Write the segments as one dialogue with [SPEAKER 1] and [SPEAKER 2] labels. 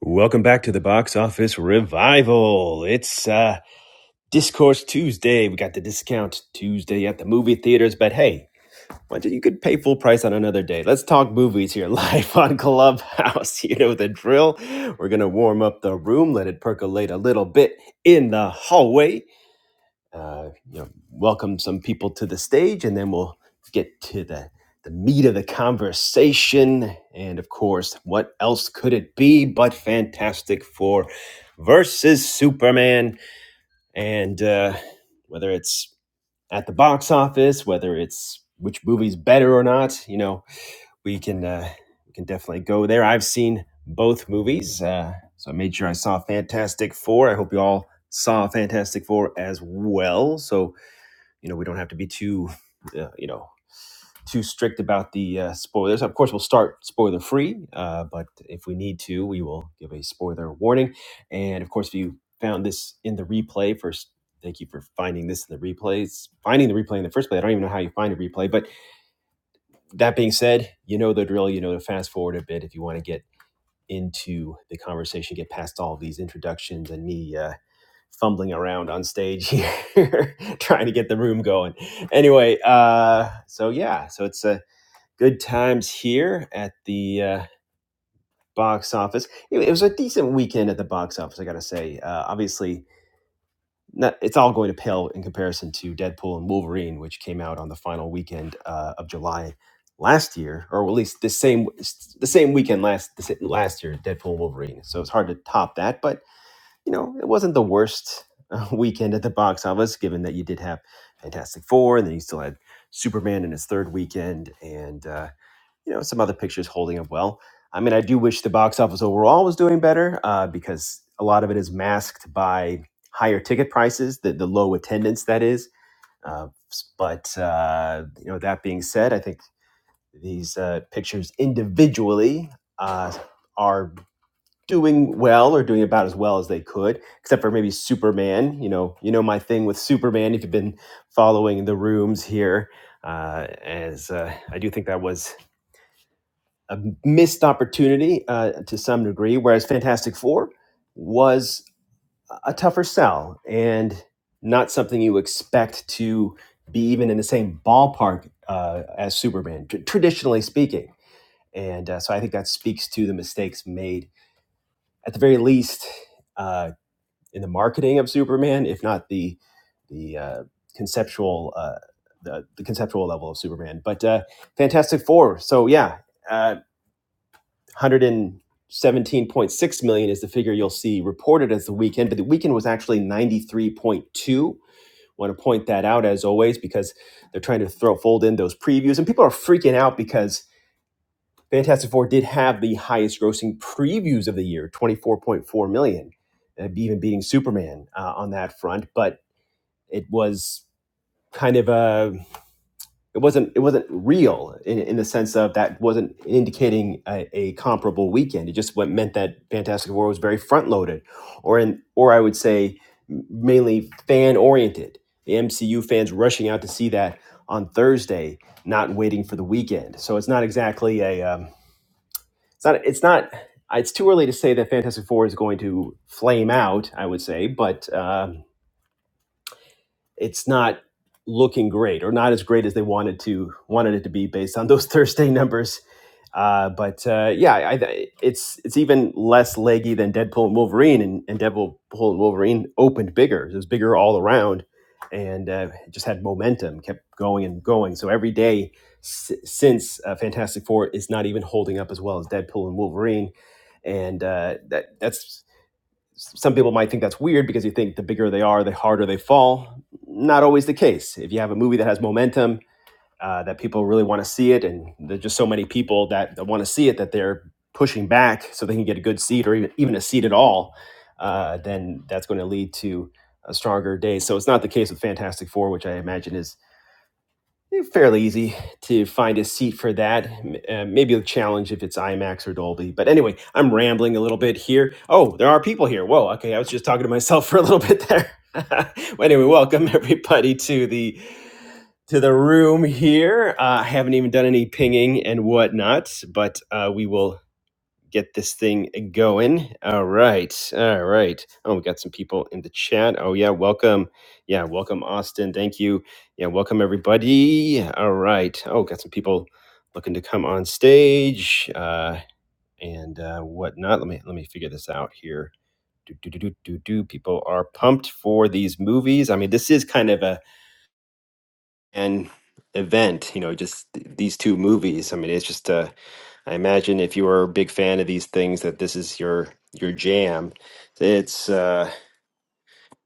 [SPEAKER 1] Welcome back to the box office revival. It's uh, Discourse Tuesday. We got the discount Tuesday at the movie theaters, but hey, why don't you could pay full price on another day? Let's talk movies here live on Clubhouse. You know the drill. We're gonna warm up the room, let it percolate a little bit in the hallway, uh, you know, welcome some people to the stage, and then we'll get to the the meat of the conversation. And of course, what else could it be but Fantastic Four versus Superman? And uh, whether it's at the box office, whether it's which movie's better or not, you know, we can uh, we can definitely go there. I've seen both movies, uh, so I made sure I saw Fantastic Four. I hope you all saw Fantastic Four as well. So you know we don't have to be too uh, you know too strict about the uh, spoilers of course we'll start spoiler free uh, but if we need to we will give a spoiler warning and of course if you found this in the replay first thank you for finding this in the replays finding the replay in the first place i don't even know how you find a replay but that being said you know the drill you know to fast forward a bit if you want to get into the conversation get past all these introductions and me uh, fumbling around on stage here, trying to get the room going. Anyway, uh, so yeah, so it's uh, good times here at the uh, box office. It, it was a decent weekend at the box office, I gotta say. Uh, obviously, not, it's all going to pale in comparison to Deadpool and Wolverine, which came out on the final weekend uh, of July last year, or at least the same the same weekend last last year, Deadpool and Wolverine. So it's hard to top that, but you know, it wasn't the worst uh, weekend at the box office, given that you did have Fantastic Four, and then you still had Superman in its third weekend, and uh, you know, some other pictures holding up well. I mean, I do wish the box office overall was doing better uh, because a lot of it is masked by higher ticket prices, the, the low attendance that is. Uh, but uh, you know, that being said, I think these uh, pictures individually uh, are doing well or doing about as well as they could, except for maybe Superman. You know, you know my thing with Superman. If you've been following the rooms here, uh, as uh, I do think that was a missed opportunity uh, to some degree. Whereas Fantastic Four was a tougher sell and not something you expect to be even in the same ballpark uh, as Superman, tr- traditionally speaking. And uh, so I think that speaks to the mistakes made at the very least uh, in the marketing of Superman, if not the the uh, conceptual uh, the, the conceptual level of Superman. But uh, Fantastic Four. So yeah, uh, one hundred and seventeen point six million is the figure you'll see reported as the weekend, but the weekend was actually ninety three point two. Want to point that out as always because they're trying to throw fold in those previews, and people are freaking out because Fantastic Four did have the highest grossing previews of the year, twenty four point four million, uh, even beating Superman uh, on that front, but it was kind of a it wasn't it wasn't real in, in the sense of that wasn't indicating a, a comparable weekend. It just what meant that Fantastic Four was very front loaded, or in or I would say mainly fan oriented. The MCU fans rushing out to see that on Thursday, not waiting for the weekend. So it's not exactly a um, it's not it's not it's too early to say that Fantastic Four is going to flame out. I would say, but. Um, it's not looking great or not as great as they wanted to wanted it to be based on those Thursday numbers. Uh, but uh, yeah, I, it's it's even less leggy than Deadpool and Wolverine, and, and Deadpool and Wolverine opened bigger. It was bigger all around, and uh, it just had momentum, kept going and going. So every day s- since uh, Fantastic Four is not even holding up as well as Deadpool and Wolverine, and uh, that that's some people might think that's weird because you think the bigger they are, the harder they fall. Not always the case. If you have a movie that has momentum, uh, that people really want to see it, and there's just so many people that want to see it that they're pushing back so they can get a good seat or even, even a seat at all, uh, then that's going to lead to a stronger day. So it's not the case with Fantastic Four, which I imagine is Eh, fairly easy to find a seat for that. M- Uh, maybe a challenge if it's IMAX or Dolby. But anyway, I'm rambling a little bit here. Oh, there are people here. Whoa, okay, I was just talking to myself for a little bit there. well, anyway, welcome everybody to the to the room here. Uh, I haven't even done any pinging and whatnot, but uh, we will get this thing going. All right. All right. Oh, we got some people in the chat. Oh, yeah. Welcome. Yeah. Welcome, Austin. Thank you. Yeah. Welcome, everybody. All right. Oh, got some people looking to come on stage uh, and uh, whatnot. Let me let me figure this out here. Do, do, do, do, do, do. People are pumped for these movies. I mean, this is kind of a an event, you know, just th- these two movies. I mean, it's just uh, I imagine if you are a big fan of these things, that this is your your jam. It's uh,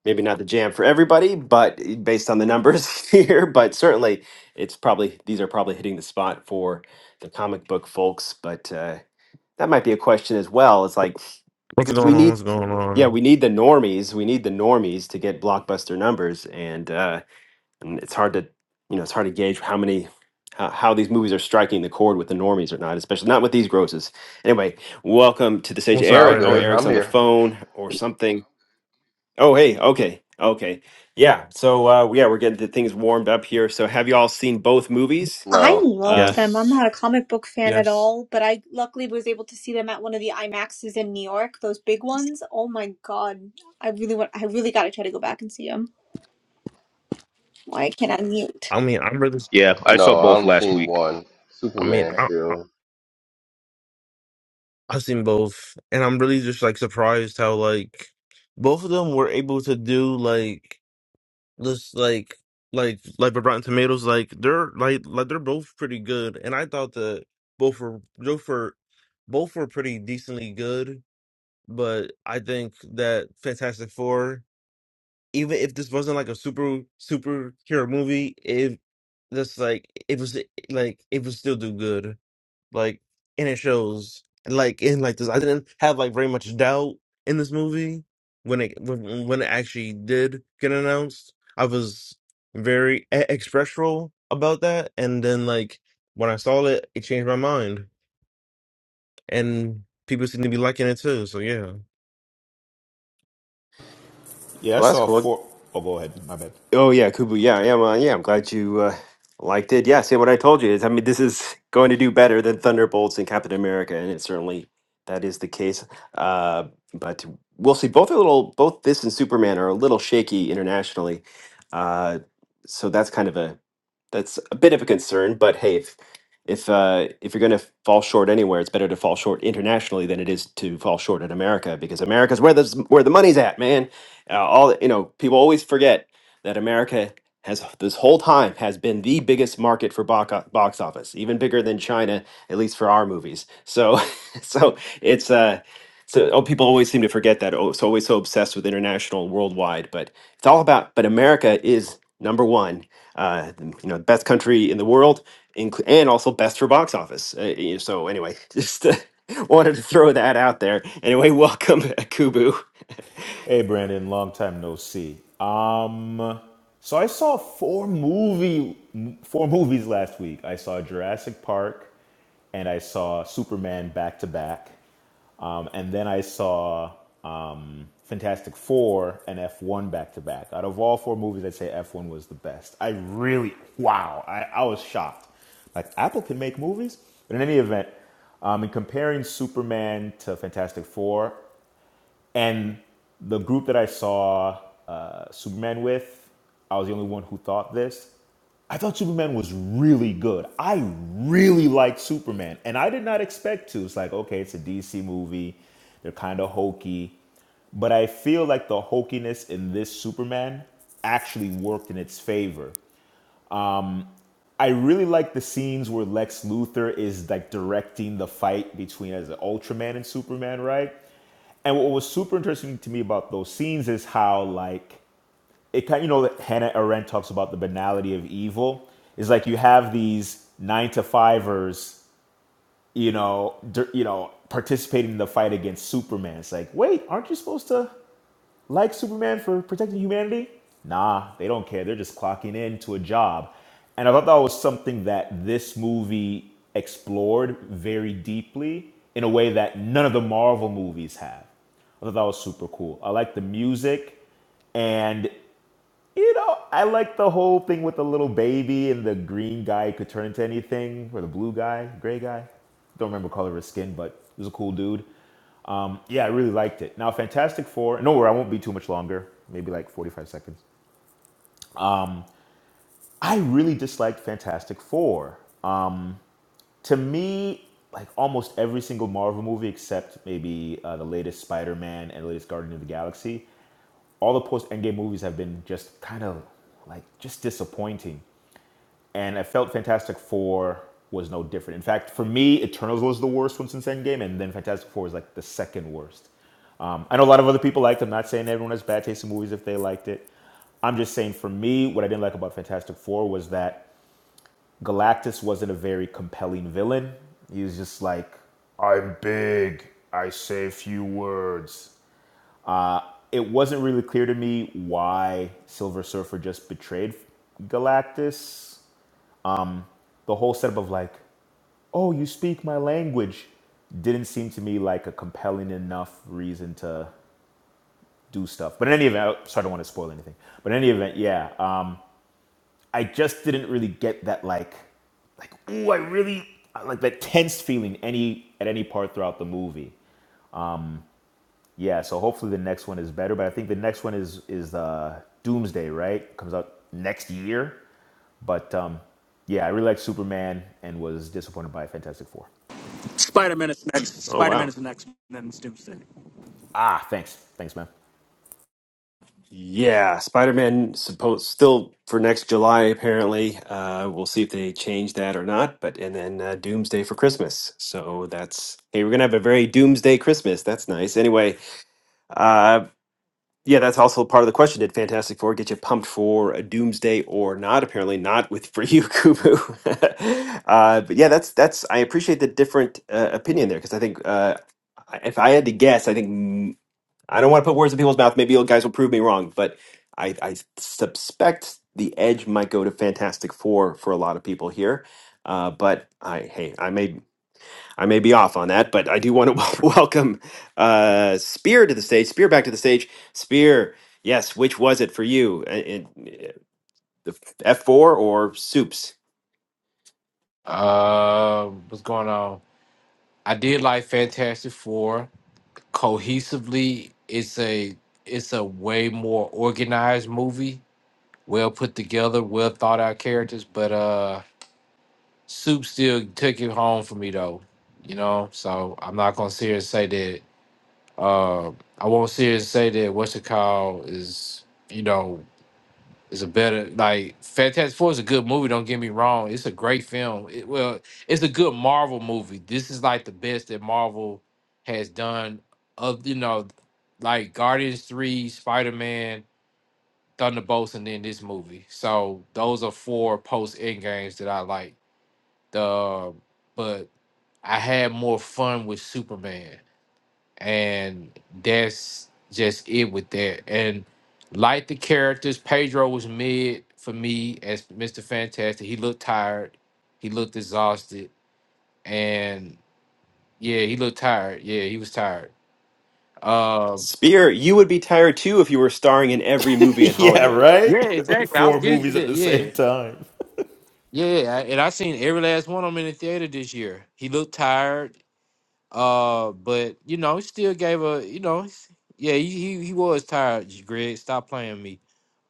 [SPEAKER 1] maybe not the jam for everybody, but based on the numbers here, but certainly it's probably these are probably hitting the spot for the comic book folks. But uh, that might be a question as well. It's like
[SPEAKER 2] What's
[SPEAKER 1] because
[SPEAKER 2] going
[SPEAKER 1] we
[SPEAKER 2] on?
[SPEAKER 1] need,
[SPEAKER 2] What's going
[SPEAKER 1] yeah,
[SPEAKER 2] on?
[SPEAKER 1] we need the normies. We need the normies to get blockbuster numbers, and uh, and it's hard to you know it's hard to gauge how many how, how these movies are striking the chord with the normies or not especially not with these grosses anyway welcome to the stage
[SPEAKER 2] What's
[SPEAKER 3] No,
[SPEAKER 2] up,
[SPEAKER 3] I'm
[SPEAKER 1] eric oh
[SPEAKER 3] good.
[SPEAKER 2] Brandon?
[SPEAKER 1] eric's
[SPEAKER 3] I'm
[SPEAKER 1] on the
[SPEAKER 3] here.
[SPEAKER 1] phone or something oh hey okay okay yeah so uh yeah we're getting the things warmed up here so have you all seen both movies
[SPEAKER 4] I
[SPEAKER 3] No,
[SPEAKER 4] loved
[SPEAKER 1] uh
[SPEAKER 4] them. I'm
[SPEAKER 2] Yes,
[SPEAKER 4] not a comic book fan at
[SPEAKER 2] yes.
[SPEAKER 4] all, but I luckily was able to see them at one of the IMAXs in New York, those big ones. Oh my God. I really want, I really got to try to go back and see them. Why I can't unmute.
[SPEAKER 2] I mean, I'm really.
[SPEAKER 5] Yeah, I saw
[SPEAKER 3] no, I
[SPEAKER 5] both
[SPEAKER 3] only
[SPEAKER 5] last
[SPEAKER 3] seen
[SPEAKER 5] week.
[SPEAKER 3] one.
[SPEAKER 2] I mean,
[SPEAKER 3] Superman
[SPEAKER 2] I, I-
[SPEAKER 3] still.
[SPEAKER 2] I've seen both, and I'm really just like surprised how like both of them were able to do like this, like like like with Rotten Tomatoes, like they're like like they're both pretty good, and I thought that both were both were both were pretty decently good, but I think that Fantastic Four. even if this wasn't like a super superhero movie, if that's like it was eh, like it would still do good. Like and it shows like in like this I didn't have like very much doubt in this movie when it when, when it actually did get announced. I was very e- expressional about that and then like when I saw it it changed my mind and people seem to be liking it too. So yeah.
[SPEAKER 5] Yeah, I
[SPEAKER 1] Well, that's
[SPEAKER 5] saw
[SPEAKER 1] cool.
[SPEAKER 5] four. Oh, go ahead. My bad.
[SPEAKER 1] Oh yeah, Kubu. Yeah, yeah, well, yeah. I'm glad you uh, liked it. Yeah, see what I told you is, I mean, this is going to do better than Thunderbolts and Captain America, and it certainly that is the case. Uh, but we'll see. Both are a little, both this and Superman are a little shaky internationally, uh, so that's kind of a that's a bit of a concern. But hey, if if uh, if you're going to fall short anywhere, it's better to fall short internationally than it is to fall short in America because America's where the where the money's at, man. Uh, all the- you know, people always forget that America has this whole time has been the biggest market for box box office, even bigger than China, at least for our movies. So, so it's uh, so oh, people always seem to forget that. Oh, it's always so obsessed with international, and worldwide, but it's all about. But America is number one. Uh, you know, best country in the world, inclu- and also best for box office. Uh, y- so anyway, just uh, wanted to throw that out there. Anyway, welcome, Kubu.
[SPEAKER 5] Hey, Brandon, long time no see. Um, so I saw four movie, four movies last week. I saw Jurassic Park, and I saw Superman back to back, um, and then I saw um, Fantastic Four and F one back to back. Out of all four movies, I'd say F one was the best. I really, wow, I, I was shocked. Like Apple can make movies, but in any event, um, in comparing Superman to Fantastic Four, and the group that I saw uh, Superman with, I was the only one who thought this. I thought Superman was really good. I really liked Superman, and I did not expect to. It's like, okay, it's a DC movie. They're kind of hokey. But I feel like the hokiness in this Superman actually worked in its favor. I really like the scenes where Lex Luthor is like directing the fight between as an Ultraman and Superman, right? And what was super interesting to me about those scenes is how like it kind of, you know that Hannah Arendt talks about the banality of evil is like you have these nine to fivers you know you know participating in the fight against Superman. It's like wait, aren't you supposed to like Superman for protecting humanity? Nah, they don't care. They're just clocking in to a job. And I thought that was something that this movie explored very deeply in a way that none of the Marvel movies have. I thought that was super cool. I like the music. And, you know, I like the whole thing with the little baby and the green guy could turn into anything, or the blue guy, gray guy. Don't remember color of his skin, but he was a cool dude. Yeah, I really liked it. Now, Fantastic Four, No, worry, I won't be too much longer, maybe like 45 seconds. I really disliked Fantastic Four. To me, like almost every single Marvel movie except maybe uh, the latest Spider Man and the latest Guardian of the Galaxy, all the post Endgame movies have been just kind of like just disappointing. and I felt Fantastic Four was no different. In fact, for me, Eternals was the worst one since Endgame, and then Fantastic Four was like the second worst. Um, I know a lot of other people liked. it. I'm not saying everyone has bad taste in movies if they liked it. I'm just saying for me, what I didn't like about Fantastic Four was that Galactus wasn't a very compelling villain. He was just like, I'm big. I say few words. Uh, it wasn't really clear to me why Silver Surfer just betrayed Galactus. The whole setup of like, oh, you speak my language, didn't seem to me like a compelling enough reason to do stuff. But in any event, so I don't want to spoil anything. But in any event, yeah, um, I just didn't really get that like, like, ooh, I really like that tense feeling any at any part throughout the movie. Yeah, so hopefully the next one is better. But I think the next one is is uh, Doomsday, right? Comes out next year. But um, yeah, I really liked Superman and was disappointed by Fantastic Four.
[SPEAKER 6] Spider Man is next.
[SPEAKER 1] Oh
[SPEAKER 6] Spider
[SPEAKER 1] wow.
[SPEAKER 6] Man is next, and then it's Doomsday.
[SPEAKER 5] Ah, thanks, thanks, man.
[SPEAKER 1] Yeah, Spider-Man supposed still for next July apparently. Uh, we'll see if they change that or not. But and then uh, Doomsday for Christmas. So that's hey, we're gonna have a very Doomsday Christmas. That's nice. Anyway, uh, yeah, that's also part of the question. Did Fantastic Four get you pumped for a Doomsday or not? Apparently not with for you, Kubu. uh, but yeah, that's that's I appreciate the different uh, opinion there because I think uh, I- if I had to guess, I think. I don't want to put words in people's mouth. Maybe you guys will prove me wrong, but I, I suspect the edge might go to Fantastic Four for a lot of people here. Uh, but I, hey, I may, I may be off on that, but I do want to welcome uh, Spear to the stage. Spear back to the stage. Spear, yes. Which was it for you? Uh, in- uh, The F four or Soups?
[SPEAKER 7] Uh, what's going on? I did like Fantastic Four. Cohesively, it's a it's a way more organized movie, well put together, well thought out characters. But uh, Soup still took it home for me though. You know, so I'm not gonna sit here and say that. Uh, I won't sit here and say that what's it called is you know It's a better like Fantastic Four is a good movie. Don't get me wrong; it's a great film. It, well, it's a good Marvel movie. This is like the best that Marvel has done. Of you know, like Guardians Three, Spider Man, Thunderbolts, and then this movie. So those are four post end games that I like. The but I had more fun with Superman and that's just it with that. And like the characters, Pedro was mid for me as Mr. Fantastic. He looked tired, he looked exhausted, and yeah, he looked tired. Yeah, he was tired. Um,
[SPEAKER 1] Spear, you would be tired too if you were starring in every movie in
[SPEAKER 5] yeah,
[SPEAKER 1] Hollywood.
[SPEAKER 5] right?
[SPEAKER 7] yeah,
[SPEAKER 5] like
[SPEAKER 7] exactly. I was
[SPEAKER 5] four
[SPEAKER 7] getting to
[SPEAKER 5] movies at
[SPEAKER 7] that.
[SPEAKER 5] the same
[SPEAKER 7] Yeah,
[SPEAKER 5] time.
[SPEAKER 7] yeah, I- and I seen every last one of them in the theater this year. He looked tired. Uh, but you know, he still gave a you know, he's- yeah, he he, he was tired. Greg, stop playing me.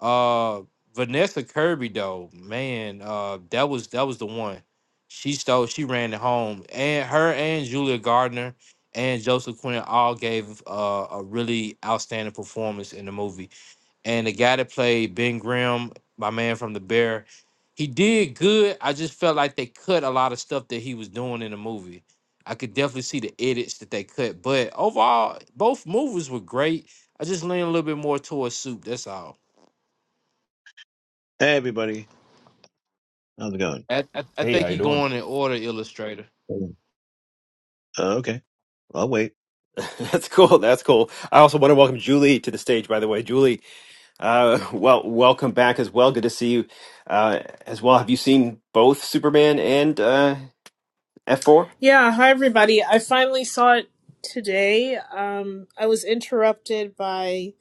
[SPEAKER 7] Uh, Vanessa Kirby though, man, uh, that was that was the one. She stole. She ran it home, and her and Julia Gardner and Joseph Quinn all gave uh, a really outstanding performance in the movie and the guy that played Ben Grimm, my man from The Bear, he did good. I just felt like they cut a lot of stuff that he was doing in the movie. I could definitely see the edits that they cut, but overall, both movies were great. I just lean a little bit more towards Soup. That's all.
[SPEAKER 8] Hey, everybody. How's it going?
[SPEAKER 7] I, I, I
[SPEAKER 5] Hey,
[SPEAKER 7] think
[SPEAKER 5] how you
[SPEAKER 7] he
[SPEAKER 5] doing?
[SPEAKER 7] going in order, Illustrator.
[SPEAKER 8] Uh, okay. I'll wait.
[SPEAKER 1] That's cool. That's cool. I also want to welcome Julie to the stage, by the way. Julie, uh, well, welcome back as well. Good to see you uh, as well. Have you seen both Superman and uh, F4?
[SPEAKER 9] Yeah, hi everybody. I finally saw it today. Um, I was interrupted by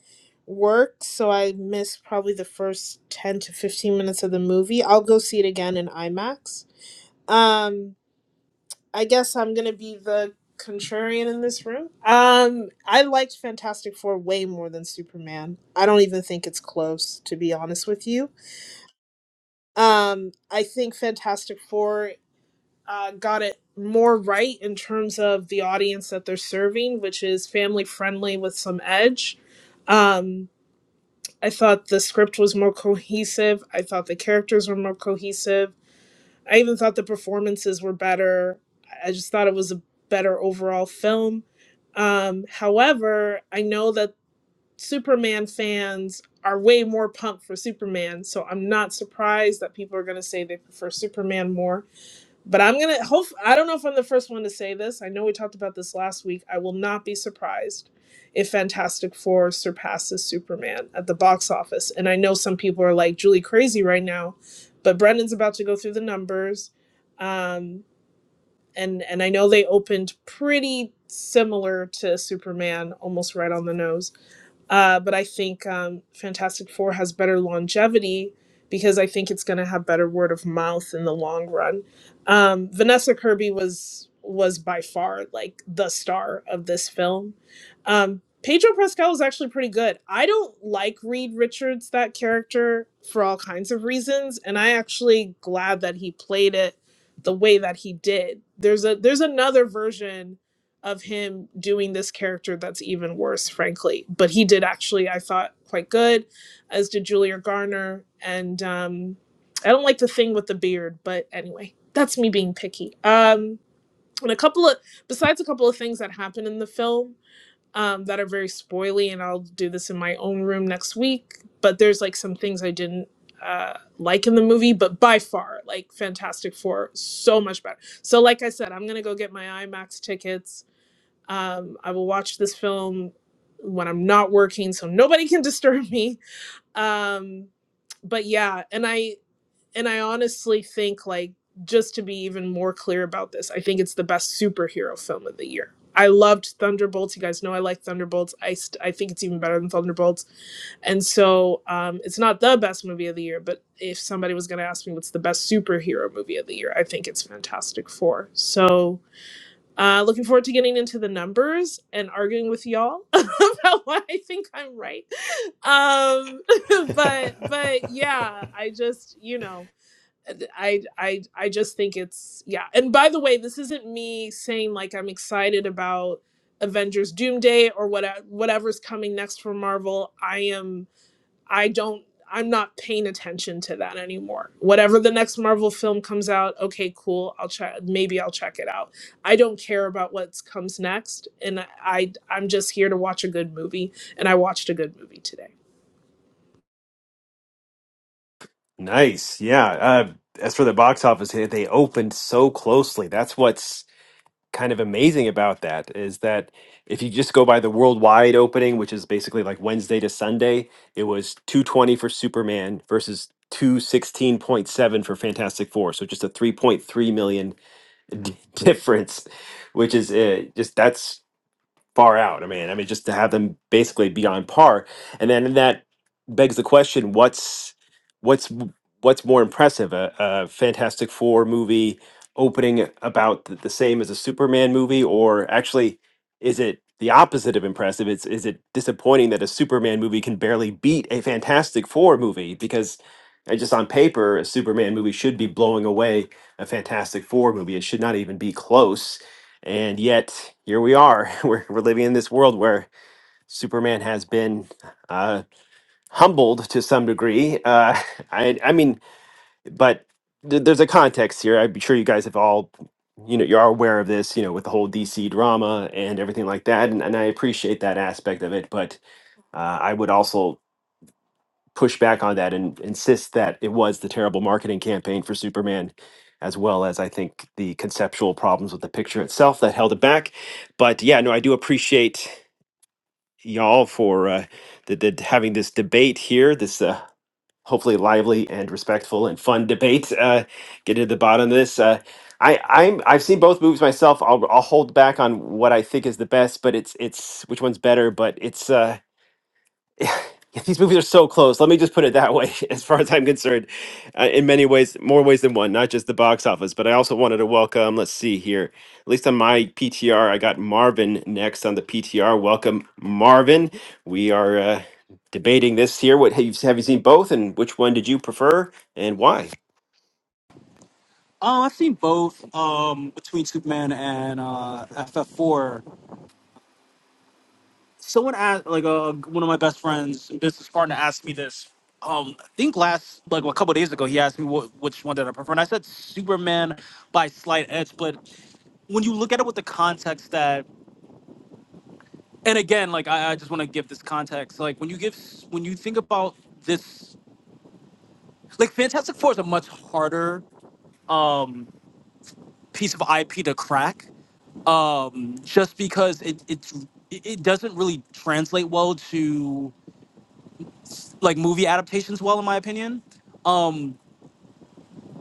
[SPEAKER 9] work, so I missed probably the first 10 to 15 minutes of the movie. I'll go see it again in IMAX. Um, I guess I'm going to be the contrarian in this room. Um, I liked Fantastic Four way more than Superman. I don't even think it's close, to be honest with you. Um, I think Fantastic Four. uh, got it more right in terms of the audience that they're serving, which is family friendly with some edge. Um, I thought the script was more cohesive. I thought the characters were more cohesive. I even thought the performances were better. I just thought it was a better overall film. Um, however, I know that Superman fans are way more pumped for Superman, so I'm not surprised that people are going to say they prefer Superman more but I'm gonna hope I don't know if I'm the first one to say this. I know we talked about this last week. I will not be surprised if Fantastic Four surpasses Superman at the box office. And I know some people are like Julie crazy right now, but Brendan's about to go through the numbers. Um and and I know they opened pretty similar to Superman, almost right on the nose. Uh, but I think um, Fantastic Four has better longevity because I think it's going to have better word of mouth in the long run. Um, Vanessa Kirby was was by far like the star of this film. Um, Pedro Pascal is actually pretty good. I don't like Reed Richards that character for all kinds of reasons, and I actually glad that he played it the way that he did. There's a there's another version of him doing this character that's even worse, frankly. But he did actually, I thought, quite good, as did Julia Garner. And um, I don't like the thing with the beard, but anyway, that's me being picky. Um, and a couple of, besides a couple of things that happen in the film um, that are very spoily, and I'll do this in my own room next week, but there's like some things I didn't uh like in the movie but by far like fantastic four so much better so like i said i'm gonna go get my imax tickets um, I will watch this film when I'm not working, so nobody can disturb me. Um, but yeah, and I and I honestly think like just to be even more clear about this, I think it's the best superhero film of the year. I loved Thunderbolts. You guys know I like Thunderbolts. I st- I think it's even better than Thunderbolts. And so um, it's not the best movie of the year, but if somebody was going to ask me what's the best superhero movie of the year, I think it's Fantastic Four. So uh, looking forward to getting into the numbers and arguing with y'all about why I think I'm right. Um, but but yeah, I just you know I I I just think it's yeah. And by the way, this isn't me saying like I'm excited about Avengers Doomsday or what whatever's coming next for Marvel. I am. I don't I'm not paying attention to that anymore. Whatever the next Marvel film comes out, okay, cool. I'll check maybe I'll check it out. I don't care about what comes next and I, I I'm just here to watch a good movie and I watched a good movie today.
[SPEAKER 1] Nice. Yeah. Uh, as for the box office, they they opened so closely. That's what's kind of amazing about that is that if you just go by the worldwide opening, which is basically like Wednesday to Sunday, it was 220 for Superman versus 216.7 for Fantastic Four. So just a 3.3 million d- difference, which is uh, just that's far out. I mean, I mean, just to have them basically be on par, and then that begs the question: what's what's m- what's more impressive, a, a Fantastic Four movie opening about the, the same as a Superman movie, or actually, is it the opposite of impressive? It's is it disappointing that a Superman movie can barely beat a Fantastic Four movie because? uh, Just on paper, a Superman movie should be blowing away a Fantastic Four movie. It should not even be close and yet, here we are. We're, we're living in this world where Superman has been uh, humbled to some degree. Uh, I, I mean, but th- there's a context here. I'm sure you guys have all, you know, you're aware of this, you know, with the whole DC drama and everything like that. And, and I appreciate that aspect of it. But uh, I would also push back on that and insist that it was the terrible marketing campaign for Superman, as well as I think the conceptual problems with the picture itself that held it back. But yeah, no, I do appreciate y'all for uh, the, the, having this debate here. This uh, hopefully lively and respectful and fun debate. Uh, get to the bottom of this. Uh, I, I'm I've seen both movies myself. I'll, I'll hold back on what I think is the best, but it's it's which one's better. But it's uh, yeah, these movies are so close. Let me just put it that way, as far as I'm concerned, uh, in many ways, more ways than one, not just the box office. But I also wanted to welcome, let's see here, at least on my PTR, I got Marvin next on the PTR. Welcome, Marvin. We are uh, debating this here. What have you, have you seen both, and which one did you prefer, and why?
[SPEAKER 6] Oh, I've seen both. Um, between Superman and uh, FF4. Someone asked, like, uh, one of my best friends, business partner, asked me this. Um, I think last, like, a couple days ago, he asked me what, which one did I prefer, and I said Superman by slight edge. But when you look at it with the context that, and again, like, I, I just want to give this context. Like, when you give, when you think about this, like, Fantastic Four is a much harder. Um, piece of IP to crack, um, just because it it's it it doesn't really translate well to like movie adaptations. Well, in my opinion, um,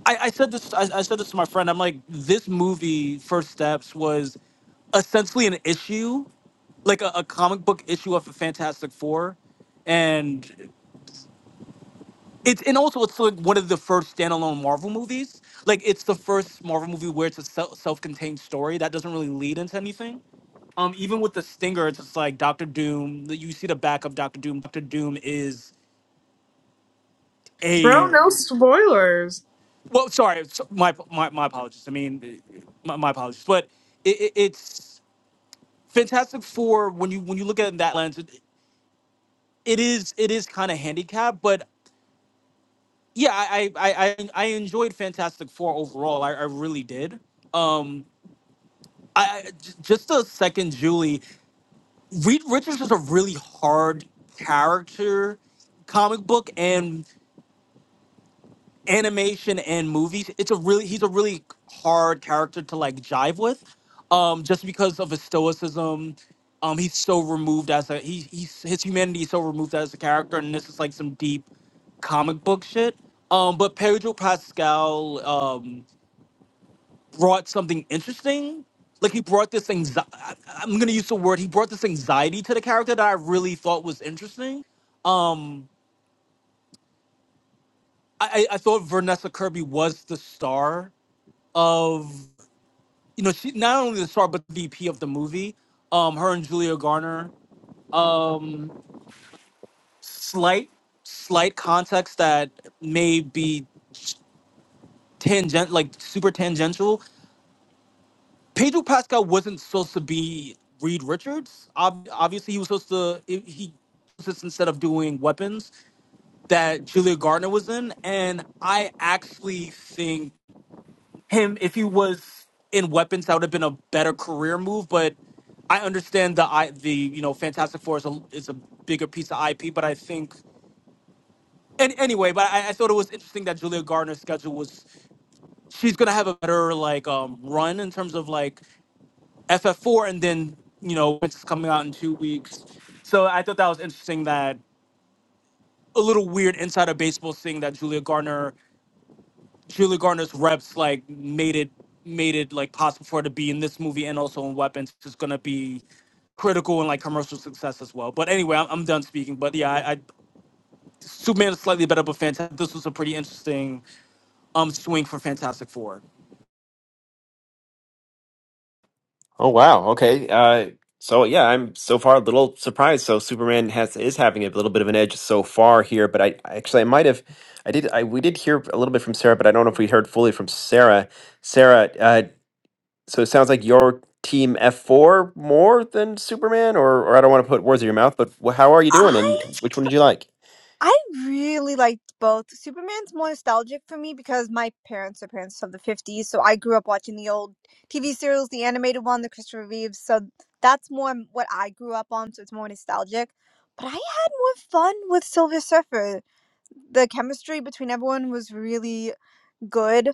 [SPEAKER 6] I, I said this. I, I said this to my friend. I'm like, this movie, First Steps, was essentially an issue, like a, a comic book issue of the Fantastic Four, and It's and also it's like one of the first standalone Marvel movies. Like it's the first Marvel movie where it's a se- self-contained story that doesn't really lead into anything. Um, even with the stinger, it's just like Doctor Doom. the- You see the back of Doctor Doom. Doctor Doom is
[SPEAKER 9] Bro,
[SPEAKER 6] a
[SPEAKER 9] no spoilers.
[SPEAKER 6] well, sorry, it's- my my, my apologies. I mean, my, my apologies. But it, it, it's Fantastic Four when you when you look at it in that lens, it, it is it is kind of handicapped. But yeah, I I, I I I enjoyed Fantastic Four overall. I, I really did. Um, I I- j- just a second, Julie. Reed Richards is a really hard character, comic book and animation and movies. It's a really he's a really hard character to like jive with, um, just because of his stoicism. Um, he's so removed as a he, he's his humanity is so removed as a character, and this is like some deep comic book shit. Um, but Pedro Pascal, um, brought something interesting. Like he brought this anxiety. I'm gonna use the word. He brought this anxiety to the character that I really thought was interesting. Um, I, I I thought Vanessa Kirby was the star of, you know, she not only the star but the VP of the movie. Um, her and Julia Garner. Um, slight, slight context that may be tangent, like super tangential, Pedro Pascal wasn't supposed to be Reed Richards. Ob- obviously, he was supposed to he he was just instead of doing weapons that Julia Gardner was in, and I actually think him if he was in weapons that would have been a better career move. But I understand the I the you know Fantastic Four is a is a bigger piece of IP, but I think. And anyway, but I, I thought it was interesting that Julia Gardner's schedule was she's gonna have a better like um run in terms of like FF4, and then you know it's coming out in two weeks. So I thought that was interesting. That a little weird insider baseball thing that Julia Garner, Julia Garner's reps like made it made it like possible for her to be in this movie and also in Weapons, which is gonna be critical and like commercial success as well. But anyway, I'm, I'm done speaking. But yeah, I, I Superman is slightly better, but fantastic. This was a pretty interesting um swing for Fantastic Four.
[SPEAKER 1] Oh wow. Okay. Uh, so yeah, I'm so far a little surprised. So Superman has is having a little bit of an edge so far here, but I I actually I might have I did I we did hear a little bit from Sarah, but I don't know if we heard fully from Sarah. Sarah, uh, so it sounds like your team F4 more than Superman, or or I don't want to put words in your mouth, but wh- how are you doing,
[SPEAKER 4] I
[SPEAKER 1] and which one did you like?
[SPEAKER 4] I really liked both. Superman's more nostalgic for me because my parents are parents of the 50s, so I grew up watching the old TV serials, the animated one, the Christopher Reeves. So that's more m- what I grew up on, so it's more nostalgic. But I had more fun with Silver Surfer. The chemistry between everyone was really good.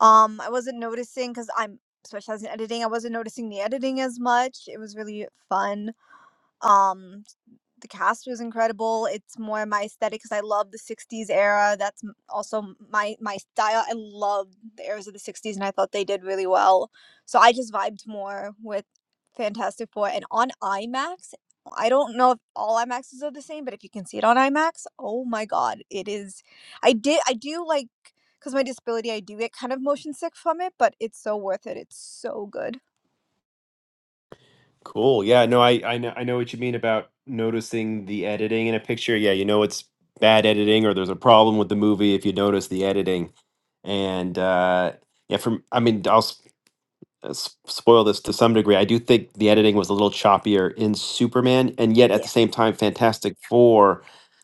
[SPEAKER 4] Um, I wasn't noticing because I'm specialized in editing. I wasn't noticing the editing as much. It was really fun. Um, the cast was incredible. It's more my aesthetic because I love the '60s era. That's m- also my my style. I love the eras of the '60s, and I thought they did really well. So I just vibed more with Fantastic Four, and on IMAX. I don't know if all IMAXs are the same, but if you can see it on IMAX, oh my god, it is. I did. I do like because my disability, I do get kind of motion sick from it, but it's so worth it. It's so good.
[SPEAKER 1] Cool. Yeah, no, I I know I know what you mean about noticing the editing in a picture. Yeah, you know it's bad editing or there's a problem with the movie if you notice the editing. And uh yeah, from I mean, I'll s- uh, s- spoil this to some degree. I do think the editing was a little choppier in Superman, and yet at the same time, Fantastic Four,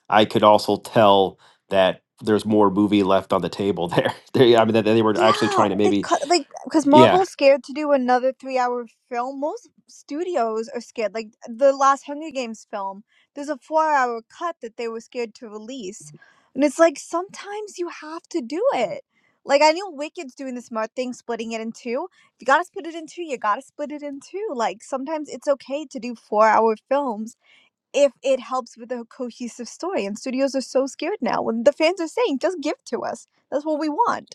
[SPEAKER 1] I could also tell that there's more movie left on the table there. They, I mean, that they were actually
[SPEAKER 4] Yeah,
[SPEAKER 1] trying to
[SPEAKER 4] they
[SPEAKER 1] maybe
[SPEAKER 4] cut like because
[SPEAKER 1] yeah,
[SPEAKER 4] Marvel's scared to do another three-hour film. Most studios are scared. Like the last Hunger Games film, there's a four-hour cut that they were scared to release, and it's like sometimes you have to do it. Like I know Wicked's doing the smart thing, splitting it in two. If you gotta split it in two, you gotta split it in two. Like sometimes it's okay to do four-hour films if it helps with a cohesive story. And studios are so scared now when the fans are saying, "Just give to us. That's what we want."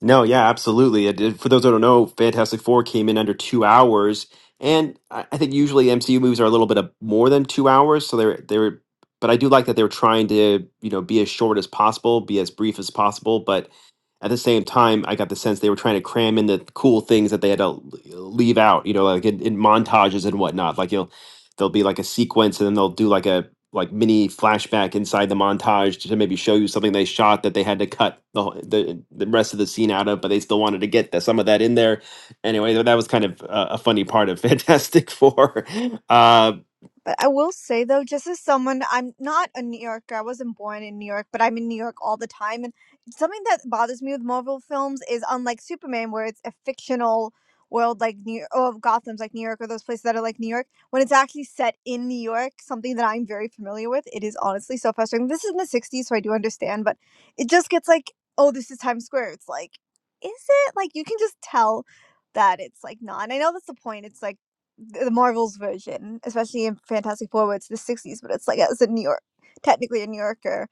[SPEAKER 1] No, yeah, absolutely. It, it- for those who don't know, Fantastic Four came in under two hours, and I, I think usually MCU movies are a little bit of more than two hours. So they're they're, but I do like that they were trying to you know be as short as possible, be as brief as possible. But at the same time, I got the sense they were trying to cram in the cool things that they had to l- leave out. You know, like in, in montages and whatnot. Like you'll there'll be like a sequence, and then they'll do like a like mini flashback inside the montage to maybe show you something they shot that they had to cut the whole- the, the rest of the scene out of, but they still wanted to get the, some of that in there. Anyway, tha- that was kind of a, a funny part of Fantastic Four. Uh,
[SPEAKER 4] But I will say though, just as someone, I'm not a New Yorker. I wasn't born in New York, but I'm in New York all the time. And something that bothers me with Marvel films is, unlike Superman, where it's a fictional world like New oh Gotham's like New York or those places that are like New York, when it's actually set in New York, something that I'm very familiar with, it is honestly so frustrating. This is in the '60s, so I do understand, but it just gets like, oh, this is Times Square. It's like, is it like you can just tell that it's like not. And I know that's the point. It's like th- the Marvel's version, especially in Fantastic Four, where it's the sixties, but it's like as a New York, technically a New Yorker,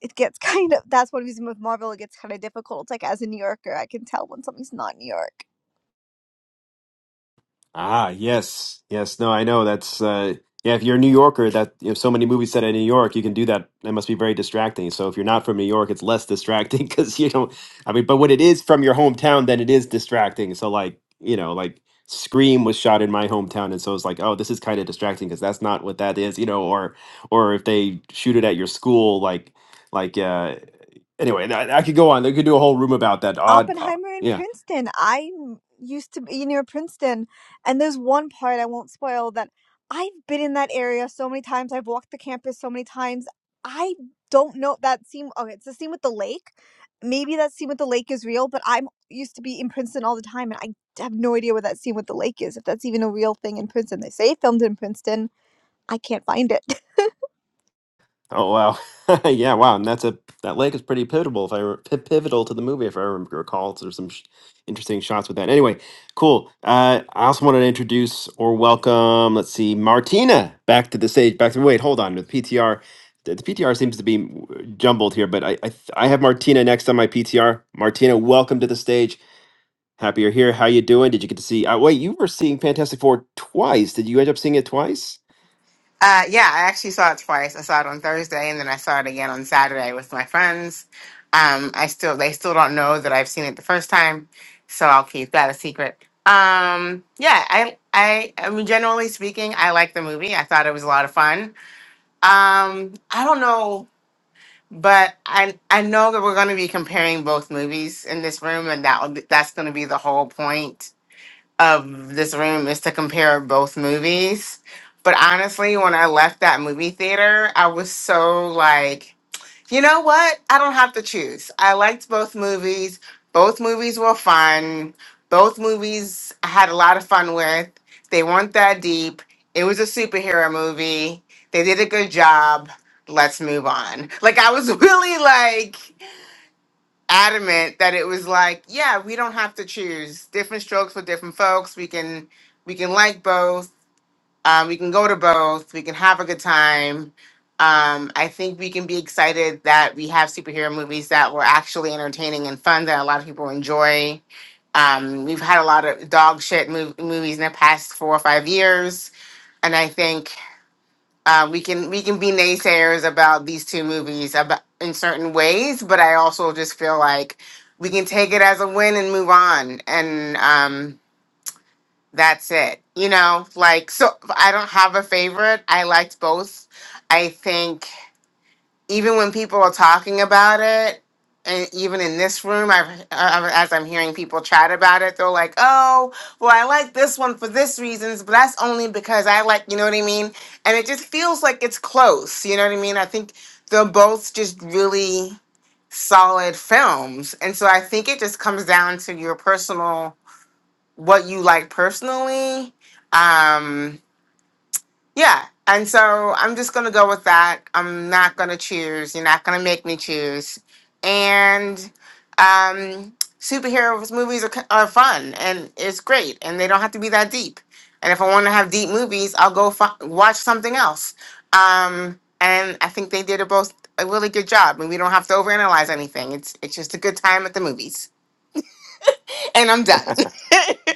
[SPEAKER 4] it gets kind of that's one reason with Marvel it gets kind of difficult. It's like as a New Yorker, I can tell when something's not New York.
[SPEAKER 1] Ah, yes, yes. No, I know. That's uh, yeah. If you're a New Yorker, that you have so many movies set in New York, you can do that. That must be very distracting. So if you're not from New York, it's less distracting because you don't. I mean, but when it is from your hometown, then it is distracting. So like you know, like Scream was shot in my hometown, and so it's like, oh, this is kind of distracting because that's not what that is, you know. Or or if they shoot it at your school, like like uh, anyway, I, I could go on. I could do a whole room about that odd. Uh,
[SPEAKER 4] Oppenheimer in
[SPEAKER 1] yeah.
[SPEAKER 4] Princeton. I used to be near Princeton, and there's one part I won't spoil that I've been in that area so many times. I've walked the campus so many times. I don't know that scene. Oh, it's the scene with the lake. Maybe that scene with the lake is real, but I'm used to be in Princeton all the time, and I have no idea what that scene with the lake is. If that's even a real thing in Princeton, they say it filmed in Princeton. I can't find it.
[SPEAKER 1] Oh wow, yeah, wow, and that's a that lake is pretty pivotal if I re- pi- pivotal to the movie if I remember recall. so There's some sh- interesting shots with that. Anyway, cool. Uh, I also wanted to introduce or welcome. Let's see, Martina back to the stage. Back to wait, hold on. The PTR, the, the PTR seems to be w- jumbled here, but I, I th- I have Martina next on my PTR. Martina, welcome to the stage. Happy you're here. How you doing? Did you get to see? Uh, wait, you were seeing Fantastic Four twice. Did you end up seeing it twice?
[SPEAKER 10] Uh, yeah, I actually saw it twice. I saw it on Thursday, and then I saw it again on Saturday with my friends. Um, I still they still don't know that I've seen it the first time, so I'll keep that a secret. Um, yeah, I I I mean, generally speaking, I like the movie. I thought it was a lot of fun. Um, I don't know, but I I know that we're going to be comparing both movies in this room, and that will be, that's going to be the whole point of this room is to compare both movies. But honestly, when I left that movie theater, I was so like, you know what? I don't have to choose. I liked both movies. Both movies were fun. Both movies I had a lot of fun with. They weren't that deep. It was a superhero movie. They did a good job. Let's move on. Like I was really like adamant that it was like, yeah, we don't have to choose different strokes for different folks. We can we can like both. Um, we can go to both. We can have a good time. Um, I think we can be excited that we have superhero movies that were actually entertaining and fun that a lot of people enjoy. Um, we've had a lot of dog shit mov- movies in the past four or five years, and I think uh, we can we can be naysayers about these two movies about, in certain ways, but I also just feel like we can take it as a win and move on, and um, that's it. You know, like so I don't have a favorite. I liked both. I think even when people are talking about it, and even in this room, I've, i as I'm hearing people chat about it, they're like, "Oh, well, I like this one for this reasons, but that's only because I like," you know what I mean? And it just feels like it's close, you know what I mean? I think they're both just really solid films, and so I think it just comes down to your personal, what you like personally. Um, yeah. And so I'm just going to go with that. I'm not going to choose. You're not going to make me choose. And um, superheroes movies are, ki- are fun and it's great and they don't have to be that deep. And if I want to have deep movies, I'll go fi- watch something else. Um, and I think they did a both a really good job and we don't have to overanalyze anything. It's it's just a good time at the movies. And I'm done.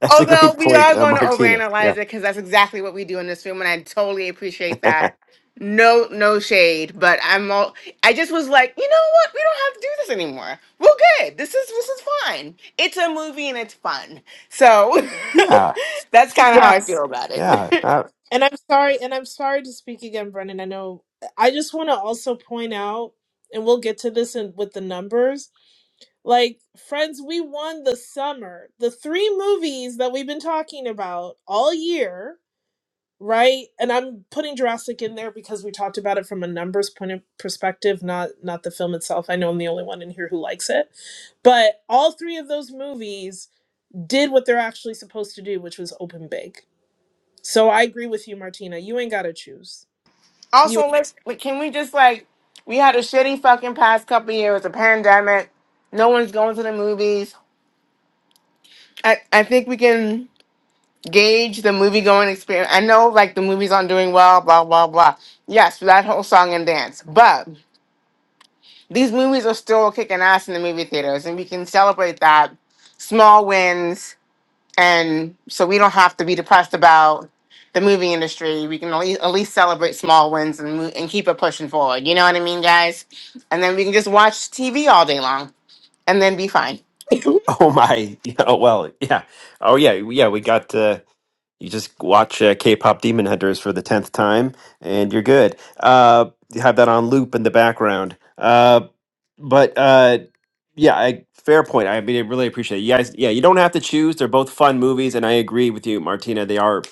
[SPEAKER 1] That's a
[SPEAKER 10] Although
[SPEAKER 1] great
[SPEAKER 10] we
[SPEAKER 1] point,
[SPEAKER 10] are
[SPEAKER 1] uh,
[SPEAKER 10] going to
[SPEAKER 1] Martina.
[SPEAKER 10] overanalyze
[SPEAKER 1] Yeah.
[SPEAKER 10] it because that's exactly what we do in this room, and I totally appreciate that. No, no shade, but I'm all. I just was like, you know what? We don't have to do this anymore. We're good. This is this is fine. It's a movie and it's fun. So
[SPEAKER 1] Yeah.
[SPEAKER 10] that's kind of how I feel
[SPEAKER 9] Yes.
[SPEAKER 10] about
[SPEAKER 1] Yeah.
[SPEAKER 10] it.
[SPEAKER 1] Uh,
[SPEAKER 9] And I'm sorry and I'm sorry to speak again, Brendan. I know I just want to also point out and we'll get to this in, with the numbers Like, friends, we won the summer. The three movies that we've been talking about all year, right? And I'm putting Jurassic in there because we talked about it from a numbers point of perspective, not not the film itself. I know I'm the only one in here who likes it. But all three of those movies did what they're actually supposed to do, which was open big. So I agree with you, Martina. You ain't gotta choose. You
[SPEAKER 10] also, let's wait, can we just like we had a shitty fucking past couple years, a pandemic. No one's going to the movies. I I think we can. gauge the movie going experience. I know like the movies aren't doing well, blah blah blah. Yes, that whole song and dance. But these movies are still kicking ass in the movie theaters, and we can celebrate that small wins, and so we don't have to be depressed about the movie industry. We can at least, at least celebrate small wins and mo- and keep it pushing forward. You know what I mean, guys? And then we can just watch TV all day long and then be fine.
[SPEAKER 1] oh my. Oh well, yeah. Oh yeah. Yeah, we got uh You just watch uh, K-pop Demon Hunters for the tenth time, and you're good. Uh, you have that on loop in the background. Uh, but uh, yeah, I, fair point. I mean, I really appreciate it. You guys, yeah, you don't have to choose. They're both fun movies, and I agree with you, Martina. They are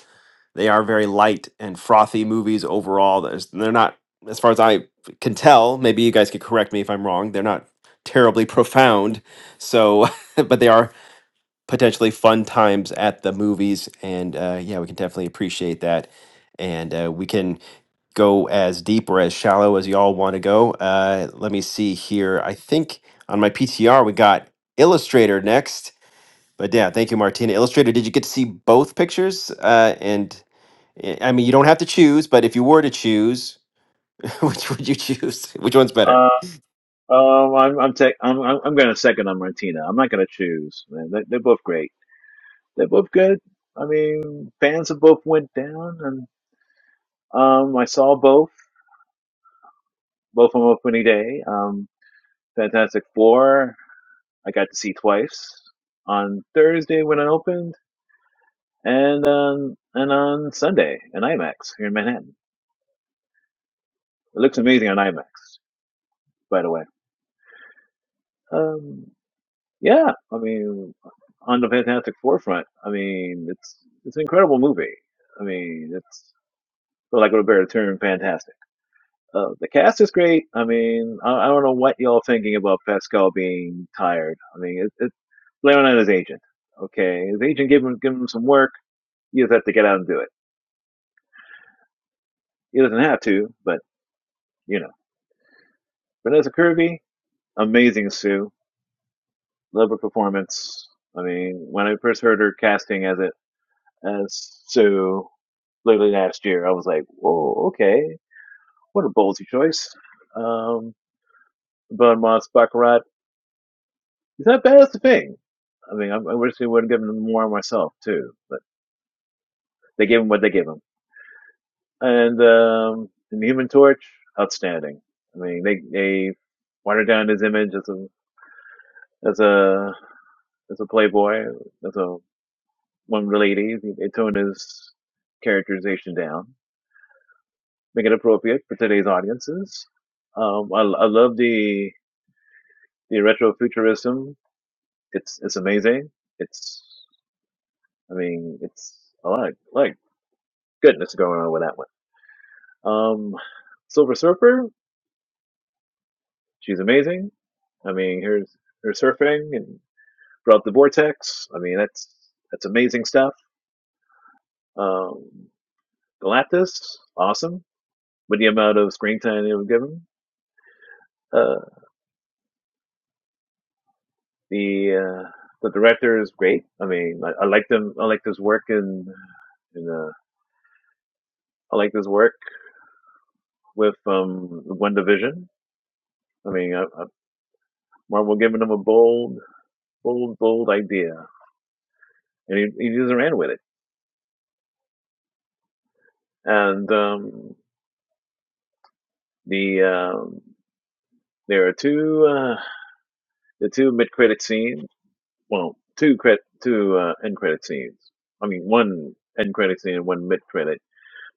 [SPEAKER 1] they are very light and frothy movies overall. There's, they're not, as far as I can tell. Maybe you guys could correct me if I'm wrong. They're not terribly profound. So, but they are potentially fun times at the movies. And uh, yeah, we can definitely appreciate that. And uh, we can go as deep or as shallow as y'all want to go. Uh, let me see here. I think on my PTR, we got Illustrator next. But yeah, thank you, Martina. Illustrator, did you get to see both pictures? Uh, and eh, I mean, you don't have to choose, but if you were to choose, which would you choose? Which one's better?
[SPEAKER 8] Uh, um, I'm I'm, tech I'm I'm I'm gonna second on Martina. I'm not gonna choose. Man, they, they're both great. They're both good. I mean, fans of both went down, and um, I saw both both on opening day. Um, Fantastic Four, I got to see twice on Thursday when it opened, and um, and on Sunday in IMAX here in Manhattan. It looks amazing on IMAX, by the way. Um, Yeah, I mean, on the Fantastic Forefront, I mean, it's it's an incredible movie. I mean, it's for lack of a better term, fantastic. Uh, the cast is great. I mean, I, I don't know what y'all thinking about Pascal being tired. I mean, it, it's blaming on his agent. Okay, his agent gave him gave him some work. He just have to get out and do it. He doesn't have to, but you know, Vanessa Kirby, amazing Sue, love her performance. I mean, when I first heard her casting as it as Sue, literally last year. I was like, whoa, okay, what a ballsy choice. Um, Belmont Baccarat, he's not bad as a thing. I mean, I, I wish they would have given him more myself too, but they gave him what they gave him. And um, and the Human Torch, outstanding. I mean, they they watered down his image as a as a as a playboy, as a one lady. They toned his characterization down, make it appropriate for today's audiences. Um, I, I love the the retrofuturism. It's it's amazing. It's I mean it's a lot of, like goodness going on with that one. Um, Silver Surfer, she's amazing. I mean, here's her surfing and throughout the vortex. I mean, that's that's amazing stuff. Um, Galactus, awesome. With the amount of screen time they were given, uh, the uh, the director is great. I mean, I, I like them. I like this work in, in uh, I like this work with um, One Division. I mean, uh, uh, Marvel giving him a bold, bold, bold idea, and he, he just ran with it. And um, the um, there are two uh, the two mid credit scenes. Well, two credit two uh, end credit scenes. I mean, one end credit scene and one mid credit.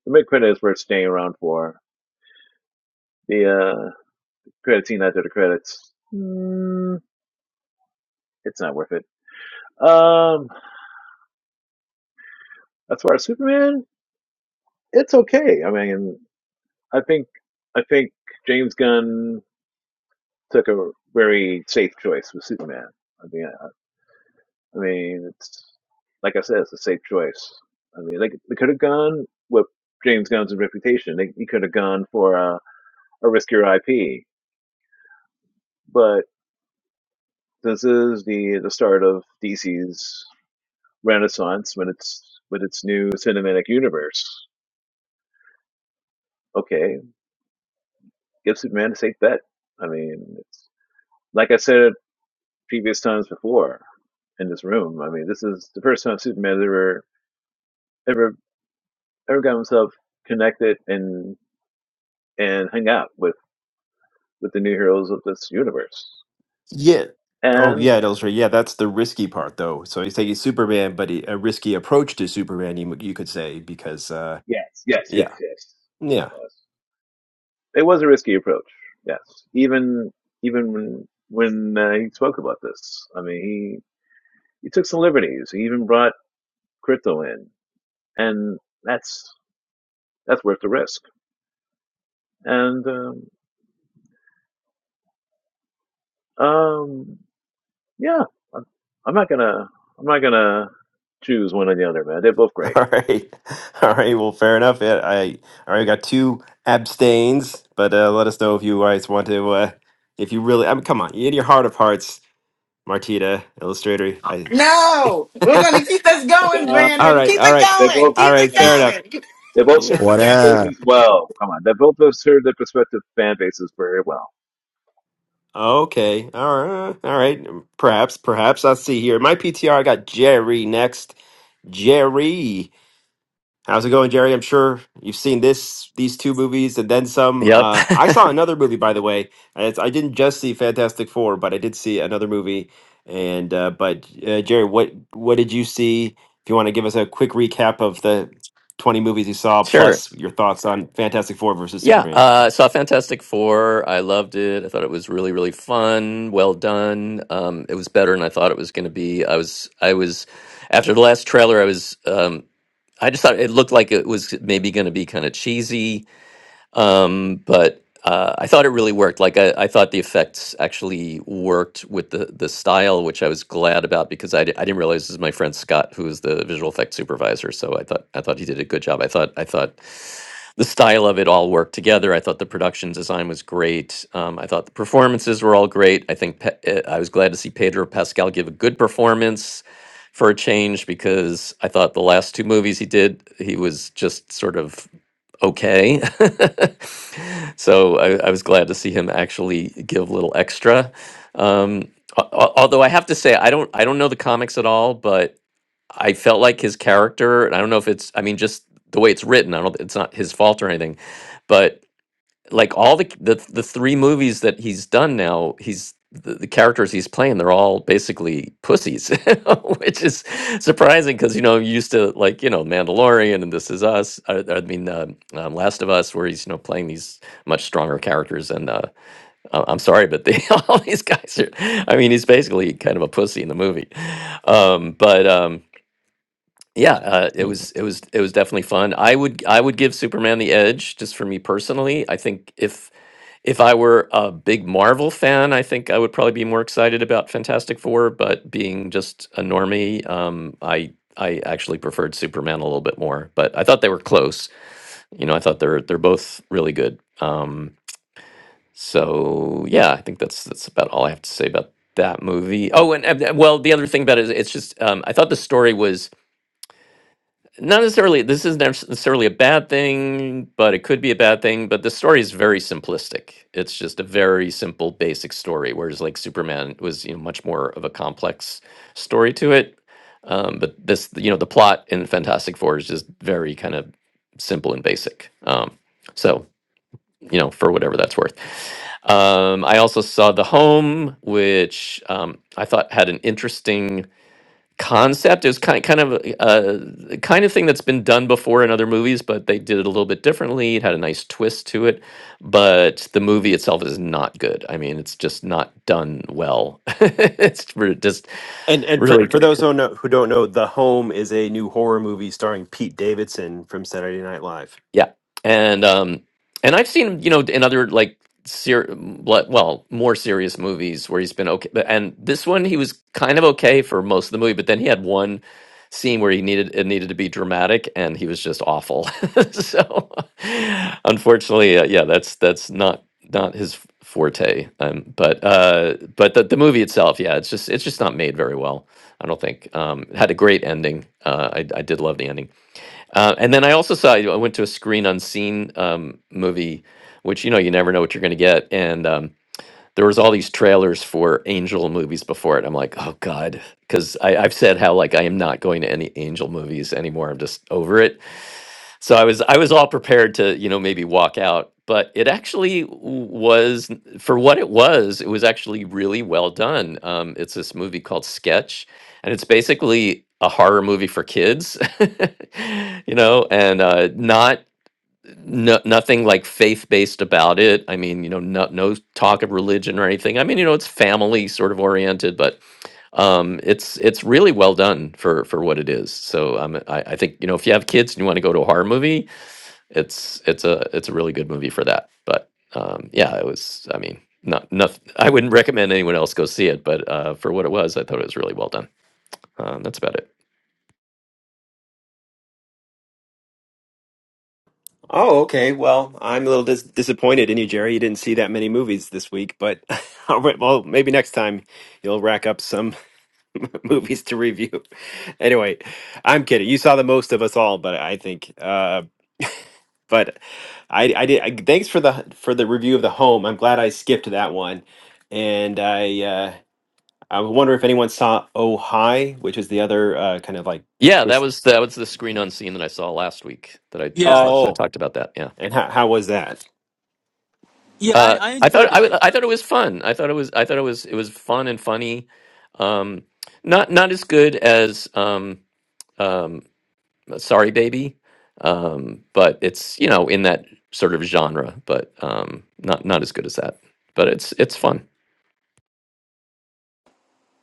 [SPEAKER 8] The mid credit is worth staying around for. The uh, credit scene after the credits, mm, it's not worth it. Um, as far as Superman, it's okay. I mean, I think I think James Gunn took a very safe choice with Superman. I mean, I mean, it's like I said, it's a safe choice. I mean, like they could have gone with James Gunn's reputation. They, he could have gone for a, a riskier IP, but this is the the start of DC's renaissance when it's with its new cinematic universe. Okay, give Superman a safe bet. I mean, it's, like I said previous times before in this room. I mean, this is the first time Superman ever ever ever got himself connected and and hung out with with the new heroes of this universe.
[SPEAKER 1] Yeah. Oh,
[SPEAKER 8] And
[SPEAKER 1] yeah, it illustrates. Yeah, that's the risky part, though. So he's taking Superman, but he, a risky approach to Superman, you, m- you could say, because, uh,
[SPEAKER 8] yes, yes, yes,
[SPEAKER 1] yeah,
[SPEAKER 8] yes.
[SPEAKER 1] yeah.
[SPEAKER 8] It was, it was a risky approach. Yes, even even when when uh, he spoke about this, I mean, he he took some liberties. He even brought crypto in, and that's that's worth the risk. And um, um yeah, I'm, I'm not gonna I'm not gonna choose one or the other, man. They're both great.
[SPEAKER 1] All right. All right. Well, fair enough. Yeah, I already got two abstains, but uh, let us know if you guys want to, uh, if you really, I mean, come on, in your heart of hearts, Martita, illustrator. I.
[SPEAKER 10] No, we're gonna keep this going,
[SPEAKER 8] them,
[SPEAKER 1] All
[SPEAKER 10] Brandon.
[SPEAKER 8] and
[SPEAKER 1] right.
[SPEAKER 10] Keep
[SPEAKER 1] All
[SPEAKER 10] it
[SPEAKER 1] right.
[SPEAKER 8] they
[SPEAKER 10] going.
[SPEAKER 8] both
[SPEAKER 1] All
[SPEAKER 10] Keep
[SPEAKER 8] great,
[SPEAKER 1] right.
[SPEAKER 10] it
[SPEAKER 1] Fair enough.
[SPEAKER 10] going.
[SPEAKER 8] They both serve the
[SPEAKER 11] What
[SPEAKER 8] fan bases well. Come on, they both have served their prospective fan bases very well.
[SPEAKER 1] Okay. All right. All right. Perhaps. Perhaps. I'll see here. My PTR. I got Jerry next. Jerry. How's it going, Jerry? I'm sure you've seen this, these two movies, and then some.
[SPEAKER 12] Yep,
[SPEAKER 1] Uh, I saw another movie, by the way. And It's, I didn't just see Fantastic Four, but I did see another movie. And uh, but uh, Jerry, what what did you see? If you want to give us a quick recap of the 20 movies you saw,
[SPEAKER 12] sure.
[SPEAKER 1] plus your thoughts on Fantastic Four versus
[SPEAKER 12] Yeah,
[SPEAKER 1] Superman.
[SPEAKER 12] uh, saw Fantastic Four. I loved it. I thought it was really, really fun. Well done. Um, it was better than I thought it was going to be. I was, I was, after the last trailer, I was, um, I just thought it looked like it was maybe going to be kind of cheesy. um, but uh, I thought it really worked. Like I, I thought the effects actually worked with the the style, which I was glad about because I, di- I didn't realize this is my friend Scott, who is the visual effects supervisor. So I thought I thought he did a good job. I thought I thought the style of it all worked together. I thought the production design was great. Um, I thought the performances were all great. I think Pe- eh, I was glad to see Pedro Pascal give a good performance for a change because I thought the last two movies he did, he was just sort of okay. so I, I was glad to see him actually give a little extra. Um, al- al- although I have to say, I don't, I don't know the comics at all, but I felt like his character, and I don't know if it's, I mean, just the way it's written, I don't, it's not his fault or anything, but like all the the the three movies that he's done now, he's the, the characters he's playing, they're all basically pussies, which is surprising because you know you used to like you know Mandalorian and This Is Us. I, I mean, uh, um, Last of Us, where he's you know playing these much stronger characters. And uh, I- I'm sorry, but they, all these guys are. I mean, he's basically kind of a pussy in the movie. Um, but um, yeah, uh, it was it was it was definitely fun. I would I would give Superman the edge just for me personally. I think if if I were a big Marvel fan, I think I would probably be more excited about Fantastic Four. But being just a normie, um, I I actually preferred Superman a little bit more. But I thought they were close. You know, I thought they're they're both really good. Um, so yeah, I think that's that's about all I have to say about that movie. Oh, and, and and, well, the other thing about it is it's just um, I thought the story was not necessarily this isn't necessarily a bad thing but it could be a bad thing but the story is very simplistic it's just a very simple basic story whereas like superman was you know much more of a complex story to it um, but this you know the plot in fantastic four is just very kind of simple and basic um, so you know for whatever that's worth um, i also saw the home which um, i thought had an interesting concept is kind kind of uh, the kind of thing that's been done before in other movies, but they did it a little bit differently. It had a nice twist to it, but the movie itself is not good. I mean, it's just not done well. it's re- just
[SPEAKER 1] And and for,
[SPEAKER 12] really
[SPEAKER 1] for those who don't know, who don't know, The Home is a new horror movie starring Pete Davidson from Saturday Night Live.
[SPEAKER 12] Yeah, and um, and I've seen him, you know, in other like ser- le- well, more serious movies where he's been okay, but and this one he was kind of okay for most of the movie, but then he had one scene where he needed it needed to be dramatic, and he was just awful. so, unfortunately, uh, yeah, that's that's not not his forte. Um, but uh, but the the movie itself, yeah, it's just it's just not made very well. I don't think um, it had a great ending. Uh, I I did love the ending uh, and then I also saw I went to a screen unseen um, movie, which you know you never know what you're going to get. And um, there was all these trailers for Angel movies before it. I'm like, oh god, because I've said how like I am not going to any Angel movies anymore. I'm just over it so I was I was all prepared to you know maybe walk out, but it actually w- was for what it was. It was actually really well done. Um, it's this movie called Sketch, and it's basically a horror movie for kids, you know, and uh, not. No, nothing like faith based about it. I mean, you know, no, no talk of religion or anything. I mean, you know, it's family sort of oriented, but um, it's it's really well done for for what it is. So um, I, I think you know if you have kids and you want to go to a horror movie, it's it's a it's a really good movie for that. But um, yeah, it was. I mean, not nothing. I wouldn't recommend anyone else go see it, but uh, for what it was, I thought it was really well done. Um, that's about it.
[SPEAKER 1] Oh, okay. Well, I'm a little dis disappointed in you, Jerry. You didn't see that many movies this week, but all right, well, maybe next time you'll rack up some movies to review. Anyway, I'm kidding. You saw the most of us all, but I think, uh, but I, I did. I, thanks for the for the review of the home. I'm glad I skipped that one, and I uh, I wonder if anyone saw Oh Hi, which is the other uh, kind of like
[SPEAKER 12] Yeah, that
[SPEAKER 1] twist.
[SPEAKER 12] was that was the screen unseen that I saw last week. That I I
[SPEAKER 6] Yeah, I
[SPEAKER 12] talked
[SPEAKER 6] saw.
[SPEAKER 12] I
[SPEAKER 1] Oh,
[SPEAKER 12] talked about that. Yeah,
[SPEAKER 1] and how how was that?
[SPEAKER 6] Yeah, I,
[SPEAKER 12] uh,
[SPEAKER 6] I
[SPEAKER 12] I thought
[SPEAKER 6] enjoyed
[SPEAKER 12] I,
[SPEAKER 6] it.
[SPEAKER 12] w- I thought it was fun. I thought it was I thought it was it was fun and funny. Um, not not as good as um, um, Sorry Baby, um, but it's you know in that sort of genre, but um, not not as good as that. But it's it's fun.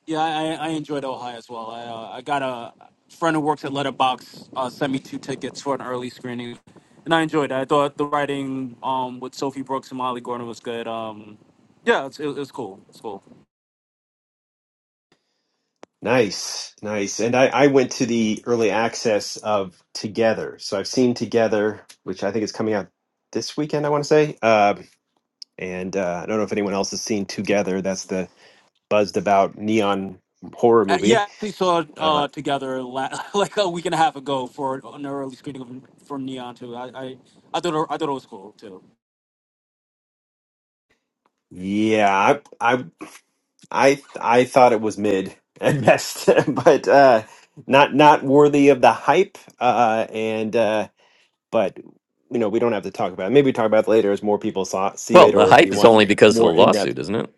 [SPEAKER 6] Yeah, I, I enjoyed Ohio as well. I, uh, I got a friend who works at Letterbox uh, sent me two tickets for an early screening, and I enjoyed it. I thought the writing um, with Sophie Brooks and Molly Gordon was good. Um, yeah, it's, it, it's cool. It's cool.
[SPEAKER 1] Nice, nice. And I, I went to the early access of Together. So I've seen Together, which I think is coming out this weekend, I want to say. Um, and uh, I don't know if anyone else has seen Together. That's the buzzed about neon horror
[SPEAKER 6] Uh,
[SPEAKER 1] movie.
[SPEAKER 6] yeah, we saw it
[SPEAKER 1] Uh,
[SPEAKER 6] uh, together la- like a week and a half ago for an early screening of, for Neon too. I, I, I thought it, I thought it was cool too.
[SPEAKER 1] yeah, I, I, I, I thought it was mid at best, but uh, not not worthy of the hype. Uh, and uh, but you know, we don't have to talk about it. Maybe we talk about it later as more people saw see
[SPEAKER 12] Well,
[SPEAKER 1] it,
[SPEAKER 12] the
[SPEAKER 1] or if
[SPEAKER 12] hype
[SPEAKER 1] you
[SPEAKER 12] is
[SPEAKER 1] want
[SPEAKER 12] only because of the
[SPEAKER 1] more in depth.
[SPEAKER 12] lawsuit, isn't it?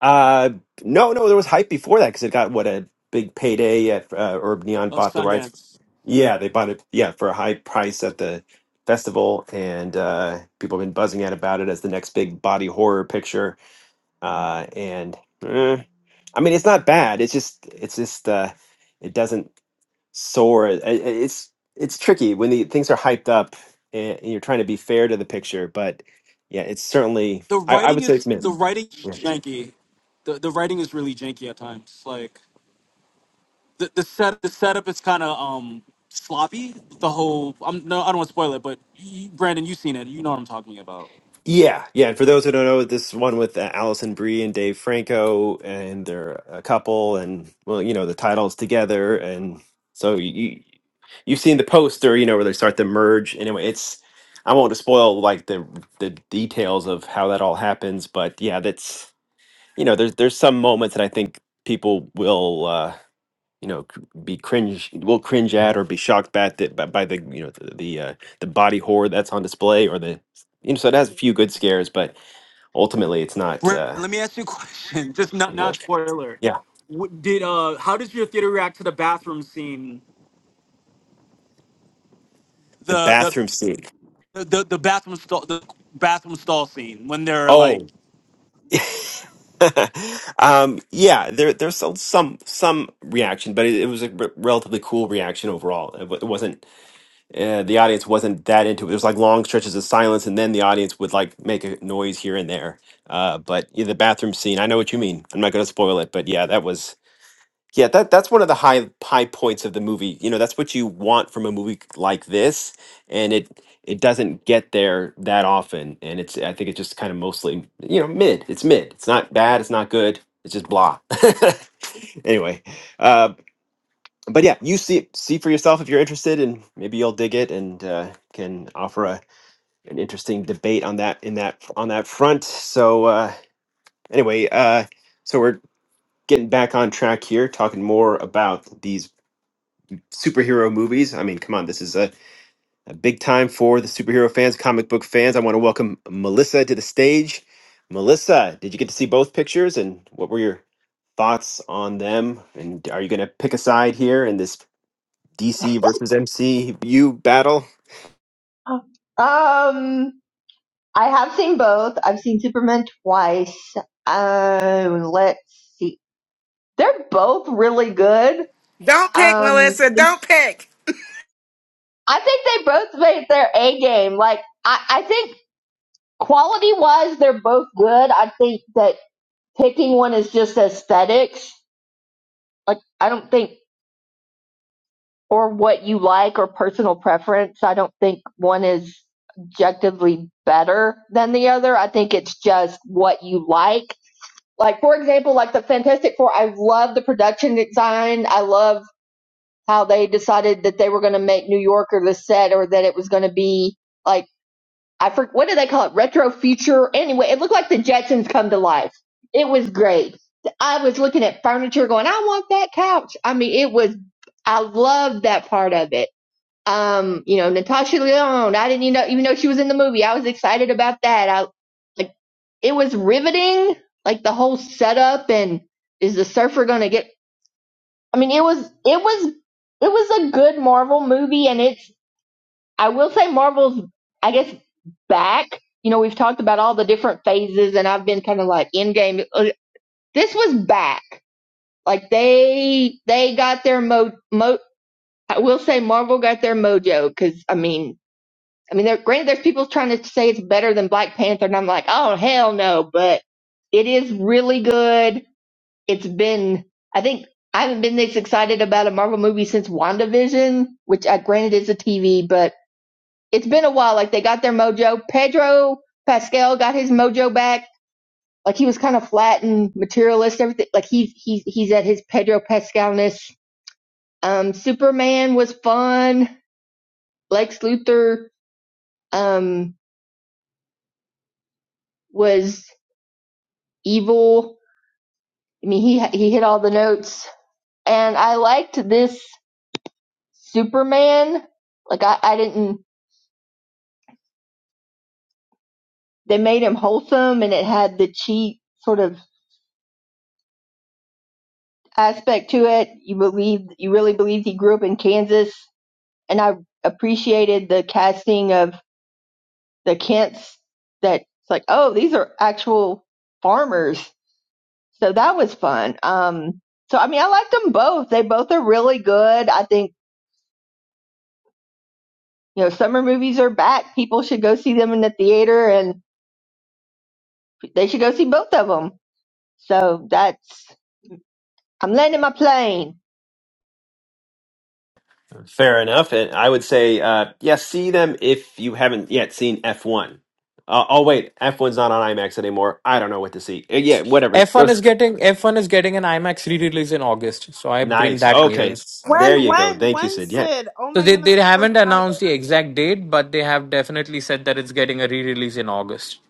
[SPEAKER 1] Uh, no, no, there was hype before that because it got what a big payday at uh, Urb Neon
[SPEAKER 6] Uh,
[SPEAKER 1] bought the rights.
[SPEAKER 6] Sundance.
[SPEAKER 1] Yeah, they bought it. Yeah, for a high price at the festival, and uh, people have been buzzing out about it as the next big body horror picture. Uh, and eh, I mean, it's not bad. It's just, it's just, uh, it doesn't soar. I- I- It's it's tricky when the things are hyped up and, and you're trying to be fair to the picture, but yeah, it's certainly.
[SPEAKER 6] The
[SPEAKER 1] I, I
[SPEAKER 6] writing
[SPEAKER 1] would say it's
[SPEAKER 6] is
[SPEAKER 1] mid.
[SPEAKER 6] the writing is janky. The the writing is really janky at times. Like the, the set the setup is kind of um sloppy. The whole I'm no I don't want to spoil it, but you, Brandon, you've seen it. You know what I'm talking about.
[SPEAKER 1] Yeah, yeah. And for those who don't know, this one with uh, Allison Brie and Dave Franco, and they're a couple, and well, you know, the titles together, and so you you've seen the poster, you know, where they start to merge. Anyway, it's I won't spoil like the the details of how that all happens, but yeah, that's you know, there's there's some moments that I think people will. Uh, you know c- be cringe will cringe at or be shocked by the by, by the you know the the, uh, the body horror that's on display or the you know so it has a few good scares but ultimately it's not
[SPEAKER 6] Brandon,
[SPEAKER 1] uh
[SPEAKER 6] let me ask you a question. Just not not
[SPEAKER 1] work.
[SPEAKER 6] spoiler.
[SPEAKER 1] yeah
[SPEAKER 6] What, did uh how does your theater react to the bathroom scene?
[SPEAKER 1] the
[SPEAKER 6] The the
[SPEAKER 1] bathroom scene
[SPEAKER 6] the, the, the bathroom stall the bathroom stall scene when they're like
[SPEAKER 1] oh um yeah there there's some some some reaction but it, it was a r- relatively cool reaction overall it, wa- it wasn't uh, the audience wasn't that into it. There's like long stretches of silence, and then the audience would like make a noise here and there. Uh, but yeah, the bathroom scene, I know what you mean. I'm not going to spoil it, but yeah, that was yeah that that's one of the high high points of the movie. You know, that's what you want from a movie like this, and it it doesn't get there that often. And it's I think it's just kind of mostly you know mid. It's mid. It's not bad. It's not good. It's just blah. anyway, uh, but yeah, you see see for yourself if you're interested, and maybe you'll dig it and uh, can offer a, an interesting debate on that in that on that front. So uh, anyway, uh, so we're getting back on track here, talking more about these superhero movies. I mean, come on, this is a, a big time for the superhero fans, comic book fans. I want to welcome Melissa to the stage. Melissa, did you get to see both pictures, and what were your thoughts on them? And are you going to pick a side here in this? DC versus MCU battle.
[SPEAKER 13] Um, I have seen both. I've seen Superman twice. Um, let's see. They're both really good.
[SPEAKER 10] Don't pick,
[SPEAKER 13] Um,
[SPEAKER 10] Melissa. Don't pick.
[SPEAKER 13] I think they both made their A game. Like, I, I think quality wise, they're both good. I think that picking one is just aesthetics. Like, I don't think, or what you like or personal preference. I don't think one is objectively better than the other. I think it's just what you like Like for example, like the Fantastic Four, I love the production design. I love how they decided that they were going to make New York or the set, or that it was going to be like I forget what do they call it, retro future. Anyway, it looked like the Jetsons come to life. It was great. I was looking at furniture, going, I want that couch. I mean, it was. I loved that part of it. Um, you know, Natasha Lyonne. I didn't even know, even though she was in the movie, I was excited about that. I it was riveting, like the whole setup and is the surfer gonna get I mean it was it was it was a good Marvel movie and it's I will say Marvel's I guess back. You know, we've talked about all the different phases and I've been kind of like Endgame. game Uh, this was back. Like they they got their mo mo I will say Marvel got their mojo cuz I mean I mean, there, granted, there's people trying to say it's better than Black Panther, and I'm like, oh hell no! But it is really good. it's been I think I haven't been this excited about a Marvel movie since WandaVision, which I granted is a TV, but it's been a while. Like they got their mojo. Pedro Pascal got his mojo back. Like he was kind of flat and materialist, everything. Like he's he's he's at his Pedro Pascalness. Um, Superman was fun. Lex Luthor um, was evil. I mean, he he hit all the notes, and I liked this Superman. Like I, I didn't they made him wholesome and it had the cheat sort of aspect to it. You believed you really believed he grew up in Kansas and I appreciated the casting of the Kents that it's like, oh, these are actual farmers. So that was fun. Um so I mean I liked them both. They both are really good. I think you know, summer movies are back. People should go see them in the theater and they should go see both of them. So that's, I'm landing my plane.
[SPEAKER 1] Fair enough. And I would say, uh, yeah, see them if you haven't yet seen F1. Uh, oh, wait, F1's not on IMAX anymore. I don't know what to see. Uh, yeah, whatever. Go.
[SPEAKER 14] F1 is
[SPEAKER 1] s-
[SPEAKER 14] getting F1 is getting an IMAX re-release in August, so I bring
[SPEAKER 1] Nice.
[SPEAKER 14] that
[SPEAKER 1] Okay.
[SPEAKER 14] news.
[SPEAKER 1] There
[SPEAKER 9] when
[SPEAKER 1] you go.
[SPEAKER 9] when
[SPEAKER 1] Thank you,
[SPEAKER 9] when
[SPEAKER 1] Sid. Yeah.
[SPEAKER 9] Sid? Oh
[SPEAKER 14] So
[SPEAKER 9] my
[SPEAKER 14] they they
[SPEAKER 9] goodness, I'm so
[SPEAKER 14] haven't announced
[SPEAKER 9] excited.
[SPEAKER 14] the exact date, but they have definitely said that it's getting a re-release in August.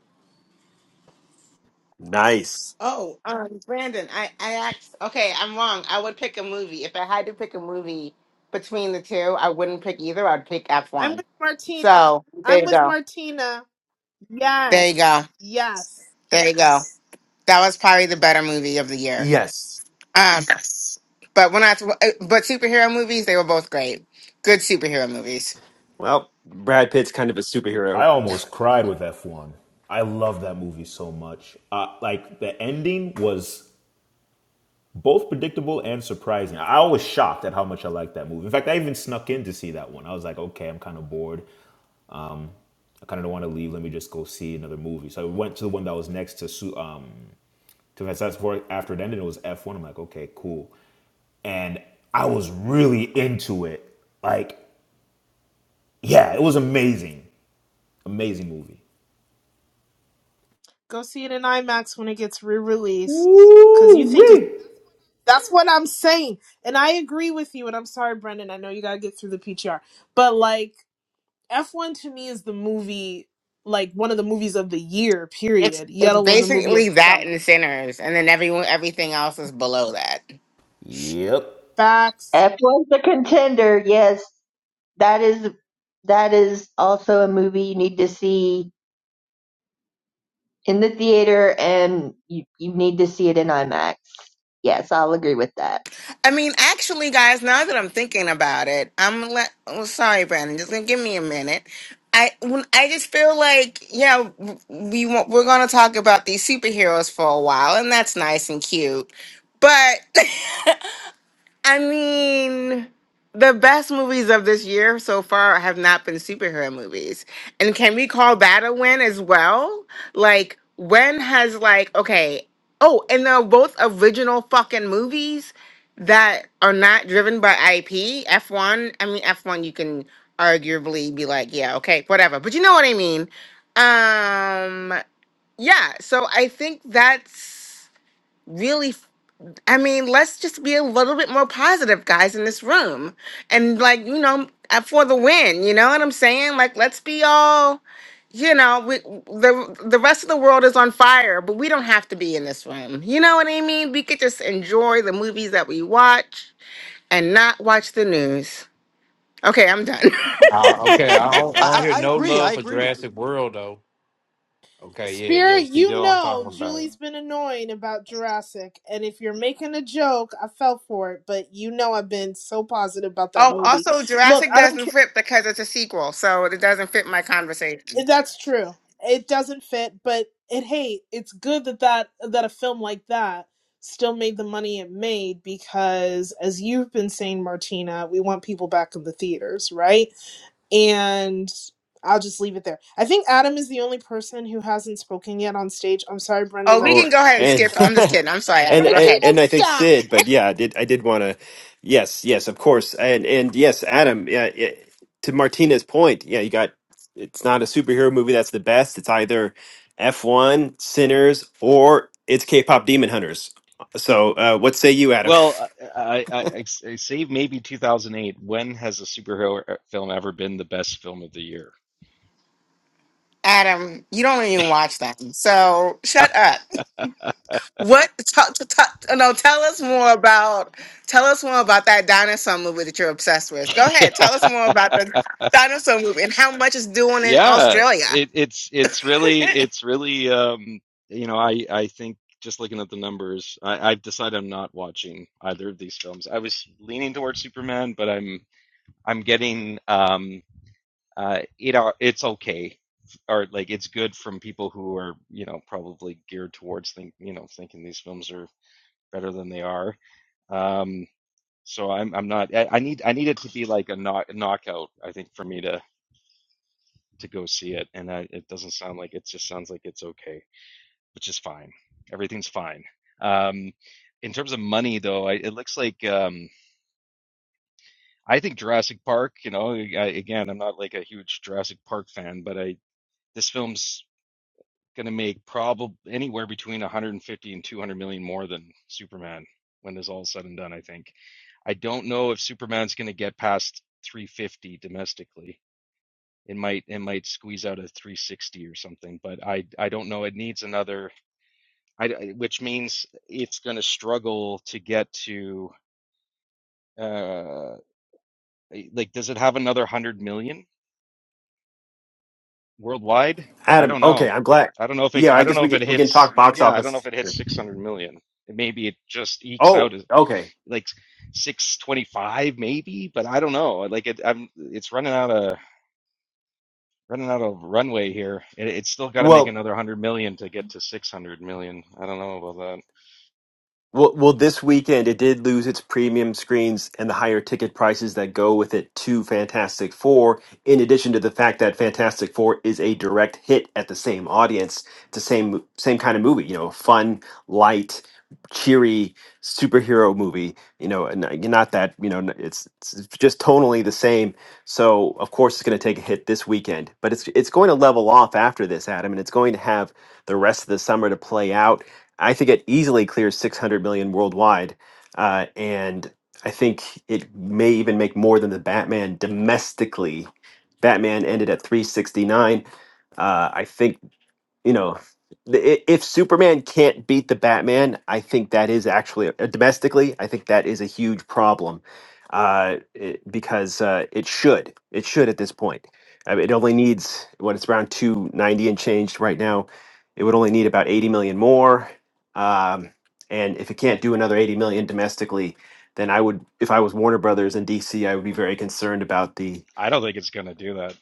[SPEAKER 1] Nice.
[SPEAKER 10] Oh, um, Brandon, I, I asked, okay, I'm wrong. I would pick a movie. If I had to pick a movie between the two, I wouldn't pick either. I'd pick
[SPEAKER 9] I'm
[SPEAKER 10] F1.
[SPEAKER 9] with Martina.
[SPEAKER 10] So there
[SPEAKER 9] I'm
[SPEAKER 10] you
[SPEAKER 9] with
[SPEAKER 10] go.
[SPEAKER 9] Martina.
[SPEAKER 10] There you
[SPEAKER 9] Yes.
[SPEAKER 10] go.
[SPEAKER 9] Yes.
[SPEAKER 10] There you go. That was probably the better movie of the year.
[SPEAKER 1] Yes.
[SPEAKER 10] Um, but when I, but superhero movies, they were both great. Good superhero movies.
[SPEAKER 1] Well, Brad Pitt's kind of a
[SPEAKER 5] I
[SPEAKER 1] superhero.
[SPEAKER 5] almost cried with F1. I love that movie so much. Uh, like the ending was both predictable and surprising. I was shocked at how much I liked that movie. In fact, I even snuck in to see that one. I was like, okay, I'm kind of bored. Um, I kind of don't want to leave. Let me just go see another movie. So I went to the one that was next to um to Fantastic Four after it ended. It was F1. I'm like, okay, cool. And I was really into it. Like yeah, it was amazing. Amazing movie.
[SPEAKER 9] Go see it in IMAX when it gets re-released. Cause
[SPEAKER 5] Woo
[SPEAKER 9] you think it's,
[SPEAKER 5] wee.
[SPEAKER 9] that's what I'm saying. And I agree with you. And I'm sorry, Brendan. I know you gotta get through the PTR. But like F1 to me is the movie like one of the movies of the year,
[SPEAKER 10] It's,
[SPEAKER 9] period. Yet
[SPEAKER 10] it's
[SPEAKER 9] alone the movie of
[SPEAKER 10] basically
[SPEAKER 9] the
[SPEAKER 10] that
[SPEAKER 9] summer.
[SPEAKER 10] and Sinners, and then everyone, everything else is below that.
[SPEAKER 5] Yep.
[SPEAKER 9] Facts.
[SPEAKER 13] F was the contender. Yes, that is that is also a movie you need to see in the theater, and you you need to see it in IMAX. Yes, I'll agree with that.
[SPEAKER 10] I mean, actually, guys, now that I'm thinking about it, I'm like, oh, sorry, Brandon. Just gonna give me a minute. I when I just feel like, yeah, w- we want, we're gonna talk about these superheroes for a while, and that's nice and cute, but. I mean, the best movies of this year so far have not been superhero movies. And can we call that a win as well? Like, when has, like, okay, oh, and they're both original fucking movies that are not driven by IP. F1, I mean, F1, you can arguably be like, yeah, okay, whatever. But you know what I mean? Um, yeah, so I think that's really I mean, let's just be a little bit more positive, guys, in this room. And like, you know, uh, for the win, you know what I'm saying? Like, let's be all, you know, we, the the rest of the world is on fire, but we don't have to be in this room. You know what I mean? We could just enjoy the movies that we watch and not watch the news. Okay, I'm done.
[SPEAKER 7] Uh, okay, I don't, I don't hear
[SPEAKER 6] I
[SPEAKER 7] no
[SPEAKER 6] agree. I
[SPEAKER 7] love for
[SPEAKER 6] agree.
[SPEAKER 7] Jurassic World though. Okay, yeah,
[SPEAKER 9] Spirit,
[SPEAKER 7] yeah. See, that's
[SPEAKER 9] you
[SPEAKER 7] what I'm
[SPEAKER 9] know
[SPEAKER 7] talking about.
[SPEAKER 9] Julie's been annoying about Jurassic, and if you're making a joke, I fell for it, but you know I've been so positive about that
[SPEAKER 10] oh,
[SPEAKER 9] movie.
[SPEAKER 10] also
[SPEAKER 9] Look,
[SPEAKER 10] Jurassic
[SPEAKER 9] I don't
[SPEAKER 10] doesn't
[SPEAKER 9] care.
[SPEAKER 10] fit because it's a sequel, so it doesn't fit my conversation.
[SPEAKER 9] That's true. It doesn't fit, but it hey, it's good that that that a film like that still made the money it made because as you've been saying Martina, we want people back in the theaters, right? And I'll just leave it there. I think Adam is the only person who hasn't spoken yet on stage. I'm sorry,
[SPEAKER 10] Oh,
[SPEAKER 9] Brendan,
[SPEAKER 10] we
[SPEAKER 9] that
[SPEAKER 1] Oh,
[SPEAKER 10] can go ahead and
[SPEAKER 1] and
[SPEAKER 10] skip. I'm just kidding. I'm sorry,
[SPEAKER 1] and
[SPEAKER 10] Adam. Go
[SPEAKER 1] and,
[SPEAKER 10] ahead.
[SPEAKER 9] Martina,
[SPEAKER 1] and I think
[SPEAKER 9] stop.
[SPEAKER 1] Sid, but yeah, I did I did want to, yes, yes, of course, and and yes, Adam, yeah, it, to Martina's point, yeah, you got it's not a superhero movie that's the best. It's either F one Sinners or it's K-pop Demon Hunters. So, uh, what say you, Adam?
[SPEAKER 15] Well, I, I, I, I save maybe 2008. When has a superhero e, film ever been the best film of the year?
[SPEAKER 10] Adam, you don't even watch them, so shut up. What? T- t- t- no, tell us more about. Tell us more about that dinosaur movie that you're obsessed with. Go
[SPEAKER 15] Yeah,
[SPEAKER 10] ahead, tell us more about the dinosaur movie and how much it's doing in
[SPEAKER 15] yeah.
[SPEAKER 10] Australia.
[SPEAKER 15] It, it's it's really it's really um, you know I I think just looking at the numbers, I, I've decided I'm not watching either of these films. I was leaning towards Superman, but I'm I'm getting um, uh, it it's okay or like it's good from people who are you know probably geared towards think you know thinking these films are better than they are Um, so I'm I'm not I, I need I need it to be like a knock knockout, I think, for me to to go see it. And I, it doesn't sound like it just sounds like it's okay, which is fine. Everything's fine. Um, in terms of money though, I, it looks like um I think Jurassic Park, you know, I, again, I'm not like a huge Jurassic Park fan, but I this film's gonna make probably anywhere between 150 and 200 million more than Superman when this all said and done, I think. I don't know if Superman's going to get past 350 domestically. It might it might squeeze out a 360 or something, but I I don't know. It needs another, I, which means it's going to struggle to get to uh eh, like does it have another 100 million worldwide? I
[SPEAKER 1] Adam,
[SPEAKER 15] don't know.
[SPEAKER 1] okay, I'm glad.
[SPEAKER 15] I don't know if it
[SPEAKER 1] Yeah, I
[SPEAKER 15] I don't
[SPEAKER 1] guess
[SPEAKER 15] know
[SPEAKER 1] we
[SPEAKER 15] if it
[SPEAKER 1] can, we can
[SPEAKER 15] hits
[SPEAKER 1] talk box
[SPEAKER 15] yeah, I don't know if
[SPEAKER 1] office.
[SPEAKER 15] it hits 600 million. Maybe it just ekes out
[SPEAKER 1] Oh,
[SPEAKER 15] as
[SPEAKER 1] okay.
[SPEAKER 15] like 625 maybe, but I don't know. Like it I'm it's running out of running out of runway here. It, it's still got to make
[SPEAKER 1] Well,
[SPEAKER 15] another 100 million to get to 600 million. I don't know about that.
[SPEAKER 1] Well, well, this weekend it did lose its premium screens and the higher ticket prices that go with it to Fantastic Four, in addition to the fact that Fantastic Four is a direct hit at the same audience. It's the same same kind of movie, you know, fun, light, cheery superhero movie, you know, and uh, not that, you know, it's, it's just tonally the same. So, of course it's going to take a hit this weekend, but it's it's going to level off after this, Adam, and it's going to have the rest of the summer to play out I think it easily clears 600 million worldwide. Uh, and I think it may even make more than the Batman domestically. Batman ended at 369. Uh, I think you know, the, i- if Superman can't beat the Batman, I think that is actually uh, domestically, I think that is a huge problem uh, it- because uh, it should, it should at this point. I mean, it only needs what it's around two ninety and changed right now. It would only need about eighty million more, um, and if it can't do another eighty million domestically, then I would, if I was Warner Brothers and DC, I would be very concerned about the
[SPEAKER 15] I don't think it's going to do that.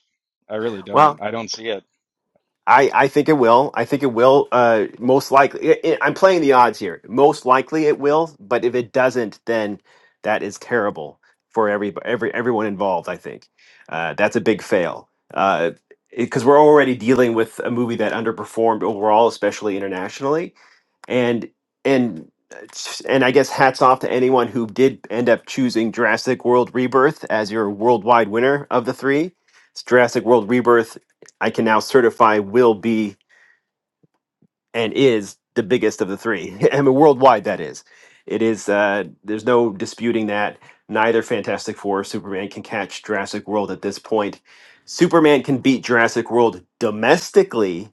[SPEAKER 15] I really
[SPEAKER 1] well.
[SPEAKER 15] don't. I don't see it.
[SPEAKER 1] I, I think it will. I think it will. Uh, most likely, i i I'm playing the odds here. Most likely, it will. But if it doesn't, then that is terrible for every every everyone involved. I think uh, that's a big fail because we're already dealing with a movie that underperformed overall, especially internationally and and and I guess hats off to anyone who did end up choosing Jurassic World Rebirth as your worldwide winner of the three. It's Jurassic World Rebirth. I can now certify will be and is the biggest of the three. I mean, worldwide that is. It is. Uh, there's no disputing that. Neither Fantastic Four or Superman can catch Jurassic World at this point. Superman can beat Jurassic World domestically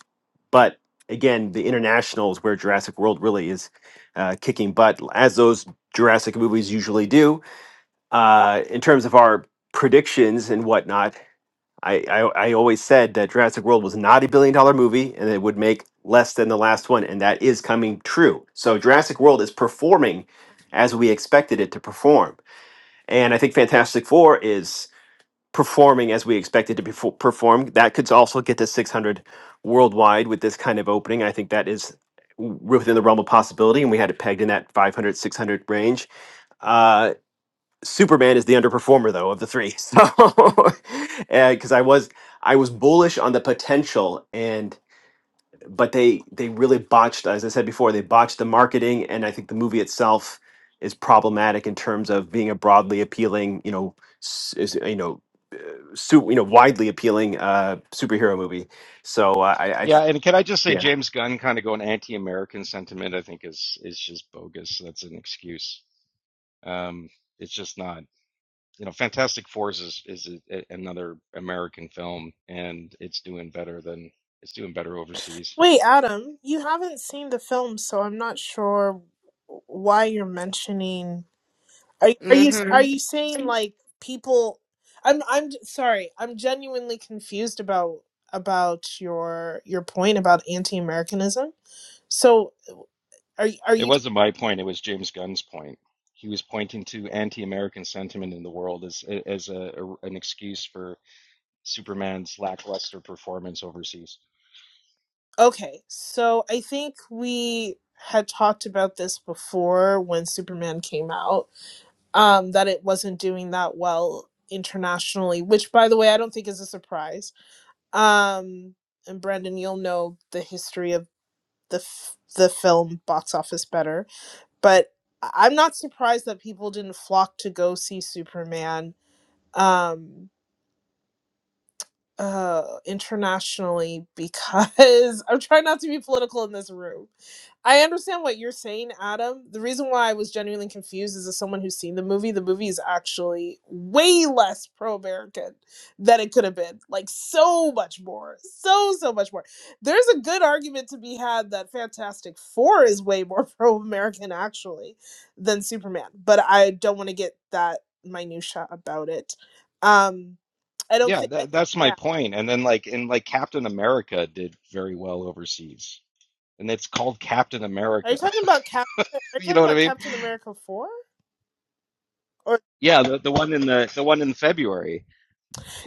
[SPEAKER 1] but again, the international is where Jurassic World really is uh, kicking butt, as those Jurassic movies usually do. Uh, in terms of our predictions and whatnot, I, I, I always said that Jurassic World was not a billion dollar movie and it would make less than the last one, and that is coming true. So Jurassic World is performing as we expected it to perform. And I think Fantastic Four is performing as we expected to perfor- perform. That could also get to 600 worldwide with this kind of opening. I think that is w- within the realm of possibility, and we had it pegged in that 500, 600 range. Uh, Superman is the underperformer though of the three, so because I was I was bullish on the potential and but they they really botched as I said before they botched the marketing and I think the movie itself is problematic in terms of being a broadly appealing you know s- is, you know su- you know widely appealing uh superhero movie so uh, i i
[SPEAKER 15] Yeah, and can I just say
[SPEAKER 1] yeah
[SPEAKER 15] James Gunn kind of going anti-American sentiment I think is is just bogus. That's an excuse. Um it's just not. You know, Fantastic Four is is a, a- another American film and it's doing better than it's doing better overseas.
[SPEAKER 9] Wait, Adam, you haven't seen the film, so I'm not sure why you're mentioning Are are you are
[SPEAKER 10] hmm
[SPEAKER 9] you saying like people? I'm I'm j- sorry. I'm genuinely confused about about your your point about anti-Americanism. So are y- are
[SPEAKER 15] It
[SPEAKER 9] you
[SPEAKER 15] wasn't my point. It was James Gunn's point. He was pointing to anti-American sentiment in the world as as a, a- an excuse for Superman's lackluster performance overseas.
[SPEAKER 9] okay? So I think we had talked about this before when Superman came out. Um, that it wasn't doing that well internationally, which by the way I don't think is a surprise. Um, and Brandon, you'll know the history of the f- the film box office better but I- am not surprised that people didn't flock to go see Superman. Um, uh internationally because I'm trying not to be political in this room. I understand what you're saying, Adam. The reason why I was genuinely confused is as someone who's seen the movie, the movie is actually way less pro-American than it could have been. Like so much more. So so much more. There's a good argument to be had that Fantastic Four is way more pro-American actually than Superman. But I don't want to get that minutia about it. Um I don't
[SPEAKER 15] Yeah,
[SPEAKER 9] think I,
[SPEAKER 15] that, that's
[SPEAKER 9] yeah.
[SPEAKER 15] my point. And then like in like Captain America did very well overseas, and it's called Captain
[SPEAKER 9] Are
[SPEAKER 15] America.
[SPEAKER 9] you talking about Cap? Are you
[SPEAKER 15] you
[SPEAKER 9] talking
[SPEAKER 15] know what I
[SPEAKER 9] about
[SPEAKER 15] mean?
[SPEAKER 9] Captain America four? Or
[SPEAKER 15] Yeah, the, the one in the the one in February.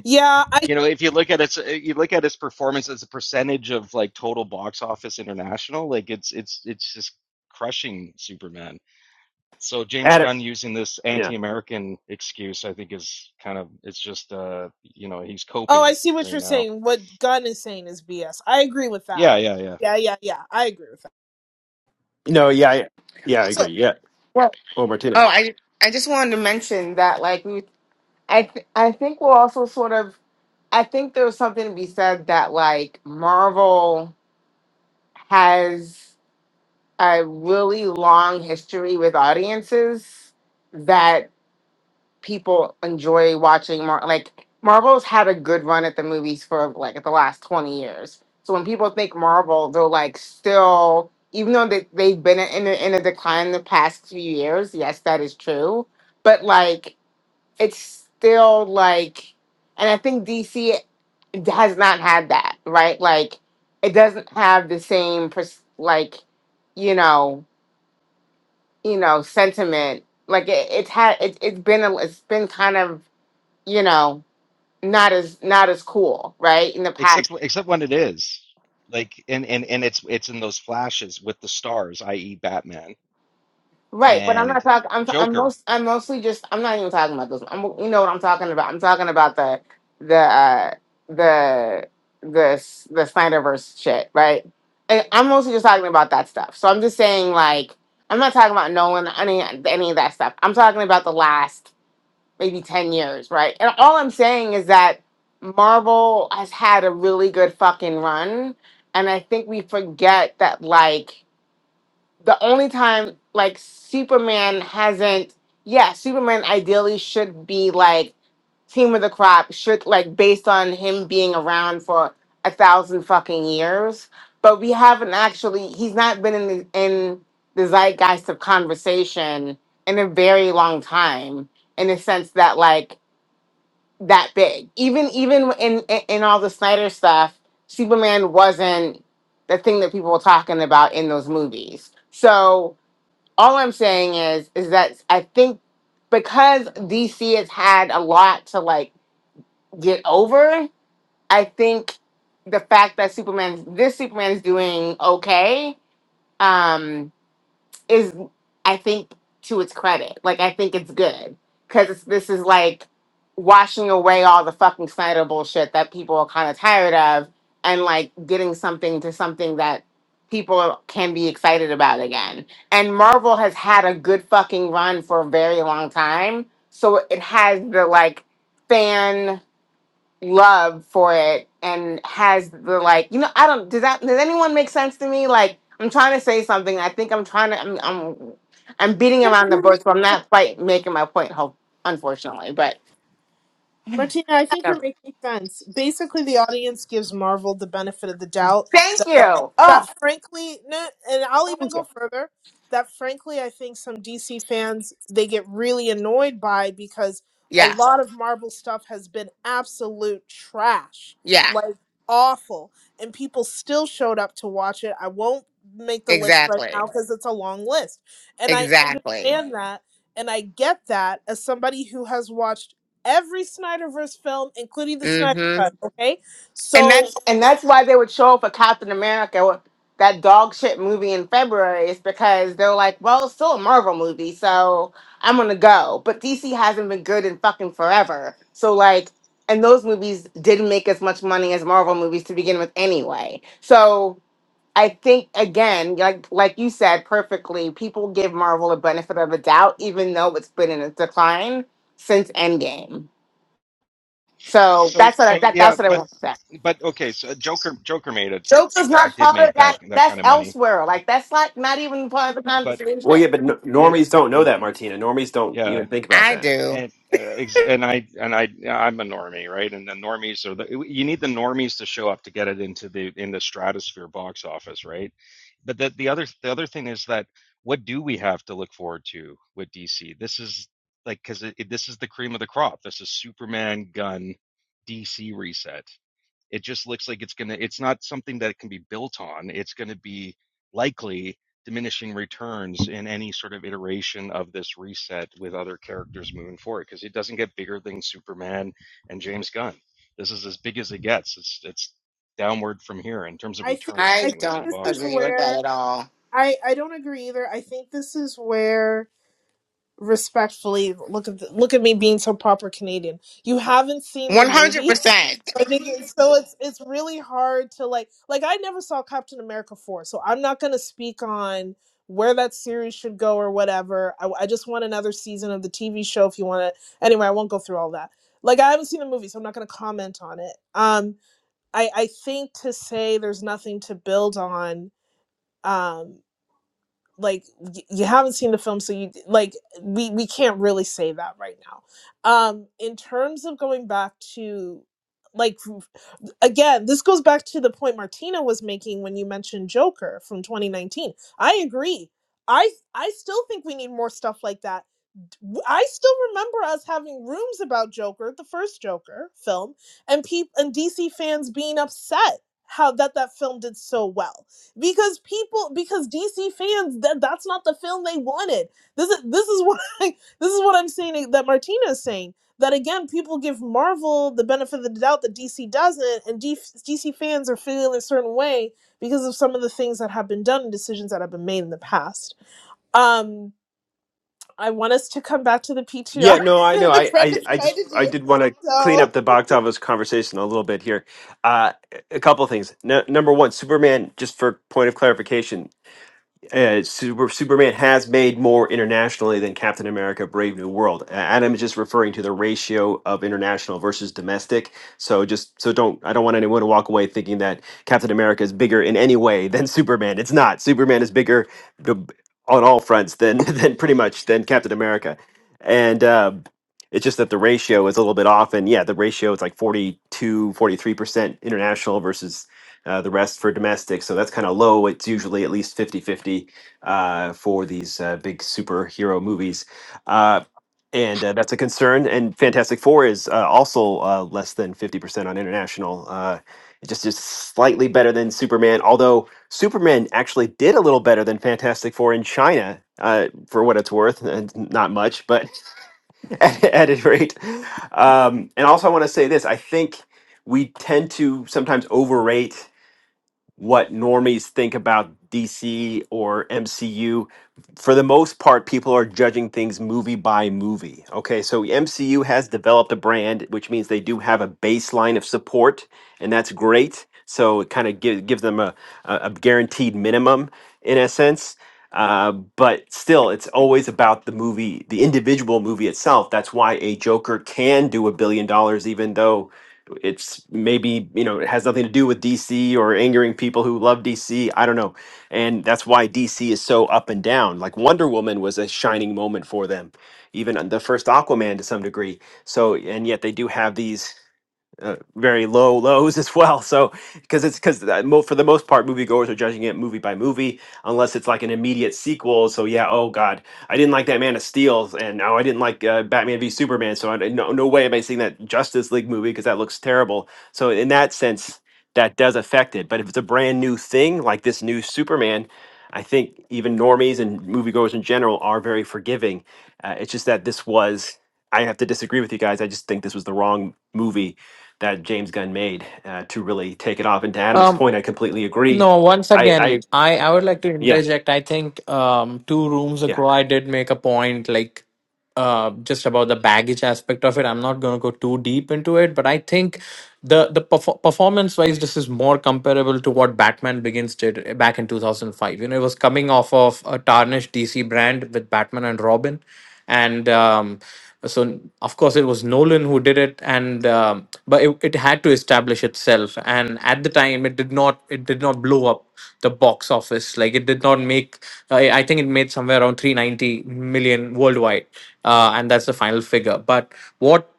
[SPEAKER 9] yeah, I
[SPEAKER 15] You know, if you look at its uh, you look at its performance as a percentage of like total box office international, like it's it's it's just crushing Superman. So James
[SPEAKER 1] at it
[SPEAKER 15] Gunn using this
[SPEAKER 1] yeah
[SPEAKER 15] anti-American excuse, I think, is kind of it's just uh you know he's
[SPEAKER 9] oh I
[SPEAKER 15] coping
[SPEAKER 9] see what
[SPEAKER 15] right
[SPEAKER 9] you're
[SPEAKER 15] now.
[SPEAKER 9] saying. What Gunn is saying is BS. I agree with
[SPEAKER 15] Yeah,
[SPEAKER 9] that.
[SPEAKER 15] yeah, yeah.
[SPEAKER 9] Yeah, yeah, yeah. I agree with
[SPEAKER 1] no yeah I, yeah i
[SPEAKER 10] Also,
[SPEAKER 1] agree yeah
[SPEAKER 10] well,
[SPEAKER 1] well martina
[SPEAKER 10] oh, I I just wanted to mention that, like, we, I th- I think we're also sort of. I think there was something to be said that like Marvel has. a really long history with audiences that people enjoy watching more like Marvel's had a good run at the movies for like the last 20 years. So when people think Marvel, they're like still even though they, they've been in a, in a decline the past few years, yes, that is true. But like it's still like and I think DC has not had that, right? Like it doesn't have the same pers- like you know you know sentiment like it, it's had it, it's been a, it's been kind of you know not as not as cool right in the
[SPEAKER 15] Except
[SPEAKER 10] past
[SPEAKER 15] except when it is like and and and it's it's in those flashes with the stars, i.e., Batman
[SPEAKER 10] right but i'm not
[SPEAKER 15] and
[SPEAKER 10] talking i'm t- i'm
[SPEAKER 15] Joker
[SPEAKER 10] most i'm mostly just i'm not even talking about this i'm you know what i'm talking about i'm talking about the the uh the the S- the snyderverse shit right and i'm mostly just talking about that stuff so i'm just saying like i'm not talking about nolan any any of that stuff i'm talking about the last maybe 10 years, right? And all I'm saying is that Marvel has had a really good fucking run. And I think we forget that, like, the only time, like, Superman hasn't, yeah, Superman ideally should be, like, team of the crop, should, like, based on him being around for a thousand fucking years. But we haven't actually, he's not been in the, in the zeitgeist of conversation in a very long time in the sense that, like, that big. Even even in in, in all the Snyder stuff, Superman wasn't the thing that people were talking about in those movies. So all I'm saying is is that I think because DC has had a lot to like get over, I think the fact that Superman this Superman is doing okay. Um is I think to its credit. Like I think it's good because this is like washing away all the fucking Snyder bullshit that people are kind of tired of, and like getting something to something that people can be excited about again. And Marvel has had a good fucking run for a very long time, so it has the like fan love for it and has the like you know i don't does that does anyone make sense to me like i'm trying to say something i think i'm trying to i'm i'm, I'm beating around the
[SPEAKER 9] that.
[SPEAKER 10] bush but i'm not quite making my point hope unfortunately but
[SPEAKER 9] Martina, I think you're
[SPEAKER 10] never.
[SPEAKER 9] making sense. Basically, the audience gives Marvel the benefit of the doubt
[SPEAKER 10] thank
[SPEAKER 9] that I,
[SPEAKER 10] you
[SPEAKER 9] that
[SPEAKER 10] oh
[SPEAKER 9] frankly, no, and I'll even
[SPEAKER 10] thank
[SPEAKER 9] go
[SPEAKER 10] you
[SPEAKER 9] further. That frankly, I think some DC fans they get really annoyed by because a
[SPEAKER 10] yeah
[SPEAKER 9] lot of Marvel stuff has been absolute trash,
[SPEAKER 10] yeah
[SPEAKER 9] like awful, and people still showed up to watch it. I won't make the list right
[SPEAKER 10] exactly
[SPEAKER 9] now because it's a long list, and I
[SPEAKER 10] exactly
[SPEAKER 9] understand that, and I get that as somebody who has watched every Snyderverse film, including the Snyder
[SPEAKER 10] Mm-hmm.
[SPEAKER 9] Cut. Okay,
[SPEAKER 10] And
[SPEAKER 9] so
[SPEAKER 10] that's and that's why they would show up for Captain America, that dog shit movie in February, is because they're like, well, it's still a Marvel movie, so I'm gonna go. But DC hasn't been good in fucking forever. So like, and those movies didn't make as much money as Marvel movies to begin with anyway. So I think again, like like you said perfectly, people give Marvel a benefit of the doubt, even though it's been in a decline since Endgame. So
[SPEAKER 15] So
[SPEAKER 10] that's what I, that, that's
[SPEAKER 15] yeah,
[SPEAKER 10] what I
[SPEAKER 15] but
[SPEAKER 10] want to say.
[SPEAKER 15] but okay. So Joker Joker made it
[SPEAKER 10] Joker's not
[SPEAKER 15] did
[SPEAKER 10] part of
[SPEAKER 15] make that
[SPEAKER 10] that.
[SPEAKER 15] that
[SPEAKER 10] That's
[SPEAKER 15] kind of money,
[SPEAKER 10] elsewhere. Like that's like not even part of the
[SPEAKER 15] but
[SPEAKER 1] well
[SPEAKER 10] conversation.
[SPEAKER 1] yeah but n
[SPEAKER 15] it
[SPEAKER 1] normies don't know
[SPEAKER 15] mm,
[SPEAKER 1] that martina normies don't
[SPEAKER 15] yeah.
[SPEAKER 1] even think about
[SPEAKER 10] I
[SPEAKER 1] that
[SPEAKER 10] do.
[SPEAKER 15] And uh, ex- and I and I I'm a normie, right? And the normies are the you need the normies to show up to get it into the in the stratosphere box office, right? But the the other the other thing is that what do we have to look forward to with DC? This is like because it, it- this is the cream of the crop. This is Superman gun DC reset It just looks like it's going to, it's not something that it can be built on. It's going to be likely diminishing returns in any sort of iteration of this reset with other characters moving forward because it doesn't get bigger than Superman and James Gunn. This is as big as it gets. It's, it's downward from here in terms of
[SPEAKER 9] I think
[SPEAKER 15] returns,
[SPEAKER 9] I
[SPEAKER 10] I
[SPEAKER 9] think
[SPEAKER 15] anyways, in
[SPEAKER 10] don't
[SPEAKER 9] this
[SPEAKER 15] box
[SPEAKER 9] is
[SPEAKER 10] agree
[SPEAKER 15] office.
[SPEAKER 10] with that
[SPEAKER 9] where
[SPEAKER 10] at all.
[SPEAKER 9] I I don't agree either. I think this is where respectfully look at the, look at me being so proper Canadian. You haven't seen the
[SPEAKER 10] One hundred
[SPEAKER 9] movie,
[SPEAKER 10] percent.
[SPEAKER 9] so I think it's, so. It's it's really hard to like like I never saw Captain America four, so I'm not gonna speak on where that series should go or whatever. I, I just want another season of the TV show if you want to. Anyway, I won't go through all that. Like I haven't seen the movie, so I'm not gonna comment on it. Um, I I think to say there's nothing to build on. Um, like y- you haven't seen the film so you like we we can't really say that right now um in terms of going back to like again this goes back to the point martina was making when you mentioned joker from 2019 i agree i i still think we need more stuff like that w- I still remember us having rooms about Joker, the first Joker film, and people and DC fans being upset how that that film did so well because people because DC fans that that's not the film they wanted. This is this is what I, this is what I'm saying eh, that Martina is saying that again people give Marvel the benefit of the doubt that DC doesn't and DC fans are feeling a certain way because of some of the things that have been done and decisions that have been made in the past. Um I want us to come back to the PTR
[SPEAKER 1] yeah no i
[SPEAKER 9] and
[SPEAKER 1] know
[SPEAKER 9] what
[SPEAKER 1] i i,
[SPEAKER 9] Brenda's
[SPEAKER 1] I
[SPEAKER 9] trying
[SPEAKER 1] just
[SPEAKER 9] to
[SPEAKER 1] i
[SPEAKER 9] do.
[SPEAKER 1] did want to clean
[SPEAKER 9] So
[SPEAKER 1] up the box office conversation a little bit here uh a couple of things no, number one superman just for point of clarification uh, Super, Superman has made more internationally than Captain America: Brave New World. A- Adam is just referring to the ratio of international versus domestic. So just so don't I don't want anyone to walk away thinking that Captain America is bigger in any way than Superman. It's not. Superman is bigger b- on all fronts than than pretty much than Captain America, and. Uh, it's just that the ratio is a little bit off and yeah the ratio is like forty two, forty three percent international versus uh, the rest for domestic. So that's kind of low. It's usually at least fifty-fifty uh, for these uh, big superhero movies. Uh, and uh, that's a concern. And Fantastic Four is uh, also uh, less than 50% on international. Uh, it just is slightly better than Superman, although Superman actually did a little better than Fantastic Four in China, uh, for what it's worth. And not much, but at, at any rate. Um, and also, I want to say this I think we tend to sometimes overrate what normies think about DC or MCU. For the most part, people are judging things movie by movie. Okay, so MCU has developed a brand, which means they do have a baseline of support, and that's great. So it kind of give, gives them a, a a guaranteed minimum in a sense. Uh, but still, it's always about the movie, the individual movie itself. That's why a Joker can do a billion dollars, even though it's maybe you know it has nothing to do with DC or angering people who love DC. I don't know, and that's why DC is so up and down. Like Wonder Woman was a shining moment for them, even on the first Aquaman to some degree. So and yet they do have these uh, very low lows as well. So because it's because for the most part, moviegoers are judging it movie by movie, unless it's like an immediate sequel. So yeah, oh god, I didn't like that Man of Steel, and oh, I didn't like uh, Batman v Superman. So I, no, no way am I seeing that Justice League movie because that looks terrible. So in that sense, that does affect it. But if it's a brand new thing like this new Superman. I think even normies and moviegoers in general are very forgiving. Uh, it's just that this was, I have to disagree with you guys. I just think this was the wrong movie that James Gunn made uh, to really take it off. And to Adam's
[SPEAKER 14] Um.
[SPEAKER 1] point, I completely agree.
[SPEAKER 14] No, once
[SPEAKER 1] I,
[SPEAKER 14] again,
[SPEAKER 1] I
[SPEAKER 14] I, I would like to
[SPEAKER 1] yeah,
[SPEAKER 14] interject. I think um, two rooms
[SPEAKER 1] yeah.
[SPEAKER 14] ago, I did make a point like uh, just about the baggage aspect of it. I'm not going to go too deep into it, but I think the the perf- performance wise, this is more comparable to what Batman Begins did eh, back in 2005. You know, it was coming off of a tarnished DC brand with Batman and Robin, and um, so of course it was nolan who did it and um, but it, it had to establish itself and at the time it did not it did not blow up the box office like it did not make i, I think it made somewhere around 390 million worldwide uh, and that's the final figure but what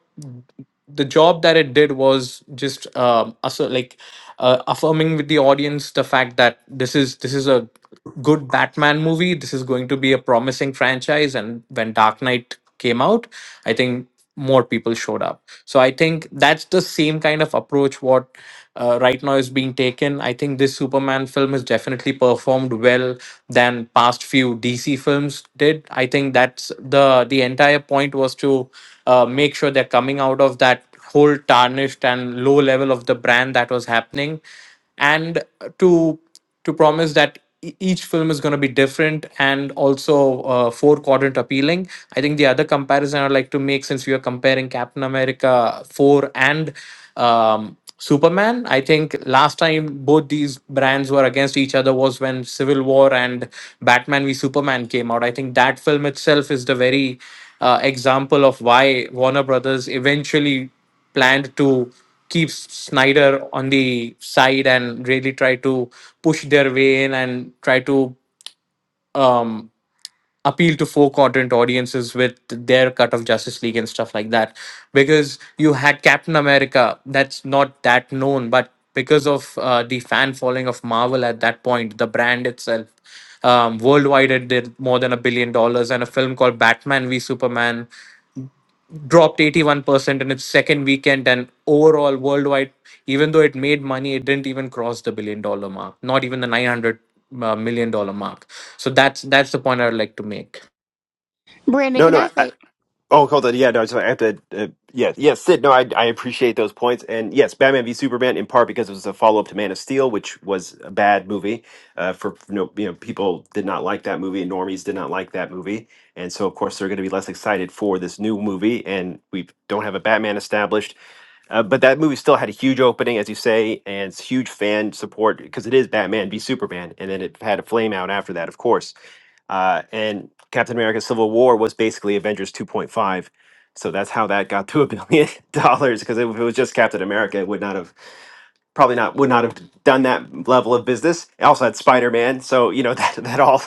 [SPEAKER 14] the job that it did was just um also like uh, affirming with the audience the fact that this is this is a good batman movie this is going to be a promising franchise and when dark knight came out i think more people showed up so i think that's the same kind of approach what uh, right now is being taken i think this superman film has definitely performed well than past few dc films did i think that's the the entire point was to uh, make sure they're coming out of that whole tarnished and low level of the brand that was happening and to to promise that e- each film is going to be different and also uh, four quadrant appealing i think the other comparison i'd like to make since we are comparing captain america 4 and um, superman i think last time both these brands were against each other was when civil war and batman v superman came out i think that film itself is the very uh, example of why Warner Brothers eventually planned to keep Snyder on the side and really try to push their way in and try to um, appeal to four quadrant audiences with their cut of Justice League and stuff like that. Because you had Captain America, that's not that known, but because of uh, the fan following of Marvel at that point, the brand itself, um, worldwide it did more than a billion dollars and a film called batman v superman dropped 81% in its second weekend and overall worldwide even though it made money it didn't even cross the billion dollar mark not even the 900 uh, million dollar mark so that's that's the point i'd like to make
[SPEAKER 16] Brandon,
[SPEAKER 1] No,
[SPEAKER 16] can I
[SPEAKER 1] no. I,
[SPEAKER 16] say?
[SPEAKER 1] Oh, hold on. Yeah, no, so I have to. Uh, yeah, yeah, Sid. No, I, I appreciate those points, and yes, Batman v Superman in part because it was a follow up to Man of Steel, which was a bad movie. Uh, for you know, you know, people did not like that movie, and normies did not like that movie, and so of course they're going to be less excited for this new movie. And we don't have a Batman established. Uh, but that movie still had a huge opening, as you say, and it's huge fan support because it is Batman v Superman, and then it had a flame out after that, of course uh, and Captain America: Civil War was basically Avengers 2.5. So that's how that got to a billion dollars. Because if it was just Captain America, it would not have probably not would not have done that level of business. It also had Spider Man, so you know that that all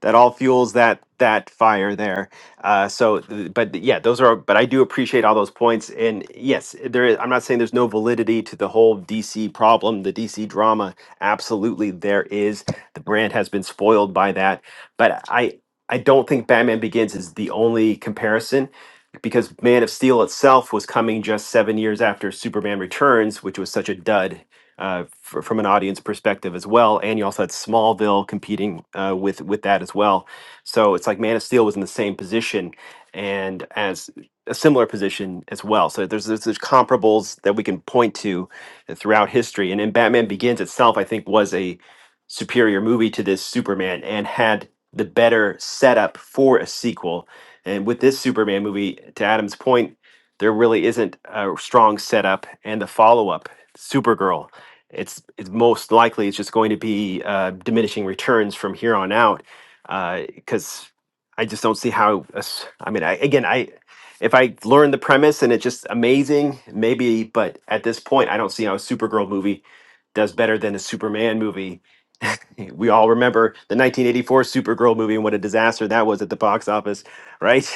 [SPEAKER 1] that all fuels that that fire there. Uh, so, th- but yeah, those are. But I do appreciate all those points, and yes, there is. I'm not saying there's no validity to the whole DC problem, the DC drama. Absolutely, there is. The brand has been spoiled by that, but I I don't think Batman Begins is the only comparison. Because Man of Steel itself was coming just seven years after Superman Returns, which was such a dud, uh, fr- from an audience perspective as well. And you also had Smallville competing uh, with with that as well. So it's like Man of Steel was in the same position and as a similar position as well. So there's there's, there's comparables that we can point to throughout history. And then Batman Begins itself, I think, was a superior movie to this Superman and had the better setup for a sequel. And with this Superman movie, to Adam's point, there really isn't a strong setup and the follow up, Supergirl it's it's most likely it's just going to be uh, diminishing returns from here on out because I just don't see how. a s- I mean, I, again, I if I learn the premise and it's just amazing, maybe. But at this point, I don't see how a Supergirl movie does better than a Superman movie. we all remember the 1984 Supergirl movie and what a disaster that was at the box office, right?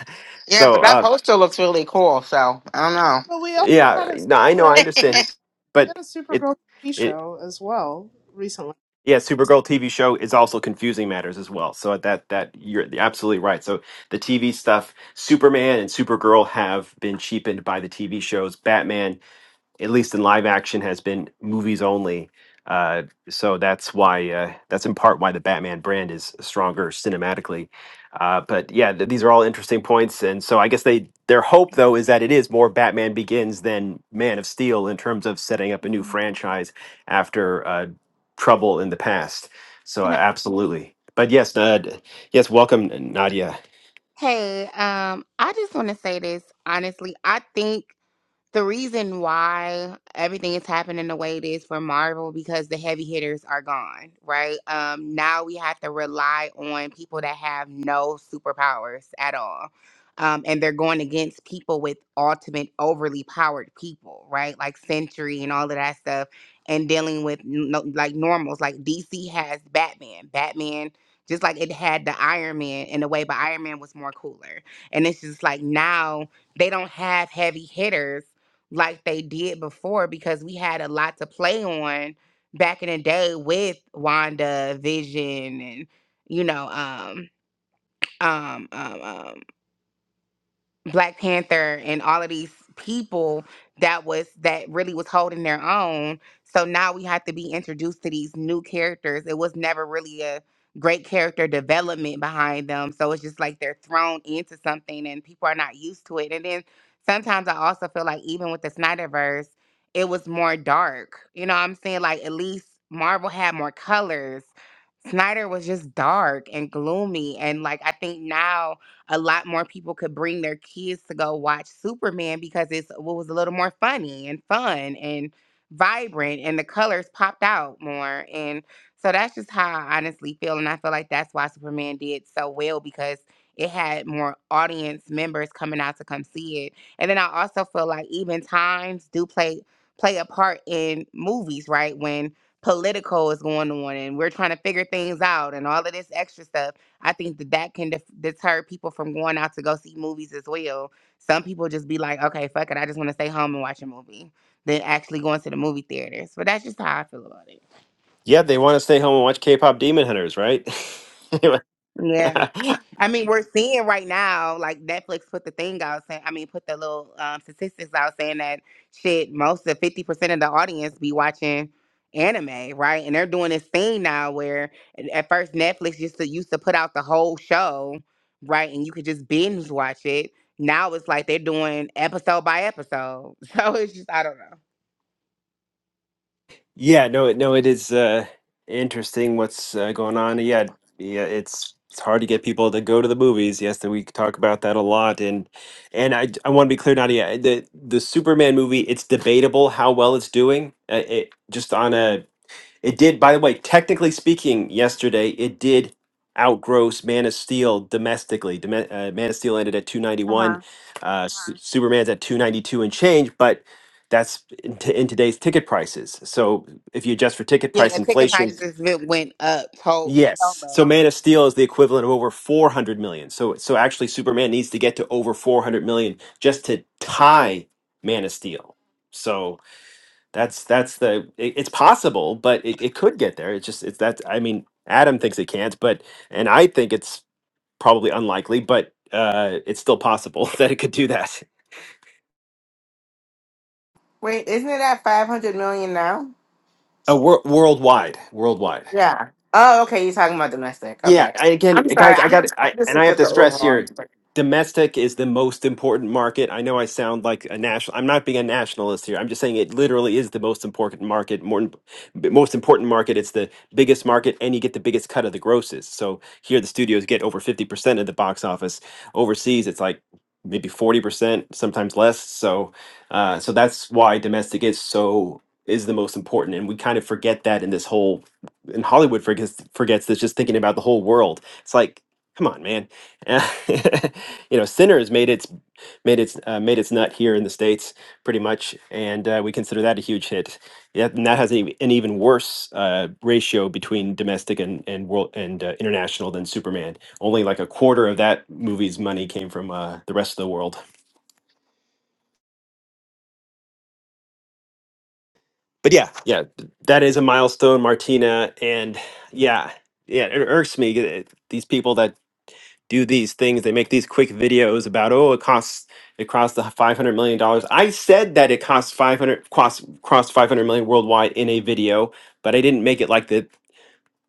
[SPEAKER 10] Yeah,
[SPEAKER 1] so,
[SPEAKER 10] but that
[SPEAKER 1] uh,
[SPEAKER 10] poster looks really cool. So I don't know.
[SPEAKER 9] but we also
[SPEAKER 1] yeah,
[SPEAKER 9] had a
[SPEAKER 1] no, I know, I
[SPEAKER 9] super we had,
[SPEAKER 1] understand,
[SPEAKER 9] we had
[SPEAKER 1] but
[SPEAKER 9] a
[SPEAKER 1] it.
[SPEAKER 9] Supergirl TV
[SPEAKER 1] it
[SPEAKER 9] show as well recently.
[SPEAKER 1] Yeah, Supergirl TV show is also confusing matters as well. So that that you're absolutely right. So the TV stuff, Superman and Supergirl have been cheapened by the TV shows. Batman at least in live action, has been movies only. Uh, so that's why uh, that's in part why the Batman brand is stronger cinematically. Uh, but yeah, th- these are all interesting points, and so I guess they their hope though is that it is more Batman Begins than Man of Steel in terms of setting up a new
[SPEAKER 16] Can
[SPEAKER 1] franchise after uh, trouble in the past. So uh,
[SPEAKER 16] I,
[SPEAKER 1] absolutely, but yes, uh, d- yes, welcome Nadia.
[SPEAKER 16] hey, um, I just want to say this honestly. I think the reason why everything is happening the way it is for Marvel because the heavy hitters are gone, right? Um, now we have to rely on people that have no superpowers at all. Um, and they're going against people with ultimate overly powered people, right? Like Sentry and all of that stuff, and dealing with no, like normals. Like DC has Batman. Batman, just like it had the Iron Man in a way, but Iron Man was more cooler. And it's just like now they don't have heavy hitters like they did before because we had a lot to play on back in the day with Wanda Vision and you know um um um, um Black Panther and all of these people that was that really was holding their own. So now we have to be introduced to these new characters. It was never really a great character development behind them. So it's just like they're thrown into something and people are not used to it. And then sometimes I also feel like even with the Snyderverse, it was more dark. You know what I'm saying? Like at least Marvel had more colors. Snyder was just dark and gloomy. And like I think now a lot more people could bring their kids to go watch Superman because it's what was a little more funny and fun and vibrant and the colors popped out more and so that's just how I honestly feel and I feel like that's why Superman did so well because it had more audience members coming out to come see it. And then I also feel like even times do play play a part in movies, right? When political is going on and we're trying to figure things out and all of this extra stuff I think that that can def- deter people from going out to go see movies as well. Some people just be like, okay, fuck it, I just want to stay home and watch a movie than actually going to the movie theaters. But that's just how I feel about it.
[SPEAKER 1] Yeah, they want to stay home and watch K-pop Demon Hunters, right? Anyway.
[SPEAKER 16] Yeah. I mean, we're seeing right now, like Netflix put the thing out saying, I mean, put the little um, statistics out saying that shit, most of 50% of the audience be watching anime, right? And they're doing this thing now where at at first Netflix used to used to put out the whole show, right? And you could just binge watch it. Now it's like they're doing episode by episode. So it's just, I don't know.
[SPEAKER 1] Yeah, no, it- no, it is uh, interesting what's uh, going on. Yeah, yeah, it's it's hard to get people to go to the movies. Yes, and we talk about that a lot. And and I I want to be clear, Nadia, the the Superman movie, it's debatable how well it's doing. Uh, it just on a it did, by the way, technically speaking, yesterday it did outgross Man of Steel domestically. Dome- uh, Man of Steel ended at
[SPEAKER 16] Uh huh.
[SPEAKER 1] 291. Uh, Su- Superman's at 292 and change, but that's in, t- in today's ticket prices. So if you adjust for ticket
[SPEAKER 16] Yeah,
[SPEAKER 1] price
[SPEAKER 16] the ticket
[SPEAKER 1] inflation,
[SPEAKER 16] prices went went up so, so
[SPEAKER 1] yes.
[SPEAKER 16] much.
[SPEAKER 1] So Man of Steel is the equivalent of over 400 million. So so actually Superman needs to get to over 400 million just to tie Man of Steel. So that's that's the it, it's possible, but it, it could get there. It's just it's that I mean Adam thinks it can't, but and I think it's probably unlikely, but uh, it's still possible that it could do that.
[SPEAKER 10] Wait, isn't it at five hundred million now?
[SPEAKER 1] Uh, wor- worldwide, worldwide.
[SPEAKER 10] Yeah. Oh, okay. You're talking about domestic.
[SPEAKER 1] Yeah,
[SPEAKER 10] Okay.
[SPEAKER 1] I, again,
[SPEAKER 10] I'm sorry.
[SPEAKER 1] guys, I
[SPEAKER 10] I'm
[SPEAKER 1] got
[SPEAKER 10] just, I'm
[SPEAKER 1] I
[SPEAKER 10] just
[SPEAKER 1] and I
[SPEAKER 10] looking
[SPEAKER 1] have
[SPEAKER 10] at
[SPEAKER 1] to
[SPEAKER 10] the
[SPEAKER 1] stress
[SPEAKER 10] overall
[SPEAKER 1] here,
[SPEAKER 10] number.
[SPEAKER 1] domestic is the most important market. I know I sound like a national. I'm not being a nationalist here. I'm just saying it literally is the most important market, more most important market. It's the biggest market, and you get the biggest cut of the grosses. So here, the studios get over fifty percent of the box office. Overseas, it's like maybe forty percent, sometimes less. So, uh, so that's why domestic is so is the most important, and we kind of forget that in this whole and Hollywood forgets forgets this just thinking about the whole world. It's like, come on, man. you know, Sinners made its made its uh, made its nut here in the states pretty much, and uh, we consider that a huge hit. Yeah, and that has an an even worse uh, ratio between domestic and and world and uh, international than Superman. Only like a quarter of that movie's money came from uh, the rest of the world. But yeah, yeah, that is a milestone, Martina, and yeah, yeah, it irks me. uh, These people that do these things. They make these quick videos about oh, it costs it costs the five hundred million dollars. I said that it costs five hundred cost cost five hundred million worldwide in a video, but I didn't make it like the,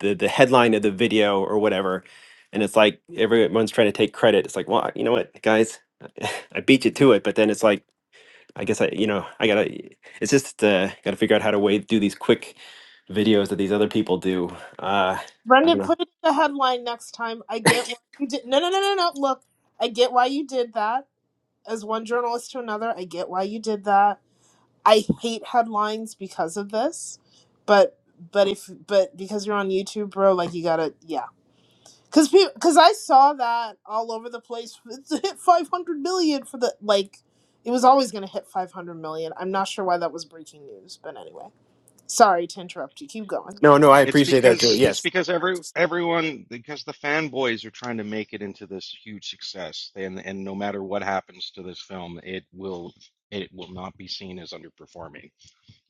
[SPEAKER 1] the the headline of the video or whatever. And it's like everyone's trying to take credit. It's like, well, you know what, guys, I beat you to it. But then it's like, I guess I, you know, I gotta. It's just uh, gotta figure out how to way do these quick videos that these other people do. Uh, I don't
[SPEAKER 9] Brendan,
[SPEAKER 1] know.
[SPEAKER 9] put it in the headline next time. I get why you did. No, no, no, no, no. Look, I get why you did that. As one journalist to another, I get why you did that. I hate headlines because of this, but but if but because you're on YouTube, bro, like you gotta yeah. Cause people, cause I saw that all over the place. It's hit 500 million for the like. It was always gonna hit 500 million. I'm not sure why that was breaking news, but anyway. Sorry to interrupt you. Keep going.
[SPEAKER 1] No, no, I
[SPEAKER 15] It's
[SPEAKER 1] appreciate that,
[SPEAKER 15] because
[SPEAKER 1] Julie.
[SPEAKER 15] it's
[SPEAKER 1] Yes.
[SPEAKER 15] because every everyone because the fanboys are trying to make it into this huge success, and and no matter what happens to this film, it will it will not be seen as underperforming.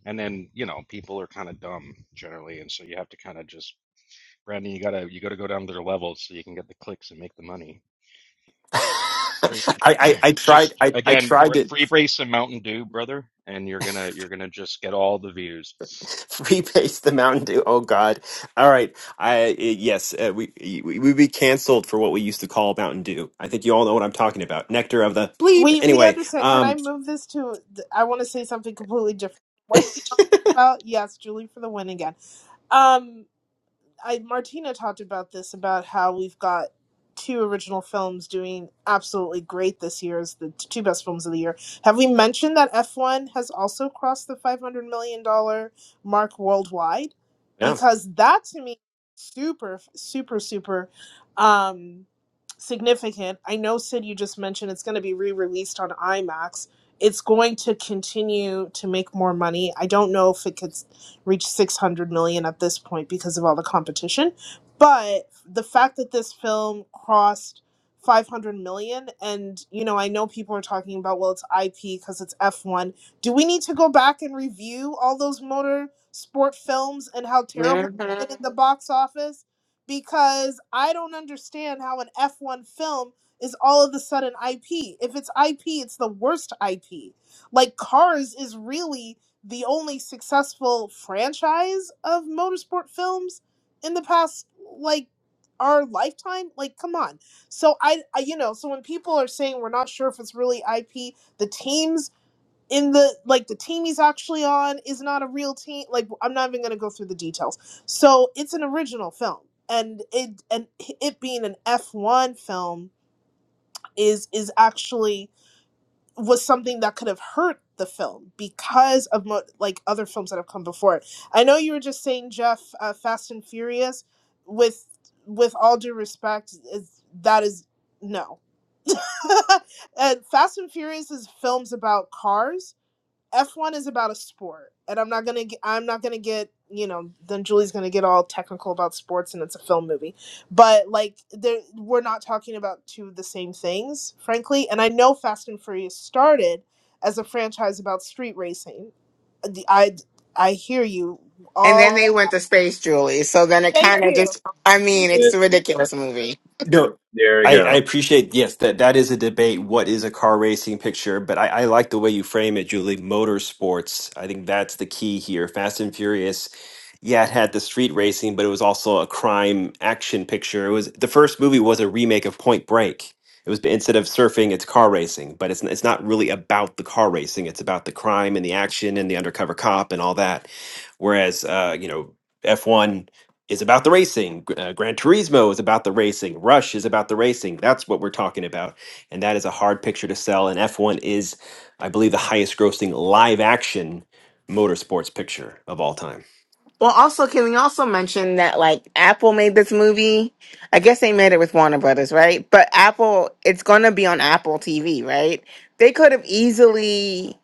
[SPEAKER 15] And then you know people are kind of dumb generally, and so you have to kind of just Brandon, you gotta you gotta go down to their levels so you can get the clicks and make the money.
[SPEAKER 1] I,
[SPEAKER 15] Drink,
[SPEAKER 1] I, I tried
[SPEAKER 15] just
[SPEAKER 1] I, I
[SPEAKER 15] again,
[SPEAKER 1] tried
[SPEAKER 15] br-
[SPEAKER 1] to
[SPEAKER 15] free brace and Mountain Dew, brother, and you're gonna you're gonna just get all the views.
[SPEAKER 1] repaste the Mountain Dew. Oh God! All right, I uh, yes uh, we we would be canceled for what we used to call Mountain Dew. I think you all know what I'm talking about. Nectar of the bleep.
[SPEAKER 9] We we
[SPEAKER 1] Anyway,
[SPEAKER 9] understand. Can I
[SPEAKER 1] um,
[SPEAKER 9] move this to? I want to say something completely different. What about? Yes, Julie for the win again. Um. I Martina talked about this about how we've got two original films doing absolutely great this year as the two best films of the year. Have we mentioned that F1 has also crossed the 500 million dollar mark worldwide?
[SPEAKER 1] yeah,
[SPEAKER 9] Because that to me super super super um significant. I know Sid you just mentioned it's going to be re-released on IMAX. It's going to continue to make more money. I don't know if it could reach 600 million at this point because of all the competition. But the fact that this film crossed 500 million, and you know, I know people are talking about, well, it's IP because it's F1. Do we need to go back and review all those motor sport films and how terrible
[SPEAKER 10] hmm
[SPEAKER 9] it did at the box office? Because I don't understand how an F1 film is all of a sudden IP. If it's IP, it's the worst IP. Like Cars is really the only successful franchise of motorsport films in the past like our lifetime like come on so I, I you know so when people are saying we're not sure if it's really ip the teams in the like the team he's actually on is not a real team like i'm not even going to go through the details so it's an original film and it and it being an f1 film is is actually was something that could have hurt the film because of mo- like other films that have come before it. I know you were just saying Jeff, uh, Fast and Furious. With with all due respect, is that is no. and Fast and Furious is films about cars, F1 is about a sport, and I'm not gonna get, I'm not gonna get you know then Julie's gonna get all technical about sports and it's a film movie, but like there we're not talking about two of the same things, frankly. And I know Fast and Furious started as a franchise about street racing. The I I hear you
[SPEAKER 10] And
[SPEAKER 9] all.
[SPEAKER 10] then they went to space, Julie. So then it
[SPEAKER 9] Thank
[SPEAKER 10] kind of
[SPEAKER 9] you.
[SPEAKER 10] just—I mean,
[SPEAKER 8] Yeah,
[SPEAKER 10] it's a ridiculous movie.
[SPEAKER 1] no,
[SPEAKER 8] there we
[SPEAKER 1] I, I
[SPEAKER 8] go.
[SPEAKER 1] appreciate yes that that is a debate. What is a car racing picture? But I, I like the way you frame it, Julie. Motorsports. I think that's the key here. Fast and Furious yeah, it had the street racing, but it was also a crime action picture. It was the first movie was a remake of Point Break. It was instead of surfing, it's car racing, but it's it's not really about the car racing. It's about the crime and the action and the undercover cop and all that. Whereas, uh, you know, F one is about the racing. Gr- Uh, Gran Turismo is about the racing. Rush is about the racing. That's what we're talking about, and that is a hard picture to sell. And F one is, I believe, the highest grossing live action motorsports picture of all time.
[SPEAKER 10] Well, also, can we also mention that like Apple made this movie? I guess they made it with Warner Brothers, right? But Apple, it's gonna be on Apple TV, right? They could have easily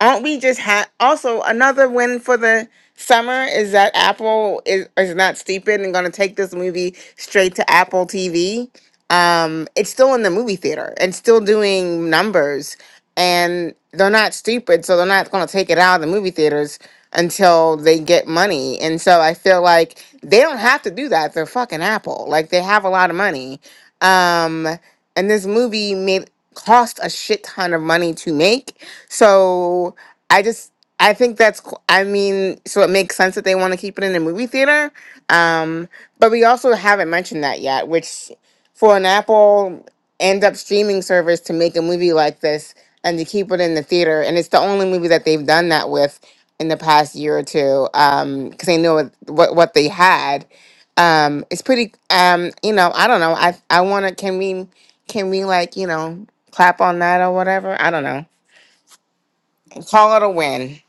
[SPEAKER 10] aren't we just ha- also another win for the summer is that apple is, is not stupid and going to take this movie straight to apple tv um it's still in the movie theater and still doing numbers and they're not stupid so they're not going to take it out of the movie theaters until they get money and so i feel like they don't have to do that they're fucking apple like they have a lot of money um and this movie made cost a shit ton of money to make so I just I think that's qu- I mean, so it makes sense that they want to keep it in the movie theater. Um, but we also haven't mentioned that yet, which for an Apple end up streaming service to make a movie like this and to keep it in the theater, and it's the only movie that they've done that with in the past year or two, um, because they know what, what what they had. Um, it's pretty. Um, you know, I don't know. I I want to. Can we? Can we like you know clap on that or whatever? I don't know. Call it a win,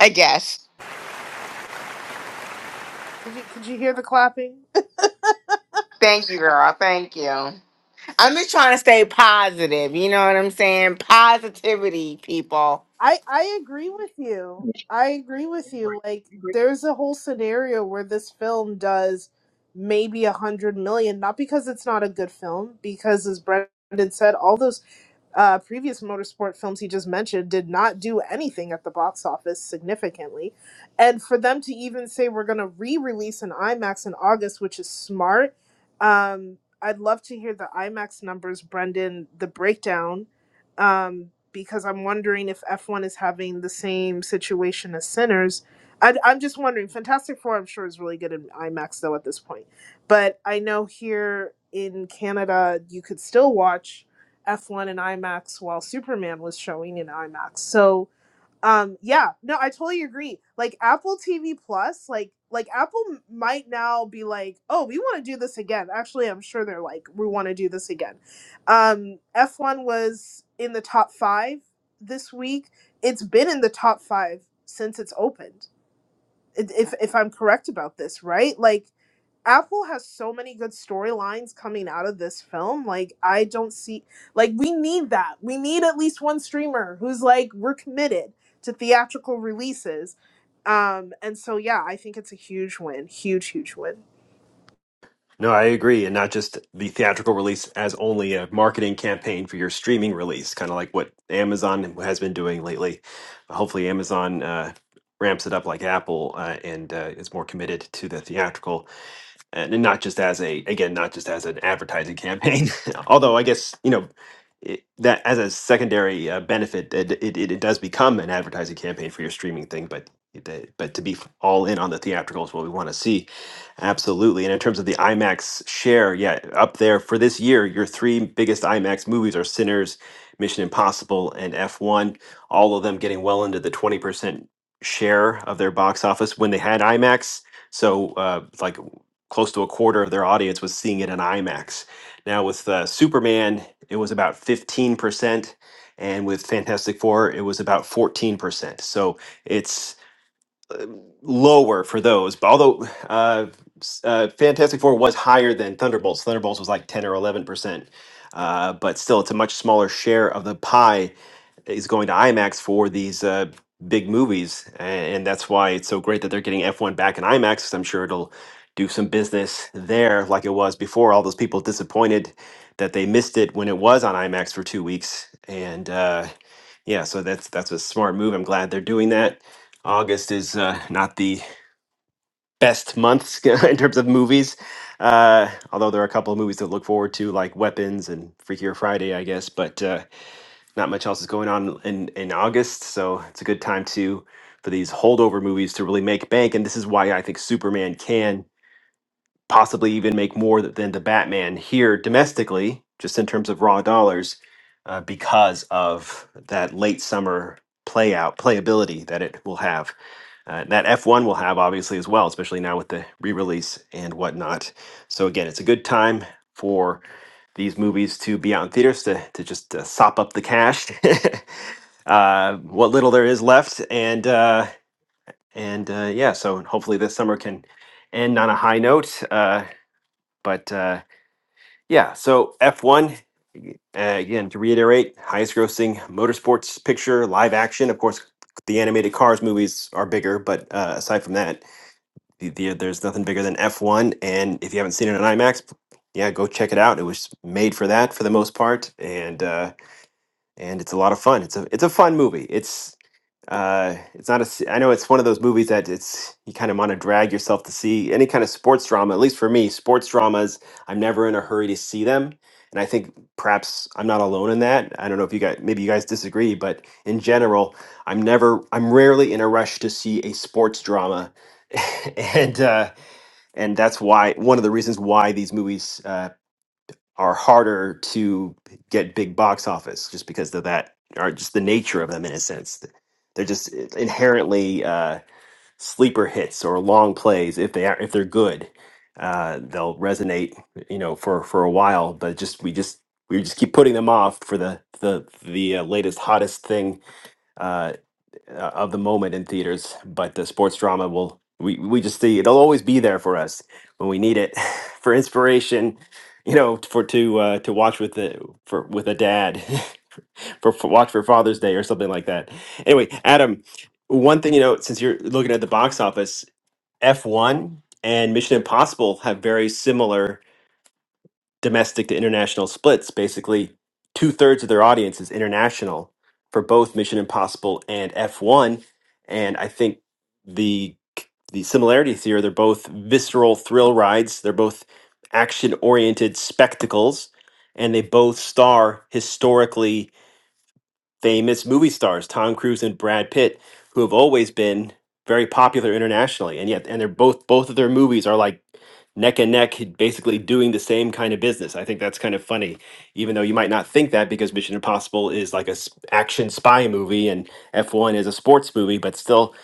[SPEAKER 10] I guess.
[SPEAKER 9] Did you, did you hear the clapping?
[SPEAKER 10] Thank you, girl. Thank you. I'm just trying to stay positive. You know what I'm saying? Positivity, people.
[SPEAKER 9] I I agree with you. I agree with you. Like there's a whole scenario where this film does maybe a hundred million, not because it's not a good film, because as Brendan said, all those uh, previous motorsport films he just mentioned did not do anything at the box office significantly, and for them to even say we're going to re-release an IMAX in August, which is smart. Um, I'd love to hear the IMAX numbers, Brendan, the breakdown um, because I'm wondering if F1 is having the same situation as Sinners. I, I'm just wondering. Fantastic Four, I'm sure, is really good in IMAX though at this point. But I know here in Canada, you could still watch F1 in IMAX while Superman was showing in IMAX. So um yeah no i totally agree like apple tv plus like like apple m- might now be like oh we want to do this again actually i'm sure they're like we want to do this again um f1 was in the top five this week it's been in the top five since it's opened i- if if i'm correct about this right like Apple has so many good storylines coming out of this film. Like, I don't see, like, we need that. We need at least one streamer who's like, we're committed to theatrical releases. Um, and so, yeah, I think it's a huge win. Huge, huge win.
[SPEAKER 1] No, I agree. And not just the theatrical release as only a marketing campaign for your streaming release, kind of like what Amazon has been doing lately. Hopefully, Amazon uh, ramps it up like Apple uh, and uh, is more committed to the theatrical. and and not just as a again not just as an advertising campaign although i guess you know it, that as a secondary uh, benefit it, it, it does become an advertising campaign for your streaming thing but it- uh, but to be f- all in on the theatrical is what we want to see absolutely and in terms of the imax share yeah up there for this year your three biggest imax movies are sinners mission impossible and f1 all of them getting well into the 20% share of their box office when they had imax so uh, like close to a quarter of their audience was seeing it in IMAX. Now with uh, Superman, it was about 15%, and with Fantastic Four, it was about 14%. So it's lower for those. But although uh, s- uh, Fantastic Four was higher than Thunderbolts, Thunderbolts was like ten or eleven percent. Uh, but still, it's a much smaller share of the pie is going to IMAX for these uh, big movies, a- and that's why it's so great that they're getting F1 back in IMAX. 'cause I'm sure it'll do some business there, like it was before. All those people disappointed that they missed it when it was on IMAX for two weeks, and uh, yeah, so that's that's a smart move. I'm glad they're doing that. August is uh, not the best month in terms of movies, uh, although there are a couple of movies to look forward to, like Weapons and Freakier Friday, I guess. But uh, not much else is going on in in August, so it's a good time to for these holdover movies to really make bank. And this is why I think Superman can possibly even make more th- than the Batman here domestically, just in terms of raw dollars, uh, because of that late summer play out playability that it will have uh, that F1 will have, obviously, as well, especially now with the re release and whatnot. So, again, it's a good time for these movies to be out in theaters to, to just uh, sop up the cash, uh, what little there is left. And, uh, and uh, yeah, so hopefully this summer can end on a high note. Uh, but uh, yeah, so F1. Uh, again, to reiterate, highest grossing motorsports picture, live action. Of course, the animated Cars movies are bigger, but uh, aside from that, the- the- there's nothing bigger than F1. And if you haven't seen it on IMAX, yeah, go check it out. It was made for that for the most part, and uh, and it's a lot of fun. It's a it's a fun movie. It's uh, it's not a. s- I know it's one of those movies that it's you kind of want to drag yourself to see any kind of sports drama. At least for me, sports dramas, I'm never in a hurry to see them, and I think perhaps I'm not alone in that. I don't know if you guys maybe you guys disagree, but in general, I'm never I'm rarely in a rush to see a sports drama, and. Uh, and that's why one of the reasons why these movies uh, are harder to get big box office, just because of that, or just the nature of them in a sense. They're just uh, inherently uh, sleeper hits or long plays. If they are, if they're good, uh, they'll resonate, you know, for for a while. But just we just we just keep putting them off for the the the uh, latest hottest thing uh, uh, of the moment in theaters, but the sports drama will we we just see it'll always be there for us when we need it for inspiration, you know, for to uh, to watch with the for with a dad for, for watch for Father's Day or something like that. Anyway, Adam, one thing you know, since you're looking at the box office, F one and Mission Impossible have very similar domestic to international splits. Basically, two thirds of their audience is international for both Mission Impossible and F1. And I think the the similarities here, they're both visceral thrill rides. They're both action oriented spectacles, and they both star historically famous movie stars, Tom Cruise and Brad Pitt, who have always been very popular internationally, and yet and they're both both of their movies are like neck and neck, basically doing the same kind of business. I think that's kind of funny, even though you might not think that because Mission Impossible is like a s- action spy movie and F1 is a sports movie, but still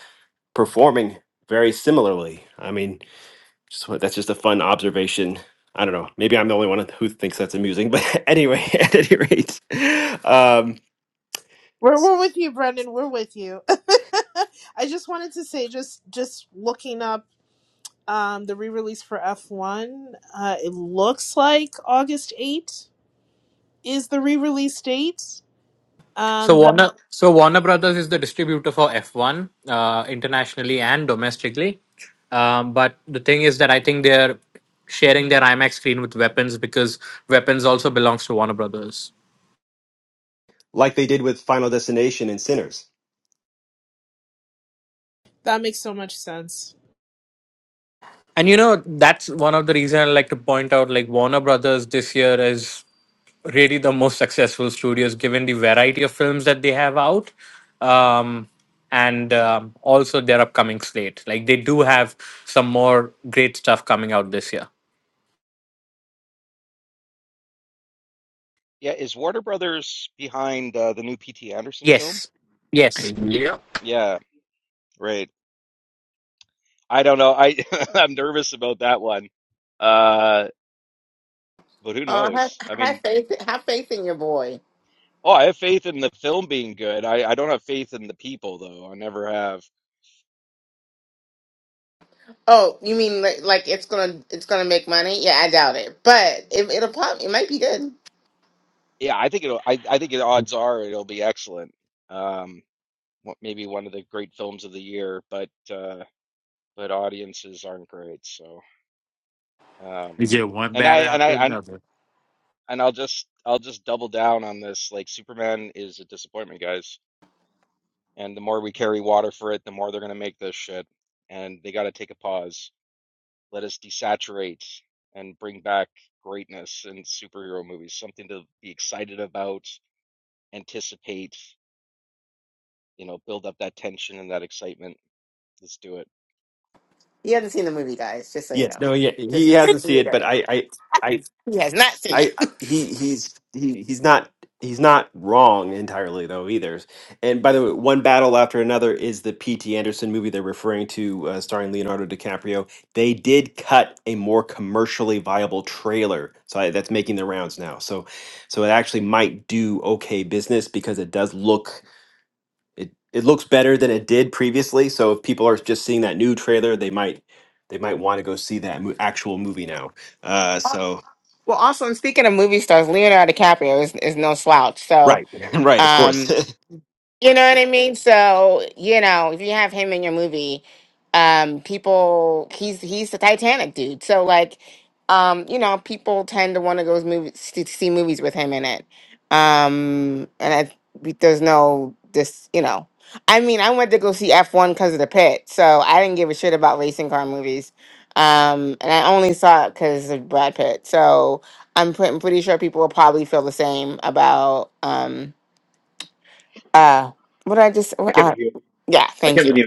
[SPEAKER 1] performing very similarly. I mean, just, wa- that's just a fun observation. I don't know. Maybe I'm the only one who thinks that's amusing, but anyway, at any rate, um,
[SPEAKER 9] We're, we're with you, Brendan. We're with you. I just wanted to say, just just looking up um, the re release for F1, uh, it looks like August 8th is the re release date. Um,
[SPEAKER 14] so
[SPEAKER 9] that,
[SPEAKER 14] warner so warner brothers is the distributor for f1 uh, internationally and domestically um, but the thing is that i think they're sharing their imax screen with weapons because weapons also belongs to warner brothers
[SPEAKER 1] like they did with Final Destination and Sinners.
[SPEAKER 9] that makes so much sense.
[SPEAKER 14] and you know that's one of the reasons i like to point out like warner brothers this year is really the most successful studios given the variety of films that they have out um, and um, also their upcoming slate like they do have some more great stuff coming out this year
[SPEAKER 15] Yeah, is Warner Brothers behind uh, the new P.T. Anderson film?
[SPEAKER 14] yes yes
[SPEAKER 7] Yep.
[SPEAKER 15] Yeah, right. I don't know. I I'm nervous about that one. Uh, but who
[SPEAKER 10] Uh, have,
[SPEAKER 15] knows? I
[SPEAKER 10] have
[SPEAKER 15] mean,
[SPEAKER 10] faith. Have faith in your boy.
[SPEAKER 15] oh, I have faith in the film being good. I I don't have faith in the people though. I never have.
[SPEAKER 10] Oh, you mean like, like it's gonna it's gonna make money? Yeah, I doubt it, but it, it'll pop. it might be good.
[SPEAKER 15] Yeah, I think it'll. I I think the odds are it'll be excellent. Um, what maybe one of the great films of the year, but uh, but audiences aren't great. So, um,
[SPEAKER 7] It's just one
[SPEAKER 15] and
[SPEAKER 7] bad
[SPEAKER 15] I and I
[SPEAKER 7] after
[SPEAKER 15] and
[SPEAKER 7] another.
[SPEAKER 15] and I'll just I'll just double down on this. Like Superman is a disappointment, guys. And the more we carry water for it, the more they're going to make this shit. And they got to take a pause. Let us desaturate and bring back greatness in superhero movies, something to be excited about, anticipate, you know, build up that tension and that excitement. Let's do it.
[SPEAKER 10] You haven't seen the movie, guys. Just so you
[SPEAKER 1] Yes,
[SPEAKER 10] know.
[SPEAKER 1] no, yeah, he
[SPEAKER 10] Just just to
[SPEAKER 1] hasn't seen it, but
[SPEAKER 10] reiterate.
[SPEAKER 1] I, I, I,
[SPEAKER 10] he has not seen it.
[SPEAKER 1] I, I- he, he's, he, he's not, he's not wrong entirely though either. And by the way, one battle after another is the P.T. Anderson movie they're referring to, uh, starring Leonardo DiCaprio. They did cut a more commercially viable trailer, so I, that's making the rounds now. So, so it actually might do okay business because it does look it it looks better than it did previously. So if people are just seeing that new trailer, they might they might want to go see that mo- actual movie now. Uh, so
[SPEAKER 10] Well, also, and speaking of movie stars, Leonardo DiCaprio is, is no slouch. So,
[SPEAKER 1] right, right, of
[SPEAKER 10] um,
[SPEAKER 1] course.
[SPEAKER 10] You know what I mean? So, you know, if you have him in your movie, um, people he's he's the Titanic dude. So like, um, you know, people tend to want to go movies to see movies with him in it. Um, and I there's no this, you know. I mean, I went to go see F1 because of the pit, so I didn't give a shit about racing car movies. Um, and I only saw it because of Brad Pitt. So I'm, pre- I'm pretty sure people will probably feel the same about um uh, what I just,
[SPEAKER 8] I can't
[SPEAKER 10] uh,
[SPEAKER 8] believe
[SPEAKER 10] yeah,
[SPEAKER 8] I
[SPEAKER 10] thank
[SPEAKER 8] can't
[SPEAKER 10] you.
[SPEAKER 8] believe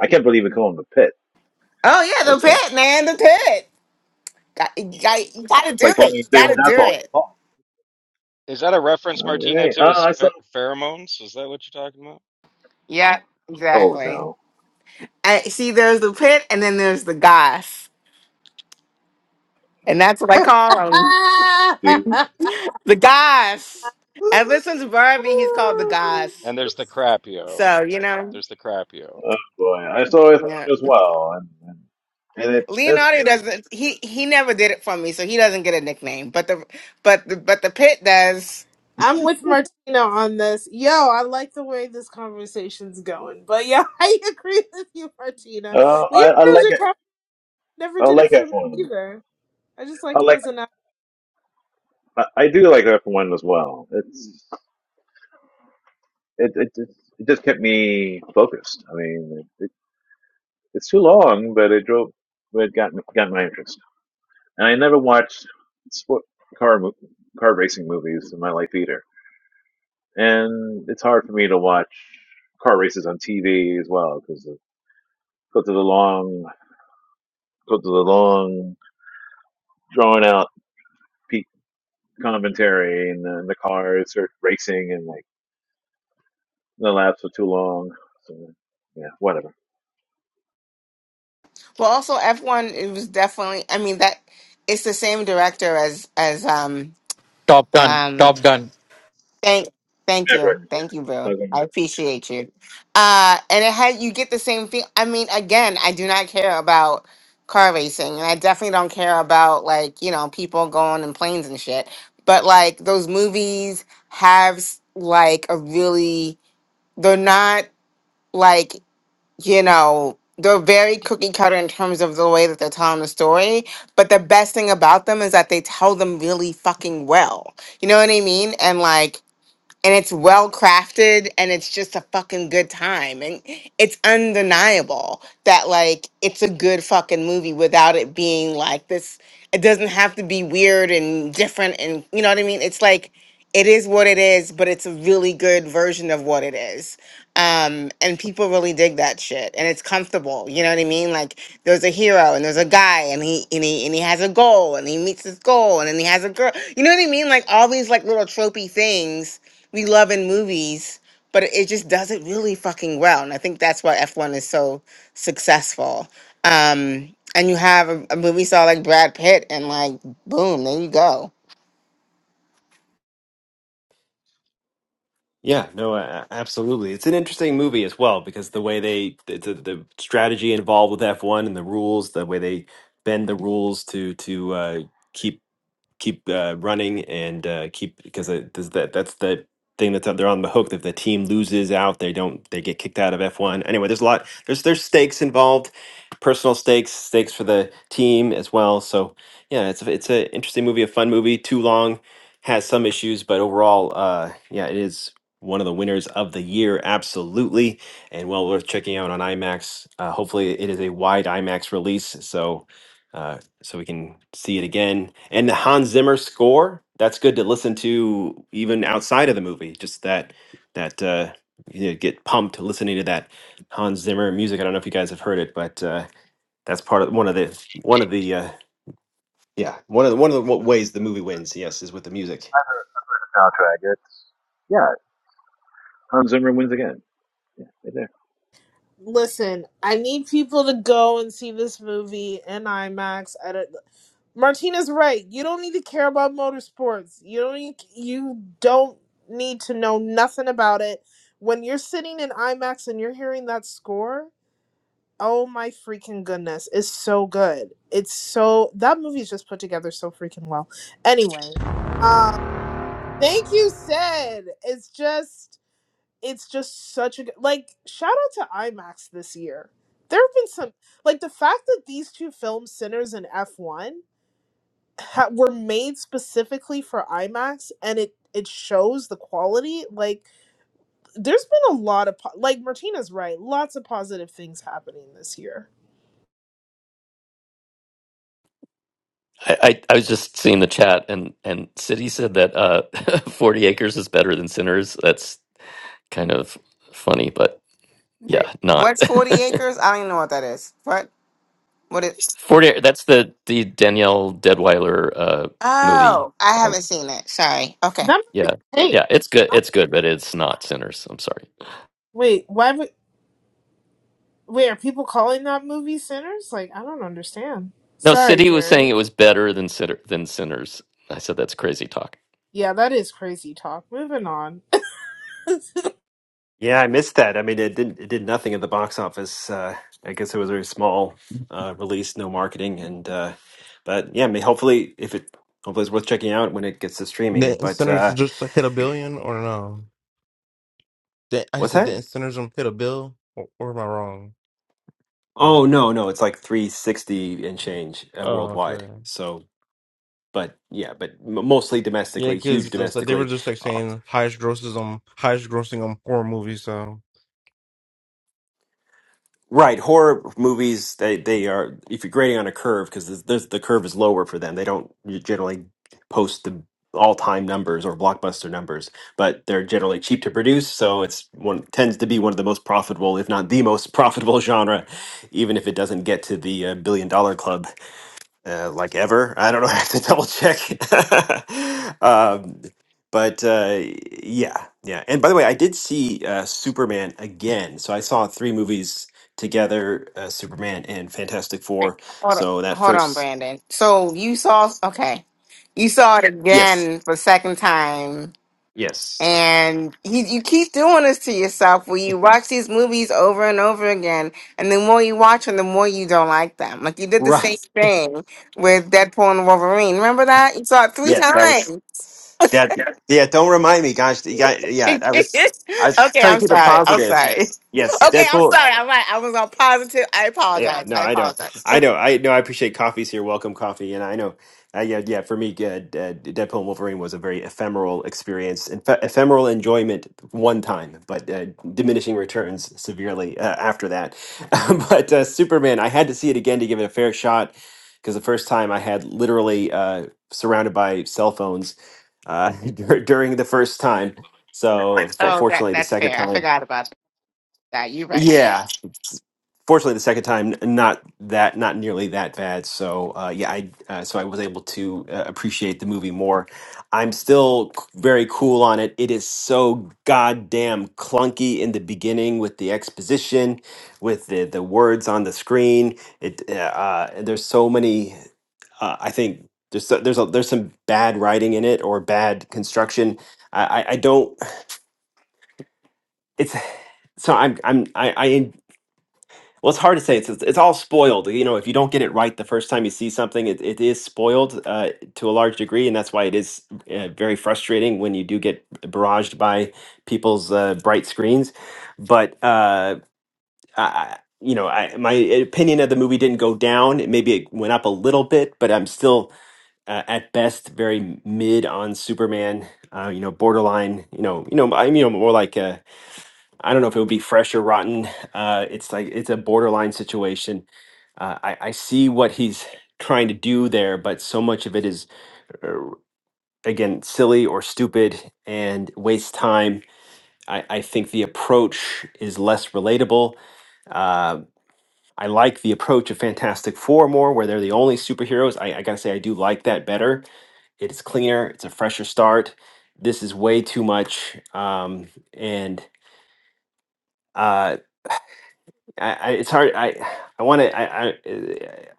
[SPEAKER 8] I can't believe we call him the pit.
[SPEAKER 10] Oh, yeah, the
[SPEAKER 8] Okay,
[SPEAKER 10] pit, man, the pit. Got, you, got, you gotta
[SPEAKER 8] it's
[SPEAKER 10] do
[SPEAKER 8] like
[SPEAKER 10] it.
[SPEAKER 8] calling him
[SPEAKER 10] You gotta
[SPEAKER 8] David
[SPEAKER 10] do
[SPEAKER 8] Hasselhoff. the
[SPEAKER 10] it.
[SPEAKER 8] Hawk.
[SPEAKER 15] Is that a reference,
[SPEAKER 8] All
[SPEAKER 15] Martina,
[SPEAKER 8] right.
[SPEAKER 15] to
[SPEAKER 8] Oh,
[SPEAKER 15] his
[SPEAKER 8] I saw.
[SPEAKER 15] pher- pheromones? Is that what you're talking about?
[SPEAKER 10] Yeah,
[SPEAKER 8] Oh
[SPEAKER 10] exactly.
[SPEAKER 8] no.
[SPEAKER 10] I, see, there's the pit, and then there's the goss. And that's what I call him
[SPEAKER 8] Gee.
[SPEAKER 10] the goss. And listen to Barbie, he's called the goss.
[SPEAKER 15] And there's the crapio.
[SPEAKER 10] So, you know,
[SPEAKER 15] There's the crapio.
[SPEAKER 8] Oh boy, I saw his one
[SPEAKER 10] yeah.
[SPEAKER 8] as well, and and, and it, it's.
[SPEAKER 10] Leonardo doesn't. He he never did it for me, so he doesn't get a nickname. But the but the but the pit does.
[SPEAKER 9] I'm with Martina on this. Yo, I like the way this conversation's going. But yeah, I agree with you, Martina.
[SPEAKER 8] Uh, I
[SPEAKER 9] Leonardo
[SPEAKER 8] I like it.
[SPEAKER 9] DiCaprio never
[SPEAKER 8] I
[SPEAKER 9] did it
[SPEAKER 8] like
[SPEAKER 9] for
[SPEAKER 8] F
[SPEAKER 9] me
[SPEAKER 8] one.
[SPEAKER 9] either. I just
[SPEAKER 8] I
[SPEAKER 9] like him
[SPEAKER 8] like.
[SPEAKER 9] as an actor.
[SPEAKER 8] I, I do like F one as well. It's. it it just it just kept me focused. I mean, it, it, it's too long, but it drove, but it got got my interest. And I never watched sport car car racing movies in my life either. And it's hard for me to watch car races on TV as well because go of the long go of the long drawn out peak commentary and then the cars are racing and like the laps are too long. So yeah, whatever.
[SPEAKER 10] Well, also F1 it was definitely I mean that it's the same director as as um
[SPEAKER 14] top gun
[SPEAKER 10] um
[SPEAKER 14] top gun
[SPEAKER 10] thank thank
[SPEAKER 8] Never.
[SPEAKER 10] you. Thank you,
[SPEAKER 8] Yeah,
[SPEAKER 10] Bill.
[SPEAKER 8] doesn't matter.
[SPEAKER 10] I appreciate you. Uh and it had you get the same thing. I mean, again, I do not care about car racing and I definitely don't care about like, you know, people going in planes and shit. But like those movies have like a really they're not like you know, they're very cookie cutter in terms of the way that they're telling the story. But the best thing about them is that they tell them really fucking well. You know what I mean? And like and it's well crafted and it's just a fucking good time and it's undeniable that like it's a good fucking movie without it being like this it doesn't have to be weird and different and you know what i mean it's like it is what it is but it's a really good version of what it is um and people really dig that shit and it's comfortable you know what i mean like there's a hero and there's a guy and he and he and he has a goal and he meets his goal and then he has a girl you know what i mean like all these like little tropey things we love in movies, but it just does it really fucking well. And I think that's why F1 is so successful. Um, and you have a, a movie star like Brad Pitt, and like, boom, there you go.
[SPEAKER 1] yeah, no, uh, absolutely. It's an interesting movie as well because the way they the, the, the strategy involved with F one and the rules, the way they bend the rules to to uh, keep keep uh, running and uh, keep because it- does that that's the thing that's up they're on the hook if the team loses out they don't they get kicked out of F1 anyway there's a lot there's there's stakes involved personal stakes stakes for the team as well so yeah it's a, it's an interesting movie a fun movie too long has some issues but overall uh yeah it is one of the winners of the year absolutely and well worth checking out on IMAX uh, hopefully it is a wide IMAX release so Uh, so we can see it again. And the Hans Zimmer score, that's good to listen to even outside of the movie. Just that that uh you know, get pumped listening to that Hans Zimmer music. I don't know if you guys have heard it, but uh that's part of one of the one of the uh yeah, one of the one of the wa- ways the movie wins, yes, is with the music.
[SPEAKER 8] soundtrack. It's yeah. Hans Zimmer wins again. Yeah, right there.
[SPEAKER 9] Listen, I need people to go and see this movie in IMAX. I don't, Martina's right. You don't need to care about motorsports. You don't need, you don't need to know nothing about it. When you're sitting in IMAX and you're hearing that score, Oh my freaking goodness. It's so good. It's so that movie is just put together so freaking well. Anyway, um thank you Sid. It's just it's just such a good like shout out to IMAX this year. There have been some like the fact that these two films Sinners and F1 ha- were made specifically for IMAX and it it shows the quality like there's been a lot of po- like Martina's right. Lots of positive things happening this year.
[SPEAKER 12] I, I, I was just seeing the chat, and and City said that uh, Forty Acres is better than Sinners. That's kind of funny, but
[SPEAKER 10] Wait,
[SPEAKER 12] yeah, not
[SPEAKER 10] what's 40 Acres? I don't even know what that is. What? What is.
[SPEAKER 12] Forty. Ac- That's the the Danielle Deadweiler uh, movie.
[SPEAKER 10] Oh, I
[SPEAKER 12] Um,
[SPEAKER 10] haven't seen it. Sorry. Okay.
[SPEAKER 9] That
[SPEAKER 12] yeah,
[SPEAKER 9] movie.
[SPEAKER 12] yeah, it's good. It's good, but it's not Sinners. I'm sorry.
[SPEAKER 9] Wait, why would wait, are people calling that movie sinners? Like, I don't understand.
[SPEAKER 12] No,
[SPEAKER 9] Sorry,
[SPEAKER 12] City was saying it
[SPEAKER 9] Jerry.
[SPEAKER 12] was better than sinner, than sinners. I said that's crazy talk.
[SPEAKER 9] Yeah, that is crazy talk. Moving on.
[SPEAKER 1] Yeah, I missed that. I mean, it didn't it did nothing at the box office. Uh I guess it was a very small uh release, no marketing and uh but yeah, I mean, hopefully if it hopefully it's worth checking out when it gets to streaming,
[SPEAKER 2] The
[SPEAKER 1] but
[SPEAKER 2] Senators
[SPEAKER 1] uh
[SPEAKER 2] just like hit a billion or no? Did- I
[SPEAKER 1] What's
[SPEAKER 2] said, didn't
[SPEAKER 1] that?
[SPEAKER 2] Synergism hit a bill? Or, or am I wrong? Uh,
[SPEAKER 1] Oh no, no, it's like 360 and change uh,
[SPEAKER 2] Oh,
[SPEAKER 1] worldwide.
[SPEAKER 2] okay.
[SPEAKER 1] So, but yeah, but m- mostly
[SPEAKER 2] Yeah,
[SPEAKER 1] domestically, huge
[SPEAKER 2] because so they were
[SPEAKER 1] domestically.
[SPEAKER 2] just like
[SPEAKER 1] Uh,
[SPEAKER 2] saying highest grosses on highest grossing on horror movies. so
[SPEAKER 1] right, horror movies they they are if you're grading on a curve because there's, there's the curve is lower for them. They don't generally post the all-time numbers or blockbuster numbers, but they're generally cheap to produce, so it's one tends to be one of the most profitable, if not the most profitable genre, even if it doesn't get to the uh, billion dollar club. uh, like ever. I don't know. I have to double check. um, but uh, yeah, yeah. And by the way, I did see uh, Superman again. So I saw three movies together: uh, Superman and Fantastic
[SPEAKER 10] Wait,
[SPEAKER 1] Four.
[SPEAKER 10] Hold on.
[SPEAKER 1] So that
[SPEAKER 10] Hold on,
[SPEAKER 1] first,
[SPEAKER 10] Brandon. So you saw. Okay. You saw it
[SPEAKER 1] yes,
[SPEAKER 10] again for the second time
[SPEAKER 1] yes,
[SPEAKER 10] And you, you keep doing this to yourself where you watch these movies over and over again. And the more you watch them, the more you don't like them. Like you did the same
[SPEAKER 1] right,
[SPEAKER 10] thing with Deadpool and Wolverine. Remember that? You saw it three
[SPEAKER 1] yes, that was
[SPEAKER 10] times.
[SPEAKER 1] that. Yeah, don't remind me, gosh. You got, yeah, I was. I was
[SPEAKER 10] okay,
[SPEAKER 1] trying to
[SPEAKER 10] I'm
[SPEAKER 1] keep it
[SPEAKER 10] sorry. I'm
[SPEAKER 1] positive.
[SPEAKER 10] sorry.
[SPEAKER 1] Yes,
[SPEAKER 10] Okay, I'm
[SPEAKER 1] Deadpool
[SPEAKER 10] sorry. I'm right. I was on positive. I
[SPEAKER 1] Yeah,
[SPEAKER 10] apologize.
[SPEAKER 1] no,
[SPEAKER 10] I
[SPEAKER 1] I know,
[SPEAKER 10] apologize.
[SPEAKER 1] I know, I know. I appreciate coffee's here. Welcome, coffee, and I know, I, yeah, yeah. For me, uh, uh, Deadpool and Wolverine was a very ephemeral experience, and fe- ephemeral enjoyment one time, but uh, diminishing returns severely uh, after that. but uh, Superman, I had to see it again to give it a fair shot because the first time I had literally uh, surrounded by cell phones uh, dur- during the first time. So for-
[SPEAKER 10] Oh, that,
[SPEAKER 1] fortunately, the
[SPEAKER 10] that's
[SPEAKER 1] second
[SPEAKER 10] fair. I
[SPEAKER 1] time.
[SPEAKER 10] forgot about that. You're right.
[SPEAKER 1] yeah, fortunately the second time not that not nearly that bad so uh, yeah i uh, so i was able to uh, appreciate the movie more i'm still c- very cool on it it is so goddamn clunky in the beginning with the exposition with the, the words on the screen it uh, uh, there's so many uh, i think there's so- there's a, there's some bad writing in it or bad construction i i, I don't it's so I'm I'm I, I well, it's hard to say. It's it's it's all spoiled. You know, if you don't get it right the first time you see something, it, it is spoiled uh, to a large degree, and that's why it is uh, very frustrating when you do get barraged by people's uh, bright screens. But uh, I, I- you know, I, my opinion of the movie didn't go down. It- Maybe it went up a little bit, but I'm still uh, at best very mid on Superman. Uh, you know, borderline. You know, you know, I'm you know more like. uh, I don't know if it would be fresh or rotten. Uh, it's like it's a borderline situation. Uh, I, I see what he's trying to do there, but so much of it is uh, again silly or stupid and wastes time. I, I think the approach is less relatable. Uh, I like the approach of Fantastic Four more, where they're the only superheroes. I, I gotta say, I do like that better. It's cleaner. It's a fresher start. This is way too much, um, and. uh, I, I it's hard. I I want to. I, I,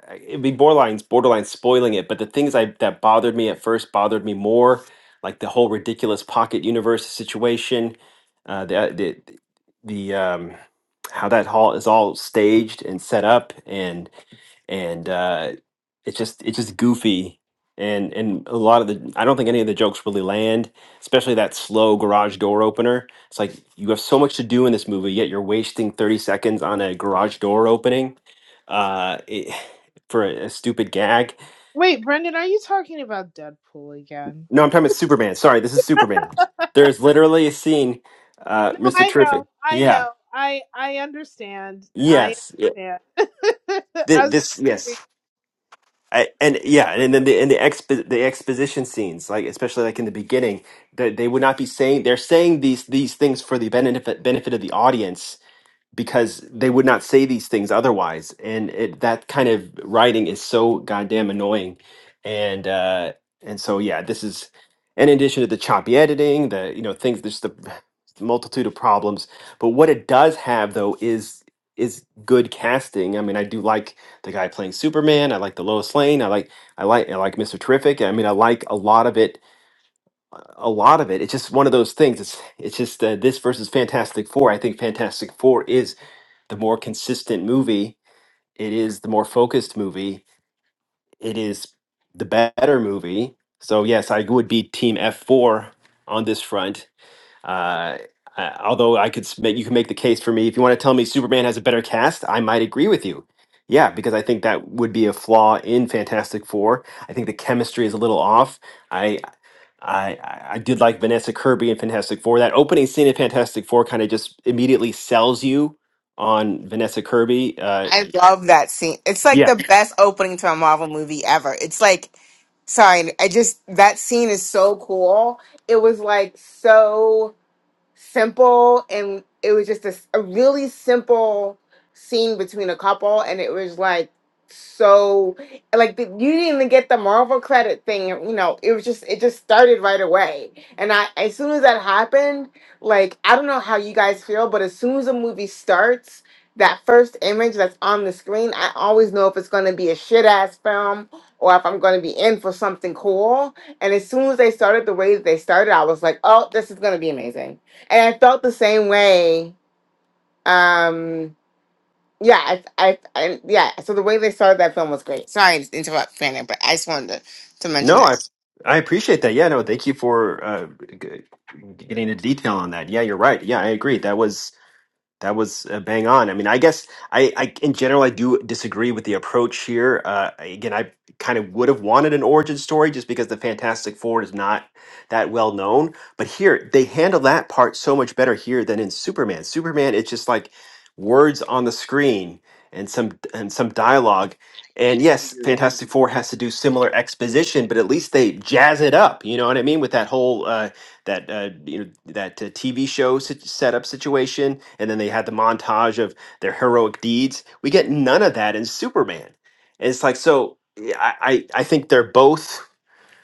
[SPEAKER 1] I it'd be borderline borderline spoiling it. But the things I that bothered me at first bothered me more, like the whole ridiculous pocket universe situation, uh, the the the um, how that hall is all staged and set up, and and uh, it's just it's just goofy and and a lot of the i don't think any of the jokes really land especially that slow garage door opener it's like you have so much to do in this movie yet you're wasting 30 seconds on a garage door opening uh it, for a, a stupid gag
[SPEAKER 9] Wait, Brendan, are you talking about Deadpool again?
[SPEAKER 1] no i'm talking about superman sorry this is superman there's literally a scene uh
[SPEAKER 9] No,
[SPEAKER 1] mr
[SPEAKER 9] I know.
[SPEAKER 1] terrific
[SPEAKER 9] I
[SPEAKER 1] yeah
[SPEAKER 9] know. I I understand. I
[SPEAKER 1] yes Yeah.
[SPEAKER 9] understand.
[SPEAKER 1] Th-
[SPEAKER 9] As
[SPEAKER 1] this yes I, and yeah, and then the and the expo- the exposition scenes, like especially like in the beginning, that they would not be saying they're saying these these things for the benefit benefit of the audience, because they would not say these things otherwise. And it, that kind of writing is so goddamn annoying. And uh, and so yeah, this is in addition to the choppy editing, the you know things, there's the multitude of problems. But what it does have though is is good casting. I mean, I do like the guy playing Superman. I like the Lois Lane. I like I like I like Mr. Terrific. I mean, I like a lot of it. A lot of it. It's just one of those things. It's it's just uh, this versus Fantastic Four. I think Fantastic Four is the more consistent movie it is, the more focused movie it is, the better movie. So yes, I would be team F4 on this front uh, I- although I could s- make, you can make the case for me. If you want to tell me Superman has a better cast, I might agree with you. Yeah, because I think that would be a flaw in Fantastic Four. I think the chemistry is a little off. I I, I I did like Vanessa Kirby in Fantastic Four. That opening scene in Fantastic Four kind of just immediately sells you on Vanessa Kirby. Uh,
[SPEAKER 10] I love that scene. It's like
[SPEAKER 1] yeah.
[SPEAKER 10] the best opening to a Marvel movie ever. It's like, sorry, I just, that scene is so cool. It was like so simple and it was just a, s- a really simple scene between a couple and it was like so like the, you didn't even get the marvel credit thing you know it was just it just started right away and i as soon as that happened like i don't know how you guys feel but as soon as a movie starts that first image that's on the screen i always know if it's going to be a shit ass film or if i'm going to be in for something cool and as soon as they started the way that they started i was like oh this is going to be amazing and I felt the same way. Um, yeah, I, I, I, yeah. So the way they started that film was great. Sorry to interrupt, Fanny, but I just wanted to, to mention
[SPEAKER 1] No,
[SPEAKER 10] that.
[SPEAKER 1] I I appreciate that. Yeah, no, thank you for uh, g- getting into detail on that. Yeah, you're right. Yeah, I agree. That was That was uh, bang on. I mean, I guess I, I, in general, I do disagree with the approach here. Uh, again, I kind of would have wanted an origin story just because the Fantastic Four is not that well known. But here, they handle that part so much better here than in Superman. Superman, it's just like words on the screen and some and some dialogue. And yes, Fantastic Four has to do similar exposition, but at least they jazz it up. You know what I mean? With that whole uh, that uh, you know that uh, TV show sit- setup situation, and then they had the montage of their heroic deeds. We get none of that in Superman, and it's like so. yeah, I I, I think they're both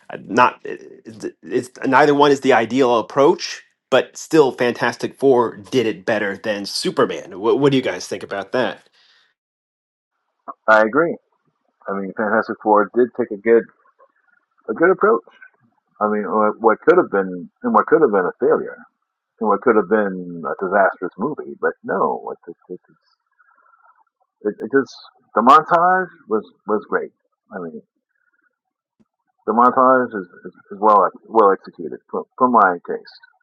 [SPEAKER 1] uh, not. It's it's- neither one is the ideal approach, but still, Fantastic Four did it better than Superman. What, what do you guys think about that?
[SPEAKER 8] I agree. I mean, Fantastic Four did take a good a good approach. I mean, what what could have been and what could have been a failure and what could have been a disastrous movie, but no, it, it, it, it, it just the montage was was great. I mean, the montage is, is, is well well executed for, for my taste.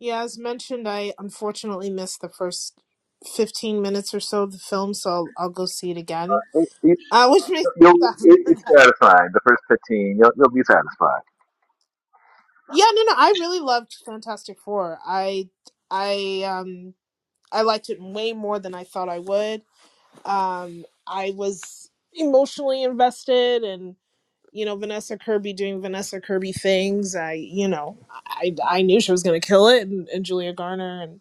[SPEAKER 9] yeah, as mentioned, I unfortunately missed the first fifteen minutes or so of the film, so I'll, I'll go see it again.
[SPEAKER 8] It, it,
[SPEAKER 9] Uh, which makes
[SPEAKER 8] you'll it, it's satisfying. The first fifteen, you'll, you'll be satisfied.
[SPEAKER 9] Yeah, no, no. I really loved Fantastic Four. I, I, um, I liked it way more than I thought I would. Um, I was emotionally invested, and you know, Vanessa Kirby doing Vanessa Kirby things. I, you know, I, I knew she was gonna kill it, and, and Julia Garner, and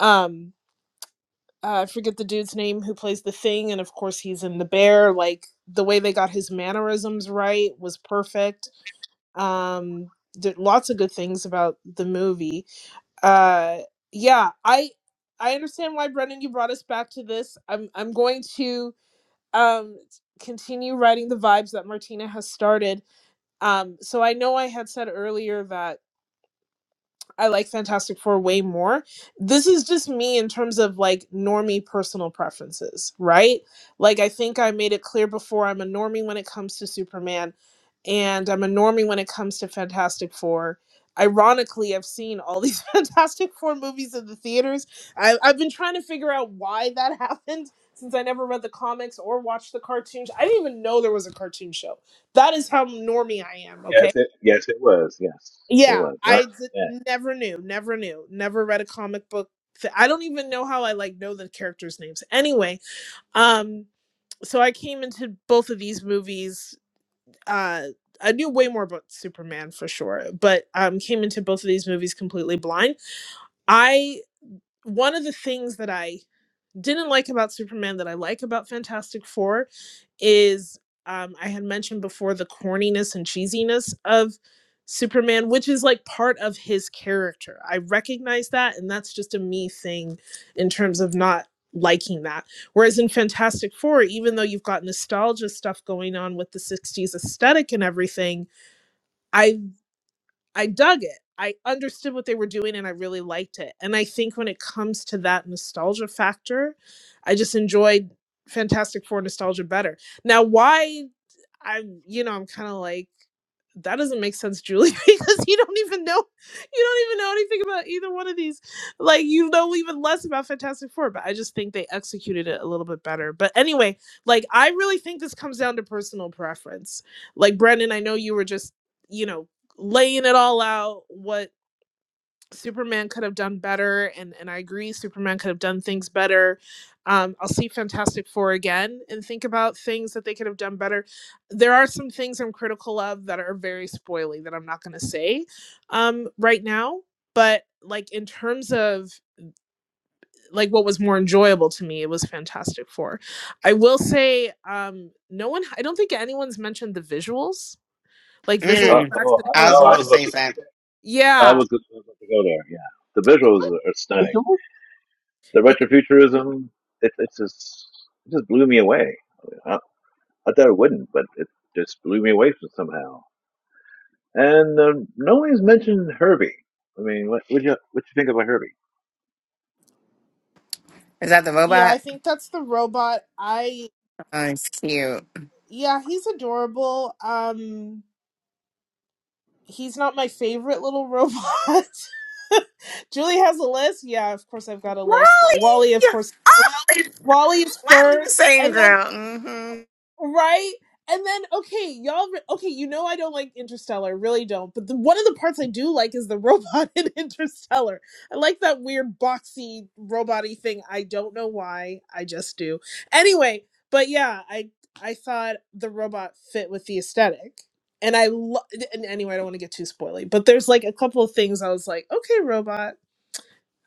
[SPEAKER 9] um, uh, I forget the dude's name who plays the Thing, and of course he's in the Bear. Like the way they got his mannerisms right was perfect. Um, did lots of good things about the movie uh yeah i i understand why brendan you brought us back to this i'm i'm going to um continue writing the vibes that martina has started um so i know i had said earlier that I like Fantastic Four way more. This is just me in terms of like normie personal preferences, right? Like I think I made it clear before I'm a normie when it comes to Superman and I'm a normie when it comes to Fantastic Four. Ironically, I've seen all these Fantastic Four movies in the theaters. I, I've been trying to figure out why that happened since I never read the comics or watched the cartoons. I didn't even know there was a cartoon show. That is how normie I am, okay?
[SPEAKER 8] Yes, it, Yes, it was. Yes, it
[SPEAKER 9] Yeah,
[SPEAKER 8] was. And
[SPEAKER 9] I
[SPEAKER 8] I-
[SPEAKER 9] d- never knew, never knew, never read a comic book. Th- I don't even know how I like know the characters' names. Anyway, um, so I came into both of these movies. Uh, I knew way more about Superman for sure, but um, came into both of these movies completely blind. I one of the things that I didn't like about Superman that I like about Fantastic Four is um, I had mentioned before the corniness and cheesiness of Superman, which is like part of his character. I recognize that, and that's just a me thing in terms of not liking that. Whereas in Fantastic Four, even though you've got nostalgia stuff going on with the 60s aesthetic and everything, I I dug it. I understood what they were doing and I really liked it. And I think when it comes to that nostalgia factor, I just enjoyed Fantastic Four nostalgia better. Now, why I, you know, I'm kind of like, that doesn't make sense, Julie, because you don't even know you don't even know anything about either one of these. Like you know even less about Fantastic Four, but I just think they executed it a little bit better. But anyway, like I really think this comes down to personal preference. Like Brendan, I know you were just, you know, laying it all out what Superman could have done better, and and I agree, Superman could have done things better. Um, I'll see Fantastic Four again and think about things that they could have done better. There are some things I'm critical of that are very spoily that I'm not going to say um, right now, but like in terms of like what was more enjoyable to me, it was Fantastic Four. I will say, um, no one, I don't think anyone's mentioned the visuals, like visual
[SPEAKER 8] Uh,
[SPEAKER 10] Mm,
[SPEAKER 9] effects
[SPEAKER 8] oh,
[SPEAKER 9] and
[SPEAKER 8] I,
[SPEAKER 9] how
[SPEAKER 10] I
[SPEAKER 9] it
[SPEAKER 10] was
[SPEAKER 8] oh, I
[SPEAKER 10] about to
[SPEAKER 8] was
[SPEAKER 9] looked.
[SPEAKER 8] about
[SPEAKER 10] say
[SPEAKER 8] to. Go,
[SPEAKER 10] that.
[SPEAKER 8] I
[SPEAKER 9] Yeah,
[SPEAKER 8] was go- I was about to go there. Yeah, the visuals are
[SPEAKER 13] It's
[SPEAKER 8] stunning.
[SPEAKER 13] always
[SPEAKER 8] The retrofuturism, it, it's just, it just blew me away. I, I thought it wouldn't, but it just blew me away from somehow. And um, no one's mentioned Herbie. I mean, what what you what you think about Herbie?
[SPEAKER 10] Is that the
[SPEAKER 9] Yeah, I
[SPEAKER 10] robot?
[SPEAKER 9] think that's the robot. I
[SPEAKER 10] Oh, it's cute.
[SPEAKER 9] yeah, he's adorable. Um he's not my favorite little robot. Julie has a list. Yeah, of course I've got a
[SPEAKER 10] Wally!
[SPEAKER 9] list. Wally, of course.
[SPEAKER 10] Oh,
[SPEAKER 9] Wally is
[SPEAKER 10] Wally the
[SPEAKER 9] first,
[SPEAKER 10] same
[SPEAKER 9] and then
[SPEAKER 10] girl. hmm
[SPEAKER 9] right? And then okay, y'all. Okay, you know I don't like Interstellar, really don't. But the, one of the parts I do like is the robot in Interstellar. I like that weird boxy robot-y thing. I don't know why. I just do. Anyway, but yeah, I I thought the robot fit with the aesthetic, and I lo- and anyway, I don't want to get too spoily, but there's like a couple of things I was like, okay, robot.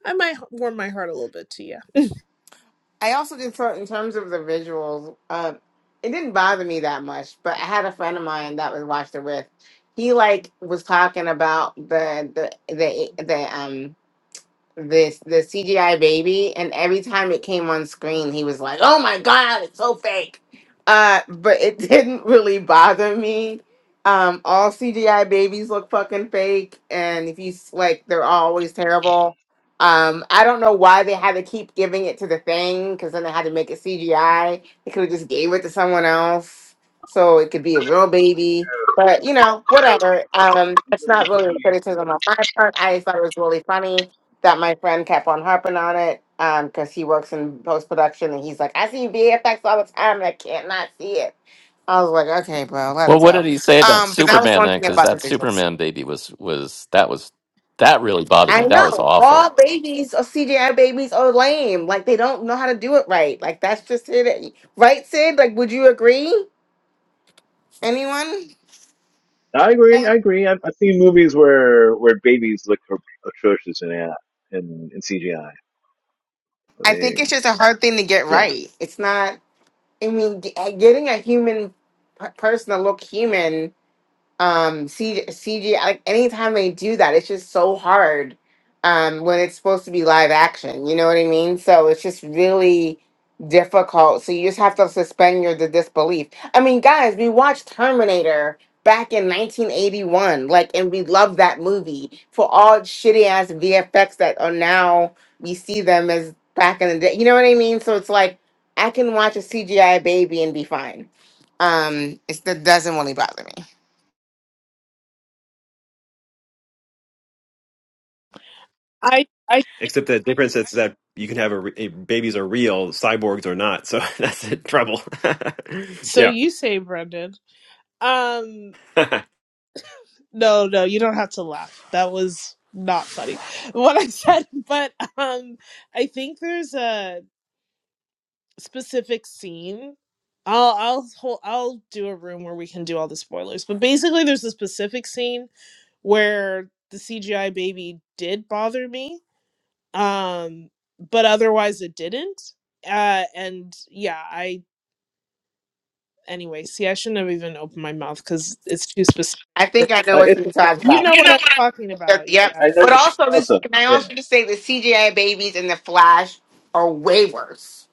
[SPEAKER 9] I might h- warm my heart a little bit to you.
[SPEAKER 10] I also did feel in terms of the visuals. Uh, it didn't bother me that much, but I had a friend of mine that was watched it with. He like was talking about the the the the um this the CGI baby, and every time it came on screen, he was like, "Oh my god, it's so fake." Uh, but it didn't really bother me. Um, all CGI babies look fucking fake, and if you s- like, they're always terrible. Um, I don't know why they had to keep giving it to the thing because then they had to make it CGI. They could have just gave it to someone else so it could be a real baby. But you know, whatever. Um, it's not really a criticism on my part. I just thought it was really funny that my friend kept on harping on it um because he works in post production and he's like, I see VFX all the time and I can't not see it. I was like, okay, bro, let
[SPEAKER 12] Well,
[SPEAKER 10] it
[SPEAKER 12] what
[SPEAKER 10] go.
[SPEAKER 12] did he say about
[SPEAKER 10] Um, but that was
[SPEAKER 12] Superman
[SPEAKER 10] one
[SPEAKER 12] then?
[SPEAKER 10] thing
[SPEAKER 12] Because
[SPEAKER 10] about the
[SPEAKER 12] that
[SPEAKER 10] visuals.
[SPEAKER 12] Superman baby was was that was that really bothered
[SPEAKER 10] I
[SPEAKER 12] me. That was
[SPEAKER 10] know
[SPEAKER 12] awful.
[SPEAKER 10] all babies or CGI babies are lame. Like they don't know how to do it right. Like that's just it. Right, Sid? Like, would you agree? Anyone?
[SPEAKER 8] I agree. I
[SPEAKER 10] I
[SPEAKER 8] agree. I've, I've seen movies where where babies look at- atrocious in AI in, in CGI. I I
[SPEAKER 10] think it's
[SPEAKER 8] mean,
[SPEAKER 10] just a hard thing to get
[SPEAKER 8] yeah,
[SPEAKER 10] right. It's not. I mean, g- getting a human per- person to look human um CG, like anytime they do that it's just so hard um when it's supposed to be live action you know what I mean so it's just really difficult so you just have to suspend your the disbelief I mean guys we watched Terminator back in 1981 like and we loved that movie for all shitty ass VFX that are now we see them as back in the day you know what I mean so it's like I can watch a CGI baby and be fine um it, it doesn't really bother me
[SPEAKER 9] I I
[SPEAKER 1] Except the difference is that you can have a, re- a- babies are real, cyborgs are not. So that's the trouble.
[SPEAKER 9] so
[SPEAKER 1] yeah.
[SPEAKER 9] you say Brendan. Um no no you don't have to laugh. That was not funny what I said. But um I think there's a specific scene. I'll I'll hol- I'll do a room where we can do all the spoilers. But basically, there's a specific scene where the CGI baby did bother me, um, but otherwise it didn't. Uh, and yeah, I anyway. See, I shouldn't have even opened my mouth because it's too specific.
[SPEAKER 10] I think I know
[SPEAKER 8] uh,
[SPEAKER 10] what
[SPEAKER 8] it's
[SPEAKER 10] you're
[SPEAKER 8] okay.
[SPEAKER 10] talking
[SPEAKER 9] You
[SPEAKER 10] about.
[SPEAKER 9] know
[SPEAKER 10] You
[SPEAKER 9] what
[SPEAKER 10] know
[SPEAKER 9] I'm
[SPEAKER 8] It's,
[SPEAKER 10] what
[SPEAKER 9] talking
[SPEAKER 10] I'm
[SPEAKER 9] about.
[SPEAKER 10] Yep.
[SPEAKER 9] Yeah.
[SPEAKER 8] I I know
[SPEAKER 10] But
[SPEAKER 8] the scene
[SPEAKER 10] also this
[SPEAKER 8] also.
[SPEAKER 10] can I
[SPEAKER 8] Yeah,
[SPEAKER 10] also just say the CGI babies and the Flash are way worse.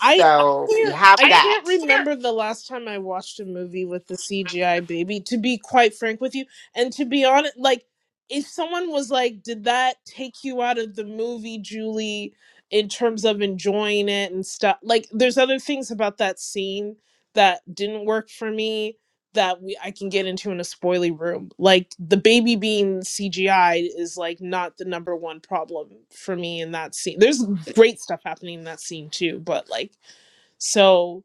[SPEAKER 9] I I
[SPEAKER 10] we
[SPEAKER 9] can't
[SPEAKER 10] have I-
[SPEAKER 9] I can't
[SPEAKER 10] that.
[SPEAKER 9] remember the last time I watched a movie with the CGI baby. To be quite frank with you, and to be honest, like if someone was like, "Did that take you out of the movie, Julie?" In terms of enjoying it and stuff, like there's other things about that scene that didn't work for me that we I can get into in a spoily room. Like the baby being CGI is like not the number one problem for me in that scene. There's great stuff happening in that scene too, but like so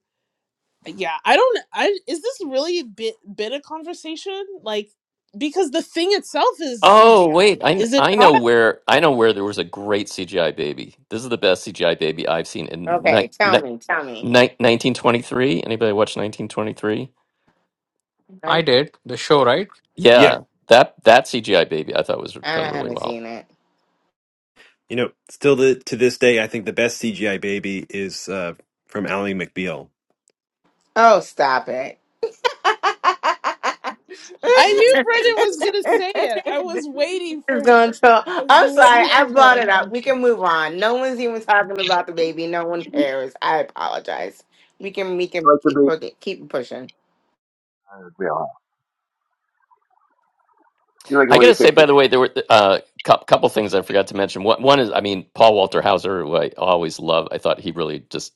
[SPEAKER 9] yeah, I don't. I is this really a bit bit of conversation? Like because the thing itself is
[SPEAKER 12] Oh
[SPEAKER 9] CGI,
[SPEAKER 12] wait, I
[SPEAKER 9] is it
[SPEAKER 12] I know
[SPEAKER 9] not?
[SPEAKER 12] where I know where there was a great CGI baby. This is the best CGI baby I've seen in ni-
[SPEAKER 10] Okay, tell
[SPEAKER 12] ni-
[SPEAKER 10] me, tell me.
[SPEAKER 12] ni- 1923. Anybody watch 1923?
[SPEAKER 10] I
[SPEAKER 14] i did the show right
[SPEAKER 12] Yeah, that that CGI baby I thought was done really
[SPEAKER 10] haven't
[SPEAKER 12] well.
[SPEAKER 10] seen it.
[SPEAKER 1] You know, still the, to this day, I think the best CGI baby is uh, from Ally McBeal.
[SPEAKER 10] Oh, stop it.
[SPEAKER 9] I knew Brendan was gonna say it. I was waiting
[SPEAKER 10] It's
[SPEAKER 9] for him.
[SPEAKER 10] going
[SPEAKER 9] I
[SPEAKER 10] to.
[SPEAKER 9] was
[SPEAKER 10] I'm sorry.
[SPEAKER 9] waiting
[SPEAKER 10] I
[SPEAKER 9] for
[SPEAKER 10] brought
[SPEAKER 9] him.
[SPEAKER 10] it up. We can move on. No one's even talking about the baby. No one cares. I apologize. We can we can
[SPEAKER 8] like
[SPEAKER 10] keep
[SPEAKER 8] the
[SPEAKER 10] pu- keep pushing.
[SPEAKER 8] baby. You like the
[SPEAKER 12] I
[SPEAKER 8] way
[SPEAKER 12] got
[SPEAKER 8] you
[SPEAKER 12] to say,
[SPEAKER 8] shake this
[SPEAKER 12] by the way,
[SPEAKER 8] brush.
[SPEAKER 12] there were a uh, cou- couple things I forgot to mention. One, one is, I mean, Paul Walter Hauser, who I always love. I thought he really just,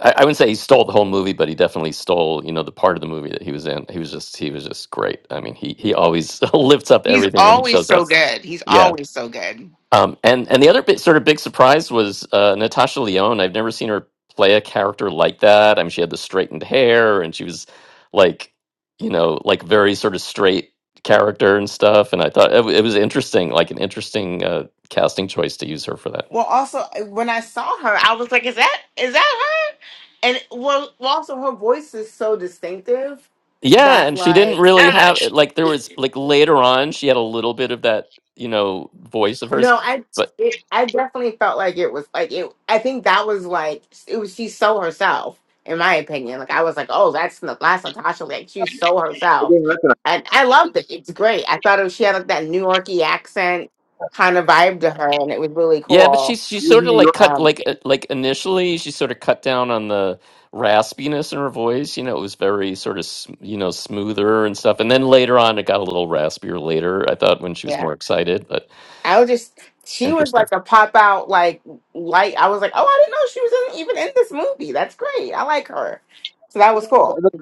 [SPEAKER 12] I, I wouldn't say he stole the whole movie, but he definitely stole, you know, the part of the movie that he was in. He was just, he was just great. I mean, he he always lifts up
[SPEAKER 10] He's
[SPEAKER 12] everything when he
[SPEAKER 10] always
[SPEAKER 12] shows up.
[SPEAKER 10] so good. He's
[SPEAKER 12] Yeah,
[SPEAKER 10] always so good.
[SPEAKER 12] um, and and the other bit, sort of big surprise was uh, Natasha Lyonne. I've never seen her play a character like that. I mean, she had the straightened hair, and she was like, you know, like very sort of straight character and stuff. And I thought it, w- it was interesting, like an interesting uh, casting choice to use her for that.
[SPEAKER 10] Well, also when I saw her, I was like, "Is that is that her?" And well, well, also her voice is so distinctive
[SPEAKER 12] Yeah,
[SPEAKER 10] that
[SPEAKER 12] and she didn't
[SPEAKER 10] like.
[SPEAKER 12] really have like there was like later on she had a little bit of that you know voice of hers,
[SPEAKER 10] No, I
[SPEAKER 12] but
[SPEAKER 10] it, I definitely felt like it was like it. I think that was like it was she so herself, in my opinion. Like I was like, oh, that's Na- that's Natasha. Like she's so
[SPEAKER 8] I
[SPEAKER 10] herself,
[SPEAKER 8] didn't recognize
[SPEAKER 10] and I loved it. It's great. I thought it, she had like that New Yorkie accent
[SPEAKER 8] this.
[SPEAKER 10] kind of vibe to her, and it was really
[SPEAKER 12] Yeah, but
[SPEAKER 10] cool.
[SPEAKER 12] she's she
[SPEAKER 8] She was
[SPEAKER 12] sort
[SPEAKER 8] in
[SPEAKER 12] of
[SPEAKER 8] New
[SPEAKER 12] like
[SPEAKER 8] York.
[SPEAKER 12] cut
[SPEAKER 10] Um,
[SPEAKER 12] like uh, like initially she sort of cut down on the raspiness in her voice. You know, it was very sort of s- you know smoother and stuff. And then later on, it got a little raspier. Later, I thought when she was
[SPEAKER 10] yeah,
[SPEAKER 12] more excited, but
[SPEAKER 10] I was just she was
[SPEAKER 12] interesting.
[SPEAKER 10] like a pop out like light. I was like, oh, I didn't know she was in, even in this movie. That's great. I like her. So that was
[SPEAKER 8] Yeah, that,
[SPEAKER 10] cool.
[SPEAKER 8] that's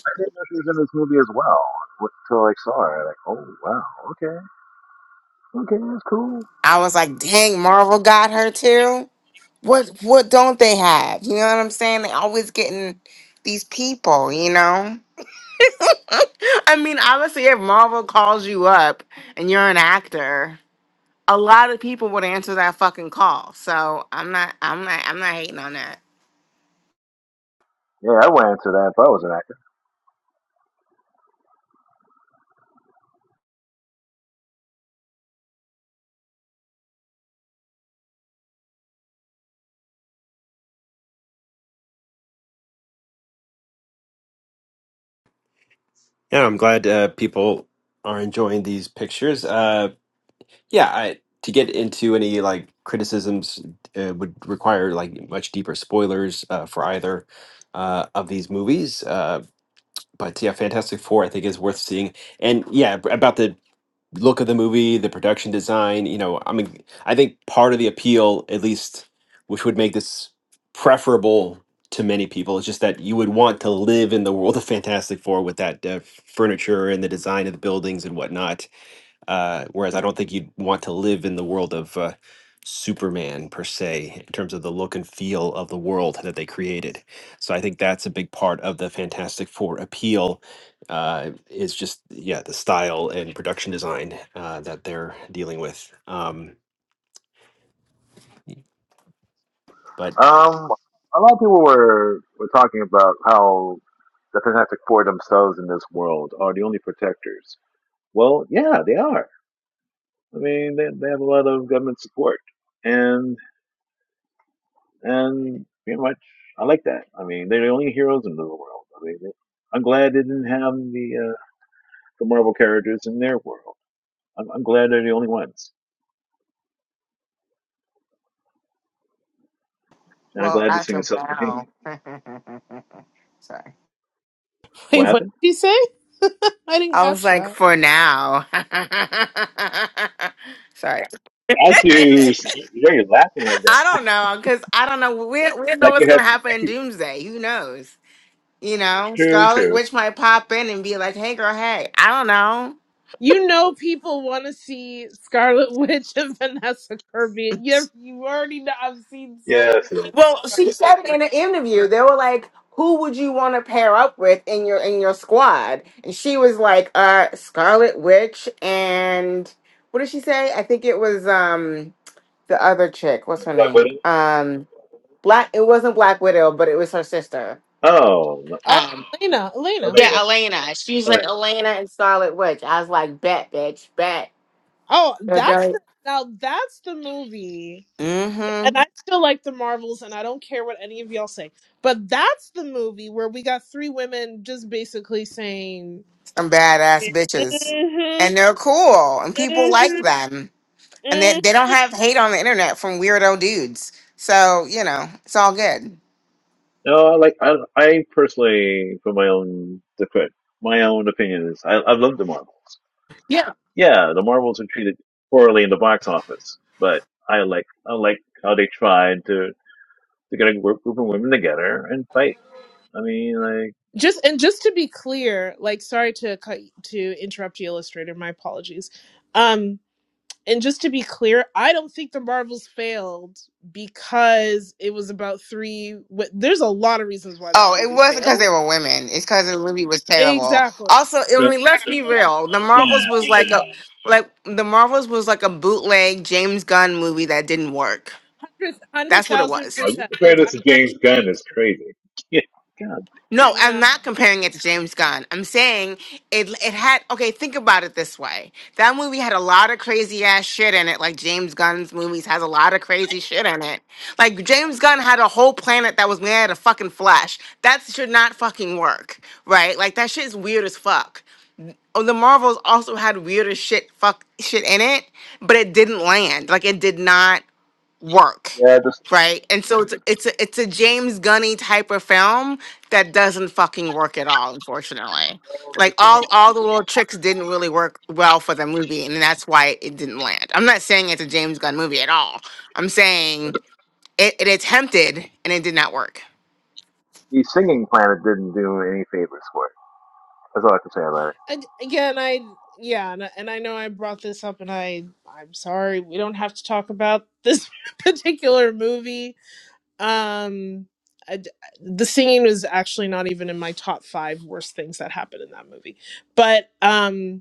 [SPEAKER 8] why I didn't know she was in this movie as well. Until I saw her, like, oh wow, okay, okay, that's cool.
[SPEAKER 10] I was like, dang, Marvel got her too. What what don't they have? You know what I'm saying? They always getting these people, you know? I mean, obviously if Marvel calls you up and you're an actor, a lot of people would answer that fucking call. So I'm not I'm not I'm not hating on that.
[SPEAKER 8] Yeah, I went into that, but I was an actor.
[SPEAKER 1] Yeah, I'm glad uh, people are enjoying these pictures. Uh, yeah, I, to get into any like criticisms uh, would require like much deeper spoilers uh, for either uh, of these movies. Uh, but yeah, Fantastic Four, I think, is worth seeing. And yeah, ab- about the look of the movie, the production design, you know, I mean, I think part of the appeal, at least, which would make this preferable to many people, is just that you would want to live in the world of Fantastic Four with that uh, furniture and the design of the buildings and whatnot uh, whereas I don't think you'd want to live in the world of uh, Superman per se, in terms of the look and feel of the world that they created. So I think that's a big part of the Fantastic Four appeal. Uh, is just yeah the style and production design uh, that they're dealing with. Um, but
[SPEAKER 8] Um, a lot of people were were talking about how the Fantastic Four themselves in this world are the only protectors. Well, yeah, they are. I mean, they, they have a lot of government support, and. and pretty much I like that. I mean, they're the only heroes in the world. I mean, they, I'm glad they didn't have the uh, the Marvel characters in their world. I'm, I'm glad they're the only ones, and I'm
[SPEAKER 10] Well,
[SPEAKER 8] glad this thing
[SPEAKER 10] after
[SPEAKER 8] is
[SPEAKER 10] now.
[SPEAKER 8] self-contained.
[SPEAKER 10] Sorry.
[SPEAKER 8] What
[SPEAKER 9] Wait, what did
[SPEAKER 8] happened?
[SPEAKER 9] he say? I didn't
[SPEAKER 10] I was
[SPEAKER 9] catch
[SPEAKER 10] like,
[SPEAKER 9] that.
[SPEAKER 10] for now. Sorry.
[SPEAKER 8] I you you're laughing like that.
[SPEAKER 10] I don't know, because I don't know. We, we don't know
[SPEAKER 8] Like
[SPEAKER 10] what's
[SPEAKER 8] you
[SPEAKER 10] going
[SPEAKER 8] had,
[SPEAKER 10] to happen
[SPEAKER 8] like
[SPEAKER 10] in
[SPEAKER 8] you,
[SPEAKER 10] Doomsday. Who knows? You know,
[SPEAKER 8] true,
[SPEAKER 10] Scarlet
[SPEAKER 8] true.
[SPEAKER 10] Witch might pop in and be like, "Hey, girl, hey, I don't know."
[SPEAKER 9] You know, people want to see Scarlet Witch and Vanessa Kirby. You you already know. I've seen so
[SPEAKER 8] Yes,
[SPEAKER 9] many.
[SPEAKER 8] yes.
[SPEAKER 10] Well, She said it in an interview. They were like, "Who would you want to pair up with in your in your squad?" And she was like, "Uh, Scarlet Witch and what did she say? I think it was um the other chick. What's her
[SPEAKER 8] Black
[SPEAKER 10] name?
[SPEAKER 8] Widow.
[SPEAKER 10] Um, Black. It wasn't Black Widow, but it was her sister.
[SPEAKER 8] Oh, no.
[SPEAKER 9] Oh,
[SPEAKER 10] Um,
[SPEAKER 9] Elena,
[SPEAKER 8] I
[SPEAKER 9] Elena.
[SPEAKER 8] mean,
[SPEAKER 10] yeah, Elena. She's
[SPEAKER 8] I mean,
[SPEAKER 10] like Elena and Scarlet Witch. I was like, "Bet, bitch, bet."
[SPEAKER 9] Oh,
[SPEAKER 10] They're
[SPEAKER 9] that's
[SPEAKER 10] done.
[SPEAKER 9] the now. That's the movie.
[SPEAKER 10] Mm-hmm.
[SPEAKER 9] And I still like the Marvels, and I don't care what any of y'all say. But that's the movie where we got three women just basically saying,
[SPEAKER 10] Some badass bitches.
[SPEAKER 9] mm-hmm,
[SPEAKER 10] And they're cool and people like
[SPEAKER 9] mm-hmm,
[SPEAKER 10] them. And they,
[SPEAKER 9] mm
[SPEAKER 10] they don't have hate on the internet from weirdo dudes. So, you know, it's all good.
[SPEAKER 8] no, I like I, I personally, for my own, my own opinion is, I, I love the Marvels.
[SPEAKER 14] yeah
[SPEAKER 8] yeah, the Marvels were treated poorly in the box office, but I like I like how they tried to to get a group, group of women together and fight. I mean, like,
[SPEAKER 9] just and just to be clear, like, sorry to cut to interrupt you, illustrator. My apologies. Um, and just to be clear, I don't think the Marvels failed because it was about three. wi- There's a lot of reasons why that
[SPEAKER 10] Oh, it
[SPEAKER 9] movie
[SPEAKER 10] wasn't because
[SPEAKER 9] failed.
[SPEAKER 10] they were women. It's because the movie was terrible.
[SPEAKER 9] Exactly.
[SPEAKER 10] Also, I
[SPEAKER 8] no,
[SPEAKER 10] mean, let's be
[SPEAKER 9] Exactly.
[SPEAKER 8] no,
[SPEAKER 10] real. The Marvels was
[SPEAKER 8] yeah,
[SPEAKER 10] like a
[SPEAKER 8] okay.
[SPEAKER 10] like the Marvels was like a bootleg James Gunn movie that didn't work.
[SPEAKER 9] hundred hundred
[SPEAKER 10] That's what it
[SPEAKER 9] thousand
[SPEAKER 10] was.
[SPEAKER 8] Oh, you
[SPEAKER 9] percent.
[SPEAKER 8] compare
[SPEAKER 9] Like I'm
[SPEAKER 8] this to
[SPEAKER 9] not
[SPEAKER 8] James Gunn
[SPEAKER 9] trying to
[SPEAKER 8] is crazy. Yeah, God,
[SPEAKER 10] No, I'm
[SPEAKER 9] no.
[SPEAKER 10] not comparing it to James Gunn. I'm saying it it had okay, think about it this way. That movie had a lot of crazy ass shit in it, like James Gunn's movies has a lot of crazy shit in it. Like James Gunn had a whole planet that was made out of fucking flesh. That should not fucking work, right? Like that shit is weird as fuck. Oh, the Marvels also had weirder shit fuck shit in it, but it didn't land. Like it did not work
[SPEAKER 8] yeah, the,
[SPEAKER 10] right and so it's a, it's a, it's a james gunny type of film that doesn't fucking work at all unfortunately like
[SPEAKER 8] the, singing,
[SPEAKER 10] all all the little tricks didn't really work well for the movie and that's why it didn't land i'm not saying it's a james gunn movie at all i'm saying it, it attempted and it did not work
[SPEAKER 8] the singing planet didn't do any favors for it. That's all I can say about it.
[SPEAKER 9] And again, I yeah, and, and I know I brought this up, and I I'm sorry. We don't have to talk about this particular movie. Um, I d the singing was actually not even in my top five worst things that happened in that movie. But um,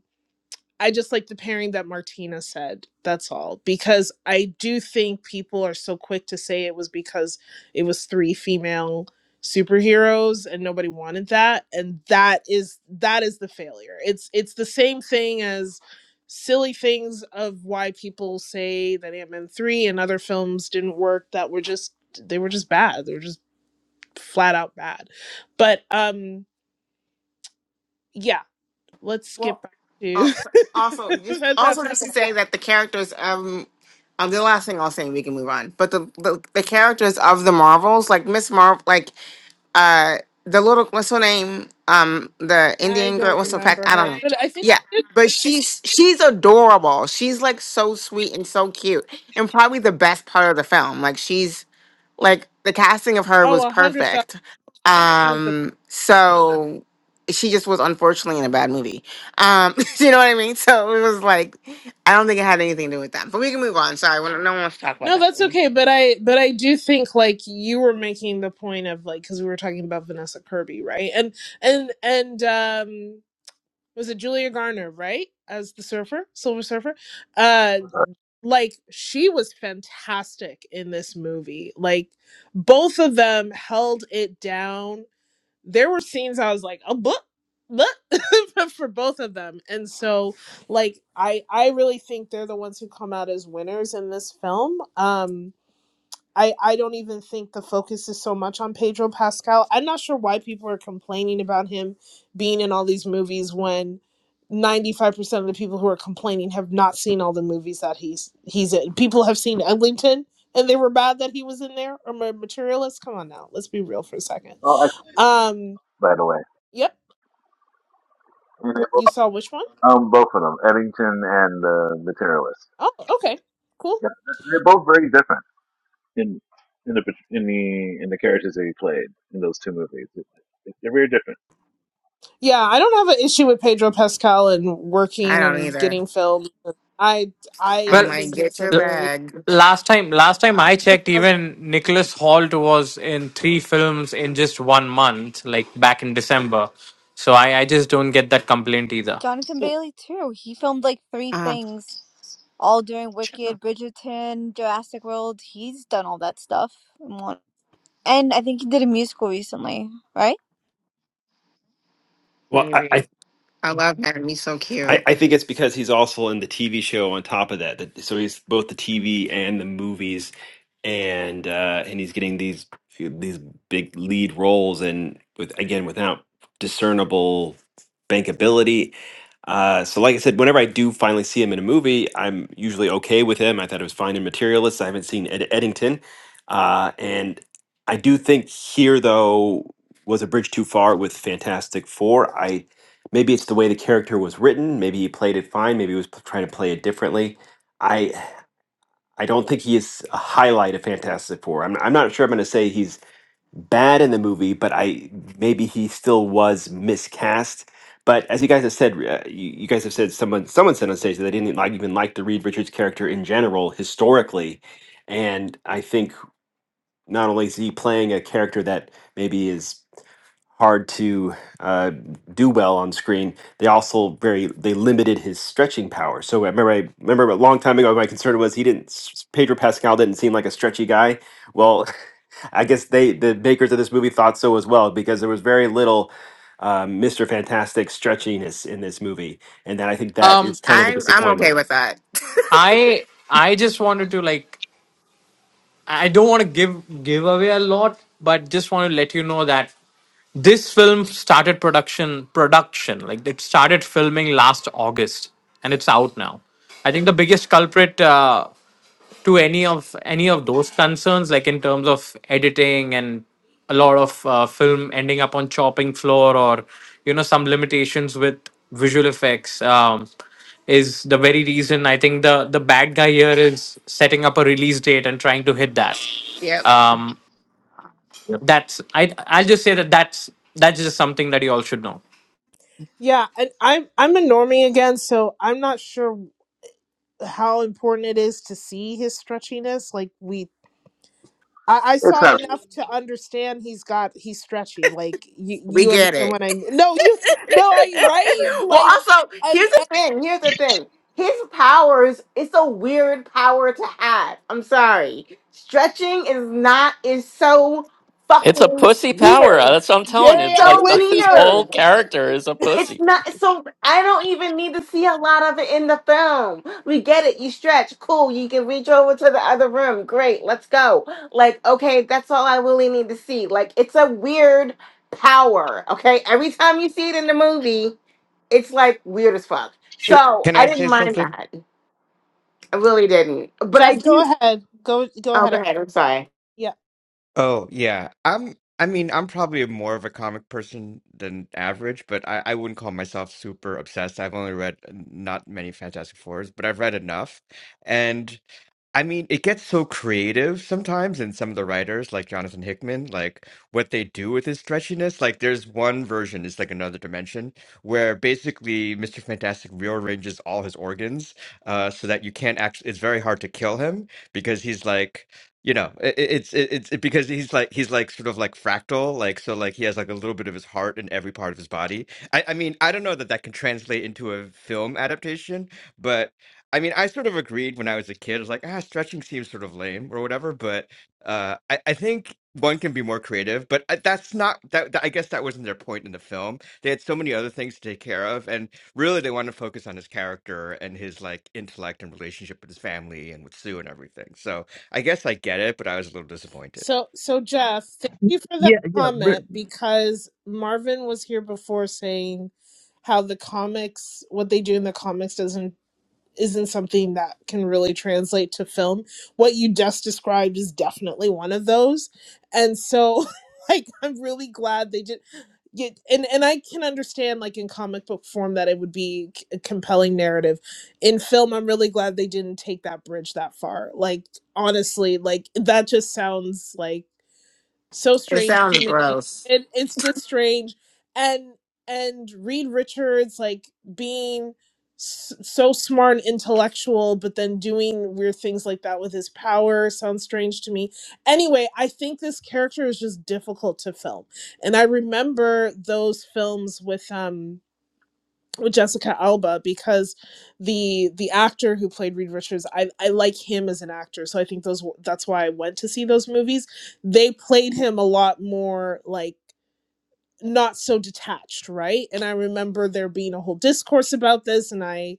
[SPEAKER 9] I just like the pairing that Martina said. That's all. Because I do think people are so quick to say it was because it was three female superheroes and nobody wanted that and that is that is the failure. It's it's the same thing as silly things of why people say that Ant-Man 3 and other films didn't work that were just they were just bad. They were just flat out bad. But um yeah, let's skip
[SPEAKER 10] Well,
[SPEAKER 9] back to
[SPEAKER 10] also, also just also
[SPEAKER 9] Fantastic
[SPEAKER 10] just to say that the characters um um the last thing I'll say and we can move on. But the the, the characters of the Marvels, like Miss Marvel, like uh the little what's her name um the
[SPEAKER 9] I
[SPEAKER 10] indian girl
[SPEAKER 9] don't
[SPEAKER 10] what's her pack
[SPEAKER 9] remember
[SPEAKER 10] i
[SPEAKER 9] her,
[SPEAKER 10] don't
[SPEAKER 9] but I think
[SPEAKER 10] yeah but she's she's adorable she's like so sweet and so cute and probably the best part of the film like she's like the casting of her
[SPEAKER 9] oh,
[SPEAKER 10] was
[SPEAKER 9] a hundred thousand
[SPEAKER 10] perfect
[SPEAKER 9] was the
[SPEAKER 10] um so she just was unfortunately in a bad movie um you know what i mean so it was like i don't think it had anything to do with that but we can move on sorry we don't- no one wants to talk about
[SPEAKER 9] no.
[SPEAKER 10] that
[SPEAKER 9] That's
[SPEAKER 10] movie
[SPEAKER 9] okay, but I but I do think like you were making the point of like because we were talking about Vanessa Kirby, right? And and and um, was it Julia Garner, right? As the surfer, Silver Surfer, uh,
[SPEAKER 8] Sorry.
[SPEAKER 9] like she was fantastic in this movie. Like both of them held it down there were scenes I was like a book book for both of them and so like I I really think they're the ones who come out as winners in this film um I I don't even think the focus is so much on Pedro Pascal I'm not sure why people are complaining about him being in all these movies when 95% of the people who are complaining have not seen all the movies that he's he's in people have seen Eglinton and they were bad that he was in there or materialist come on now let's be real for a second
[SPEAKER 8] Oh, actually,
[SPEAKER 9] um
[SPEAKER 8] by the way,
[SPEAKER 9] yep
[SPEAKER 8] I mean, they
[SPEAKER 9] You
[SPEAKER 8] both,
[SPEAKER 9] saw which one?
[SPEAKER 8] um, both of them, Eddington and uh, Materialist.
[SPEAKER 9] Oh, okay. Cool.
[SPEAKER 8] Yeah, they're both very different. in in the in the in the characters that he played in those two movies. It, it, they're very different.
[SPEAKER 9] Yeah, I don't have an issue with Pedro Pascal and
[SPEAKER 10] i
[SPEAKER 9] working
[SPEAKER 10] don't
[SPEAKER 9] and
[SPEAKER 10] either
[SPEAKER 9] getting filmed. I I
[SPEAKER 10] i'm
[SPEAKER 14] well
[SPEAKER 10] like
[SPEAKER 9] think it's
[SPEAKER 10] get
[SPEAKER 9] a
[SPEAKER 10] your
[SPEAKER 14] l-
[SPEAKER 9] very
[SPEAKER 10] bag
[SPEAKER 14] last time last time i checked even nicholas holt was in three films in just one month like back in december so i i just don't get that complaint either
[SPEAKER 4] Jonathan Bailey too. He filmed like three
[SPEAKER 10] Uh-huh.
[SPEAKER 4] things all during Wicked, Bridgerton, Jurassic World. He's done all that stuff. and I think he did a musical recently, right?
[SPEAKER 1] Well, I, I
[SPEAKER 10] Maybe. I love him. He's so
[SPEAKER 1] I,
[SPEAKER 10] cute.
[SPEAKER 1] I think it's because he's also in the TV show on top of that. that so he's both the TV and the movies, and uh, and he's getting these these big lead roles, and with again without discernible bankability. Uh, so, like I said, whenever I do finally see him in a movie, I'm usually okay with him. I thought it was fine in Materialist. I haven't seen Ed- Eddington, uh, and I do think here though was a bridge too far with Fantastic Four. I maybe it's the way the character was written maybe he played it fine maybe he was p- trying to play it differently i i don't think he is a highlight of fantastic four i'm, I'm not sure i'm going to say he's bad in the movie but i maybe he still was miscast but as you guys have said uh, you, you guys have said someone someone said on stage that they didn't like even like the reed richards character in general historically and i think not only is he playing a character that maybe is hard to uh, do well on screen. They also very they limited his stretching power. So I remember I remember a long time ago my concern was he didn't s- Pedro Pascal didn't seem like a stretchy guy. Well, I guess they the makers of this movie thought so as well because there was very little um, Mr. Fantastic stretchiness in this movie, and that I think that is kind of a
[SPEAKER 10] I I'm okay
[SPEAKER 1] disappointment.
[SPEAKER 10] with that.
[SPEAKER 14] I I just wanted to like I don't want to give give away a lot, but just want to let you know that this film started production production like it started filming last August and it's out now. I think the biggest culprit. Uh, to any of any of those concerns like in terms of editing and a lot of uh, film ending up on chopping floor or you know some limitations with visual effects um, is the very reason i think the the bad guy here is setting up a release date and trying to hit that
[SPEAKER 10] Yep.
[SPEAKER 14] um
[SPEAKER 1] Yep.
[SPEAKER 14] that's i i'll just say that that's that's just something that you all should know
[SPEAKER 9] yeah, and I'm I'm a normie again, so I'm not sure how important it is to see his stretchiness. Like we, I, I
[SPEAKER 8] It's
[SPEAKER 9] saw it
[SPEAKER 8] not.
[SPEAKER 9] enough to understand he's got he's stretchy. Like you,
[SPEAKER 10] We
[SPEAKER 9] you
[SPEAKER 10] get
[SPEAKER 9] understand
[SPEAKER 10] it.
[SPEAKER 9] what I mean? No, you, no, I right?
[SPEAKER 10] well,
[SPEAKER 9] Like
[SPEAKER 10] also,
[SPEAKER 9] and,
[SPEAKER 10] here's the
[SPEAKER 9] and
[SPEAKER 10] thing. Here's the thing. His powers, it's a weird power to have. I'm sorry. Stretching is not is so
[SPEAKER 12] It's a
[SPEAKER 10] fucking
[SPEAKER 12] pussy power. uh,
[SPEAKER 10] weird.
[SPEAKER 12] That's what I'm telling.
[SPEAKER 10] It's
[SPEAKER 12] you.
[SPEAKER 9] Jerry,
[SPEAKER 12] It's
[SPEAKER 9] I'm
[SPEAKER 12] like
[SPEAKER 10] so
[SPEAKER 12] the,
[SPEAKER 9] with
[SPEAKER 12] his
[SPEAKER 9] you.
[SPEAKER 12] whole
[SPEAKER 10] weird.
[SPEAKER 12] character is a
[SPEAKER 10] It's
[SPEAKER 12] pussy.
[SPEAKER 10] not so I don't even need to see a lot of it in the film. We get it. You stretch. Cool. You can reach over to the other room. Great. Let's go. Like, okay, that's all I really need to see. Like, it's a weird power. Okay. Every time you see it in the movie, it's like weird as fuck.
[SPEAKER 17] Uh,
[SPEAKER 10] So
[SPEAKER 17] Can I
[SPEAKER 10] I didn't
[SPEAKER 17] say
[SPEAKER 10] mind
[SPEAKER 17] something?
[SPEAKER 10] that. I really didn't. But I
[SPEAKER 9] Jeff, go
[SPEAKER 10] do
[SPEAKER 9] ahead. Go go
[SPEAKER 10] oh go
[SPEAKER 9] ahead.
[SPEAKER 10] ahead. I'm sorry.
[SPEAKER 9] Yeah.
[SPEAKER 17] Oh, yeah. I'm I mean, I'm probably more of a comic person than average, but I, I wouldn't call myself super obsessed. I've only read not many Fantastic Fours, but I've read enough. And I mean, it gets so creative sometimes in some of the writers, like Jonathan Hickman, like what they do with his stretchiness. Like, there's one version, it's like another dimension, where basically Mr. Fantastic rearranges all his organs uh, so that you can't actually, it's very hard to kill him because he's like, you know, it, it's it, it's it, because he's like he's like sort of like fractal, like so like he has like a little bit of his heart in every part of his body. I, I mean, I don't know that that can translate into a film adaptation, but. I mean, I sort of agreed when I was a kid. I was like, ah, stretching seems sort of lame or whatever. But uh, I, I think one can be more creative. But I- that's not that, that. I guess that wasn't their point in the film. They had so many other things to take care of, and really, they wanted to focus on his character and his like intellect and relationship with his family and with Sue and everything. So I guess I get it, but I was a little disappointed.
[SPEAKER 9] So so Jeff, thank you for that
[SPEAKER 18] Yeah, yeah, re-
[SPEAKER 9] comment because Marvin was here before saying how the comics what they do in the comics doesn't isn't something that can really translate to film. What you just described is definitely one of those. And so like I'm really glad they did yeah, and and I can understand like in comic book form that it would be c- a compelling narrative. In film, I'm really glad they didn't take that bridge that far. Like honestly, like that just sounds like so
[SPEAKER 10] It
[SPEAKER 9] strange to
[SPEAKER 10] sounds
[SPEAKER 9] me
[SPEAKER 10] gross.
[SPEAKER 9] and it's just strange and and reed richards like being s- so smart and intellectual but then doing weird things like that with his power sounds strange to me anyway i think this character is just difficult to film and i remember those films with um with Jessica Alba because the the actor who played Reed Richards, I I like him as an actor, so I think those that's why I went to see those movies. They played him a lot more like not so detached, right? And I remember there being a whole discourse about this, and I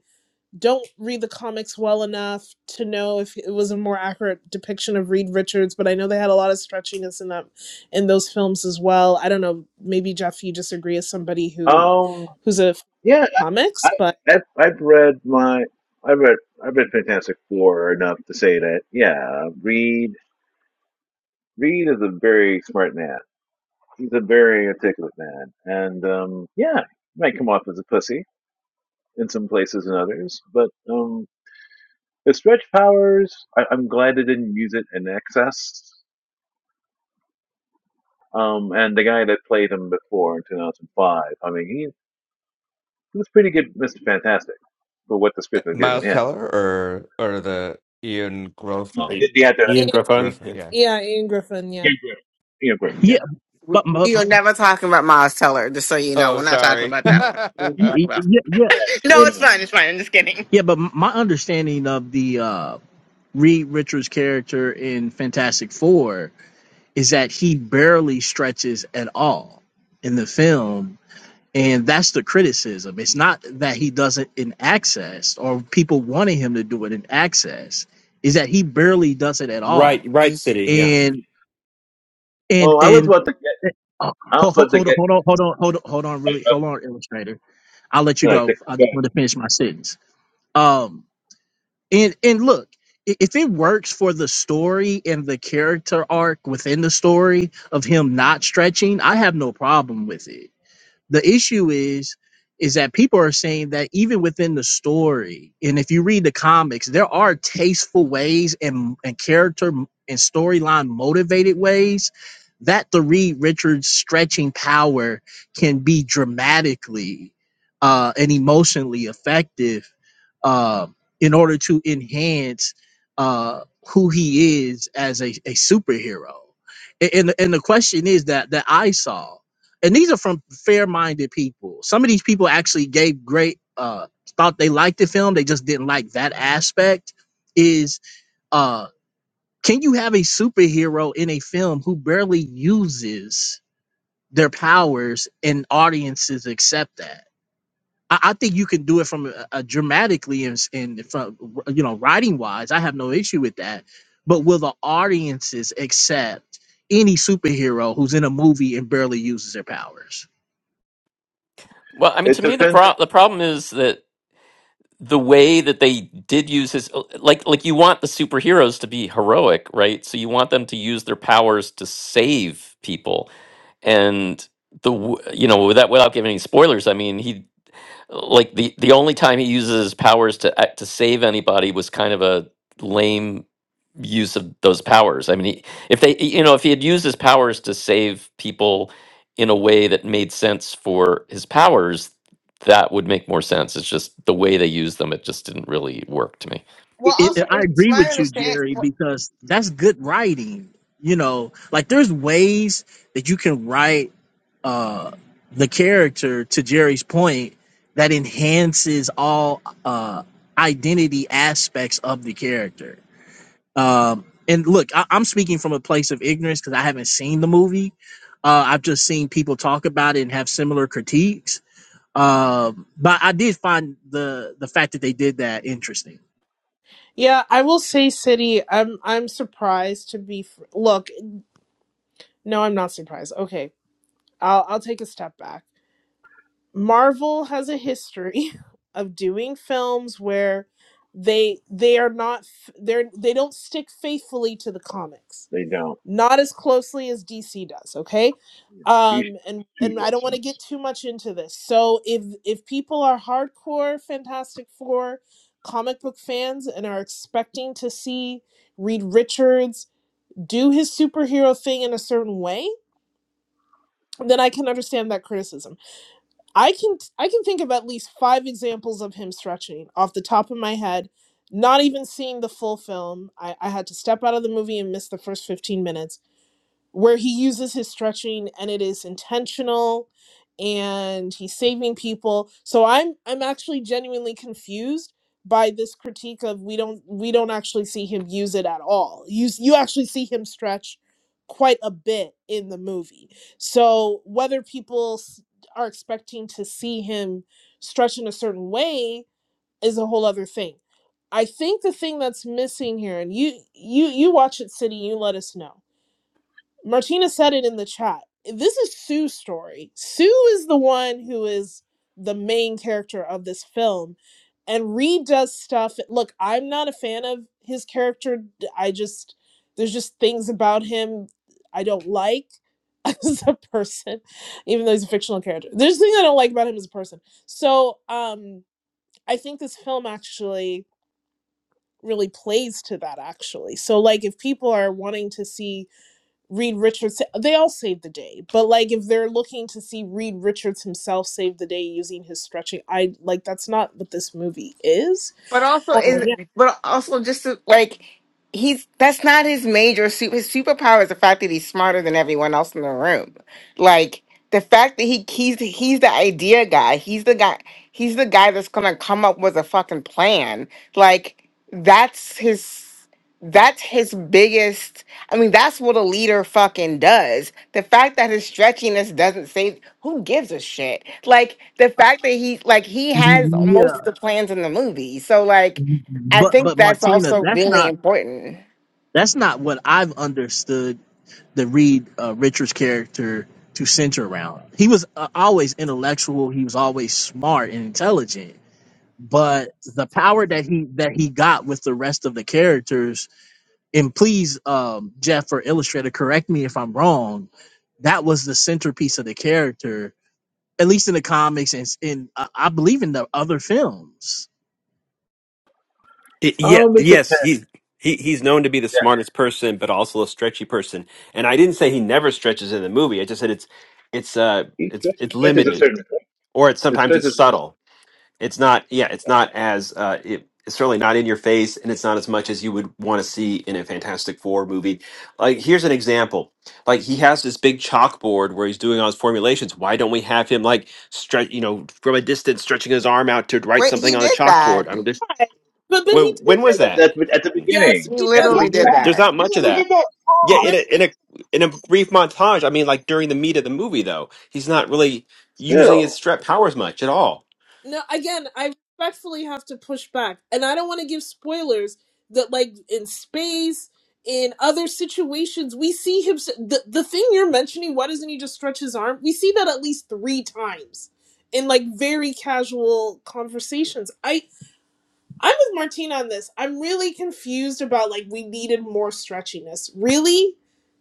[SPEAKER 9] don't read the comics well enough to know if it was a more accurate depiction of Reed Richards, but I know they had a lot of stretchiness in that in those films as well. I don't know, maybe Jeff, you disagree as somebody who
[SPEAKER 8] Um.
[SPEAKER 9] who's a
[SPEAKER 8] Yeah.
[SPEAKER 9] comics,
[SPEAKER 8] I
[SPEAKER 9] but
[SPEAKER 8] I've, I've read my I've read I've read Fantastic Four enough to say that yeah, Reed Reed is a very smart man. He's a very articulate man, and um, yeah, he might come off as a pussy in some places and others, but um, his stretch powers, I, I'm glad they didn't use it in excess Um, and the guy that played him before in 2005, I mean, he, he was pretty good, Mr. Fantastic, for what the
[SPEAKER 17] Uh,
[SPEAKER 8] script had given
[SPEAKER 17] Miles
[SPEAKER 8] him.
[SPEAKER 17] Teller or or the Ian
[SPEAKER 8] Uh,
[SPEAKER 17] Grofield?
[SPEAKER 8] the, the actor,
[SPEAKER 1] Ian
[SPEAKER 8] that-
[SPEAKER 9] Yeah,
[SPEAKER 1] Griffin.
[SPEAKER 17] Griffin, yeah.
[SPEAKER 9] yeah, Ian Griffin, yeah.
[SPEAKER 8] Ian Griffin. Ian Griffin, yeah.
[SPEAKER 18] yeah,
[SPEAKER 10] We
[SPEAKER 18] but my,
[SPEAKER 10] we are never talking about Miles Teller, just so you know.
[SPEAKER 17] Oh,
[SPEAKER 10] We're not talking
[SPEAKER 17] sorry.
[SPEAKER 10] about that one. We're talking
[SPEAKER 18] yeah,
[SPEAKER 10] about-
[SPEAKER 18] yeah,
[SPEAKER 8] Yeah, sure
[SPEAKER 10] No, it's
[SPEAKER 8] enough.
[SPEAKER 10] fine. It's fine. I'm just kidding.
[SPEAKER 18] yeah, but my understanding of the uh, Reed Richards character in Fantastic Four is that he barely stretches at all in the film, and that's the criticism. It's not that he doesn't in access or people wanting him to do it in access, is that he barely does it at
[SPEAKER 1] Right,
[SPEAKER 18] all,
[SPEAKER 1] right, city. Yeah.
[SPEAKER 18] and and
[SPEAKER 8] Well, I was
[SPEAKER 18] and.
[SPEAKER 8] about to get,
[SPEAKER 18] Uh,
[SPEAKER 8] I was
[SPEAKER 18] ho- ho-
[SPEAKER 8] about to
[SPEAKER 18] Hold on,
[SPEAKER 8] get,
[SPEAKER 18] hold on, hold on, hold on, hold on, really, hold on, illustrator I'll let you
[SPEAKER 8] like, to,
[SPEAKER 18] go. I just
[SPEAKER 8] yeah,
[SPEAKER 18] want to finish my sentence. Um, and and look, i- if it works for the story and the character arc within the story of him not stretching, I have no problem with it the issue is is that people are saying that even within the story and if you read the comics there are tasteful ways and and character m- and storyline motivated ways that the Reed Richards stretching power can be dramatically uh, and emotionally effective uh, in order to enhance uh, who he is as a, a superhero. A- And, the- and the question is that that I saw and these are from fair-minded people. Some of these people actually gave great uh thought they liked the film, they just didn't like that aspect is uh can you have a superhero in a film who barely uses their powers and audiences accept that? I, I think you can do it from a, a dramatically and, s- and from you know writing wise. I have no issue with that, but will the audiences accept any superhero who's in a movie and barely uses their powers?
[SPEAKER 12] Well, I mean,
[SPEAKER 8] it
[SPEAKER 12] to me, the
[SPEAKER 8] depends. on-
[SPEAKER 12] pro- the problem is that the way that they did use his uh, like like you want the superheroes to be heroic, right? So you want them to use their powers to save people and the w- you know without without giving any spoilers i mean he like the the only time he uses his powers to act to save anybody was kind of a lame use of those powers i mean he, if they you know if he had used his powers to save people in a way that made sense for his powers that would make more sense it's just the way they use them it just didn't really work to me
[SPEAKER 18] it,
[SPEAKER 10] Well,
[SPEAKER 18] it-
[SPEAKER 10] also
[SPEAKER 18] I
[SPEAKER 10] it's
[SPEAKER 18] agree
[SPEAKER 10] my
[SPEAKER 18] with you,
[SPEAKER 10] understanding,
[SPEAKER 18] Jerry, because that's good writing. You know, like there's ways that you can write uh, the character to Jerry's point that enhances all uh, identity aspects of the character. Um, and look, I, I'm speaking from a place of ignorance because I haven't seen the movie. Uh, I've just seen people talk about it and have similar critiques. Um, but I did find the the fact that they did that interesting.
[SPEAKER 9] Yeah, I will say City. I'm I'm surprised to be fr- Look, no, I'm not surprised. Okay. I'll I'll take a step back. Marvel has a history of doing films where they they are not f- they're they don't stick faithfully to the comics
[SPEAKER 8] They don't.
[SPEAKER 9] not as closely as DC does, okay?
[SPEAKER 8] You should
[SPEAKER 9] Um and
[SPEAKER 8] choose
[SPEAKER 9] and I don't
[SPEAKER 8] close
[SPEAKER 9] want to get too much into this. So if if people are hardcore Fantastic 4 comic book fans and are expecting to see Reed Richards do his superhero thing in a certain way, then I can understand that criticism. I can I can think of at least 5 examples of him stretching off the top of my head. Not even seeing the full film. I, I had to step out of the movie and miss the first 15 minutes where he uses his stretching and it is intentional and he's saving people so i'm i'm actually genuinely confused by this critique of we don't we don't actually see him use it at all you s- you actually see him stretch quite a bit in the movie so whether people s- are expecting to see him stretch in a certain way is a whole other thing i think the thing that's missing here and you you you watch it city you let us know Martina said it in the chat. This is Sue's story. Sue is the one who is the main character of this film. And Reed does stuff. Look, I'm not a fan of his character. I just, there's just things about him I don't like as a person, even though he's a fictional character. There's things I don't like about him as a person. So um, I think this film actually really plays to that, actually. So, like, if people are wanting to see Reed Richards, they all saved the day. But like if they're looking to see Reed Richards himself save the day using his stretching, I like that's not what this movie is.
[SPEAKER 10] but also
[SPEAKER 9] Oh
[SPEAKER 10] is
[SPEAKER 9] yeah.
[SPEAKER 10] but also just to, like he's that's not his major super his superpower is the fact that he's smarter than everyone else in the room. Like the fact that he he's he's the idea guy. He's the guy. He's the guy that's gonna come up with a fucking plan. Like that's his that's his biggest I mean, that's what a leader fucking does. The fact that his stretchiness doesn't save— who gives a shit. Like the fact that he like he has
[SPEAKER 18] Yeah.
[SPEAKER 10] most of the plans in the movie. So like I
[SPEAKER 18] But
[SPEAKER 10] think
[SPEAKER 18] but
[SPEAKER 10] that's
[SPEAKER 18] Martina,
[SPEAKER 10] also
[SPEAKER 18] that's
[SPEAKER 10] really
[SPEAKER 18] not
[SPEAKER 10] important.
[SPEAKER 18] that's not what I've understood the Reed uh, Richards character to center around. He was uh, always intellectual. He was always smart and intelligent. But the power that he that he got with the rest of the characters, and please, um, Jeff or Illustrator, correct me if I'm wrong. That was the centerpiece of the character, at least in the comics, and s- in I I believe in the other films.
[SPEAKER 1] I- Yeah,
[SPEAKER 8] Um, it
[SPEAKER 1] yes,
[SPEAKER 8] depends.
[SPEAKER 1] he's he, he's known to be the
[SPEAKER 8] Yeah,
[SPEAKER 1] smartest person, but also a stretchy person. And I didn't say he never stretches in the movie. I just said it's it's uh
[SPEAKER 8] he
[SPEAKER 1] it's
[SPEAKER 8] stretch-
[SPEAKER 1] it's
[SPEAKER 8] stretches a
[SPEAKER 1] limited,
[SPEAKER 8] certain point.
[SPEAKER 1] or it's
[SPEAKER 8] It
[SPEAKER 1] sometimes it's
[SPEAKER 8] stretches
[SPEAKER 1] subtle. It's not yeah, it's not as uh it, it's certainly not in your face, and it's not as much as you would want to see in a Fantastic Four movie. Like here's an example. Like he has this big chalkboard where he's doing all his formulations. Why don't we have him like stretch you know from a distance stretching his arm out to write
[SPEAKER 10] Wait, he
[SPEAKER 1] something on the
[SPEAKER 10] did that.
[SPEAKER 1] chalkboard? I mean, there's
[SPEAKER 9] But but
[SPEAKER 1] well,
[SPEAKER 9] he
[SPEAKER 8] at,
[SPEAKER 1] when was
[SPEAKER 9] does
[SPEAKER 8] at,
[SPEAKER 1] that?
[SPEAKER 8] at at the
[SPEAKER 9] yes,
[SPEAKER 8] beginning.
[SPEAKER 10] He
[SPEAKER 9] he
[SPEAKER 8] At
[SPEAKER 13] so
[SPEAKER 9] does
[SPEAKER 8] the
[SPEAKER 13] good.
[SPEAKER 10] literally did
[SPEAKER 8] beginning.
[SPEAKER 1] There's
[SPEAKER 10] that.
[SPEAKER 1] not
[SPEAKER 13] Yeah,
[SPEAKER 1] much of that.
[SPEAKER 13] did that.
[SPEAKER 1] Yeah, in
[SPEAKER 9] Brent
[SPEAKER 1] a in a in a brief montage. I mean, like during the meat of the movie, though, he's not really using his
[SPEAKER 8] Still.
[SPEAKER 1] strep powers much at all.
[SPEAKER 9] no again, I respectfully have to push back. And I don't want to give spoilers that like in space in other situations, we see him. s- The, the thing you're mentioning, why doesn't he just stretch his arm? We see that at least three times in like very casual conversations. I I'm with Martina on this. I'm really confused about like we needed more stretchiness. Really?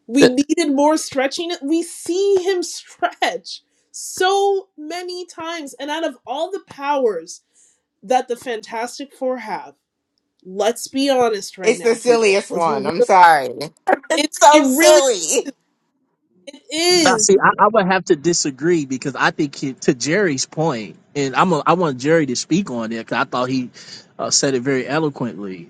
[SPEAKER 9] We
[SPEAKER 12] Th-
[SPEAKER 9] needed more stretchiness. We see him stretch so many times. And out of all the powers that the Fantastic Four have, let's be honest right
[SPEAKER 10] It's the
[SPEAKER 9] now, people.
[SPEAKER 10] silliest
[SPEAKER 9] Let's be
[SPEAKER 10] one.
[SPEAKER 9] real.
[SPEAKER 10] I'm sorry.
[SPEAKER 9] It,
[SPEAKER 10] It's
[SPEAKER 9] it
[SPEAKER 10] so
[SPEAKER 9] really
[SPEAKER 10] silly.
[SPEAKER 9] it
[SPEAKER 18] I
[SPEAKER 9] is.
[SPEAKER 18] see. I, I would have to disagree because I think he, to Jerry's point, and I'm a, I want Jerry to speak on it because I thought he uh, said it very eloquently.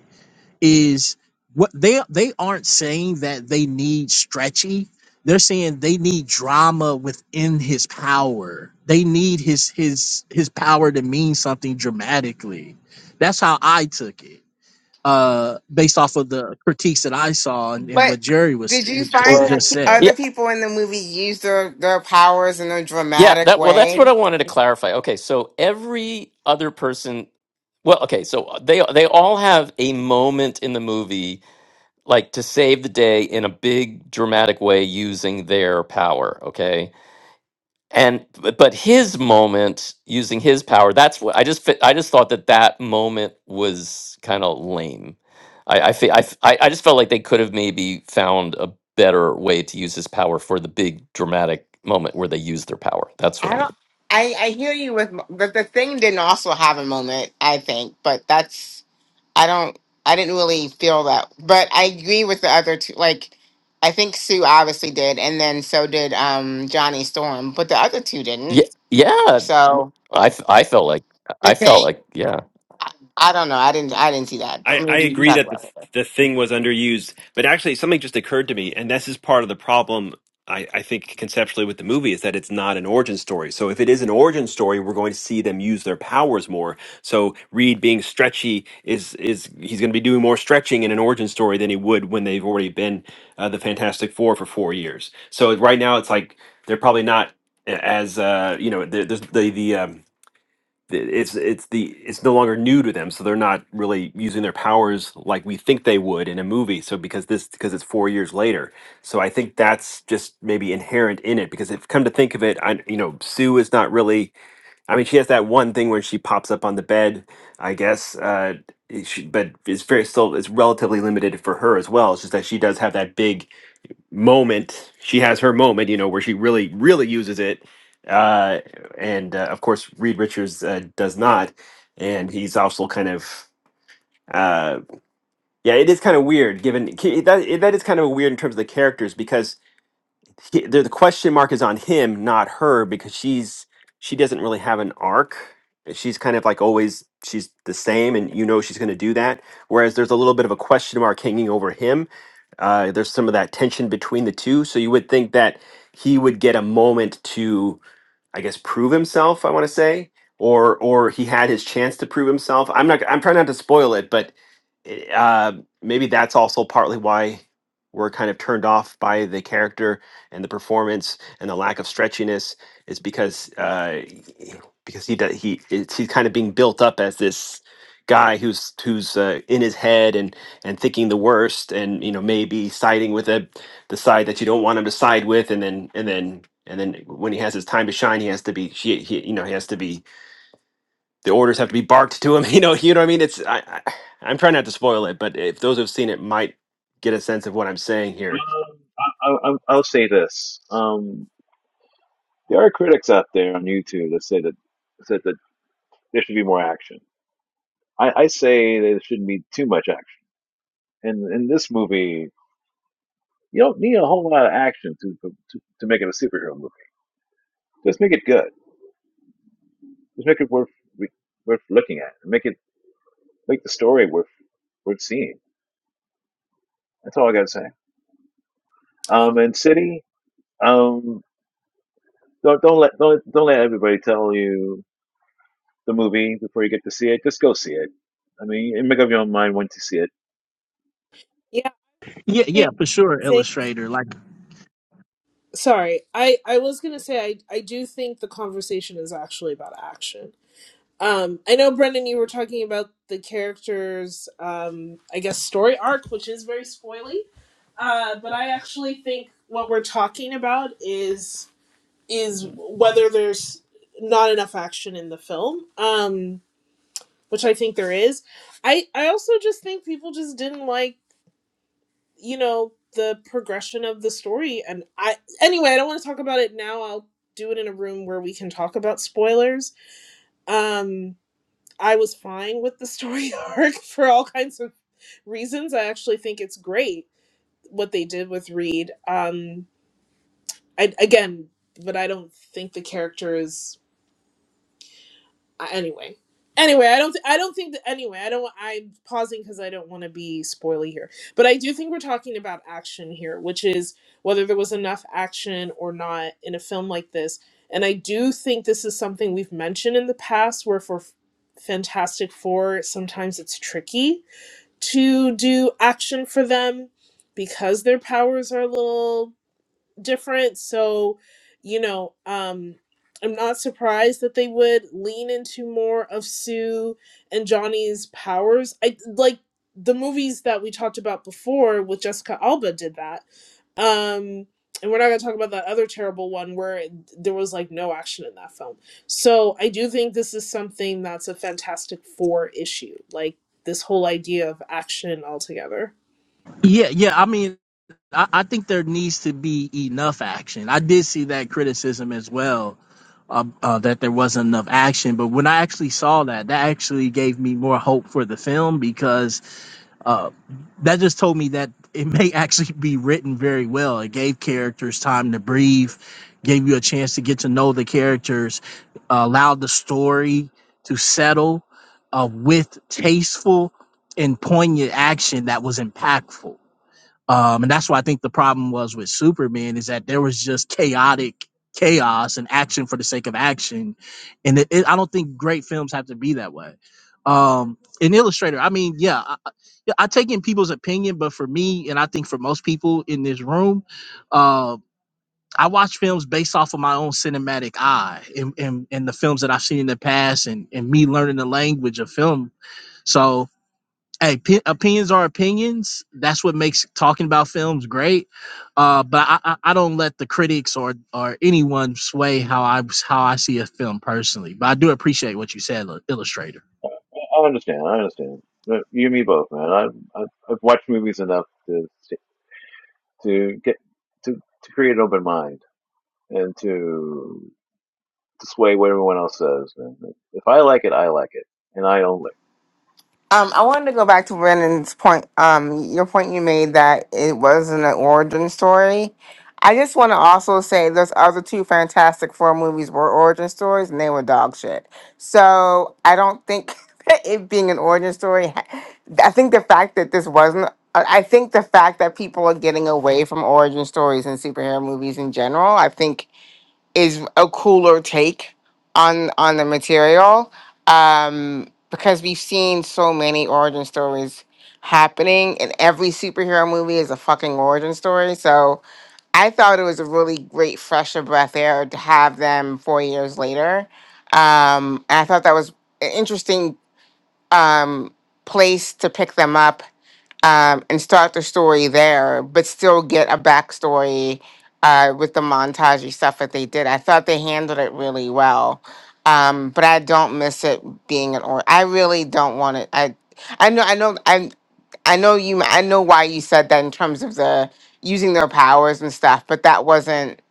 [SPEAKER 18] Is what they they aren't saying that they need stretchy. They're saying they need drama within his power. They need his his his power to mean something dramatically. That's how I took it, uh, based off of the critiques that I saw and, and
[SPEAKER 10] But
[SPEAKER 18] what Jerry was,
[SPEAKER 10] did you
[SPEAKER 18] was had
[SPEAKER 10] find
[SPEAKER 8] Well,
[SPEAKER 10] that
[SPEAKER 18] just
[SPEAKER 10] pe-
[SPEAKER 18] said.
[SPEAKER 10] other people in the movie used their, their powers in a
[SPEAKER 12] Yeah,
[SPEAKER 10] dramatic
[SPEAKER 12] that well, that's
[SPEAKER 10] way?
[SPEAKER 12] what I wanted to clarify. Okay, so every other person, well, okay, so they they all have a moment in the movie like to save the day in a big dramatic way using their power. Okay, and but but his moment using his power, that's what I just fi- I just thought that that moment was kind of lame. I I, fe- I f- I I just felt like they could have maybe found a better way to use his power for the big dramatic moment where they use their power. That's what
[SPEAKER 10] I
[SPEAKER 12] I mean.
[SPEAKER 10] don't. I I hear you with, but the thing didn't also have a moment. I think, but that's I don't. I didn't really feel that, but I agree with the other two. Like, I think Sue obviously did, and then so did um Johnny Storm, but the other two didn't.
[SPEAKER 12] Yeah, yeah.
[SPEAKER 10] So
[SPEAKER 12] I f- I felt like
[SPEAKER 10] the
[SPEAKER 12] I felt
[SPEAKER 10] thing,
[SPEAKER 12] like yeah.
[SPEAKER 10] I, I don't know. I didn't. I didn't see that, but
[SPEAKER 1] I, I
[SPEAKER 10] maybe you
[SPEAKER 1] agree
[SPEAKER 10] guys
[SPEAKER 1] that the,
[SPEAKER 10] will.
[SPEAKER 1] the thing was underused, but actually something just occurred to me, and this is part of the problem. I, I think conceptually with the movie is that it's not an origin story. So if it is an origin story, we're going to see them use their powers more. So Reed being stretchy is is he's going to be doing more stretching in an origin story than he would when they've already been uh, the Fantastic Four for four years. So right now it's like they're probably not a- as uh, you know the the the, the um, th- it's it's the it's no longer new to them so they're not really using their powers like we think they would in a movie so because this because it's four years later so i think that's just maybe inherent in it because if come to think of it i you know sue is not really i mean she has that one thing where she pops up on the bed i guess uh it- she, but it's very still it's relatively limited for her as well it's just that she does have that big moment. She has her moment, you know, where she really, really uses it. Uh, and uh, of course, Reed Richards uh, does not, and he's also kind of, uh, yeah, it is kind of weird. Given ki- that, it- that is kind of weird in terms of the characters because he, the the question mark is on him, not her, because she's she doesn't really have an arc. She's kind of like always she's the same, and you know she's going to do that. Whereas there's a little bit of a question mark hanging over him uh, there's some of that tension between the two. So you would think that he would get a moment to, I guess, prove himself. I want to say, or or he had his chance to prove himself. I'm not. I'm trying not to spoil it, but it, uh, maybe that's also partly why we're kind of turned off by the character and the performance and the lack of stretchiness is because uh, because he does, he it's, he's kind of being built up as this guy who's who's uh, in his head and and thinking the worst and you know maybe siding with a, the side that you don't want him to side with and then and then and then when he has his time to shine he has to be he, he you know he has to be the orders have to be barked to him. You know, you know what I mean. It's I, I I'm trying not to spoil it, but if those who've seen it might get a sense of what I'm saying here.
[SPEAKER 8] um, I, I, I'll I'll say this. Um, There are critics out there on YouTube that say that said that there should be more action. I, I say there shouldn't be too much action. And in this movie, you don't need a whole lot of action to to, to make it a superhero movie. Just make it good. Just make it worth worth looking at. Make it make the story worth worth seeing. That's all I gotta say. Um, and City, um, don't don't let don't don't let everybody tell you the movie before you get to see it. Just go see it. I mean, make up your own mind once you see it
[SPEAKER 9] Yeah.
[SPEAKER 18] Yeah, yeah,
[SPEAKER 9] I
[SPEAKER 18] for sure,
[SPEAKER 9] think
[SPEAKER 18] Illustrator. Like,
[SPEAKER 9] sorry. I, I was gonna say I, I do think the conversation is actually about action Um, I know, Brendan, you were talking about the character's, um, I guess, story arc, which is very spoily. Uh, but I actually think what we're talking about is is whether there's not enough action in the film, um, which I think there is. I I also just think people just didn't like, you know, the progression of the story. And I anyway, I don't want to talk about it now. I'll do it in a room where we can talk about spoilers. Um, I was fine with the story arc for all kinds of reasons. I actually think it's great what they did with Reed. Um, I, again, but I don't think the character is uh, anyway. Anyway, I don't. Th- I don't think that. Anyway, I don't. wa- I'm pausing because I don't want to be spoily here. But I do think we're talking about action here, which is whether there was enough action or not in a film like this. And I do think this is something we've mentioned in the past, where for Fantastic Four, sometimes it's tricky to do action for them because their powers are a little different. So, you know, um, I'm not surprised that they would lean into more of Sue and Johnny's powers. I like the movies that we talked about before with Jessica Alba did that. Um, and we're not going to talk about that other terrible one where there was like no action in that film. So I do think this is something that's a Fantastic Four issue, like this whole idea of action altogether.
[SPEAKER 18] yeah, yeah. I mean, I, I think there needs to be enough action. I did see that criticism as well, uh, uh, that there wasn't enough action. But when I actually saw that, that actually gave me more hope for the film because Uh, that just told me that it may actually be written very well. It gave characters time to breathe, gave you a chance to get to know the characters, allowed the story to settle uh, with tasteful and poignant action that was impactful. Um, and that's why I think the problem was with Superman is that there was just chaotic chaos and action for the sake of action, and it, it, I don't think great films have to be that way. Um, an illustrator, I mean, yeah, I, I yeah, I take in people's opinion, but for me, and I think for most people in this room, uh, I watch films based off of my own cinematic eye and, and, and the films that I've seen in the past, and, and me learning the language of film. So Hey, p- opinions are opinions. That's what makes talking about films great. Uh, but I, I, I don't let the critics or or anyone sway how I how I see a film personally. But I do appreciate what you said, Ill- Illustrator.
[SPEAKER 8] I understand. I understand. But you and me both, man. I've I've, I've watched movies enough to to get to to create an open mind and to to sway what everyone else says. Man. Like, If I like it, I like it, and I don't like.
[SPEAKER 10] Um, I wanted to go back to Brandon's point. Um, your point you made that it wasn't an origin story. I just want to also say those other two Fantastic Four movies were origin stories, and they were dog shit. So I don't think that it being an origin story. I think the fact that this wasn't. I I think the fact that people are getting away from origin stories in superhero movies in general. I think is a cooler take on on the material um because we've seen so many origin stories happening and every superhero movie is a fucking origin story so i thought it was a really great fresh of breath air to have them four years later um and i thought that was an interesting um place to pick them up um, and start the story there, but still get a backstory uh, with the montagey stuff that they did. I thought they handled it really well, um, but I don't miss it being an or. I really don't want it. I I know I know I I know you. I know why you said that in terms of the using their powers and stuff, but that wasn't.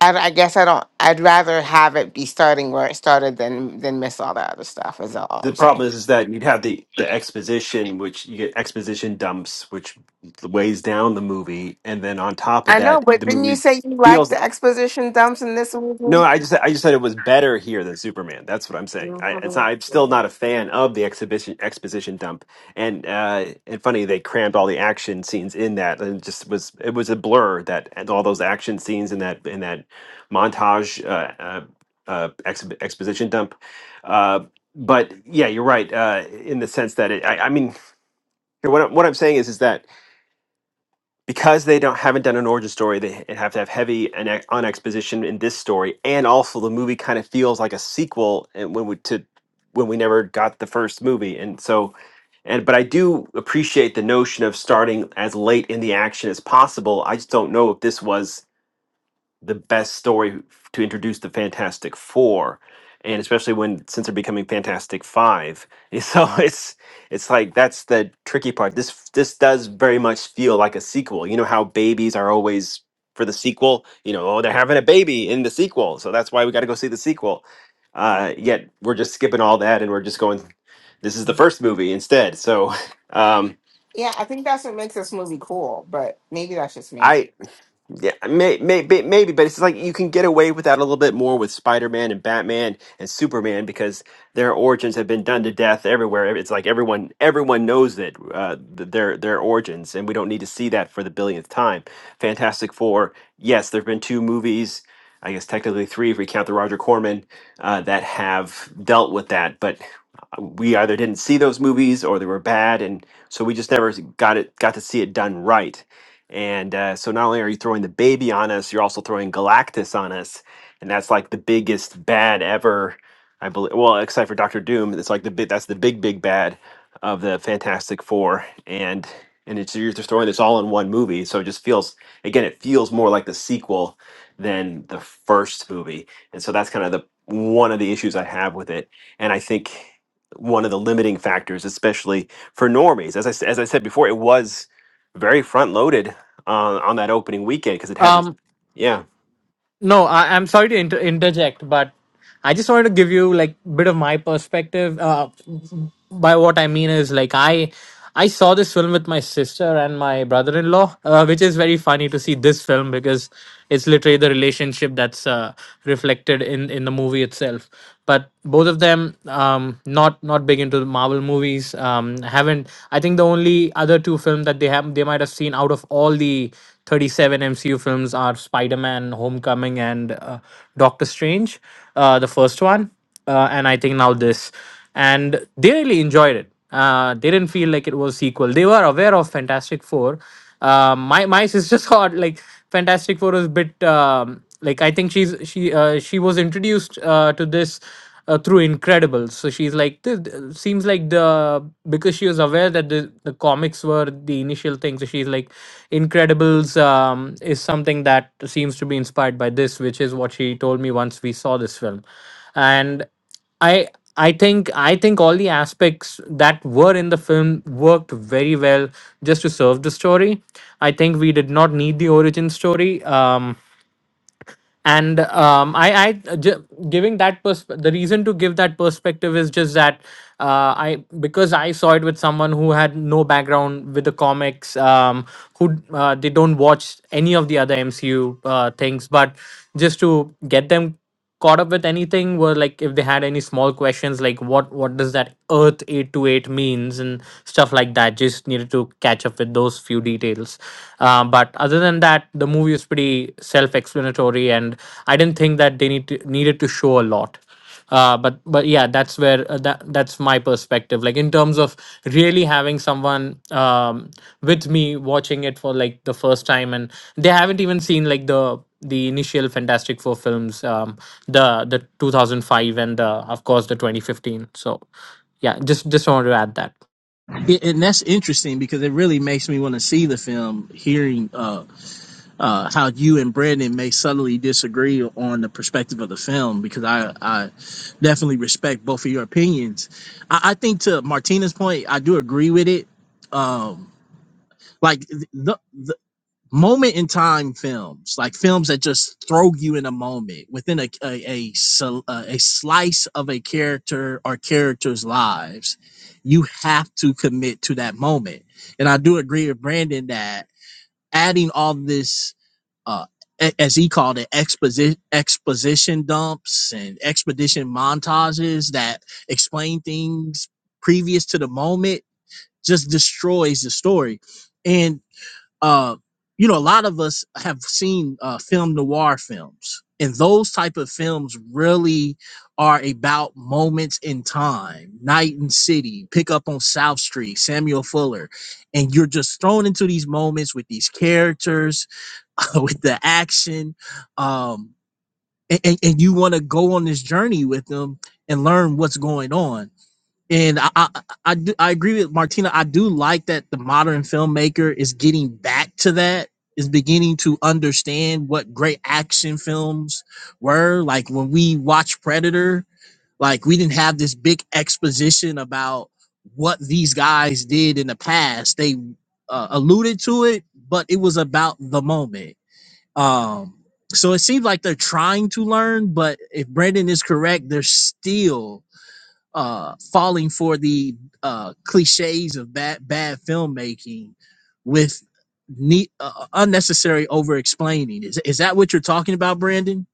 [SPEAKER 10] I, I guess I don't. I'd rather have it be starting where it started than than miss all that other stuff. Is all
[SPEAKER 1] The
[SPEAKER 10] I'm saying.
[SPEAKER 1] problem is, is that you'd have the the exposition, which you get exposition dumps, which weighs down the movie, and then on top of
[SPEAKER 10] I know,
[SPEAKER 1] that,
[SPEAKER 10] but
[SPEAKER 1] the
[SPEAKER 10] didn't you
[SPEAKER 1] movie
[SPEAKER 10] say you
[SPEAKER 1] feels
[SPEAKER 10] liked the exposition dumps in this movie?
[SPEAKER 1] No, I just I just said it was better here than Superman. That's what I'm saying. I, it's
[SPEAKER 10] hmm
[SPEAKER 1] not, I'm still not a fan of the exhibition exposition dump, and uh, and funny they crammed all the action scenes in that, and it just was it was a blur that and all those action scenes in that in that montage uh, uh, uh, exhi- exposition dump. Uh, but yeah, you're right uh, in the sense that it, I, I mean, what I- what I'm saying is is that because they don't haven't done an origin story, they have to have heavy and ex- on exposition in this story, and also the movie kind of feels like a sequel, and when we to when we never got the first movie, and so and but I do appreciate the notion of starting as late in the action as possible. I just don't know if this was the best story to introduce the Fantastic Four, and especially when since they're becoming Fantastic Five. so it's it's like that's the tricky part. This this does very much feel like a sequel. You know how babies are always for the sequel. You know, oh, they're having a baby in the sequel, so that's why we got to go see the sequel. Uh, yet we're just skipping all that, and we're just going. This is the first movie instead. So um,
[SPEAKER 10] Yeah, I think that's what makes this movie cool, but maybe that's just me.
[SPEAKER 1] I. Yeah, may, may, may- maybe, but it's like you can get away with that a little bit more with Spider-Man and Batman and Superman because their origins have been done to death everywhere. It's like everyone everyone knows that uh, th- their their origins, and we don't need to see that for the billionth time. Fantastic Four, yes, there have been two movies, I guess technically three if we count the Roger Corman, uh, that have dealt with that, but uh, we either didn't see those movies or they were bad, and so we just never got it got to see it done right and uh, so not only are you throwing the baby on us, you're also throwing Galactus on us, and that's like the biggest bad ever. I believe. Well, except for Doctor Doom, it's like the big. That's the big, big bad of the Fantastic Four, and and it's you're just throwing this all in one movie. So it just feels again, it feels more like the sequel than the first movie, and so that's kind of the one of the issues I have with it. And I think one of the limiting factors, especially for normies, as I s- as I said before, it was very front loaded on on that opening weekend because it had the
[SPEAKER 14] Um,
[SPEAKER 1] yeah
[SPEAKER 14] No, I, I'm sorry to inter- interject, but I just wanted to give you like bit of my perspective. Uh, by what I mean is like I I saw this film with my sister and my brother-in-law, uh, which is very funny to see this film because it's literally the relationship that's uh, reflected in in the movie itself. But both of them um, not not big into the Marvel movies. Um, haven't I think the only other two films film that they have they might have seen out of all the 37 MCU films are Spider-Man, Homecoming, and uh, Doctor Strange, uh, the first one, uh, and I think now this, and they really enjoyed it. Uh, they didn't feel like it was sequel. They were aware of Fantastic Four. Uh, my my sister thought like Fantastic Four was a bit um, like I think she's she uh, she was introduced uh, to this uh, through Incredibles. So she's like, "Th- th- seems like the because she was aware that the, the comics were the initial thing. So she's like, Incredibles um, is something that seems to be inspired by this, which is what she told me once we saw this film, and I. I think I think all the aspects that were in the film worked very well just to serve the story. I think we did not need the origin story. Um, and um, I, I j- giving that persp- the reason to give that perspective is just that uh, I because I saw it with someone who had no background with the comics, um, who uh, they don't watch any of the other MCU uh, things, but just to get them caught up with anything were like if they had any small questions like what what does that earth 828 means and stuff like that just needed to catch up with those few details uh, but other than that the movie is pretty self-explanatory and i didn't think that they need to, needed to show a lot uh, but but yeah that's where uh, that that's my perspective like in terms of really having someone um with me watching it for like the first time and they haven't even seen like the the initial fantastic four films um the the 2005 and the of course the 2015 so yeah just just wanted to add that
[SPEAKER 18] Yeah, and that's interesting because it really makes me want to see the film. Hearing uh, uh, how you and Brandon may subtly disagree on the perspective of the film, because I I definitely respect both of your opinions. I, I think to Martina's point, I do agree with it. Um, like the, the moment in time films like films that just throw you in a moment within a a, a sl- uh, a slice of a character or characters lives you have to commit to that moment and i do agree with brandon that adding all this uh a- as he called it exposition exposition dumps and expedition montages that explain things previous to the moment just destroys the story and uh, you know, a lot of us have seen uh, film noir films, and those type of films really are about moments in time. Night and City, Pick Up on South Street, Samuel Fuller, and you're just thrown into these moments with these characters, with the action, um, and, and, and you want to go on this journey with them and learn what's going on. And I, I, I do I agree with Martina. I do like that the modern filmmaker is getting back to that, is beginning to understand what great action films were. Like when we watch Predator, like we didn't have this big exposition about what these guys did in the past. They uh, alluded to it, but it was about the moment. Um, so it seems like they're trying to learn, but if Brandon is correct, they're still uh, falling for the uh, cliches of bad bad filmmaking with neat, uh, unnecessary over explaining. Is is that what you're talking about, Brandon?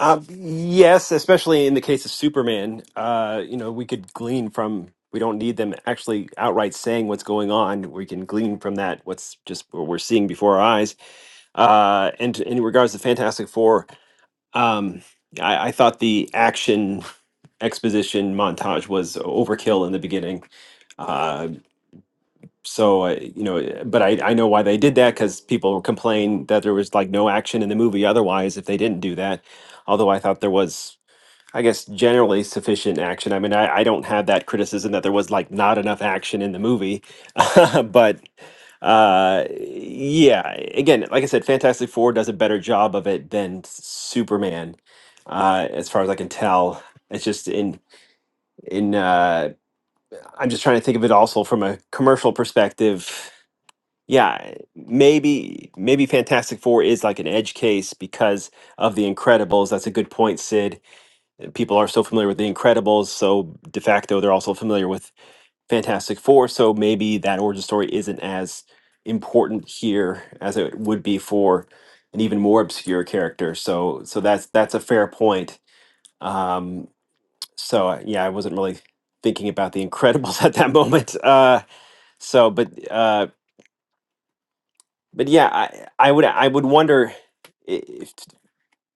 [SPEAKER 1] um, yes especially in the case of superman uh you know we could glean from we don't need them actually outright saying what's going on we can glean from that what's just what we're seeing before our eyes uh and in regards to fantastic four um i, I thought the action exposition montage was overkill in the beginning Uh, so I, you know, eh, but I I know why they did that because people complained that there was like no action in the movie otherwise if they didn't do that. Although I thought there was, I guess, generally sufficient action. I mean, I, I don't have that criticism that there was like not enough action in the movie, but uh yeah again like i said fantastic four does a better job of it than superman uh as far as i can tell it's just in in uh i'm just trying to think of it also from a commercial perspective yeah, maybe maybe Fantastic Four is like an edge case because of The Incredibles. That's a good point, Sid. People are so familiar with The Incredibles, so de facto they're also familiar with Fantastic Four. So maybe that origin story isn't as important here as it would be for an even more obscure character. So so that's that's a fair point. Um, so uh, yeah, I wasn't really thinking about The Incredibles at that moment. Uh, so but. uh, but yeah, I I would I would wonder i- if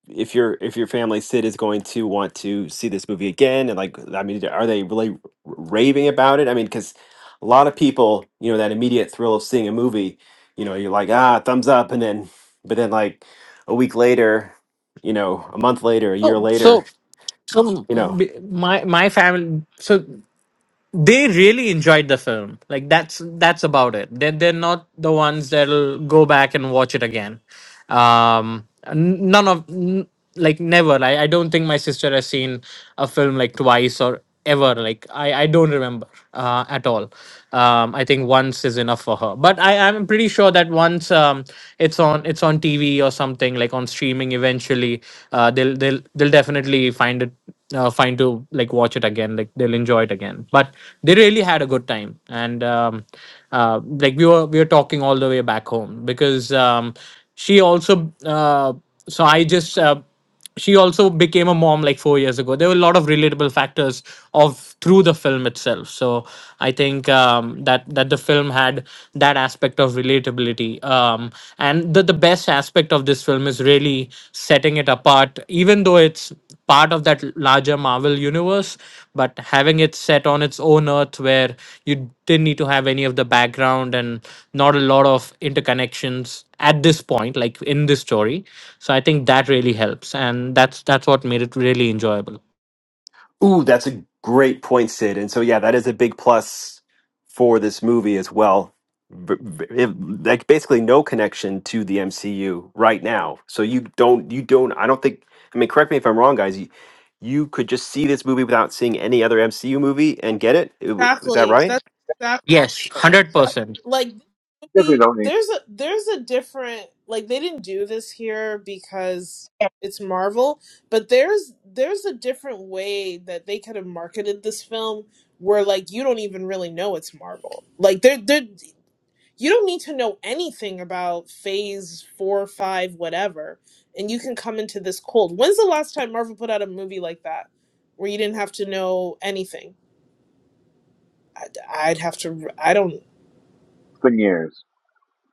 [SPEAKER 1] if your if your family Sid is going to want to see this movie again and like I mean are they really r- raving about it? I mean cuz a lot of people, you know, that immediate thrill of seeing a movie, you know, you're like ah thumbs up and then but then like a week later, you know, a month later, a year
[SPEAKER 14] oh
[SPEAKER 1] later,
[SPEAKER 14] so so
[SPEAKER 1] you
[SPEAKER 14] m-
[SPEAKER 1] know,
[SPEAKER 14] b- my my family so they really enjoyed the film. Like that's that's about it. They're they're not the ones that'll go back and watch it again. Um, n- none of n- like never. I, I don't think my sister has seen a film like twice or ever. Like I I don't remember uh, at all. Um, I think once is enough for her. But I I'm pretty sure that once um it's on it's on TV or something like on streaming eventually, uh they'll they'll they'll definitely find it uh, fine to like watch it again like they'll enjoy it again but they really had a good time and um, uh, like we were we were talking all the way back home because um, she also uh, so i just uh, she also became a mom like four years ago there were a lot of relatable factors of through the film itself so i think um, that that the film had that aspect of relatability um, and the, the best aspect of this film is really setting it apart even though it's part of that larger Marvel universe, but having it set on its own earth where you didn't need to have any of the background and not a lot of interconnections at this point, like in this story. So I think that really helps, and that's that's what made it really enjoyable.
[SPEAKER 1] Ooh, that's a great point, Sid. And so, yeah, that is a big plus for this movie as well. B- b- it- Like basically no connection to the MCU right now. So you don't, you don't. I don't think. I mean, correct me if I'm wrong, guys. You, you could just see this movie without seeing any other MCU movie and get it. It w- Is that
[SPEAKER 9] Exactly.
[SPEAKER 1] right?
[SPEAKER 9] That's
[SPEAKER 14] Yes,
[SPEAKER 10] Absolutely,
[SPEAKER 14] hundred percent.
[SPEAKER 9] like this
[SPEAKER 8] Definitely
[SPEAKER 9] movie
[SPEAKER 8] don't need.
[SPEAKER 9] there's a there's a different like they didn't do this here because it's marvel but there's there's a different way that they could have marketed this film where like you don't even really know it's marvel like there there you don't need to know anything about phase four five whatever and you can come into this cold when's the last time marvel put out a movie like that where you didn't have to know anything i'd have to i don't
[SPEAKER 8] It's been years.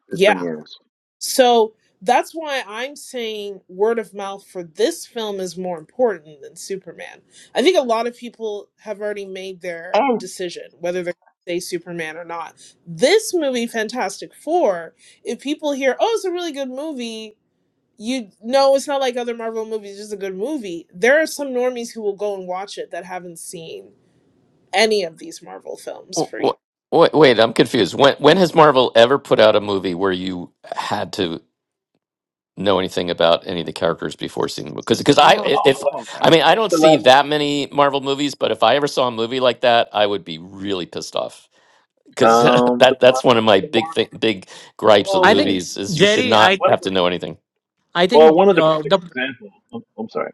[SPEAKER 8] It's
[SPEAKER 9] yeah
[SPEAKER 8] been years.
[SPEAKER 9] So that's why I'm saying word of mouth for this film is more important than Superman. I think a lot of people have already made their
[SPEAKER 13] And
[SPEAKER 9] decision whether they're going to say Superman or not. This movie, Fantastic Four, if people hear, oh, it's a really good movie, you know it's not like other Marvel movies, it's just a good movie. There are some normies who will go and watch it that haven't seen any of these Marvel films for you.
[SPEAKER 12] Wait, wait, I'm confused. When when has Marvel ever put out a movie where you had to know anything about any of the characters before seeing the movie? Because because I i-
[SPEAKER 10] almost
[SPEAKER 8] Um, the
[SPEAKER 12] if
[SPEAKER 8] last,
[SPEAKER 10] all of
[SPEAKER 12] I
[SPEAKER 10] them.
[SPEAKER 12] mean I
[SPEAKER 8] it's
[SPEAKER 12] don't
[SPEAKER 8] the
[SPEAKER 12] see
[SPEAKER 8] last
[SPEAKER 12] that
[SPEAKER 8] thing.
[SPEAKER 12] many Marvel movies, but if I ever saw a movie like that, I would be really pissed off. Because
[SPEAKER 8] Um, the
[SPEAKER 12] that
[SPEAKER 8] more,
[SPEAKER 12] that's one of my
[SPEAKER 8] the
[SPEAKER 12] big
[SPEAKER 8] more,
[SPEAKER 12] thing, big gripes with
[SPEAKER 14] I think
[SPEAKER 8] well,
[SPEAKER 12] movies is you should
[SPEAKER 14] Jerry,
[SPEAKER 12] not
[SPEAKER 14] I
[SPEAKER 8] one of
[SPEAKER 12] have
[SPEAKER 8] the,
[SPEAKER 12] to know anything.
[SPEAKER 14] I
[SPEAKER 8] well,
[SPEAKER 14] think
[SPEAKER 8] one of the
[SPEAKER 14] uh,
[SPEAKER 8] perfect
[SPEAKER 14] the
[SPEAKER 8] examples. I'm, I'm sorry.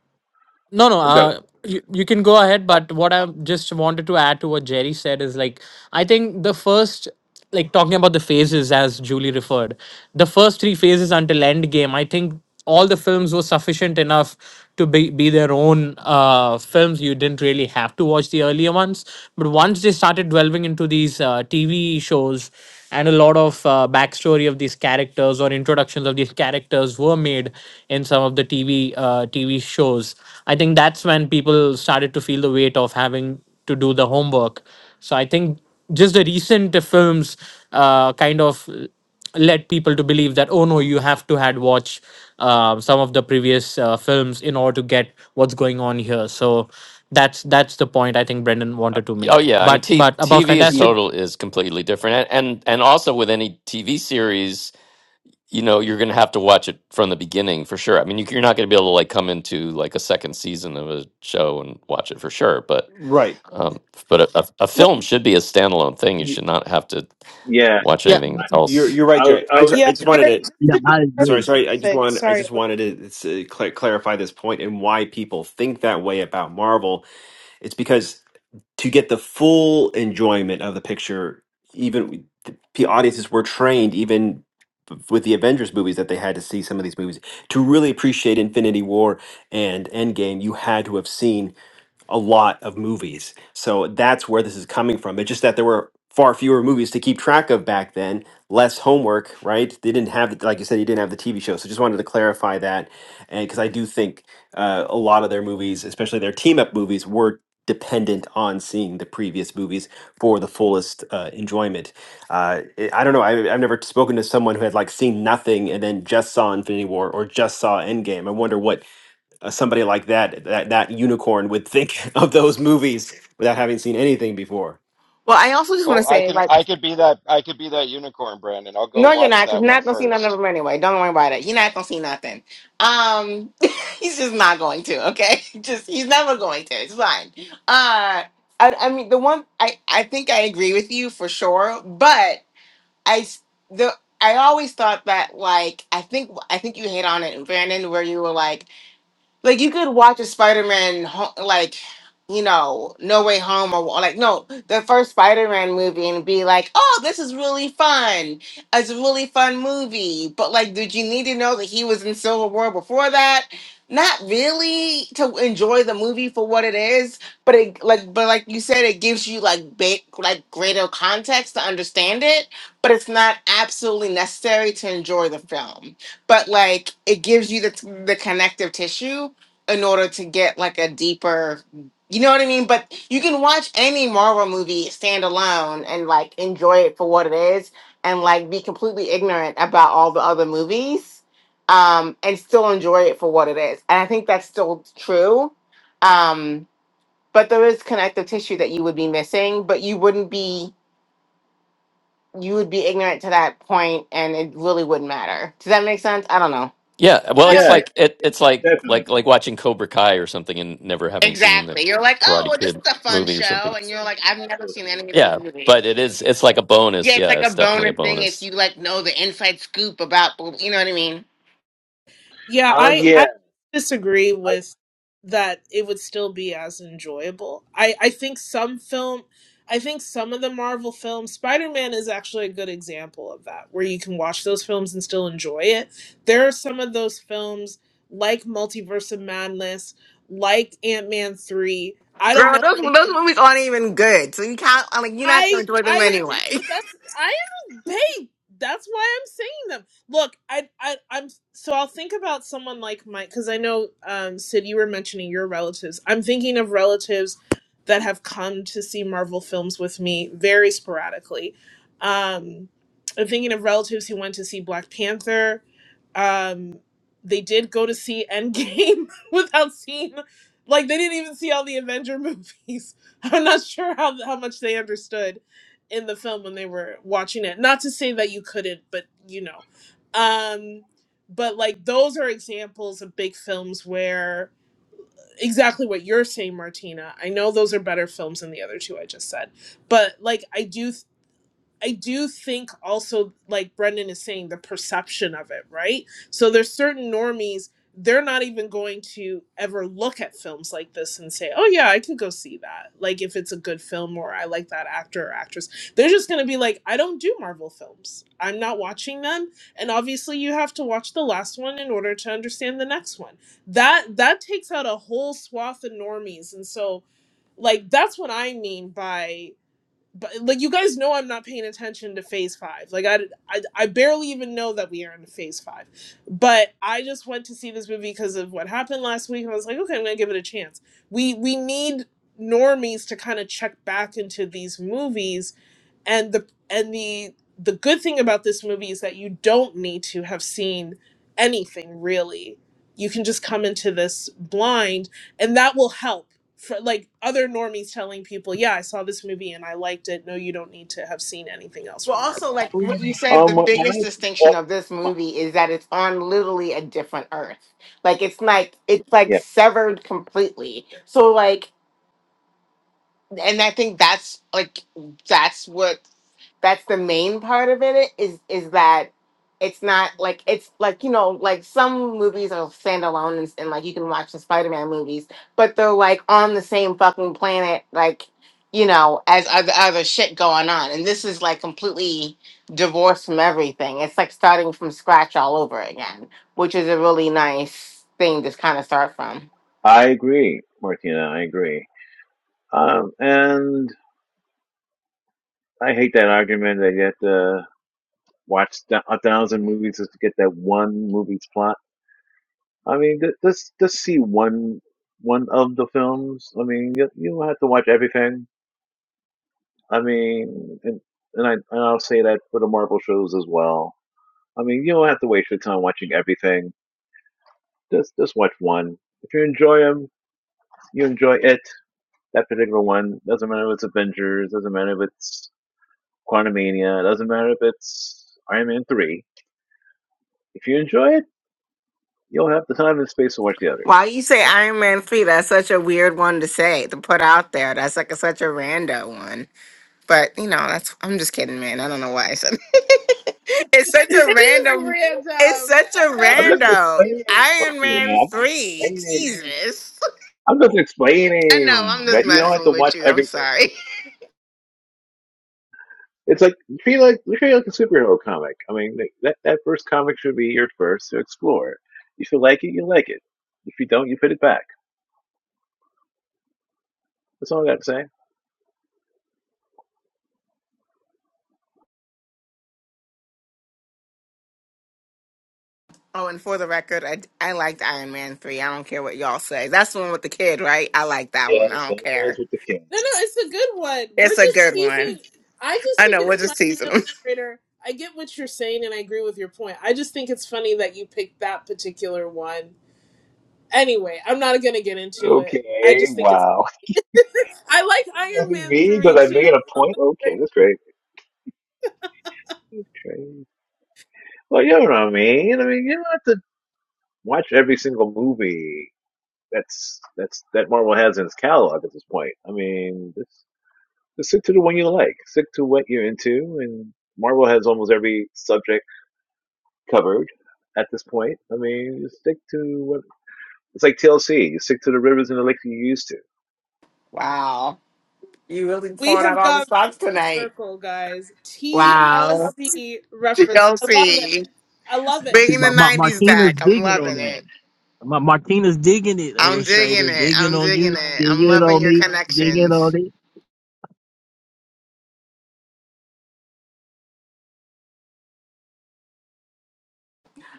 [SPEAKER 14] No, no.
[SPEAKER 8] i got it.
[SPEAKER 14] Uh, you, you can go ahead,
[SPEAKER 8] Uh,
[SPEAKER 14] but what I just wanted to add to what Jerry said is like, I think the first, like talking about the phases as Julie referred, the first three phases until Endgame, I think all the films were sufficient enough to be, be their own uh, films. You didn't really have to watch the earlier ones. But once they started delving into these uh, TV shows, and a lot of uh, backstory of these characters or introductions of these characters were made in some of the TV uh, TV shows. I think that's when people started to feel the weight of having to do the homework. So I think just the recent films uh, kind of led people to believe that oh no, you have to had watch uh, some of the previous uh, films in order to get what's going on here. So that's that's the point I think Brendan wanted to
[SPEAKER 12] Oh
[SPEAKER 14] make.
[SPEAKER 12] yeah, I mean,
[SPEAKER 14] But
[SPEAKER 12] t-
[SPEAKER 14] but about
[SPEAKER 12] TV is
[SPEAKER 1] Yeah,
[SPEAKER 14] fantastic.
[SPEAKER 12] total is completely different, and, and and also with any TV series. you know you're going to have to watch it from the beginning for sure. I mean, you, you're not going to be able to like come into like a second season of a show and watch it for sure. But
[SPEAKER 1] right.
[SPEAKER 12] um, but a, a, a
[SPEAKER 9] Wait,
[SPEAKER 12] film should be a standalone thing. You
[SPEAKER 1] You,
[SPEAKER 12] should not have to
[SPEAKER 8] yeah,
[SPEAKER 12] watch
[SPEAKER 14] Yeah,
[SPEAKER 12] anything
[SPEAKER 1] you're
[SPEAKER 12] else.
[SPEAKER 1] you're right,
[SPEAKER 8] I, was-
[SPEAKER 1] Jerry.
[SPEAKER 8] I,
[SPEAKER 1] I
[SPEAKER 8] was-
[SPEAKER 1] just I
[SPEAKER 9] yeah,
[SPEAKER 1] just wanted
[SPEAKER 9] Jared,
[SPEAKER 1] to
[SPEAKER 9] just
[SPEAKER 18] Yeah,
[SPEAKER 9] to be
[SPEAKER 18] I
[SPEAKER 1] sorry
[SPEAKER 18] agree.
[SPEAKER 1] sorry. I just
[SPEAKER 9] specific,
[SPEAKER 1] want I
[SPEAKER 9] sorry.
[SPEAKER 1] just wanted to it's, uh, cla clarify this point and why people think that way about Marvel. It's because to get the full enjoyment of the picture, even the the audiences were trained, even with the Avengers movies, that they had to see some of these movies to really appreciate Infinity War and Endgame. You had to have seen a lot of movies. So that's where this is coming from. It's just that there were far fewer movies to keep track of back then, less homework, right? They didn't have, like you said, you didn't have the TV show. So just wanted to clarify that. And because I do think uh, a lot of their movies, especially their team up movies, were dependent on seeing the previous movies for the fullest uh, enjoyment. Uh, I I don't know. I, I've never spoken to someone who had like seen nothing and then just saw Infinity War or just saw Endgame. I wonder what uh, somebody like that, that that unicorn would think of those movies without having seen anything before.
[SPEAKER 10] Well, I also just want
[SPEAKER 15] Oh,
[SPEAKER 10] to
[SPEAKER 15] I
[SPEAKER 10] say,
[SPEAKER 15] can
[SPEAKER 10] like,
[SPEAKER 15] I could be that I could be that unicorn, Brandon. I'll go
[SPEAKER 10] no, you're
[SPEAKER 15] watch
[SPEAKER 10] not, because
[SPEAKER 15] that
[SPEAKER 10] you're
[SPEAKER 15] one
[SPEAKER 10] not gonna see none of
[SPEAKER 15] first.
[SPEAKER 10] them anyway. Don't worry about it. You're not gonna see nothing. Um, he's just not going to. Okay, just he's never going to. It's fine. Uh, I, I mean, the one I I think I agree with you for sure, but I s- the I always thought that like I think I think you hit on it, Brandon, where you were like. like you could watch a Spider-Man ho- like you know No Way Home or like no the first Spider-Man movie and be like oh this is really fun it's a really fun movie but like did you need to know that he was in Civil War before that not really to enjoy the movie for what it is but it like but like you said it gives you like big like greater context to understand it but it's not absolutely necessary to enjoy the film but like it gives you the, the connective tissue in order to get like a deeper you know what I mean? But you can watch any Marvel movie stand alone and like enjoy it for what it is and like be completely ignorant about all the other movies um and still enjoy it for what it is. And I think that's still true. Um but there is connective tissue that you would be missing, but you wouldn't be you would be ignorant to that point and it really wouldn't matter. Does that make sense? I don't know.
[SPEAKER 12] Yeah, well, it's
[SPEAKER 8] yeah,
[SPEAKER 12] like it, it's like
[SPEAKER 8] definitely.
[SPEAKER 12] like like watching Cobra Kai or something and never having seen the
[SPEAKER 10] Exactly. You're like, oh,
[SPEAKER 12] Karate
[SPEAKER 10] well, this is
[SPEAKER 12] Kid
[SPEAKER 10] a fun
[SPEAKER 12] movie or something.
[SPEAKER 10] show, and you're like, I've
[SPEAKER 8] That's
[SPEAKER 10] never
[SPEAKER 8] so
[SPEAKER 10] seen
[SPEAKER 8] true.
[SPEAKER 10] any of those
[SPEAKER 12] Yeah,
[SPEAKER 10] movies.
[SPEAKER 12] but it is it's like a
[SPEAKER 10] Yeah,
[SPEAKER 12] bonus.
[SPEAKER 10] it's
[SPEAKER 12] Yeah,
[SPEAKER 10] like a
[SPEAKER 12] it's definitely a
[SPEAKER 10] bonus thing if
[SPEAKER 12] bonus.
[SPEAKER 10] you like know the inside scoop about, you know what I mean?
[SPEAKER 9] Yeah,
[SPEAKER 8] Uh,
[SPEAKER 9] I
[SPEAKER 8] yeah.
[SPEAKER 9] I disagree with that it would still be as enjoyable. I I think some film I think some of the Marvel films, Spider-Man is actually a good example of that, where you can watch those films and still enjoy it. There are some of those films like Multiverse of Madness, like Ant-Man 3. I don't
[SPEAKER 10] Girl,
[SPEAKER 9] know.
[SPEAKER 10] those those movies aren't even good, so you can't. I'm like, you're not gonna
[SPEAKER 9] I
[SPEAKER 10] enjoy them
[SPEAKER 9] I well,
[SPEAKER 10] anyway.
[SPEAKER 9] that's I am paid. That's why I'm saying them. Look, I I I'm so I'll think about someone like Mike because I know um Sid, you were mentioning your relatives. I'm thinking of relatives that have come to see Marvel films with me very sporadically. Um, I'm thinking of relatives who went to see Black Panther. Um, they did go to see Endgame without seeing, like they didn't even see all the Avenger movies I'm not sure how how much they understood in the film when they were watching it. Not to say that you couldn't, but you know. Um but like those are examples of big films where exactly what you're saying Martina. I know those are better films than the other two I just said. But like I do I do think also, like Brendan is saying, the perception of it, right? So there's certain normies, they're not even going to ever look at films like this and say, oh, yeah, I could go see that. Like if it's a good film or I like that actor or actress. They're just going to be like, I don't do Marvel films. I'm not watching them. And obviously, you have to watch the last one in order to understand the next one. That That takes out a whole swath of normies. And so, like, that's what I mean by but like you guys know i'm not paying attention to phase five like I, I i barely even know that we are in phase five but i just went to see this movie because of what happened last week and i was like okay i'm gonna give it a chance we we need normies to kind of check back into these movies and the and the the good thing about this movie is that you don't need to have seen anything really you can just come into this blind and that will help for like other normies telling people yeah i saw this movie and i liked it no you don't need to have seen anything else
[SPEAKER 10] Well,
[SPEAKER 9] from
[SPEAKER 10] also,
[SPEAKER 9] marvel
[SPEAKER 10] like what you said, the
[SPEAKER 8] Um, my,
[SPEAKER 10] biggest
[SPEAKER 8] my-
[SPEAKER 10] distinction of this movie is that it's on literally a different Earth. Like it's like it's like
[SPEAKER 8] yeah,
[SPEAKER 10] severed completely. So like and I think that's like that's what that's the main part of it is is that it's not like it's like you know like some movies are standalone and, and like you can watch the Spider-Man movies, but they're like on the same fucking planet like you know as other other shit going on, and this is like completely divorced from everything. It's like starting from scratch all over again, which is a really nice thing to kind of start from.
[SPEAKER 8] I agree, Martina. I agree. Um, and I hate that argument that you have to watch th- a thousand movies just to get that one movie's plot. I mean, th- just just see one one of the films. I mean, you, you don't have to watch everything. I mean, and and I and I'll say that for the Marvel shows as well. I mean, you don't have to waste your time watching everything. Just just watch one. If you enjoy them, you enjoy it that particular one. Doesn't matter if it's Avengers, doesn't matter if it's Quantumania, doesn't matter if it's Iron Man 3. If you enjoy it, you'll have the time and space to watch the
[SPEAKER 10] Why
[SPEAKER 8] others.
[SPEAKER 10] you say Iron Man 3? That's such a weird one to say, to put out there. That's like a, such a rando one. But, you know, that's, I'm just kidding, man. I don't know why I said It's such
[SPEAKER 9] It
[SPEAKER 10] a
[SPEAKER 9] is
[SPEAKER 10] random, it's
[SPEAKER 9] random.
[SPEAKER 10] such a
[SPEAKER 9] Uh, That's
[SPEAKER 8] I'm just
[SPEAKER 10] rando.
[SPEAKER 9] really
[SPEAKER 8] explaining what
[SPEAKER 10] Iron
[SPEAKER 8] you
[SPEAKER 10] Man
[SPEAKER 8] know. I'm just
[SPEAKER 10] 3,
[SPEAKER 8] explaining.
[SPEAKER 10] Jesus.
[SPEAKER 8] I'm just
[SPEAKER 10] I know,
[SPEAKER 8] explaining
[SPEAKER 10] I'm just
[SPEAKER 8] that you don't have
[SPEAKER 10] messing
[SPEAKER 8] to
[SPEAKER 10] with
[SPEAKER 8] watch
[SPEAKER 10] you. I'm
[SPEAKER 8] everything.
[SPEAKER 10] sorry.
[SPEAKER 8] It's like you feel like you feel like a superhero comic. I mean, th- that that first comic should be your first to explore. If you like it, you like it. If you don't, you put it back. That's all I got to say.
[SPEAKER 10] Oh, and for the record, I, I liked Iron Man 3. I don't care what y'all say. That's the one with the kid, right? I like that one. I
[SPEAKER 8] Yes, that
[SPEAKER 10] don't
[SPEAKER 8] was
[SPEAKER 10] care.
[SPEAKER 8] with the king.
[SPEAKER 9] No, no, it's a good one. We're
[SPEAKER 10] It's a
[SPEAKER 9] just
[SPEAKER 10] good one.
[SPEAKER 9] teasing. I just
[SPEAKER 10] I
[SPEAKER 9] think
[SPEAKER 10] know,
[SPEAKER 9] it's
[SPEAKER 10] we're just
[SPEAKER 9] funny,
[SPEAKER 10] teasing them.
[SPEAKER 9] illustrator. I get what you're saying, and I agree with your point. I just think it's funny that you picked that particular one. Anyway, I'm not gonna get into it. I
[SPEAKER 8] Okay,
[SPEAKER 9] just think it's.
[SPEAKER 8] wow.
[SPEAKER 9] I like Iron Man
[SPEAKER 8] Me?
[SPEAKER 9] three
[SPEAKER 8] Because I
[SPEAKER 9] too.
[SPEAKER 8] made a point? Okay, that's great. Okay. Well, you know what I mean. I mean, you don't have to watch every single movie that's that's that Marvel has in its catalog at this point. I mean, Just stick to the one you like. Stick to what you're into. And Marvel has almost every subject covered at this point. I mean, you stick to what it's like TLC. You stick to the rivers and the lakes you used to.
[SPEAKER 10] Wow. You really
[SPEAKER 9] We
[SPEAKER 10] pouring out
[SPEAKER 9] have
[SPEAKER 10] all the
[SPEAKER 9] gone
[SPEAKER 10] stops
[SPEAKER 9] full
[SPEAKER 10] tonight.
[SPEAKER 9] circle, guys.
[SPEAKER 10] Wow.
[SPEAKER 9] TLC reference. I love it.
[SPEAKER 10] Chelsea,
[SPEAKER 9] I love it.
[SPEAKER 10] Bringing the
[SPEAKER 18] Ma- Ma-
[SPEAKER 10] 90s
[SPEAKER 18] Martina's
[SPEAKER 10] back. I'm
[SPEAKER 18] digging on
[SPEAKER 10] loving
[SPEAKER 18] that.
[SPEAKER 10] it.
[SPEAKER 18] Ma- Martina's digging it,
[SPEAKER 10] I'm digging
[SPEAKER 18] illustrator,
[SPEAKER 10] it.
[SPEAKER 18] digging
[SPEAKER 10] I'm
[SPEAKER 18] on you,
[SPEAKER 10] digging it. I'm
[SPEAKER 18] digging
[SPEAKER 10] loving
[SPEAKER 18] on
[SPEAKER 10] your
[SPEAKER 18] me, digging on
[SPEAKER 10] connections.
[SPEAKER 18] it.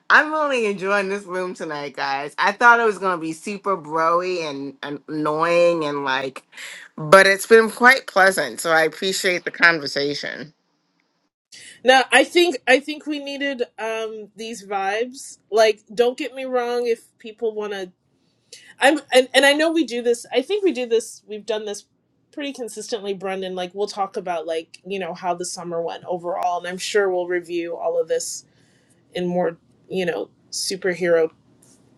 [SPEAKER 10] I'm really enjoying this room tonight, guys. I thought it was going to be super broy and, and annoying and like, but it's been quite pleasant. So I appreciate the conversation.
[SPEAKER 9] Now, I think I think we needed um these vibes. Like, don't get me wrong. If people want to I'm and, and I know we do this. I think we do this. We've done this pretty consistently, Brendan. Like we'll talk about like you know how the summer went overall, and I'm sure we'll review all of this in more you know superhero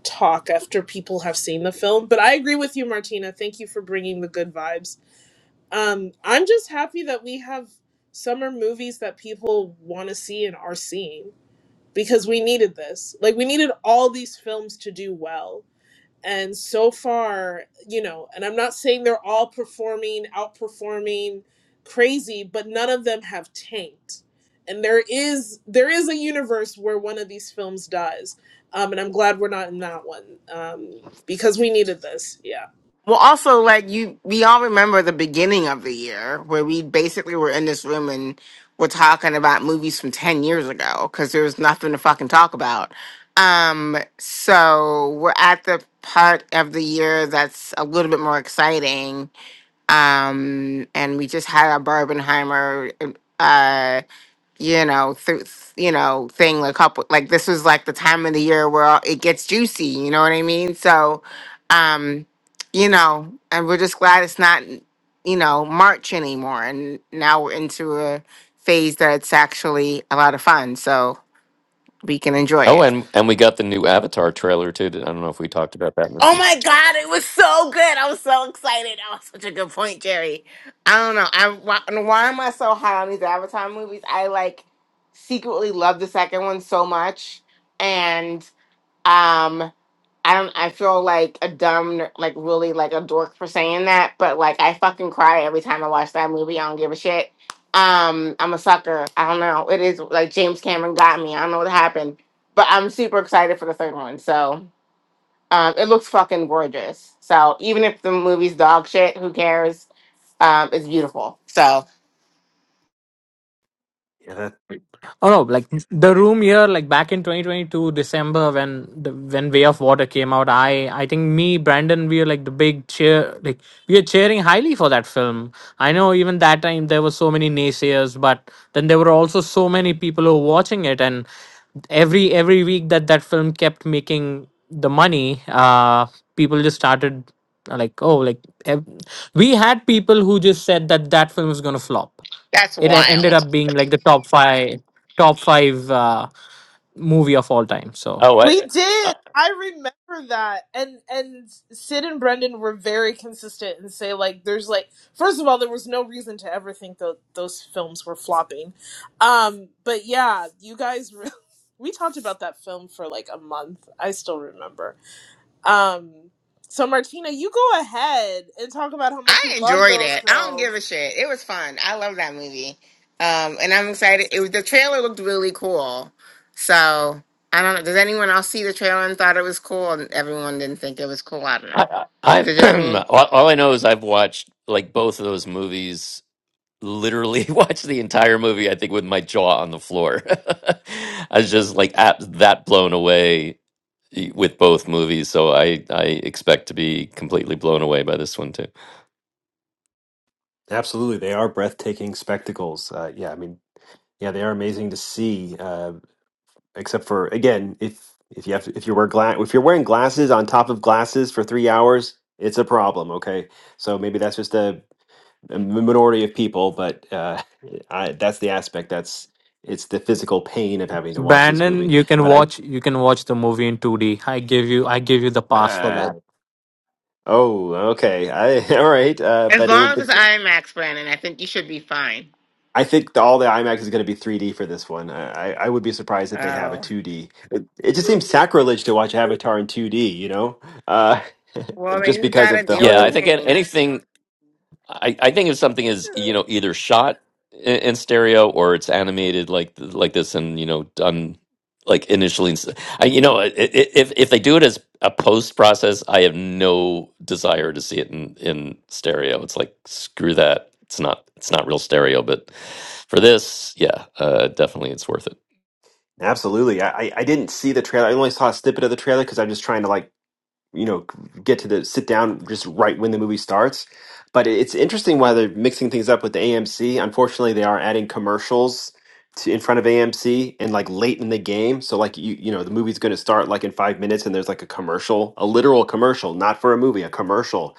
[SPEAKER 9] talk after people have seen the film. But I agree with you, Martina. Thank you for bringing the good vibes. Um, I'm just happy that we have summer movies that people want to see and are seeing because we needed this. Like we needed all these films to do well and so far, you know, and I'm not saying they're all performing, outperforming crazy, but none of them have tanked. And there is there is a universe where one of these films dies. Um, and I'm glad we're not in that one um, because we needed this. yeah.
[SPEAKER 10] Well, also, like you, we all remember the beginning of the year where we basically were in this room and we're talking about movies from ten years ago because there was nothing to fucking talk about. Um, so we're at the part of the year that's a little bit more exciting. Um, and we just had a Barbenheimer. Uh, you know, through you know, thing a couple like this was like the time of the year where all- it gets juicy, you know what I mean? So um, you know, and we're just glad it's not, you know, March anymore and now we're into a phase that it's actually a lot of fun, so we can enjoy
[SPEAKER 12] Oh,
[SPEAKER 10] it.
[SPEAKER 12] and and we got the new Avatar trailer too. I don't know if we talked about that. in this
[SPEAKER 10] Oh
[SPEAKER 12] one.
[SPEAKER 10] my god, it was so good. I was so excited. That was such a good point, Jerry. I don't know. I why, why am I so hot on these Avatar movies? I like secretly love the second one so much, and um, I don't. I feel like a dumb, ner- like really like a dork for saying that, but like I fucking cry every time I watch that movie. I don't give a shit. Um, I'm a sucker. I don't know. It is like James Cameron got me. I don't know what happened, but I'm super excited for the third one. So. Um, it looks fucking gorgeous. So even if the movie's dog shit, who cares? Um, it's beautiful. So
[SPEAKER 1] Yeah, that,
[SPEAKER 14] Oh no, like the room here, like back in 2022 December when the when Way of Water came out, I I think me Brandon we were like the big cheer, like we were cheering highly for that film. I know even that time there were so many naysayers, but then there were also so many people who were watching it, and every every week that that film kept making the money, uh, people just started uh, like oh like ev- we had people who just said that that film was gonna flop.
[SPEAKER 10] that's
[SPEAKER 14] It e- ended
[SPEAKER 10] wild.
[SPEAKER 14] up being like the top five top five uh, movie of all time. So
[SPEAKER 12] Oh,
[SPEAKER 9] We did. I remember that. And and Sid and Brendan were very consistent and say like there's like first of all there was no reason to ever think that those films were flopping. Um but yeah, you guys re- we talked about that film for like a month. I still remember. Um so Martina, you go ahead and talk about how
[SPEAKER 10] I
[SPEAKER 9] much you love
[SPEAKER 10] enjoyed
[SPEAKER 9] those
[SPEAKER 10] it. I don't
[SPEAKER 9] films.
[SPEAKER 10] give a shit. It was fun. I love that movie. Um, and I'm
[SPEAKER 12] I,
[SPEAKER 10] excited. It was the trailer looked really cool. So I don't know. Does anyone else see the trailer and thought it was cool? And everyone didn't think it was cool. I don't know.
[SPEAKER 12] I,
[SPEAKER 10] Is
[SPEAKER 12] I
[SPEAKER 10] it just
[SPEAKER 12] i
[SPEAKER 10] me?
[SPEAKER 12] all all I know is I've watched like both of those movies. Literally watched the entire movie. I think with my jaw on the floor. I was just like at that blown away eh, with both movies. So I I expect to be completely blown away by this one too.
[SPEAKER 1] absolutely, they are breathtaking spectacles. Uh, yeah, I mean, yeah, they are amazing to see. Uh, except for again, if if you have to, if you wear gla- if you're wearing glasses on top of glasses for three hours, it's a problem. Okay, so maybe that's just a, a minority of people, but uh, I, that's the aspect. That's it's the physical pain of having to watch this
[SPEAKER 14] Brandon,
[SPEAKER 1] movie.
[SPEAKER 14] you can
[SPEAKER 1] But I.
[SPEAKER 14] watch you can watch the movie in two D. I give you I give you the pass for
[SPEAKER 1] uh,
[SPEAKER 14] that.
[SPEAKER 1] Oh, okay. I all right. Uh,
[SPEAKER 10] As
[SPEAKER 1] but
[SPEAKER 10] long as it's
[SPEAKER 1] it,
[SPEAKER 10] IMAX, Brandon, I think you should be fine.
[SPEAKER 1] I think the, all the IMAX is going to be 3D for this one. I, I I would be surprised if they have a
[SPEAKER 10] Oh.
[SPEAKER 1] 2D. It, it just seems sacrilege to watch Avatar in 2D. You know, uh,
[SPEAKER 10] Well, then
[SPEAKER 1] just
[SPEAKER 10] you
[SPEAKER 1] because
[SPEAKER 10] gotta
[SPEAKER 1] of the
[SPEAKER 10] deal with
[SPEAKER 12] Yeah,
[SPEAKER 10] the
[SPEAKER 12] I
[SPEAKER 1] whole.
[SPEAKER 12] think an-
[SPEAKER 10] pain.
[SPEAKER 12] anything I, I think if something is you know either shot in, in stereo or it's animated like th- like this and you know done like initially in s- I, you know i- i- if if they do it as a post process I have no desire to see it in in stereo it's like screw that it's not it's not real stereo but for this yeah uh definitely it's worth it
[SPEAKER 1] Absolutely. I I I didn't see the trailer. I only saw a snippet of the trailer because I'm just trying to like you know get to the sit down just right when the movie starts but it- it's interesting why they're mixing things up with the AMC unfortunately they are adding commercials to, in front of AMC and like late in the game so like you you know the movie's going to start like in 5 minutes and there's like a commercial a literal commercial not for a movie a commercial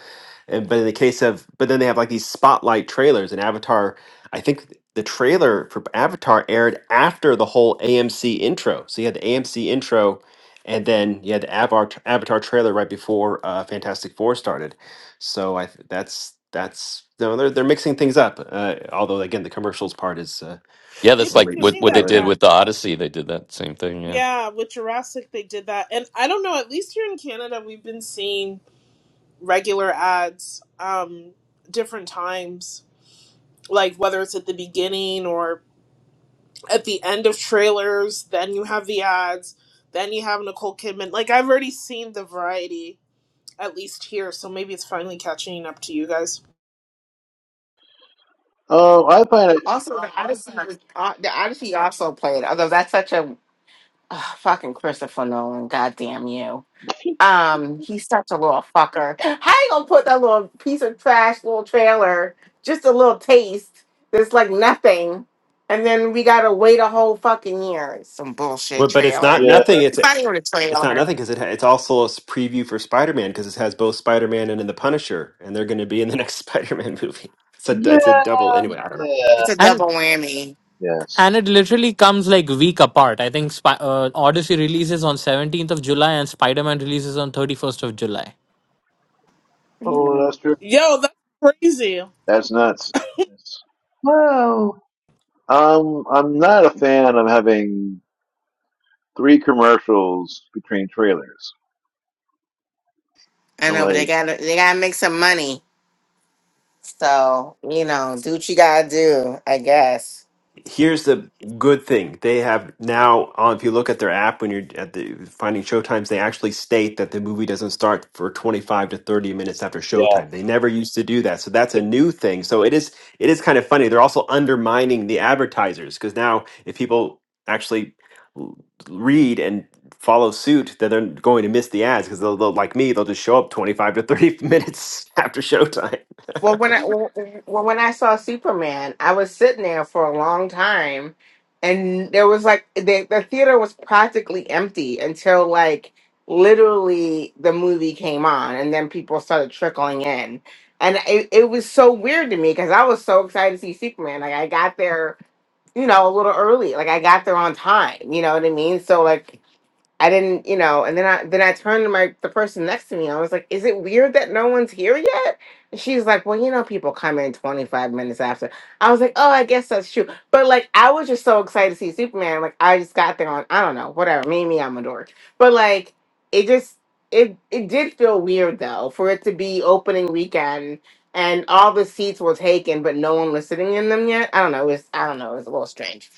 [SPEAKER 1] and but in the case of but then they have like these spotlight trailers and Avatar I think the trailer for Avatar aired after the whole AMC intro so you had the AMC intro and then you had the Avatar, Avatar trailer right before uh, Fantastic Four started. So I th- that's that's no, they're they're mixing things up. Uh, although again, the commercials part is uh,
[SPEAKER 12] yeah
[SPEAKER 9] They've
[SPEAKER 12] that's like
[SPEAKER 9] been
[SPEAKER 1] really
[SPEAKER 12] what
[SPEAKER 9] doing
[SPEAKER 12] what they
[SPEAKER 9] that,
[SPEAKER 1] really
[SPEAKER 12] did
[SPEAKER 9] guys.
[SPEAKER 1] bad.
[SPEAKER 12] with the Odyssey they did that same thing yeah.
[SPEAKER 9] Yeah, with Jurassic they did that. And I don't know, at least here in Canada we've been seeing regular ads um different times like whether it's at the beginning or at the end of trailers then you have the ads then you have Nicole Kidman like I've already seen the variety at least here so maybe it's finally catching up to you guys
[SPEAKER 8] Oh, I find it.
[SPEAKER 10] Also, the Odyssey was uh, the Odyssey also played. Although that's such a ugh, fucking Christopher Nolan. Goddamn you. Um, he's such a little fucker. How you gonna put that little piece of trash, little trailer, just a little taste that's like nothing, and then we gotta wait a whole fucking year? It's Some bullshit
[SPEAKER 1] Well, but it's not
[SPEAKER 10] trailer.
[SPEAKER 8] Yeah.
[SPEAKER 1] nothing. It's
[SPEAKER 10] It's not even a
[SPEAKER 1] it's not
[SPEAKER 10] trailer.
[SPEAKER 1] nothing because it ha- it's also a s- preview for Spider Man because it has both Spider Man and, then the Punisher, and they're going to be in the next Spider Man movie. It's a d-
[SPEAKER 8] Yeah.
[SPEAKER 1] it's a double anyway. I don't know.
[SPEAKER 8] Yeah.
[SPEAKER 10] It's a
[SPEAKER 14] And
[SPEAKER 10] double whammy.
[SPEAKER 8] Yes.
[SPEAKER 14] and it literally comes like week apart. I think Spy- uh, Odyssey releases on seventeenth of July and Spider Man releases on thirty first of July.
[SPEAKER 8] Oh,
[SPEAKER 10] Mm,
[SPEAKER 8] that's true.
[SPEAKER 9] yo that's crazy
[SPEAKER 8] That's nuts. Yes.
[SPEAKER 13] whoa,
[SPEAKER 8] Um, I'm not a fan of having three commercials between trailers.
[SPEAKER 10] I
[SPEAKER 8] I'm
[SPEAKER 10] know, but they
[SPEAKER 8] like,
[SPEAKER 10] gotta they gotta make some money. So you know, do what you gotta do. I guess.
[SPEAKER 1] here's the good thing they have now on if you look at their app when you're at the finding showtimes they actually state that the movie doesn't start for 25 to 30 minutes after
[SPEAKER 8] yeah,
[SPEAKER 1] showtime they never used to do that so that's
[SPEAKER 8] yeah.
[SPEAKER 1] a new thing so it is it is kind of funny they're also undermining the advertisers because now if people actually l- read and follow suit then they're going to miss the ads because they'll, they'll like me they'll just show up 25 to 30 minutes after showtime
[SPEAKER 10] Well, when I well, well, when I saw Superman, I was sitting there for a long time, and there was like the the theater was practically empty until like literally the movie came on, and then people started trickling in, and it, it was so weird to me because I was so excited to see Superman. Like I got there, you know, a little early. Like I got there on time. You know what I mean? So like. I didn't, you know, and then I then I turned to my the person next to me. I was like, "Is it weird that no one's here yet?" And she's like, "Well, you know, people come in 25 minutes after." I was like, "Oh, I guess that's true." But like, I was just so excited to see Superman. Like, I just got there on I don't know, whatever. Maybe I'm a dork, but like, it just it it did feel weird though for it to be opening weekend and all the seats were taken, but no one was sitting in them yet. I don't know. It was I don't know. It was a little strange.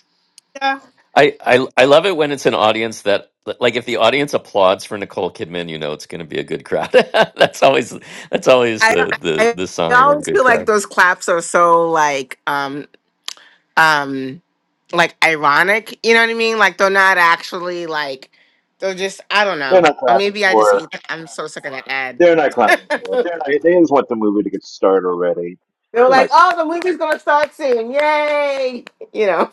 [SPEAKER 9] yeah
[SPEAKER 12] I, I I love it when it's an audience that like if the audience applauds for Nicole Kidman, you know it's going to be a good crowd. that's always that's always
[SPEAKER 10] I
[SPEAKER 12] the the
[SPEAKER 10] I
[SPEAKER 12] the
[SPEAKER 10] I
[SPEAKER 12] sign of a
[SPEAKER 10] always
[SPEAKER 12] good
[SPEAKER 10] feel like
[SPEAKER 12] crowd.
[SPEAKER 10] those claps are so like um um like ironic. You know what I mean? Like they're not actually like they're just I don't
[SPEAKER 8] They're
[SPEAKER 10] know.
[SPEAKER 8] not
[SPEAKER 10] Or
[SPEAKER 8] clapping
[SPEAKER 10] maybe I just
[SPEAKER 8] for
[SPEAKER 10] hate that. I'm so sick of that ad.
[SPEAKER 8] They're not clapping for her. They, they just want the movie to get started already.
[SPEAKER 10] They were
[SPEAKER 8] They're
[SPEAKER 10] like,
[SPEAKER 8] not.
[SPEAKER 10] "Oh, the movie's gonna start soon! Yay!" You know.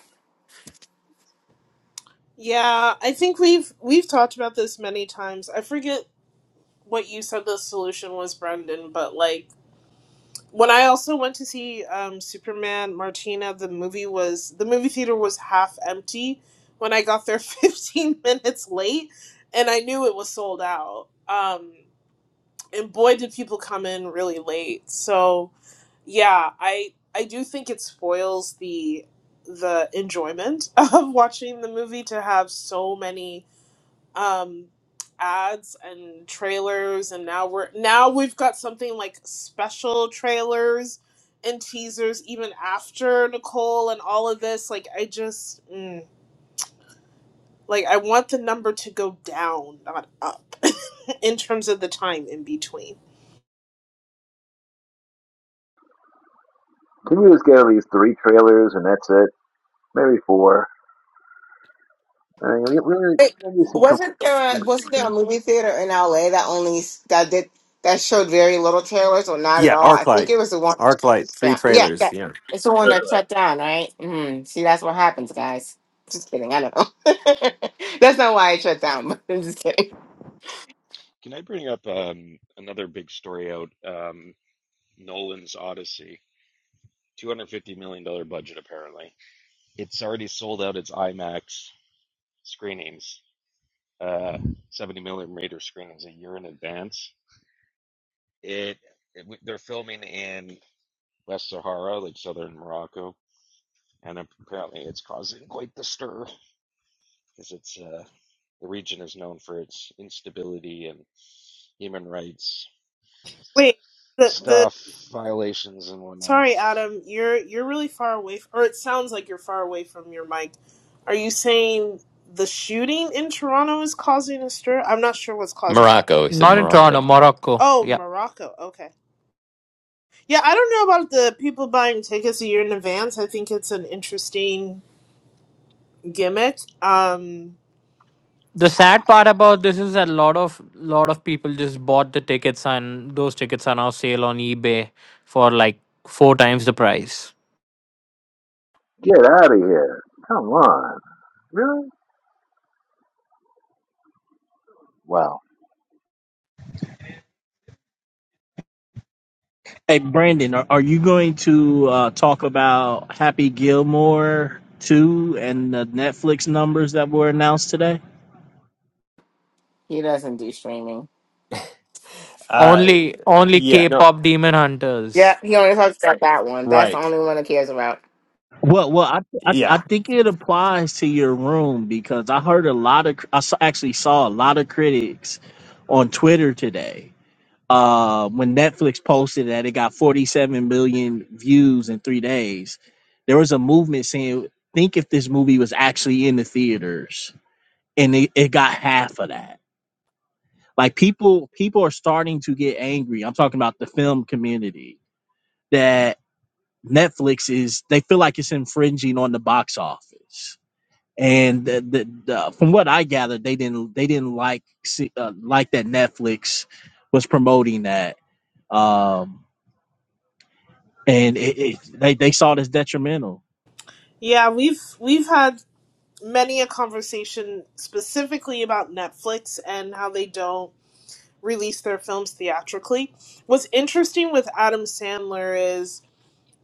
[SPEAKER 9] yeah I think we've we've talked about this many times I forget what you said the solution was Brendan but like When I also went to see um, Superman Martina, the movie was the movie theater was half empty when I got there 15 minutes late, and I knew it was sold out. Um, and boy, did people come in really late. So yeah, I I do think it spoils the the enjoyment of watching the movie to have so many um ads and trailers and now we're now we've got something like special trailers and teasers even after Nicole and all of this like I just mm, like I want the number to go down not up in terms of the time in between
[SPEAKER 8] Can we just get at least three trailers and that's it? Maybe four. I mean, we, we,
[SPEAKER 10] Wait,
[SPEAKER 8] need to see
[SPEAKER 10] wasn't there a, wasn't there a
[SPEAKER 8] commercials.
[SPEAKER 10] movie theater in LA that only s- that did that showed very little trailers or not at
[SPEAKER 1] yeah
[SPEAKER 10] all? I think
[SPEAKER 1] arclight
[SPEAKER 10] it was the one.
[SPEAKER 1] arclight three
[SPEAKER 10] Yeah, yeah,
[SPEAKER 1] trailers
[SPEAKER 10] that,
[SPEAKER 1] yeah
[SPEAKER 10] it's the one that shut down, right? Mm, see, that's what happens, guys. Just kidding. I don't know. that's not why it shut down. But I'm just kidding.
[SPEAKER 15] Can I bring up um, another big story out? Um, Nolan's Odyssey, $250 million dollars budget, apparently. It's already sold out its IMAX screenings, uh, 70 millimeter screenings a year in advance. It, it They're filming in West Sahara, like southern Morocco, and apparently it's causing quite the stir because it's uh, the region is known for its instability and human rights
[SPEAKER 9] wait the the
[SPEAKER 15] stuff, violations, and whatnot.
[SPEAKER 9] sorry Adam you're you're really far away f- or it sounds like you're far away from your mic are you saying the shooting in Toronto is causing a stir I'm not sure what's causing
[SPEAKER 12] Morocco, he said
[SPEAKER 14] Not in
[SPEAKER 12] Morocco.
[SPEAKER 14] Toronto, Morocco.
[SPEAKER 9] Oh,
[SPEAKER 14] Yeah.
[SPEAKER 9] Morocco. Okay. Yeah, I don't know about the people buying tickets a year in advance. I think it's an interesting gimmick. Um
[SPEAKER 14] The
[SPEAKER 9] I-
[SPEAKER 14] sad part about this is that a lot of lot of people just bought the tickets and those tickets are now sale on eBay for like four times the price.
[SPEAKER 8] Get out of here. Come on. Really? Wow.
[SPEAKER 18] Hey, Brandon, are, are you going to uh, talk about Happy Gilmore 2 and the Netflix numbers that were announced today?
[SPEAKER 10] He doesn't do streaming.
[SPEAKER 1] Uh,
[SPEAKER 14] Only only
[SPEAKER 1] yeah, no,
[SPEAKER 14] K-pop demon
[SPEAKER 10] Yeah,
[SPEAKER 14] hunters.
[SPEAKER 10] he only talks about that one. That's the
[SPEAKER 1] right.
[SPEAKER 10] only one he cares about.
[SPEAKER 18] Well, well, I, I I
[SPEAKER 1] Yeah.
[SPEAKER 18] think it applies to your room because I heard a lot of I s- actually saw a lot of critics on Twitter today uh, when Netflix posted that it got 47 million views in three days. There was a movement saying, "Think if this movie was actually in the theaters," and it, it got half of that. like people people are starting to get angry i'm talking about the film community that netflix is they feel like it's infringing on the box office and the, the, the, from what i gathered they didn't they didn't like uh, like that netflix was promoting that um and it, it, they, they saw it as detrimental
[SPEAKER 9] yeah, we've we've had many a conversation specifically about Netflix and how they don't release their films theatrically. What's interesting with Adam Sandler is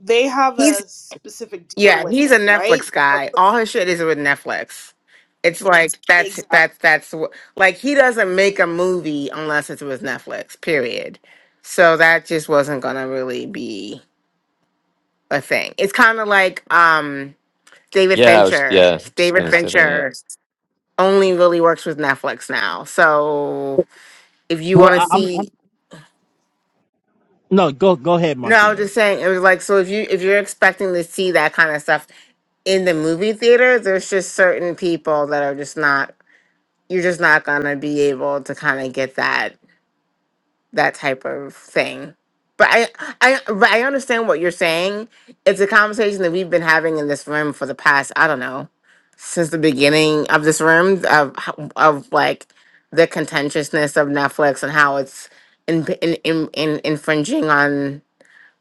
[SPEAKER 9] they have a specific deal
[SPEAKER 10] Yeah,
[SPEAKER 9] with
[SPEAKER 10] he's a
[SPEAKER 9] him, right?
[SPEAKER 10] Netflix guy. All his shit is with Netflix. It's like that's
[SPEAKER 9] Exactly.
[SPEAKER 10] that's that's wh- like he doesn't make a movie unless it's with Netflix. Period. So that just wasn't gonna really be a thing. It's kind of like um David
[SPEAKER 12] Yeah, I was
[SPEAKER 10] Fincher.
[SPEAKER 12] yeah, just
[SPEAKER 10] David
[SPEAKER 12] going to say that.
[SPEAKER 10] Fincher only really works with Netflix now. So if you
[SPEAKER 18] well
[SPEAKER 10] want to
[SPEAKER 18] I, I'm, I'm
[SPEAKER 10] see,
[SPEAKER 18] no go go ahead
[SPEAKER 10] no, I was
[SPEAKER 18] martina
[SPEAKER 10] just saying it was like so if you if you're expecting to see that kind of stuff in the movie theater, there's just certain people that are just not. you're just not gonna be able to kind of get that that type of thing. But I, I, but I understand what you're saying. It's a conversation that we've been having in this room for the past, I don't know, since the beginning of this room of h- of like the contentiousness of Netflix and how it's in, in, in, in infringing on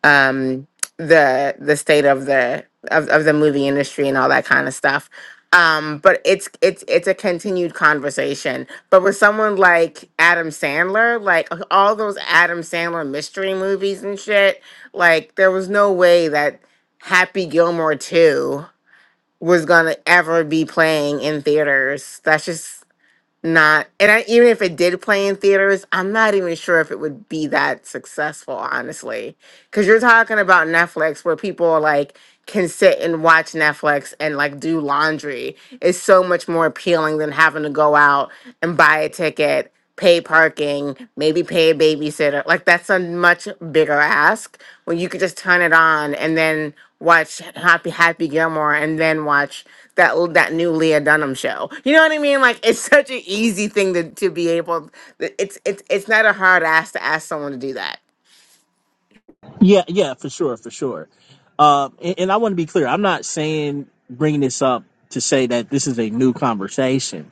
[SPEAKER 10] um the the state of the of, of the movie industry and all that kind of stuff um but it's it's it's a continued conversation but with someone like adam sandler like uh, all those adam sandler mystery movies and shit like there was no way that happy gilmore 2 was gonna ever be playing in theaters that's just not and I, even if it did play in theaters i'm not even sure if it would be that successful honestly Cause you're talking about Netflix where people like can sit and watch Netflix and like do laundry. It's so much more appealing than having to go out and buy a ticket, pay parking, maybe pay a babysitter. Like that's a much bigger ask when you could just turn it on and then watch Happy Happy Gilmore and then watch that l- that new Leah Dunham show. You know what I mean? Like it's such an easy thing to, to be able it's it's it's not a hard ask to ask someone to do that.
[SPEAKER 18] Yeah, yeah, for sure, for sure. Um, and, and I want to be clear. I'm not saying bringing this up to say that this is a new conversation.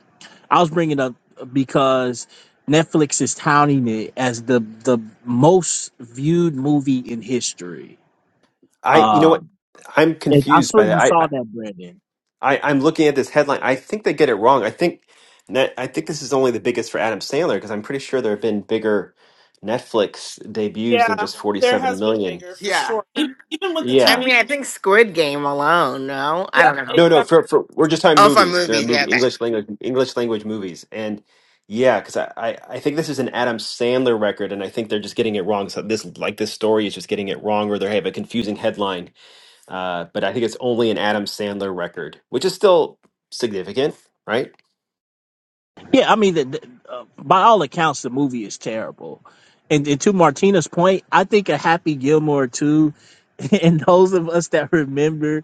[SPEAKER 18] I was bringing it up uh, because Netflix is touting it as the the most viewed movie in history.
[SPEAKER 1] I, you know what?
[SPEAKER 18] Um,
[SPEAKER 1] I'm
[SPEAKER 18] and I
[SPEAKER 1] confused
[SPEAKER 18] swear
[SPEAKER 1] by that.
[SPEAKER 18] you
[SPEAKER 1] I, I,
[SPEAKER 18] saw that, Brandon.
[SPEAKER 1] I- I'm looking at this headline. I think they get it wrong. I think net, I think this is only the biggest for Adam Sandler because I'm pretty sure there have been bigger Netflix debuts than
[SPEAKER 9] Yeah,
[SPEAKER 1] just
[SPEAKER 9] there
[SPEAKER 1] 47
[SPEAKER 9] has been
[SPEAKER 1] million.
[SPEAKER 9] bigger for sure. Even even with the
[SPEAKER 10] I
[SPEAKER 1] Yeah.
[SPEAKER 9] TV.
[SPEAKER 10] mean, I think Squid Game alone. No, I don't
[SPEAKER 9] Yep,
[SPEAKER 10] know.
[SPEAKER 9] exactly.
[SPEAKER 1] No, no, for, for we're just talking
[SPEAKER 10] Oh, for
[SPEAKER 1] movies, the
[SPEAKER 10] movies, yeah.
[SPEAKER 1] movie
[SPEAKER 10] Okay.
[SPEAKER 1] English language English language movies. And yeah, because I, I, I think this is an Adam Sandler record and I think they're just getting it wrong. So this like this story is just getting it wrong or they have a confusing headline. uh, but I think it's only an Adam Sandler record, which is still significant, right?
[SPEAKER 18] Yeah, I mean, the, the, uh, by all accounts, the movie is terrible. And, and to Martina's point, I think a Happy Gilmore too, and those of us that remember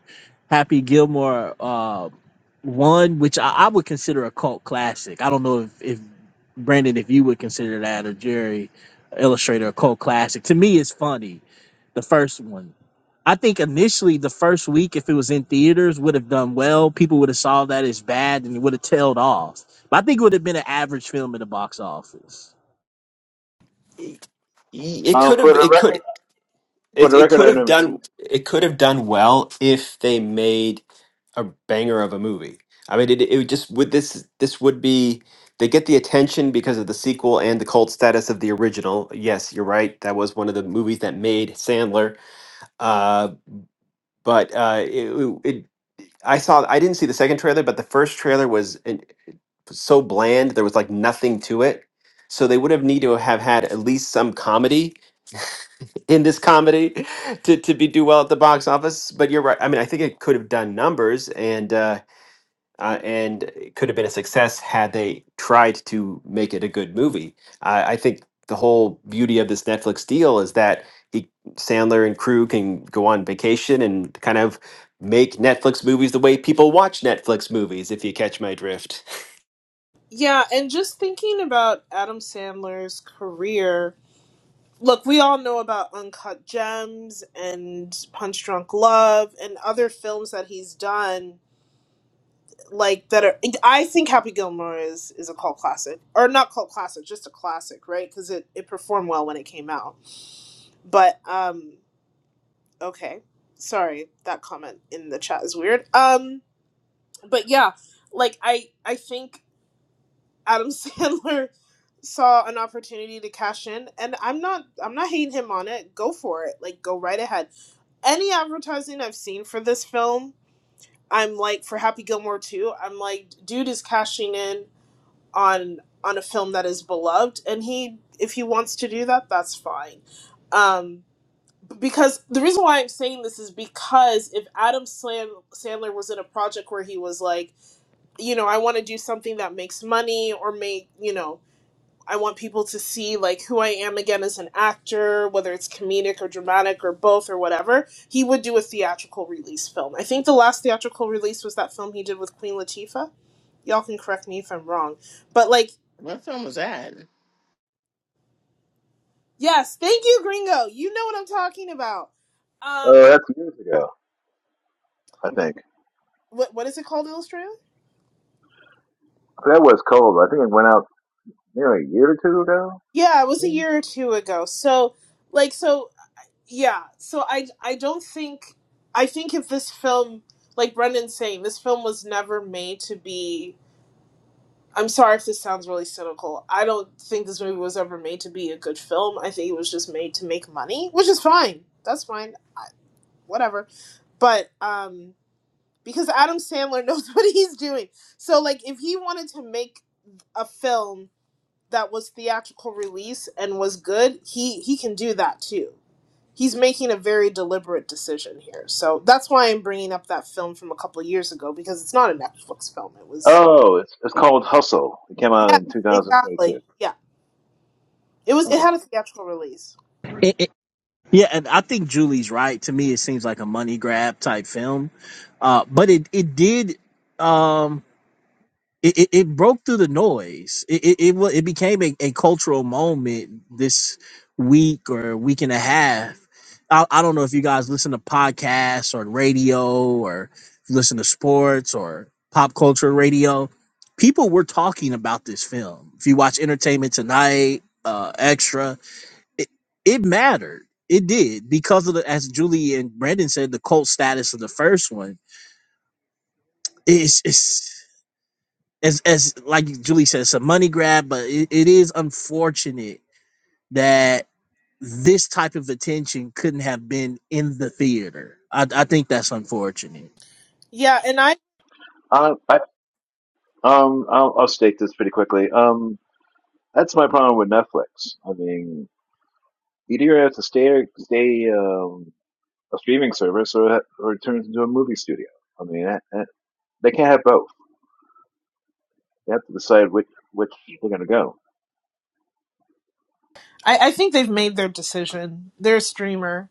[SPEAKER 18] Happy Gilmore uh, one, which I, I would consider a cult classic. I don't know if, if Brandon, if you would consider that or Jerry Illustrator a cult classic. To me, it's funny, the first one I think initially the first week, if it was in theaters, would have done well. People would have saw that as bad and it would have tailed off. But I think it would have been an average film at the box office.
[SPEAKER 1] It it
[SPEAKER 8] Um,
[SPEAKER 1] could
[SPEAKER 8] for
[SPEAKER 1] have
[SPEAKER 8] the
[SPEAKER 1] it
[SPEAKER 8] record,
[SPEAKER 1] could
[SPEAKER 8] for
[SPEAKER 1] it,
[SPEAKER 8] the
[SPEAKER 1] it
[SPEAKER 8] record,
[SPEAKER 1] could
[SPEAKER 8] I
[SPEAKER 1] have
[SPEAKER 8] never seen.
[SPEAKER 1] done it could have done well if they made a banger of a movie. I mean, it, it would just would this this would be they get the attention because of the sequel and the cult status of the original. Yes, you're right. That was one of the movies that made Sandler. Uh, but uh, it, it I saw I didn't see the second trailer, but the first trailer was. so bland. There was like nothing to it. So they would have needed to have had at least some comedy in this comedy to, to be do well at the box office. But you're right. I mean, I think it could have done numbers and uh, uh, and it could have been a success had they tried to make it a good movie. I, I think the whole beauty of this Netflix deal is that he, Sandler and crew can go on vacation and kind of make Netflix movies the way people watch Netflix movies. If you catch my drift.
[SPEAKER 9] Yeah, and just thinking about Adam Sandler's career, look, we all know about Uncut Gems and Punch Drunk Love and other films that he's done, like that are. I think Happy Gilmore is is a cult classic, or not cult classic, just a classic, right? Because it it performed well when it came out. But um, okay, sorry, that comment in the chat is weird. Um, but yeah, like I I think Adam Sandler saw an opportunity to cash in and I'm not I'm not hating him on it. Go for it. Like go right ahead. Any advertising I've seen for this film, I'm like for Happy Gilmore 2, I'm like dude is cashing in on on a film that is beloved and he if he wants to do that, that's fine. Um because the reason why I'm saying this is because if Adam Sandler was in a project where he was like you know, I want to do something that makes money or make, you know, I want people to see like who I am again as an actor, whether it's comedic or dramatic or both or whatever. He would do a theatrical release film. I think the last theatrical release was that film he did with Queen Latifah. Y'all can correct me if I'm wrong. But like,
[SPEAKER 10] What film was that?
[SPEAKER 9] yes, thank you, Gringo. You know what I'm talking about.
[SPEAKER 8] Oh,
[SPEAKER 9] Um
[SPEAKER 8] uh, that's years ago. I think.
[SPEAKER 9] what what is it called, Illustrator?
[SPEAKER 8] That was cold. I think it went out nearly a year or two ago.
[SPEAKER 9] Yeah, it was a
[SPEAKER 8] Yeah.
[SPEAKER 9] year or two ago. So like so yeah. So I I don't think I think if this film like Brendan's saying, this film was never made to be I'm sorry if this sounds really cynical. I don't think this movie was ever made to be a good film. I think it was just made to make money, which is fine. That's fine. I, whatever. But um because Adam Sandler knows what he's doing. So like if he wanted to make a film that was theatrical release and was good, he he can do that too. He's making a very deliberate decision here. So that's why I'm bringing up that film from a couple of years ago because it's not a Netflix film. It was
[SPEAKER 8] Oh, it's it's called Hustle. It came out
[SPEAKER 9] Yeah,
[SPEAKER 8] in 2022.
[SPEAKER 9] exactly. Yeah. It was it
[SPEAKER 8] Okay.
[SPEAKER 9] had a theatrical release.
[SPEAKER 18] It, it, Yeah, and I think Julie's right. To me, it seems like a money grab type film. Uh, but it it did. Um, it, it, it broke through the noise. It it, it, wa- it became a, a cultural moment this week or week and a half. I, I don't know if you guys listen to podcasts or radio or listen to sports or pop culture radio. People were talking about this film. If you watch Entertainment Tonight, uh, Extra, it, it mattered. It did because of the, as Julie and Brandon said, the cult status of the first one. It's it's as as like Julie said, it's a money grab, but it, it is unfortunate that this type of attention couldn't have been in the theater. I, I think that's unfortunate.
[SPEAKER 9] Yeah, and I,
[SPEAKER 8] Um, I Um, I'll, I'll state this pretty quickly. Um, that's my problem with Netflix. I mean, either you either have to stay stay um, a streaming service, or it- or it turns into a movie studio. I mean, that, that, they can't have both. They have to decide which which they're going to go.
[SPEAKER 9] I I think they've made their decision. They're a streamer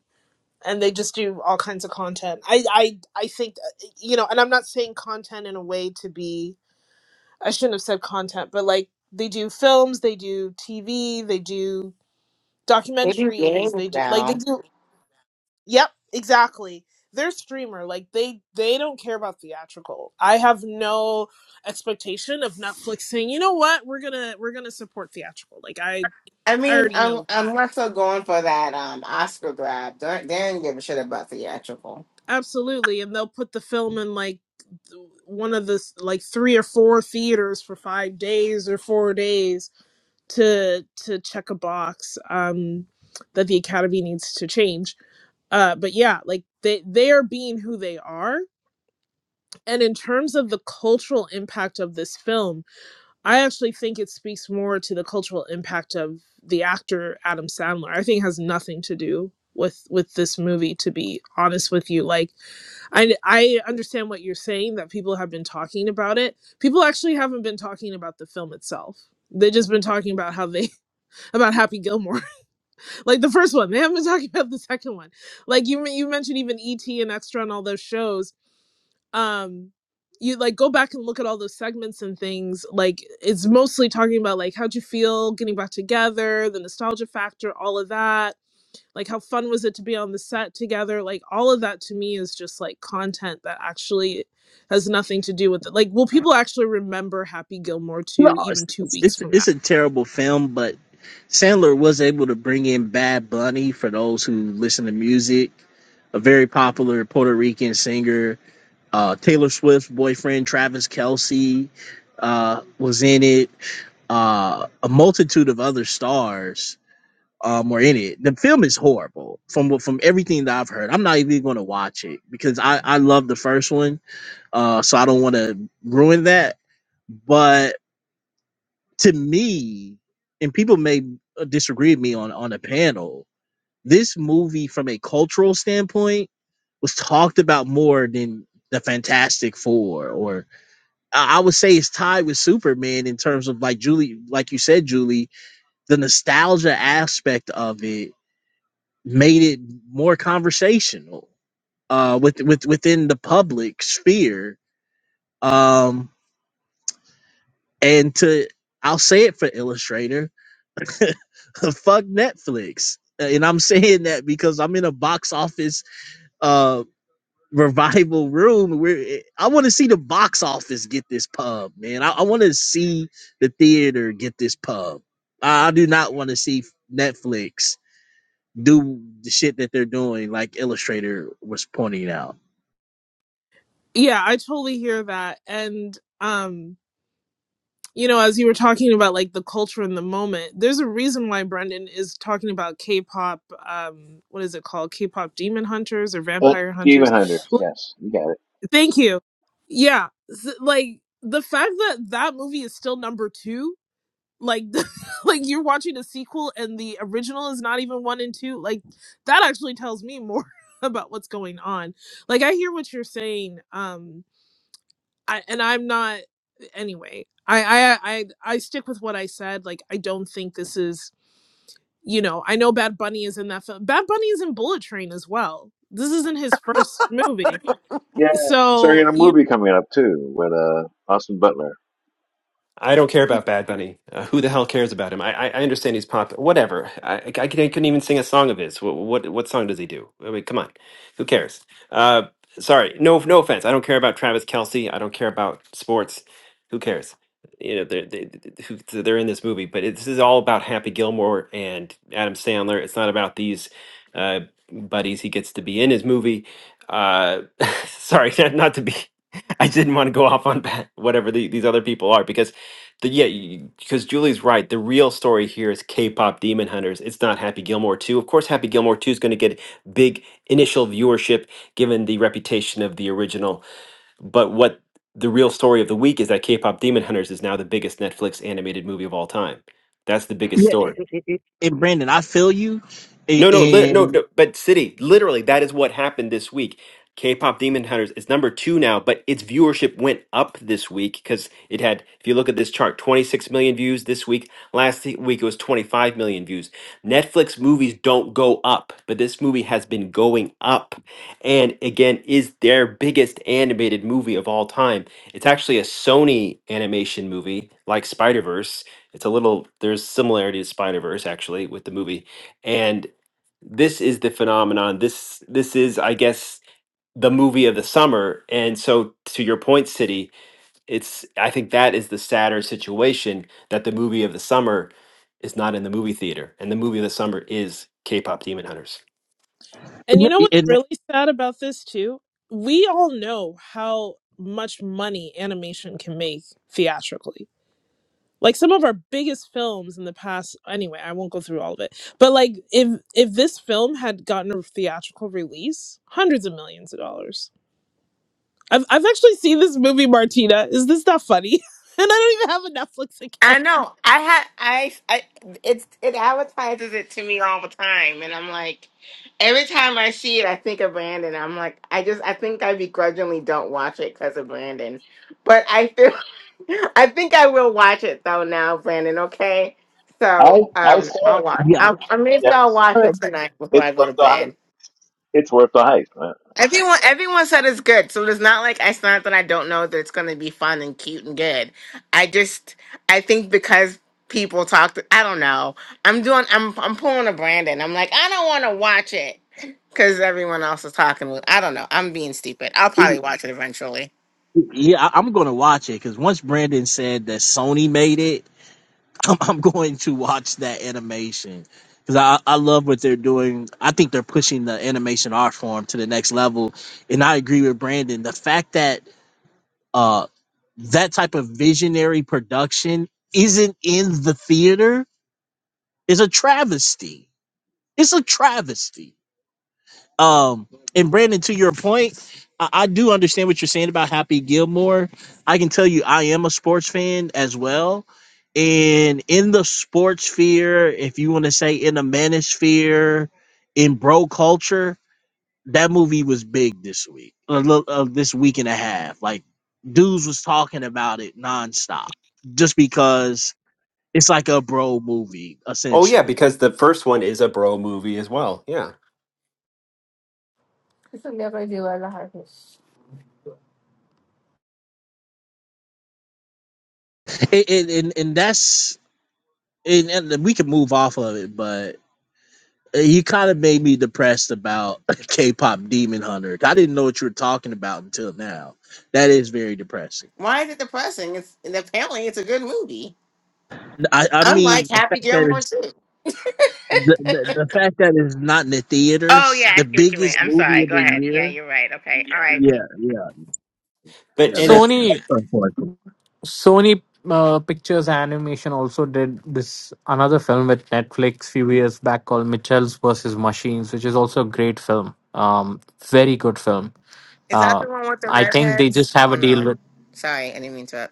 [SPEAKER 9] and they just do all kinds of content. I I I think uh, you know, and I'm not saying content in a way to be I shouldn't have said content, but like they do films, they do TV, they do
[SPEAKER 10] They do
[SPEAKER 9] documentaries,
[SPEAKER 10] games
[SPEAKER 9] they do like they
[SPEAKER 10] now.
[SPEAKER 9] do Yep, exactly. They're a streamer. Like they they don't care about theatrical. I have no expectation of Netflix saying, "You know what? We're going to we're going to support theatrical." Like I
[SPEAKER 10] I
[SPEAKER 9] I
[SPEAKER 10] mean,
[SPEAKER 9] already
[SPEAKER 10] un-
[SPEAKER 9] know that.
[SPEAKER 10] unless they're going for that um Oscar grab, they're- they didn't give a shit about theatrical.
[SPEAKER 9] Absolutely. And they'll put the film in like th- one of the s- like three or four theaters for 5 days or 4 days to to check a box um that the academy needs to change. Uh but yeah, like they they are being who they are. And in terms of the cultural impact of this film, I actually think it speaks more to the cultural impact of the actor Adam Sandler. I think it has nothing to do with with this movie to be honest with you. Like I I understand what you're saying that people have been talking about it. People actually haven't been talking about the film itself. They've just been talking about how they about Happy Gilmore, like the first one. They haven't been talking about the second one. Like you you mentioned even ET and Extra and all those shows. Um, you like go back and look at all those segments and things. Like it's mostly talking about like how'd you feel getting back together, the nostalgia factor, all of that like how fun was it to be on the set together like all of that to me is just like content that actually has nothing to do with it like will people actually remember happy gilmore
[SPEAKER 18] No,
[SPEAKER 9] 2
[SPEAKER 18] it's,
[SPEAKER 9] even two
[SPEAKER 18] it's
[SPEAKER 9] weeks
[SPEAKER 18] it's
[SPEAKER 9] from now
[SPEAKER 18] it's a terrible film, but Sandler was able to bring in Bad Bunny for those who listen to music, a very popular Puerto Rican singer. Uh, Taylor Swift's boyfriend Travis Kelsey uh, was in it. Uh, a multitude of other stars um were in it. The film is horrible from what- from everything that I've heard. I'm not even going to watch it because I I love the first one, uh, so I don't want to ruin that. But to me, and people may uh, disagree with me on on a panel, this movie from a cultural standpoint was talked about more than the Fantastic Four, or I I would say it's tied with Superman in terms of like Julie, like you said, Julie, the nostalgia aspect of it made it more conversational uh with with within the public sphere um and to i'll say it for illustrator fuck netflix Uh, and i'm saying that because i'm in a box office uh revival room where eh, i want to see the box office get this pub man i, I want to see the theater get this pub i, I do not want to see netflix do the shit that they're doing like illustrator was pointing out
[SPEAKER 9] yeah i totally hear that and um you know as you were talking about like the culture in the moment there's a reason why brendan is talking about k-pop um what is it called k-pop demon hunters or
[SPEAKER 8] Uh,
[SPEAKER 9] vampire
[SPEAKER 8] Demon
[SPEAKER 9] hunters
[SPEAKER 8] Hunters,
[SPEAKER 9] like
[SPEAKER 8] yes, you got it.
[SPEAKER 9] thank you yeah s- like the fact that that movie is still number two like like you're watching a sequel and the original is not even one and two like that actually tells me more about what's going on like i hear what you're saying um I, and i'm not anyway I, I i i stick with what i said like i don't think this is you know i know bad bunny is in that film bad bunny is in bullet train as well this isn't his first movie
[SPEAKER 8] Yes, he's
[SPEAKER 9] so
[SPEAKER 8] starting a
[SPEAKER 9] you
[SPEAKER 8] movie coming up too with uh Austin Butler.
[SPEAKER 1] I don't care about Bad Bunny. Uh, who the hell cares about him? I I, I understand he's pop. Whatever. I, I, I couldn't even sing a song of his. What, what what song does he do? I mean, come on. Who cares? Uh, sorry. No no offense. I don't care about Travis Kelsey. I don't care about sports. Who cares? You know they're they, who- they're in this movie, but it, this is all about Happy Gilmore and Adam Sandler. It's not about these uh, buddies he gets to be in his movie. Uh, sorry, not, not to be. I didn't want to go off on whatever the, these other people are because the, yeah, because Julie's right. The real story here is K-pop Demon Hunters. It's not Happy Gilmore 2. Of course, Happy Gilmore 2 is going to get big initial viewership given the reputation of the original. But what the real story of the week is that K-pop Demon Hunters is now the biggest Netflix animated movie of all time. That's the biggest
[SPEAKER 18] Yeah,
[SPEAKER 1] story.
[SPEAKER 18] it, it, it, it- and Brandon, I feel you, A-
[SPEAKER 1] No, no, lit no,
[SPEAKER 18] and,
[SPEAKER 1] no, but City, literally, that is what happened this week. K-pop Demon Hunters is number two now, but its viewership went up this week because it had, if you look at this chart, 26 million views this week. Last th- week it was 25 million views. Netflix movies don't go up, but this movie has been going up and again is their biggest animated movie of all time. It's actually a Sony animation movie like Spider-Verse. It's a little, there's similarity to Spider-Verse actually with the movie. And this is the phenomenon. This this is, I guess, the movie of the summer. And so, to your point, City, it's I think that is the sadder situation that the movie of the summer is not in the movie theater, and the movie of the summer is K-pop Demon Hunters.
[SPEAKER 9] And you know what's
[SPEAKER 18] and
[SPEAKER 9] really sad about this too? We all know how much money animation can make theatrically. Like some of our biggest films in the past anyway, I won't go through all of it. But like if if this film had gotten a theatrical release, hundreds of millions of dollars. I've I've actually seen this movie Martina. Is this not funny? and I don't even have a Netflix
[SPEAKER 10] I
[SPEAKER 9] account.
[SPEAKER 10] know. I had I I it's it advertises it to me all the time, and I'm like, every time I see it, I think of Brandon. I'm like, I just I think I begrudgingly don't watch it because of Brandon, but I feel I think I will watch it though now, Brandon. Okay,
[SPEAKER 8] I
[SPEAKER 10] so
[SPEAKER 8] I
[SPEAKER 10] um,
[SPEAKER 8] saw
[SPEAKER 10] I'll
[SPEAKER 8] it.
[SPEAKER 10] watch.
[SPEAKER 18] yeah,
[SPEAKER 10] I'll, or maybe I'll
[SPEAKER 8] Yes,
[SPEAKER 10] watch it
[SPEAKER 13] but
[SPEAKER 10] tonight before I
[SPEAKER 8] it's
[SPEAKER 10] go
[SPEAKER 8] worth
[SPEAKER 10] to
[SPEAKER 8] the
[SPEAKER 10] bed.
[SPEAKER 8] hype. It's worth the hype.
[SPEAKER 10] Everyone, everyone said it's good, so it's not like it's not that I don't know that it's going to be fun and cute and good. I just, I think because people talked, I don't know. I'm doing, I'm, I'm pulling a Brandon. I'm like, I don't want to watch it because everyone else is talking. I don't know. I'm being stupid. I'll probably watch it eventually.
[SPEAKER 18] yeah, I- I'm gonna watch it because once Brandon said that Sony made it, I'm, I'm going to watch that animation because I, I love what they're doing. I think they're pushing the animation art form to the next level, and I agree with Brandon. The fact that uh that type of visionary production isn't in the theater is a travesty. It's a travesty Um, and Brandon, to your point, I, I do understand what you're saying about Happy Gilmore. I can tell you, I am a sports fan as well. And in the sports sphere, if you want to say in the manosphere, in bro culture, that movie was big this week, uh, lo- uh, this week and a half. Like, dudes was talking about it nonstop just because it's like a bro movie,
[SPEAKER 1] Oh yeah,
[SPEAKER 18] essentially.
[SPEAKER 1] because the first one is a bro movie as well. Yeah,
[SPEAKER 14] Sony
[SPEAKER 18] And, and, and and that's, and, and we can move off of it, but You kind of made me depressed about K-pop Demon Hunter. I didn't know what you were talking about until now. That is very depressing.
[SPEAKER 10] Why is it depressing? It's apparently it's a good movie.
[SPEAKER 18] I, I
[SPEAKER 10] Unlike
[SPEAKER 18] mean, the
[SPEAKER 10] Happy
[SPEAKER 18] fact that
[SPEAKER 10] Gilmore
[SPEAKER 18] it's,
[SPEAKER 10] too.
[SPEAKER 18] the, the, the fact that it's not in the
[SPEAKER 10] Oh
[SPEAKER 18] theaters,
[SPEAKER 10] yeah, I
[SPEAKER 18] the
[SPEAKER 10] see what you mean.
[SPEAKER 18] biggest
[SPEAKER 10] I'm
[SPEAKER 18] movie
[SPEAKER 10] sorry.
[SPEAKER 18] of
[SPEAKER 10] Go
[SPEAKER 18] the
[SPEAKER 10] ahead. Yeah,
[SPEAKER 18] year.
[SPEAKER 10] you're right. Okay.
[SPEAKER 18] Yeah,
[SPEAKER 10] R.I.P.
[SPEAKER 18] yeah,
[SPEAKER 1] but
[SPEAKER 18] yeah.
[SPEAKER 1] and it's
[SPEAKER 18] That's that's unfortunate.
[SPEAKER 14] Sony uh, Pictures Animation also did this another film with Netflix few years back called Mitchells versus Machines, which is also a great film. Um, very good film.
[SPEAKER 10] Is that
[SPEAKER 14] Uh,
[SPEAKER 10] the one with the
[SPEAKER 14] I think they
[SPEAKER 10] redheads?
[SPEAKER 14] just have
[SPEAKER 10] Oh
[SPEAKER 14] a deal
[SPEAKER 10] no,
[SPEAKER 14] with.
[SPEAKER 10] sorry, I didn't mean to.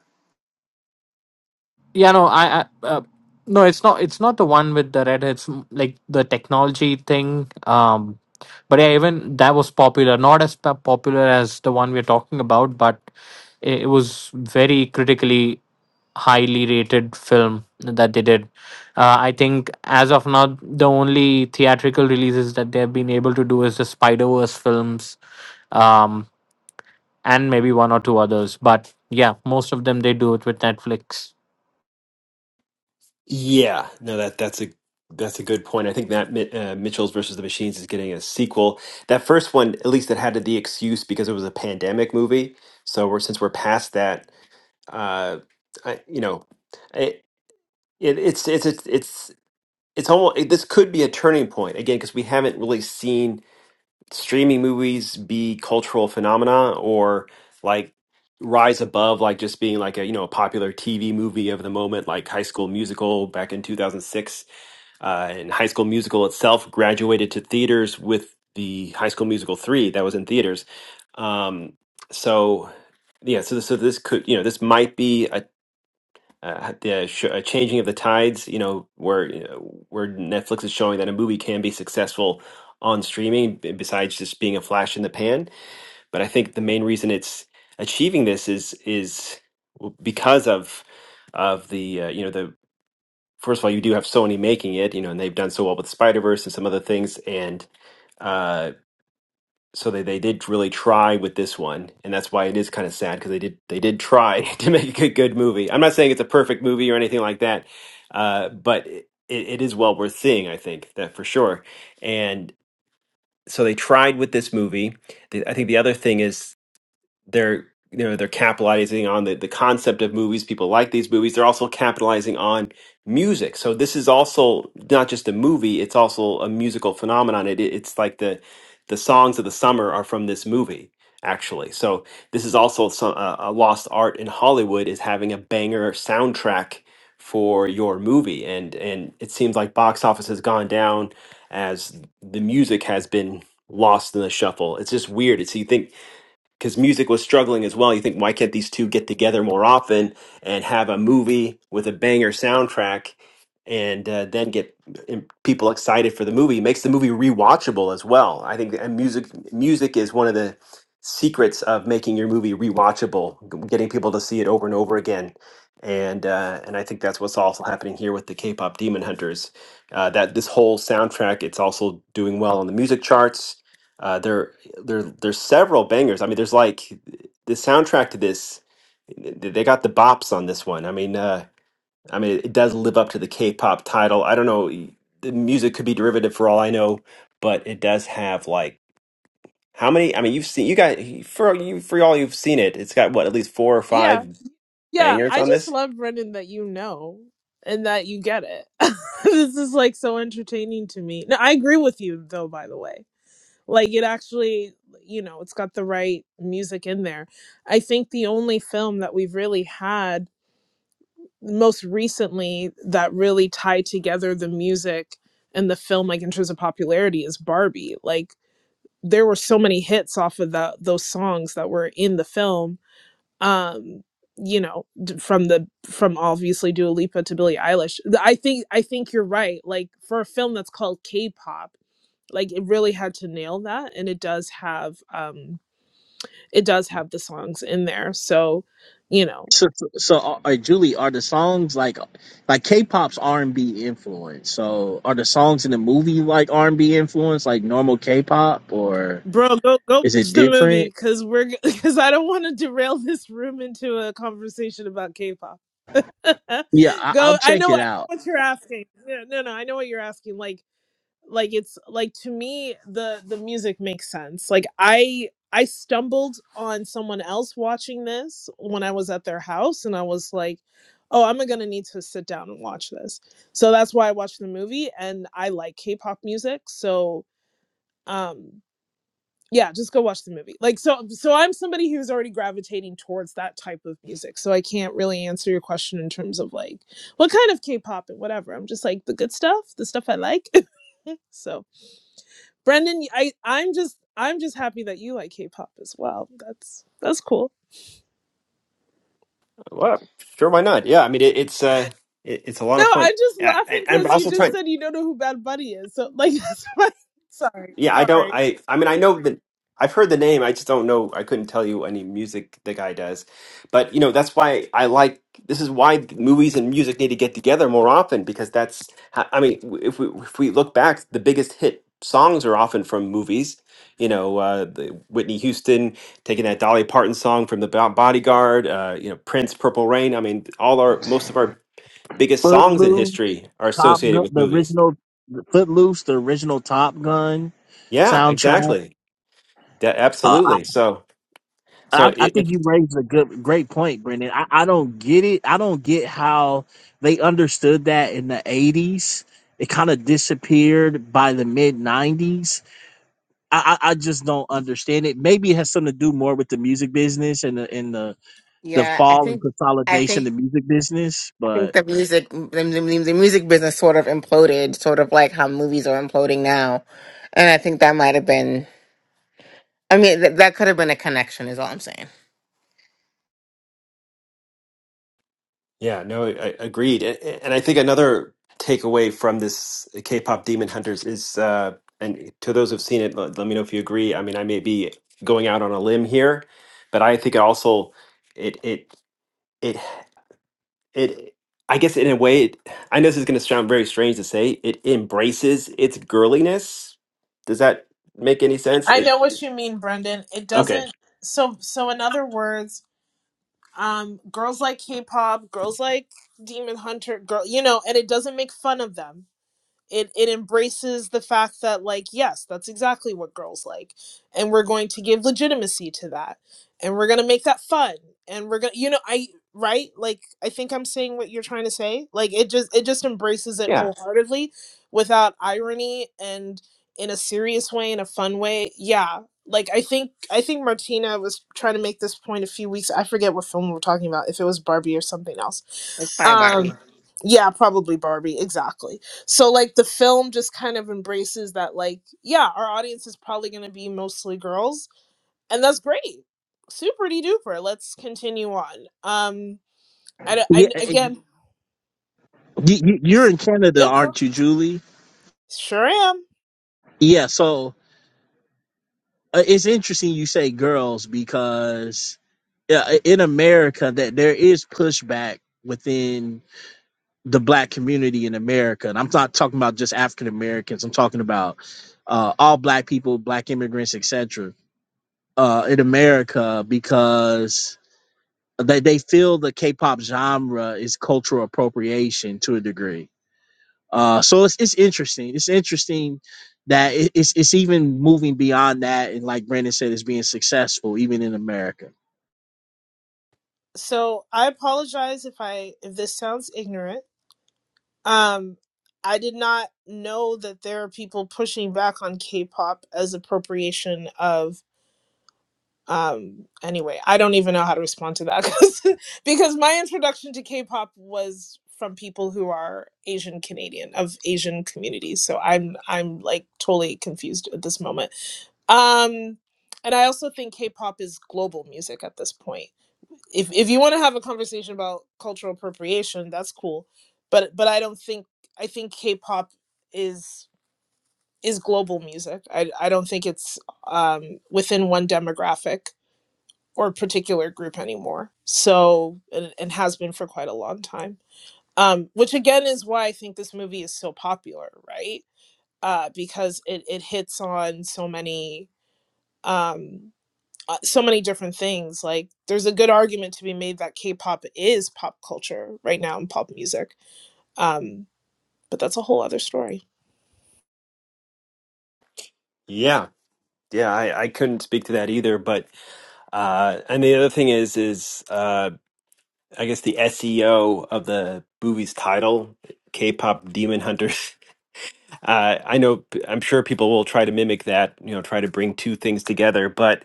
[SPEAKER 14] Yeah, no, I, I uh, no, it's not. It's not the one with the red. It's m- like the technology thing. Um, but yeah, even that was popular. Not as po- popular as the one we're talking about, but it, it was very critically highly rated film that they did. Uh, I think as of now, the only theatrical releases that they've been able to do is the Spider Verse films, um, and maybe one or two others. But yeah, most of them they do it with Netflix.
[SPEAKER 1] Yeah, no, that that's a that's a good point. I think that Mi- uh, Mitchell's versus the Machines is getting a sequel. That first one, at least, it had the excuse because it was a pandemic movie. So we're since we're past that, uh, I, you know, it, it it's it's it's it's it's almost it, this could be a turning point again because we haven't really seen streaming movies be cultural phenomena or like rise above like just being like a you know a popular TV movie of the moment like High School Musical back in 2006 uh, in High School Musical itself, graduated to theaters with the High School Musical three that was in theaters. Um, so yeah, so so this could you know this might be a uh, the sh- a changing of the tides, you know, where you know, where Netflix is showing that a movie can be successful on streaming b- besides just being a flash in the pan. But I think the main reason it's achieving this is is because of of the uh, you know the first of all, you do have Sony making it, you know, and they've done so well with Spider Verse and some other things, and uh, so they they did really try with this one, and that's why it is kind of sad because they did they did try to make a good, good movie. I'm not saying it's a perfect movie or anything like that, uh, but it, it is well worth seeing, I think that for sure. And so they tried with this movie. The, I think the other thing is they're you know they're capitalizing on the, the concept of movies people like these movies they're also capitalizing on music so this is also not just a movie it's also a musical phenomenon it, it's like the the songs of the summer are from this movie actually so this is also some, uh, a lost art in hollywood is having a banger soundtrack for your movie and and it seems like box office has gone down as the music has been lost in the shuffle it's just weird it's you think because music was struggling as well. You think, why can't these two get together more often and have a movie with a banger soundtrack and uh, then get um, people excited for the movie? It makes the movie rewatchable as well. I think that- and music music is one of the secrets of making your movie rewatchable, g- getting people to see it over and over again. And uh, and I think that's what's also happening here with the K-pop Demon Hunters. Uh, that this whole soundtrack, it's also doing well on the music charts. Uh, they're there there's several bangers. I mean, there's like the soundtrack to this. th- They got the bops on this one. I mean, uh, I mean, it does live up to the K-pop title. I don't know. The music could be derivative for all I know, but it does have like how many? I mean, you've seen you got for you for all you've seen it. It's got what at least four or
[SPEAKER 9] Yeah.
[SPEAKER 1] five
[SPEAKER 9] Yeah,
[SPEAKER 1] bangers
[SPEAKER 9] I
[SPEAKER 1] on
[SPEAKER 9] just
[SPEAKER 1] this.
[SPEAKER 9] love Brendan that you know and that you get it. this is like so entertaining to me. No, I agree with you though, by the way. Like it actually, you know, it's got the right music in there. I think the only film that we've really had most recently that really tied together the music and the film like in terms of popularity is Barbie. Like there were so many hits off of that those songs that were in the film um you know from the from obviously Dua Lipa to Billie Eilish I think I think you're right like for a film that's called K-pop like it really had to nail that and it does have um it does have the songs in there so you know
[SPEAKER 18] So, so, so are, are- Julie, are the songs like like K-pop's R&B influence? So, are the songs in the movie like R&B influence, like normal K-pop, or
[SPEAKER 9] bro go go
[SPEAKER 18] is
[SPEAKER 9] watch
[SPEAKER 18] it
[SPEAKER 9] the movie
[SPEAKER 18] different?
[SPEAKER 9] cuz we're g- cuz I don't want to derail this room into a conversation about K-pop
[SPEAKER 18] Yeah, I, I'll
[SPEAKER 9] go I
[SPEAKER 18] check
[SPEAKER 9] know
[SPEAKER 18] it
[SPEAKER 9] I know
[SPEAKER 18] out.
[SPEAKER 9] what you're asking no no no I know what you're asking like like it's like to me the the music makes sense like i i stumbled on someone else watching this when i was at their house and i was like oh i'm gonna need to sit down and watch this so that's why i watched the movie and i like k-pop music so um yeah just go watch the movie like so so i'm somebody who's already gravitating towards that type of music so i can't really answer your question in terms of like what kind of k-pop and whatever i'm just like the good stuff the stuff i like so Brendan, I I'm just I'm just happy that you like K-pop as well. That's that's cool.
[SPEAKER 1] Well, sure, why not? Yeah, I mean, it, it's uh, it, it's a lot
[SPEAKER 9] No,
[SPEAKER 1] of fun.
[SPEAKER 9] I'm just
[SPEAKER 1] I,
[SPEAKER 9] laughing
[SPEAKER 1] I, I'm
[SPEAKER 9] because you
[SPEAKER 1] also
[SPEAKER 9] just
[SPEAKER 1] trying.
[SPEAKER 9] said you don't know who Bad Bunny is. So like that's why. Sorry,
[SPEAKER 1] Yeah, I don't.
[SPEAKER 9] sorry.
[SPEAKER 1] I I mean, I know that I've heard the name. I just don't know. I couldn't tell you any music the guy does. But you know, that's why I like. This is why movies and music need to get together more often because that's. ho- I mean, w- if we if we look back, the biggest hit songs are often from movies. You know, uh, the Whitney Houston taking that Dolly Parton song from the Bo- Bodyguard. Uh, you know, Prince, Purple Rain. I mean, all our most of our biggest songs in
[SPEAKER 18] Footloose,
[SPEAKER 1] history are
[SPEAKER 18] Top
[SPEAKER 1] associated
[SPEAKER 18] Gun,
[SPEAKER 1] with
[SPEAKER 18] the
[SPEAKER 1] movies.
[SPEAKER 18] original Footloose, the original Top Gun
[SPEAKER 1] Yeah,
[SPEAKER 18] soundtrack.
[SPEAKER 1] exactly. Yeah,
[SPEAKER 18] Uh, I,
[SPEAKER 1] absolutely. So. So
[SPEAKER 18] I I
[SPEAKER 1] it,
[SPEAKER 18] think
[SPEAKER 1] it
[SPEAKER 18] you raised a good, great point, Brendan. I, I don't get it. I don't get how they understood that in the '80s. It kind of disappeared by the mid '90s. I, I, I just don't understand it. Maybe it has something to do more with the music business and the and the, the
[SPEAKER 10] Yeah, I
[SPEAKER 18] fall and
[SPEAKER 10] think, I
[SPEAKER 18] consolidation
[SPEAKER 10] think,
[SPEAKER 18] of the music business.
[SPEAKER 10] I think
[SPEAKER 18] But
[SPEAKER 10] the music, the, the, the music business sort of imploded, sort of like how movies are imploding now, and I think that might have been. I mean, th- that could have been a connection, is all I'm saying.
[SPEAKER 1] yeah, no, I, I agreed. A- a- And I think another takeaway from this K-pop Demon Hunters is, uh, and to those who've seen it, let, let me know if you agree. I mean, I may be going out on a limb here, but I think it also it it it. it i guess in a way it, i know this is going to sound very strange to say it embraces its girliness does that make any sense
[SPEAKER 9] I
[SPEAKER 1] it
[SPEAKER 9] know what you mean, Brendan. It
[SPEAKER 1] okay
[SPEAKER 9] doesn't so so in other words, um girls like K-pop, girls like Demon Hunter, girl, you know, and it doesn't make fun of them. it it embraces the fact that like yes that's exactly what girls like and we're going to give legitimacy to that and we're going to make that fun and we're going to you know i right like i think i'm saying what you're trying to say like it just it just embraces it
[SPEAKER 1] yeah
[SPEAKER 9] wholeheartedly without irony and in a serious way in a fun way yeah like i think i think martina was trying to make this point a few weeks i forget what film we we're talking about if it was barbie or something else
[SPEAKER 10] It's probably
[SPEAKER 9] um
[SPEAKER 10] Barbie.
[SPEAKER 9] yeah probably barbie exactly so like the film just kind of embraces that like yeah our audience is probably going to be mostly girls and that's great super de duper let's continue on um i, don't-
[SPEAKER 18] yeah,
[SPEAKER 9] I
[SPEAKER 18] eh, eh,
[SPEAKER 9] again
[SPEAKER 18] you, you- you're
[SPEAKER 9] s-
[SPEAKER 18] in Canada,
[SPEAKER 9] yep
[SPEAKER 18] aren't you, Julie?
[SPEAKER 9] sure am
[SPEAKER 18] Yeah. So Uh, It's interesting you say girls because yeah, in America that there is pushback within the black community in America, and I'm not talking about just African Americans. I'm talking about uh, all black people, black immigrants, etc. Uh, in America because they they feel the K-pop genre is cultural appropriation to a degree. Uh, so it's it's interesting. It's interesting that it, it's it's even moving beyond that, and like Brandon said, it's being successful even in America.
[SPEAKER 9] so i apologize if i if this sounds ignorant um i did not know that there are people pushing back on k-pop as appropriation of um anyway i don't even know how to respond to that because because my introduction to k-pop was from people who are asian canadian of asian communities so i'm i'm like totally confused at this moment um and i also think k-pop is global music at this point if if you want to have a conversation about cultural appropriation that's cool but but i don't think i think k-pop is is global music i i don't think it's um within one demographic or particular group anymore. So, and, and has been for quite a long time. Um, which again is why I think this movie is so popular, right? Uh, because it, it hits on so many um, uh, so many different things. Like, there's a good argument to be made that K-pop is pop culture right now and pop music. Um, but that's a whole other story.
[SPEAKER 1] yeah yeah i, I couldn't speak to that either but uh and the other thing is is uh i guess the seo of the movie's title k-pop demon hunters uh i know i'm sure people will try to mimic that you know try to bring two things together but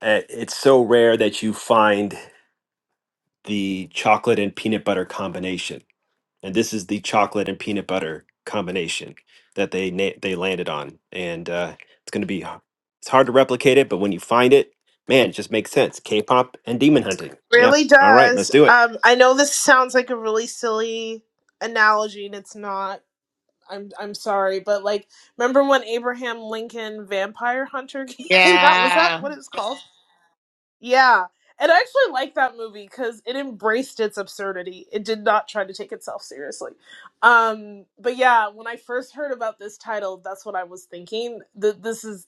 [SPEAKER 1] uh, it's so rare that you find the chocolate and peanut butter combination. And this is the chocolate and peanut butter combination that they na- they landed on. And uh, it's going to be h- it's hard to replicate it, but when you find it, man, it just makes sense. K-pop and demon hunting. Yeah.
[SPEAKER 9] Really
[SPEAKER 1] All right, let's
[SPEAKER 9] does.
[SPEAKER 1] do it.
[SPEAKER 9] Um, I know this sounds like a really silly analogy, and it's not I'm I'm sorry, but like, remember when Abraham Lincoln Vampire Hunter came out? Was that
[SPEAKER 10] Yeah.
[SPEAKER 9] what it's called? Yeah, and I actually like that movie because it embraced its absurdity. It did not try to take itself seriously. Um, but yeah, when I first heard about this title, that's what I was thinking. That this is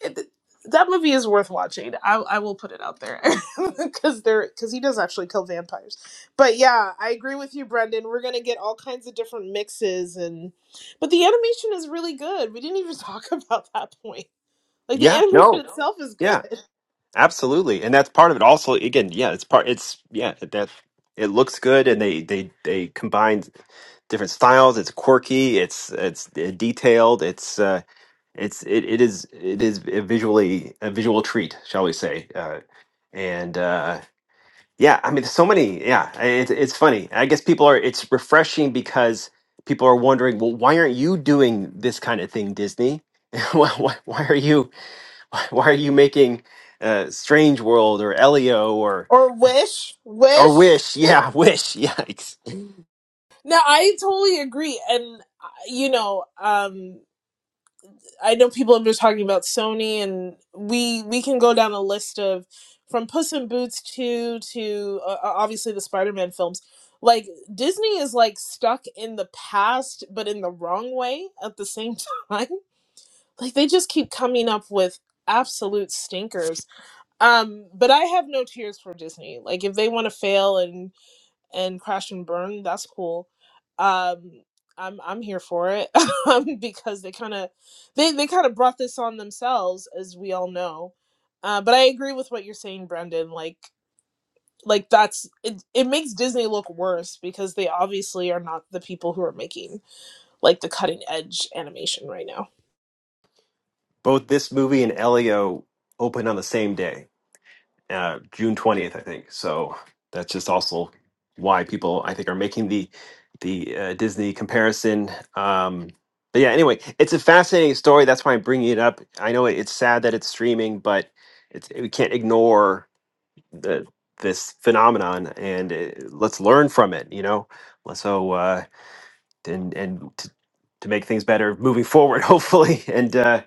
[SPEAKER 9] it, that movie is worth watching. I, I will put it out there because they're because he does actually kill vampires. But yeah, I agree with you, Brendan. We're gonna get all kinds of different mixes and but the animation is really good. We didn't even talk about that point. Like the
[SPEAKER 1] Yeah.
[SPEAKER 9] animation No.
[SPEAKER 1] No.
[SPEAKER 9] itself is
[SPEAKER 1] Yeah.
[SPEAKER 9] good.
[SPEAKER 1] Absolutely. And that's part of it. Also, again, yeah, it's part. It's yeah that it looks good, and they they they combine different styles. It's quirky. It's it's uh, detailed. It's uh, it's it, it is it is a visually a visual treat shall we say uh, and uh, yeah i mean so many yeah I- it's it's funny i guess people are it's refreshing because people are wondering well why aren't you doing this kind of thing disney why, why why are you why why are you making uh, strange world or elio or
[SPEAKER 9] Or wish,
[SPEAKER 1] or
[SPEAKER 9] wish.
[SPEAKER 1] wish yeah wish yikes
[SPEAKER 9] No, I totally agree, and uh, you know, um, I know people have been talking about Sony, and we we can go down a list of from Puss in Boots two to uh, uh, obviously the Spider Man films. Like Disney is like stuck in the past, but in the wrong way at the same time. Like they just keep coming up with absolute stinkers. Um, but I have no tears for Disney. Like if they want to fail and and crash and burn. That's cool. Um, I'm I'm here for it um, because they kind of they they kind of brought this on themselves, as we all know. Uh, but I agree with what you're saying, Brendan. Like like that's it. It makes Disney look worse because they obviously are not the people who are making like the cutting edge animation right now.
[SPEAKER 1] both this movie and elio open on the same day uh, June twentieth, I think. So that's just also why people I think are making the the uh, Disney comparison. Um, but yeah, anyway, it's a fascinating story. That's why I'm bringing it up. I know it- it's sad that it's streaming, but it's, we can't ignore the this phenomenon, and uh let's learn from it. You know, so uh, and and to, to make things better moving forward, hopefully, and. Uh,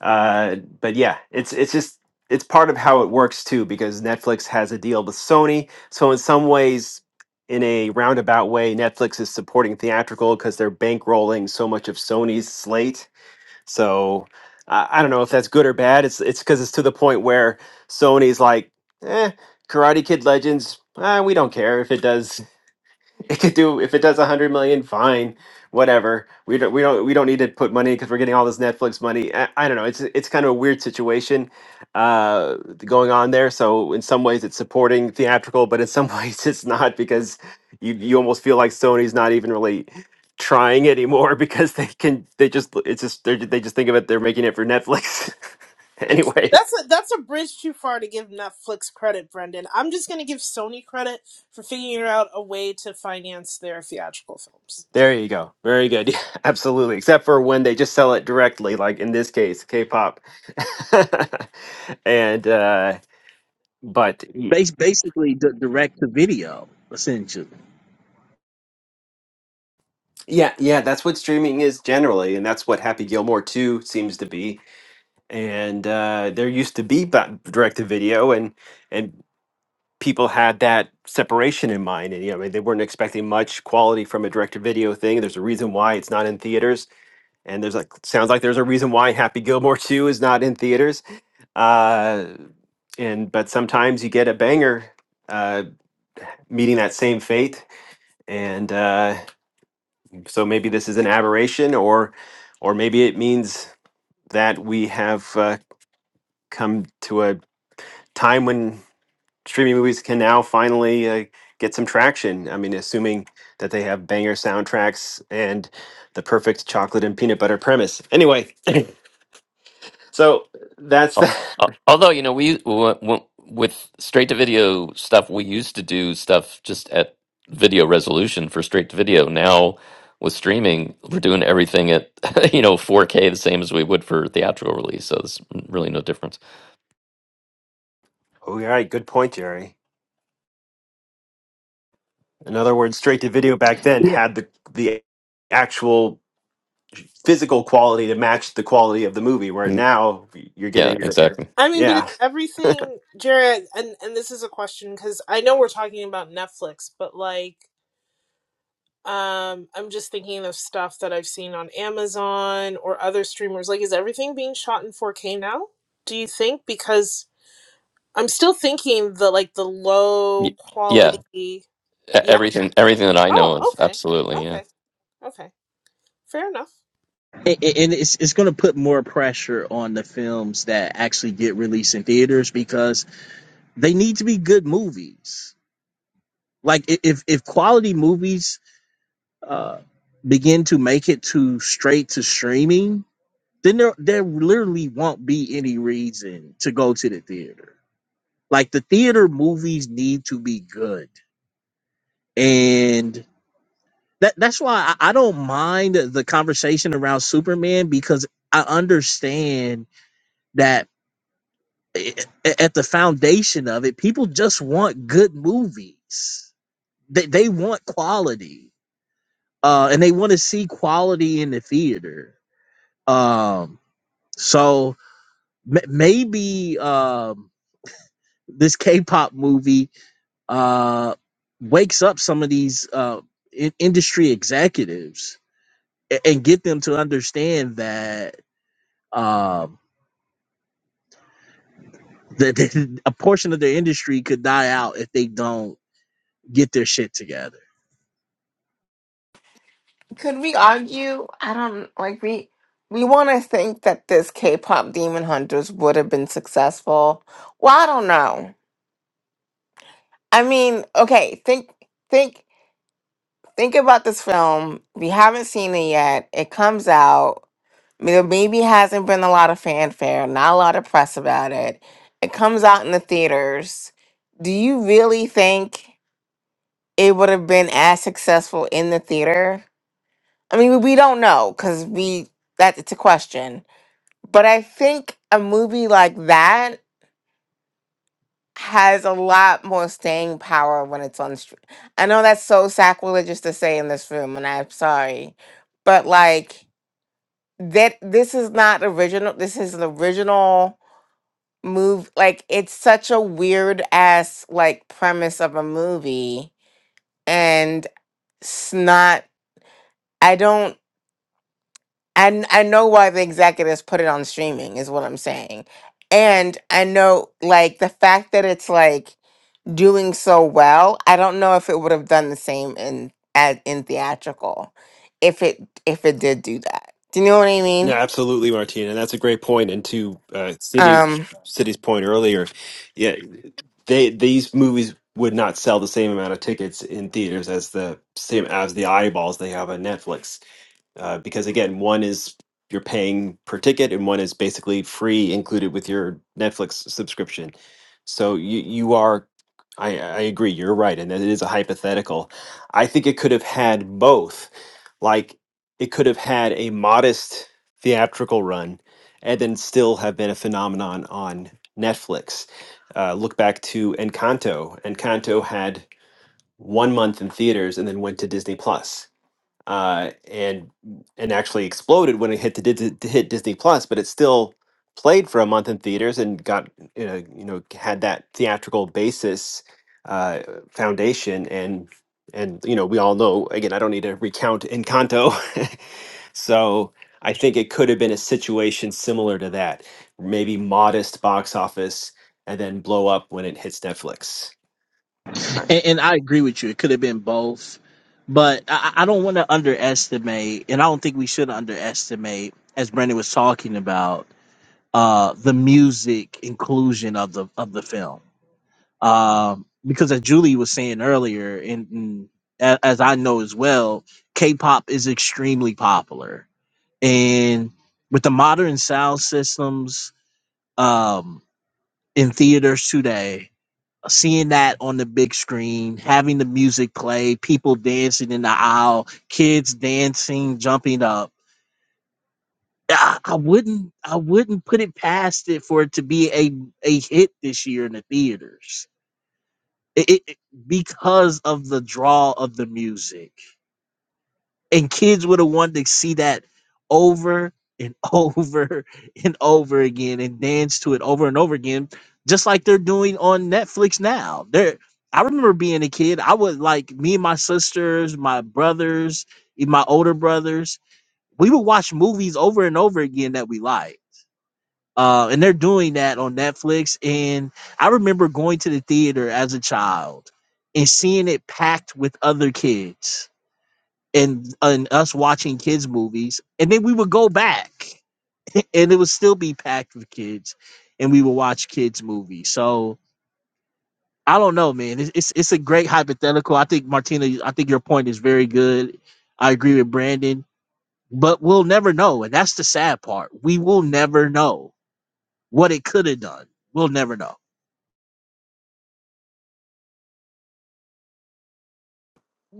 [SPEAKER 1] uh, but yeah, it's it's just it's part of how it works too because Netflix has a deal with Sony. So in some ways, in a roundabout way, Netflix is supporting theatrical because they're bankrolling so much of Sony's slate. So I I don't know if that's good or bad. It's it's because it's to the point where Sony's like, eh, Karate Kid Legends. Uh, we don't care if it does it could do if it does a hundred million, fine, whatever. We don't we don't we don't need to put money because we're getting all this Netflix money. I, I don't know. It's it's kind of a weird situation uh, going on there. So in some ways, it's supporting theatrical, but in some ways, it's not because you you almost feel like Sony's not even really trying anymore because they can they just it's just they they just think of it they're making it for Netflix. anyway
[SPEAKER 9] That's a that's a bridge too far to give Netflix credit, Brendan. I'm just gonna give Sony credit for figuring out a way to finance their theatrical films.
[SPEAKER 1] There you go. Very good. Yeah, absolutely. Except for when they just sell it directly, like in this case, K-pop. and uh but y-
[SPEAKER 18] Bas- basically, d- direct to video, essentially.
[SPEAKER 1] yeah, yeah, that's what streaming is generally, and that's what Happy Gilmore 2 seems to be. And uh there used to be direct to video and and people had that separation in mind and you know I mean, they weren't expecting much quality from a direct to video thing. There's a reason why it's not in theaters and there's like sounds like there's a reason why Happy Gilmore 2 is not in theaters Uh, and but sometimes you get a banger uh, meeting that same fate, and uh, so maybe this is an aberration, or or maybe it means that we have uh, come to a time when streaming movies can now finally uh, get some traction. I mean, assuming that they have banger soundtracks and the perfect chocolate and peanut butter premise. Anyway, so that's
[SPEAKER 12] Al-
[SPEAKER 1] the.
[SPEAKER 12] al- Although you know we w- w- with straight to video stuff, we used to do stuff just at video resolution for straight to video. Now with streaming, we're doing everything at you know 4K, the same as we would for theatrical release. So there's really no difference.
[SPEAKER 1] All right, good point, Jerry. In other words, straight to video back then
[SPEAKER 18] Yeah,
[SPEAKER 1] had the the actual physical quality to match the quality of the movie. Where now you're
[SPEAKER 12] Yeah,
[SPEAKER 1] getting the
[SPEAKER 12] exactly.
[SPEAKER 9] I mean, but it's
[SPEAKER 1] yeah.
[SPEAKER 9] everything, Jared. And and this is a question because I know we're talking about Netflix, but like, um, I'm just thinking of stuff that I've seen on Amazon or other streamers. Like, is everything being shot in 4K now? Do you think? Because I'm still thinking the like the low
[SPEAKER 12] Y- Yeah,
[SPEAKER 9] quality.
[SPEAKER 12] e-
[SPEAKER 9] Yeah.
[SPEAKER 12] everything everything that I know
[SPEAKER 9] Oh,
[SPEAKER 12] of,
[SPEAKER 9] okay.
[SPEAKER 12] absolutely. Yeah,
[SPEAKER 9] Okay. Okay. Fair enough.
[SPEAKER 18] and, and it's it's going to put more pressure on the films that actually get released in theaters because they need to be good movies. Like i- if if quality movies uh, begin to make it to straight to streaming, then there there literally won't be any reason to go to the theater. Like the theater movies need to be good. And that that's why I, I don't mind the conversation around Superman because I understand that i- at the foundation of it, people just want good movies. They they want quality. Uh, and they want to see quality in the theater. Um, so m- maybe um this K-pop movie uh, wakes up some of these uh, in- industry executives a- and get them to understand that um, that that a portion of their industry could die out if they don't get their shit together.
[SPEAKER 10] Could we argue? I don't like we we want to think that this K-pop Demon Hunters would have been successful. Well, I don't know. I mean, okay, think think think about this film. We haven't seen it yet. It comes out. There maybe hasn't been a lot of fanfare, not a lot of press about it. It comes out in the theaters. Do you really think it would have been as successful in the theater? I mean, we we don't know because we that it's a question But I think a movie like that has a lot more staying power when it's on stream. I know that's so sacrilegious to say in this room, and I'm sorry, but like that, this is not original. This is an original move. Like it's such a weird ass like premise of a movie, and it's not. I don't. I I know why the executives put it on streaming is what I'm saying, and I know like the fact that it's like doing so well. I don't know if it would have done the same in at in theatrical, if it if it did do that. Do you know what I
[SPEAKER 1] No,
[SPEAKER 10] mean?
[SPEAKER 1] absolutely, Martina. And that's a great point. And to uh, City
[SPEAKER 10] Um,
[SPEAKER 1] City's point earlier, yeah, they these movies would not sell the same amount of tickets in theaters as the same as the eyeballs they have on Netflix. uh, because again, one is you're paying per ticket, and one is basically free included with your Netflix subscription. So you you are, I I agree, you're right, and it is a hypothetical. I think it could have had both, like it could have had a modest theatrical run, and then still have been a phenomenon on Netflix. Uh, look back to Encanto. Encanto had one month in theaters and then went to Disney Plus uh, and and actually exploded when it hit the Dis- to hit Disney Plus, but it still played for a month in theaters and got you know you know had that theatrical basis uh, foundation and and you know we all know again I don't need to recount Encanto, so I think it could have been a situation similar to that, maybe modest box office and then blow up when it hits Netflix.
[SPEAKER 18] And, and I agree with you; it could have been both, but I I don't want to underestimate, and I don't think we should underestimate, as Brandon was talking about. uh, the music inclusion of the of the film. Um, because as Julie was saying earlier, and, and a- as I know as well, K-pop is extremely popular, and with the modern sound systems um, in theaters today, seeing that on the big screen, having the music play, people dancing in the aisle, kids dancing, jumping up I, I wouldn't I wouldn't put it past it for it to be a a hit this year in the theaters. It, it, it- because of the draw of the music. And kids would have wanted to see that over and over and over again and dance to it over and over again, just like they're doing on Netflix now. They're I remember being a kid, I would like me and my sisters, my brothers, and my older brothers, we would watch movies over and over again that we liked uh, and they're doing that on Netflix. And I remember going to the theater as a child and seeing it packed with other kids and, and us watching kids' movies. And then we would go back and it would still be packed with kids and we would watch kids' movies. So I don't know, man. It's, it's, it's a great hypothetical. I think, Martina, I think your point is very good. I agree with Brandon, but we'll never know. And that's the sad part. We will never know what it could have done. We'll never know.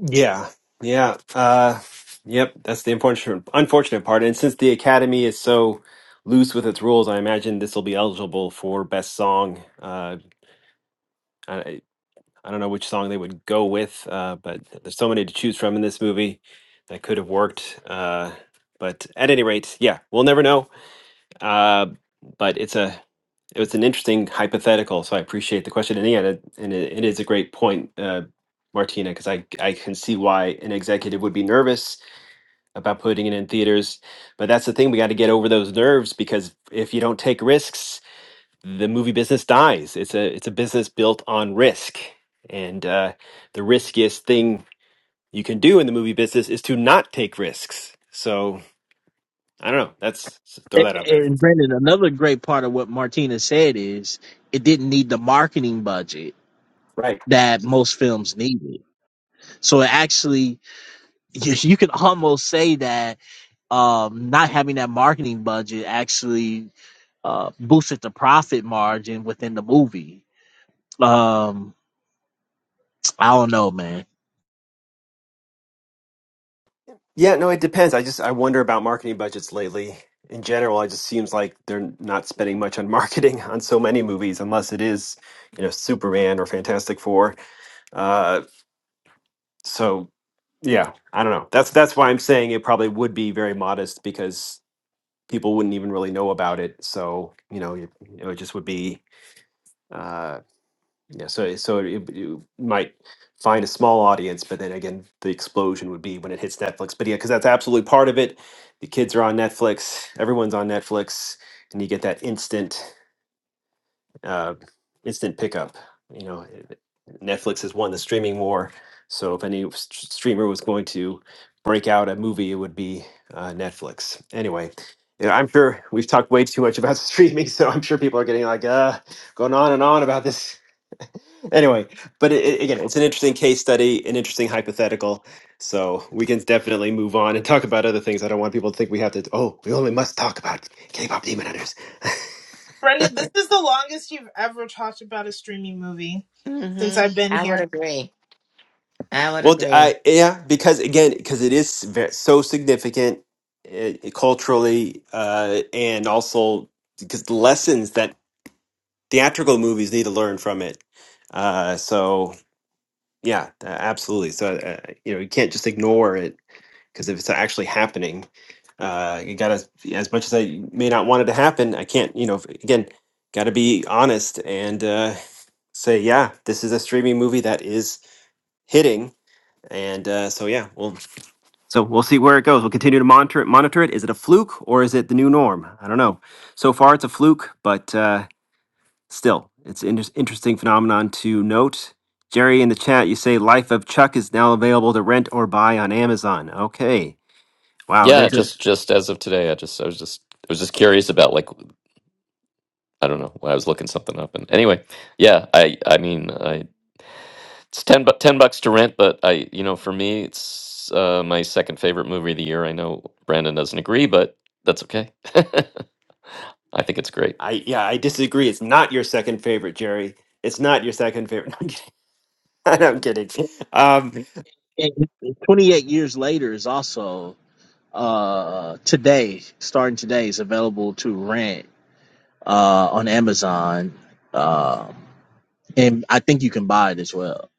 [SPEAKER 1] Yeah, yeah, uh, yep. That's the unfortunate, unfortunate part. And since the Academy is so loose with its rules, I imagine this will be eligible for best song. Uh, I I don't know which song they would go with, uh, but there's so many to choose from in this movie that could have worked. Uh, but at any rate, yeah, we'll never know. Uh, but it's a it was an interesting hypothetical, so I appreciate the question. And yeah, it, and it, it is a great point, uh, Martina, because I I can see why an executive would be nervous about putting it in theaters. But that's the thing, we got to get over those nerves because if you don't take risks, the movie business dies. It's a it's a business built on risk. And uh, the riskiest thing you can do in the movie business is to not take risks. So I don't know. That's throw
[SPEAKER 18] And
[SPEAKER 1] that out there.
[SPEAKER 18] and Brandon, another great part of what Martina said is it didn't need the marketing budget
[SPEAKER 1] Right.
[SPEAKER 18] that most films needed. So it actually, you, you could almost say that um, not having that marketing budget actually uh, boosted the profit margin within the movie. Um, I don't know, man.
[SPEAKER 1] Yeah, no, it depends. I just I wonder about marketing budgets lately. In general, it just seems like they're not spending much on marketing on so many movies, unless it is, you know, Superman or Fantastic Four Uh, so yeah i don't know that's that's why i'm saying it probably would be very modest because people wouldn't even really know about it so you know it, you know, it just would be uh yeah so so it, you might find a small audience but then again the explosion would be when it hits netflix but yeah because that's absolutely part of it the kids are on netflix everyone's on netflix and you get that instant uh, instant pickup. You know, Netflix has won the streaming war. So if any s- streamer was going to break out a movie, it would be uh, Netflix. Anyway, yeah, I'm sure we've talked way too much about streaming, so I'm sure people are getting like uh, going on and on about this anyway, but it, it- again, it's an interesting case study, an interesting hypothetical. So we can definitely move on and talk about other things. I don't want people to think we have to. Oh, we only must talk about K-pop Demon Hunters.
[SPEAKER 9] Brendan, this is the longest you've ever talked about a streaming movie since
[SPEAKER 10] hmm
[SPEAKER 9] I've been
[SPEAKER 10] I would
[SPEAKER 9] here.
[SPEAKER 10] agree. I would
[SPEAKER 1] Well, d-
[SPEAKER 10] agree.
[SPEAKER 1] I yeah, because again, because it is very, so significant uh, culturally, uh, and also because the lessons that theatrical movies need to learn from it. Uh, so yeah, uh, absolutely. So uh, you know, you can't just ignore it because if it's actually happening, uh, you gotta. As much as I may not want it to happen, I can't. You know, again, gotta be honest and uh, say, yeah, this is a streaming movie that is hitting. And uh, so, yeah, well. So we'll see where it goes. We'll continue to monitor it. Monitor it. Is it a fluke or is it the new norm? I don't know. So far, it's a fluke, but uh, still, it's an inter- interesting phenomenon to note. Jerry in the chat, you say "Life of Chuck" is now available to rent or buy on Amazon. Okay. Wow.
[SPEAKER 12] yeah.
[SPEAKER 1] There's a.
[SPEAKER 12] Just just as of today, I just I was just I was just curious about like I don't know when I was looking something up and anyway, yeah. I I mean I it's ten bu- ten bucks to rent, but I you know for me it's uh, my second favorite movie of the year. I know Brandon doesn't agree, but that's okay. I think it's great,
[SPEAKER 1] I yeah. I disagree. It's not your second favorite, Jerry. It's not your second favorite. I'm kidding. I'm kidding. Um,
[SPEAKER 18] And 28 years later is also uh, today, starting today, is available to rent uh, on Amazon. Um, and I think you can buy it as well.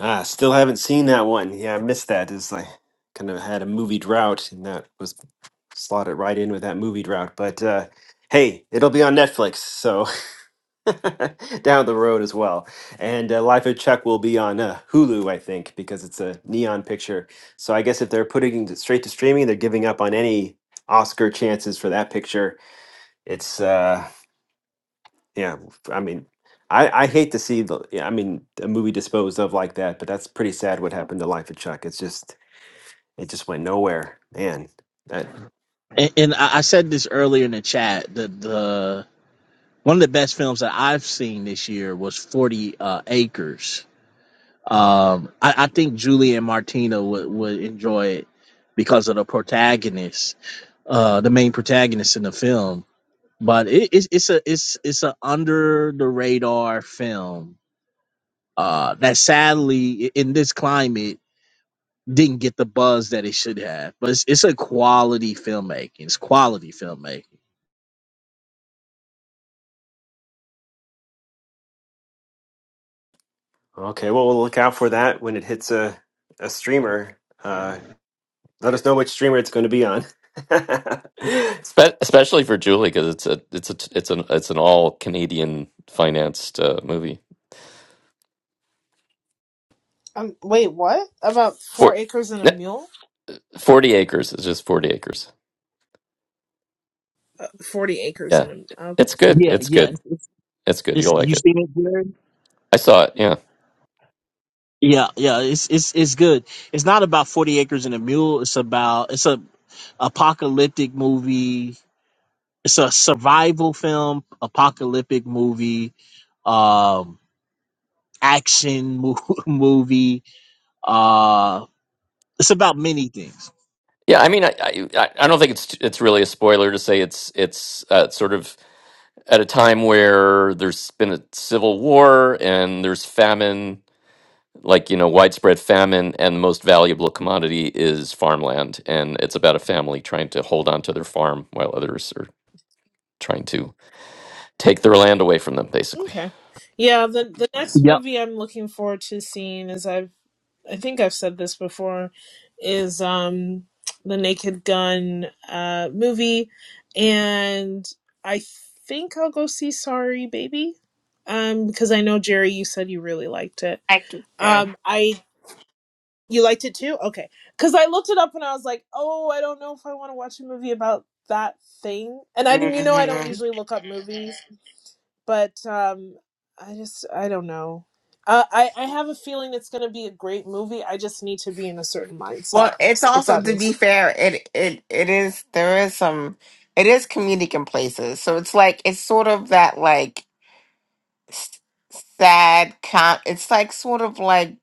[SPEAKER 1] ah, still haven't seen that one. Yeah, I missed that. It's like kind of had a movie drought, and that was slot it right in with that movie drought. But uh, hey, it'll be on Netflix, so down the road as well. And uh, Life of Chuck will be on uh, Hulu, I think, because it's a neon picture. So I guess if they're putting it straight to streaming, they're giving up on any Oscar chances for that picture. It's uh, yeah, I mean. I, I hate to see the yeah, I mean a movie disposed of like that, but that's pretty sad what happened to Life of Chuck. It's just it just went nowhere, man.
[SPEAKER 18] And, and I, I said this earlier in the chat. that the one of the best films that I've seen this year was Forty uh, Acres. Um, I, I think Julie and Martina would would enjoy it because of the protagonist, uh, the main protagonist in the film. But it, it's it's a it's it's a under the radar film uh, that sadly i- in this climate didn't get the buzz that it should have. But it's, it's a quality filmmaking. It's quality filmmaking.
[SPEAKER 1] Okay, well, we'll look out for that when it hits a, a streamer. Uh, let us know which streamer it's going to be on.
[SPEAKER 12] Spe- especially for Julie because it's a it's a it's an it's an all Canadian financed uh, movie.
[SPEAKER 9] Um, wait, what? About four
[SPEAKER 12] Four.
[SPEAKER 9] acres and a mule?
[SPEAKER 12] Forty acres. It's just forty acres.
[SPEAKER 9] Uh, 40 acres
[SPEAKER 12] Yeah,
[SPEAKER 9] and a Okay.
[SPEAKER 12] it's good.
[SPEAKER 18] Yeah,
[SPEAKER 12] It's
[SPEAKER 18] yeah.
[SPEAKER 12] good.
[SPEAKER 18] It's, it's,
[SPEAKER 12] It's good.
[SPEAKER 18] it's-
[SPEAKER 12] You'll like
[SPEAKER 18] you
[SPEAKER 12] it.
[SPEAKER 18] seen it, Jared?
[SPEAKER 12] I saw it. Yeah.
[SPEAKER 18] Yeah, yeah. It's it's it's good. It's not about Forty Acres and a Mule. It's about it's a apocalyptic movie. It's a survival film, apocalyptic movie, um, action mo- movie. Uh, it's about many things.
[SPEAKER 12] Yeah. I mean, I I, I don't think it's it's really a spoiler to say it's it's uh, sort of at a time where there's been a civil war and there's famine, like, you know, widespread famine, and the most valuable commodity is farmland. And it's about a family trying to hold on to their farm while others are trying to take their land away from them, basically.
[SPEAKER 9] okay. Yeah, the, the next
[SPEAKER 18] Yep.
[SPEAKER 9] movie I'm looking forward to seeing is I've, I think I've said this before, is um the Naked Gun uh movie. And I think I'll go see Sorry Baby. Um, because I know Jerry, you said you really liked it.
[SPEAKER 10] I do too.
[SPEAKER 9] Um, I You liked it too? Okay. Because I looked it up and I was like, oh, I don't know if I want to watch a movie about that thing. And I didn't, you know, I don't
[SPEAKER 10] hmm
[SPEAKER 9] usually look up movies, but um, I just, I don't know. Uh, I, I have a feeling it's going to be a great movie. I just need to be in a certain mindset,
[SPEAKER 10] Well, it's
[SPEAKER 9] if
[SPEAKER 10] also
[SPEAKER 9] that
[SPEAKER 10] to
[SPEAKER 9] makes
[SPEAKER 10] be
[SPEAKER 9] sense.
[SPEAKER 10] fair, it it it is there is some it is comedic in places, so it's like it's sort of that like s- sad com. It's like sort of like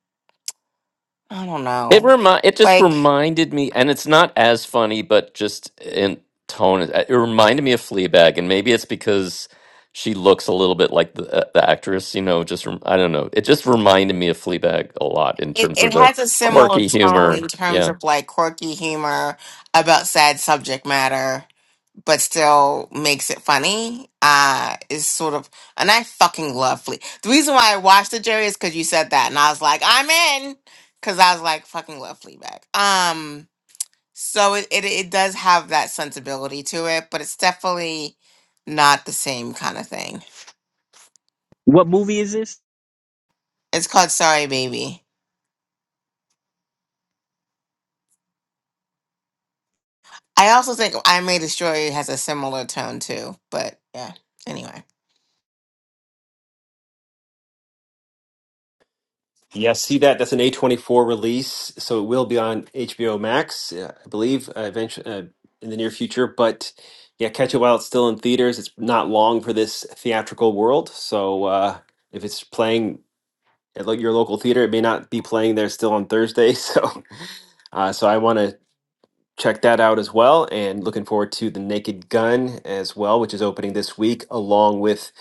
[SPEAKER 10] I don't
[SPEAKER 12] It
[SPEAKER 10] know,
[SPEAKER 12] remi- it just
[SPEAKER 10] like.
[SPEAKER 12] reminded me, and it's not as funny, but just in tone, it it reminded me of Fleabag, and maybe it's because she looks a little bit like the uh, the actress. You know, just rem- I don't know. It just reminded me of Fleabag a lot in
[SPEAKER 10] It,
[SPEAKER 12] terms
[SPEAKER 10] it
[SPEAKER 12] of the
[SPEAKER 10] has a similar
[SPEAKER 12] quirky
[SPEAKER 10] tone
[SPEAKER 12] humor.
[SPEAKER 10] in
[SPEAKER 12] Yeah.
[SPEAKER 10] terms of like quirky humor about sad subject matter, but still makes it funny. Uh, is sort of, and I fucking love Flea. The reason why I watched the jury is because you said that, and I was like, I'm in, because I was like, fucking love Fleabag. Um, so it, it it does have that sensibility to it, but it's definitely not the same kind of thing.
[SPEAKER 18] What movie is this?
[SPEAKER 10] It's called Sorry Baby. I also think I May Destroy You has a similar tone too, but yeah. Anyway.
[SPEAKER 1] yeah, see that? That's an A24 release, so it will be on HBO Max, uh, I believe, uh, eventually, uh, in the near future. But yeah, catch it while it's still in theaters. It's not long for this theatrical world, so uh, if it's playing at lo- your local theater, it may not be playing there still on Thursday. So, uh, so I want to check that out as well. And looking forward to The Naked Gun as well, which is opening this week, along with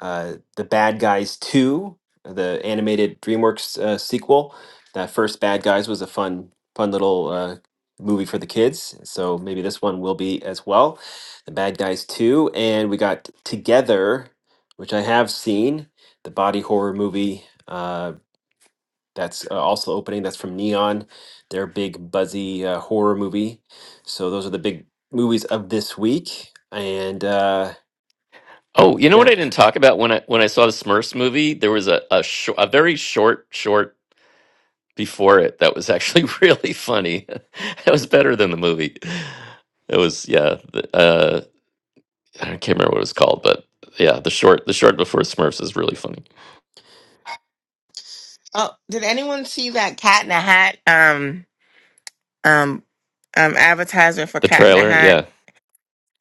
[SPEAKER 1] uh, The Bad Guys 2, the animated DreamWorks uh, sequel. That first Bad Guys was a fun, fun little uh, movie for the kids. So maybe this one will be as well. The Bad Guys 2. And we got Together, which I have seen, the body horror movie. uh, that's uh, also opening. That's from Neon, their big buzzy uh, horror movie. So those are the big movies of this week. And uh,
[SPEAKER 12] Oh, you know what
[SPEAKER 1] yeah,
[SPEAKER 12] I didn't talk about when I when I saw the Smurfs movie? There was a a, shor- a very short short before it that was actually really funny. It was better than the movie. It was yeah. the- Uh, I can't remember what it was called, but yeah, the short the short before Smurfs is really funny.
[SPEAKER 10] Oh, did anyone see that Cat in a Hat um um um advertisement for
[SPEAKER 12] The
[SPEAKER 10] Cat in a
[SPEAKER 12] trailer,
[SPEAKER 10] Hat?
[SPEAKER 12] yeah.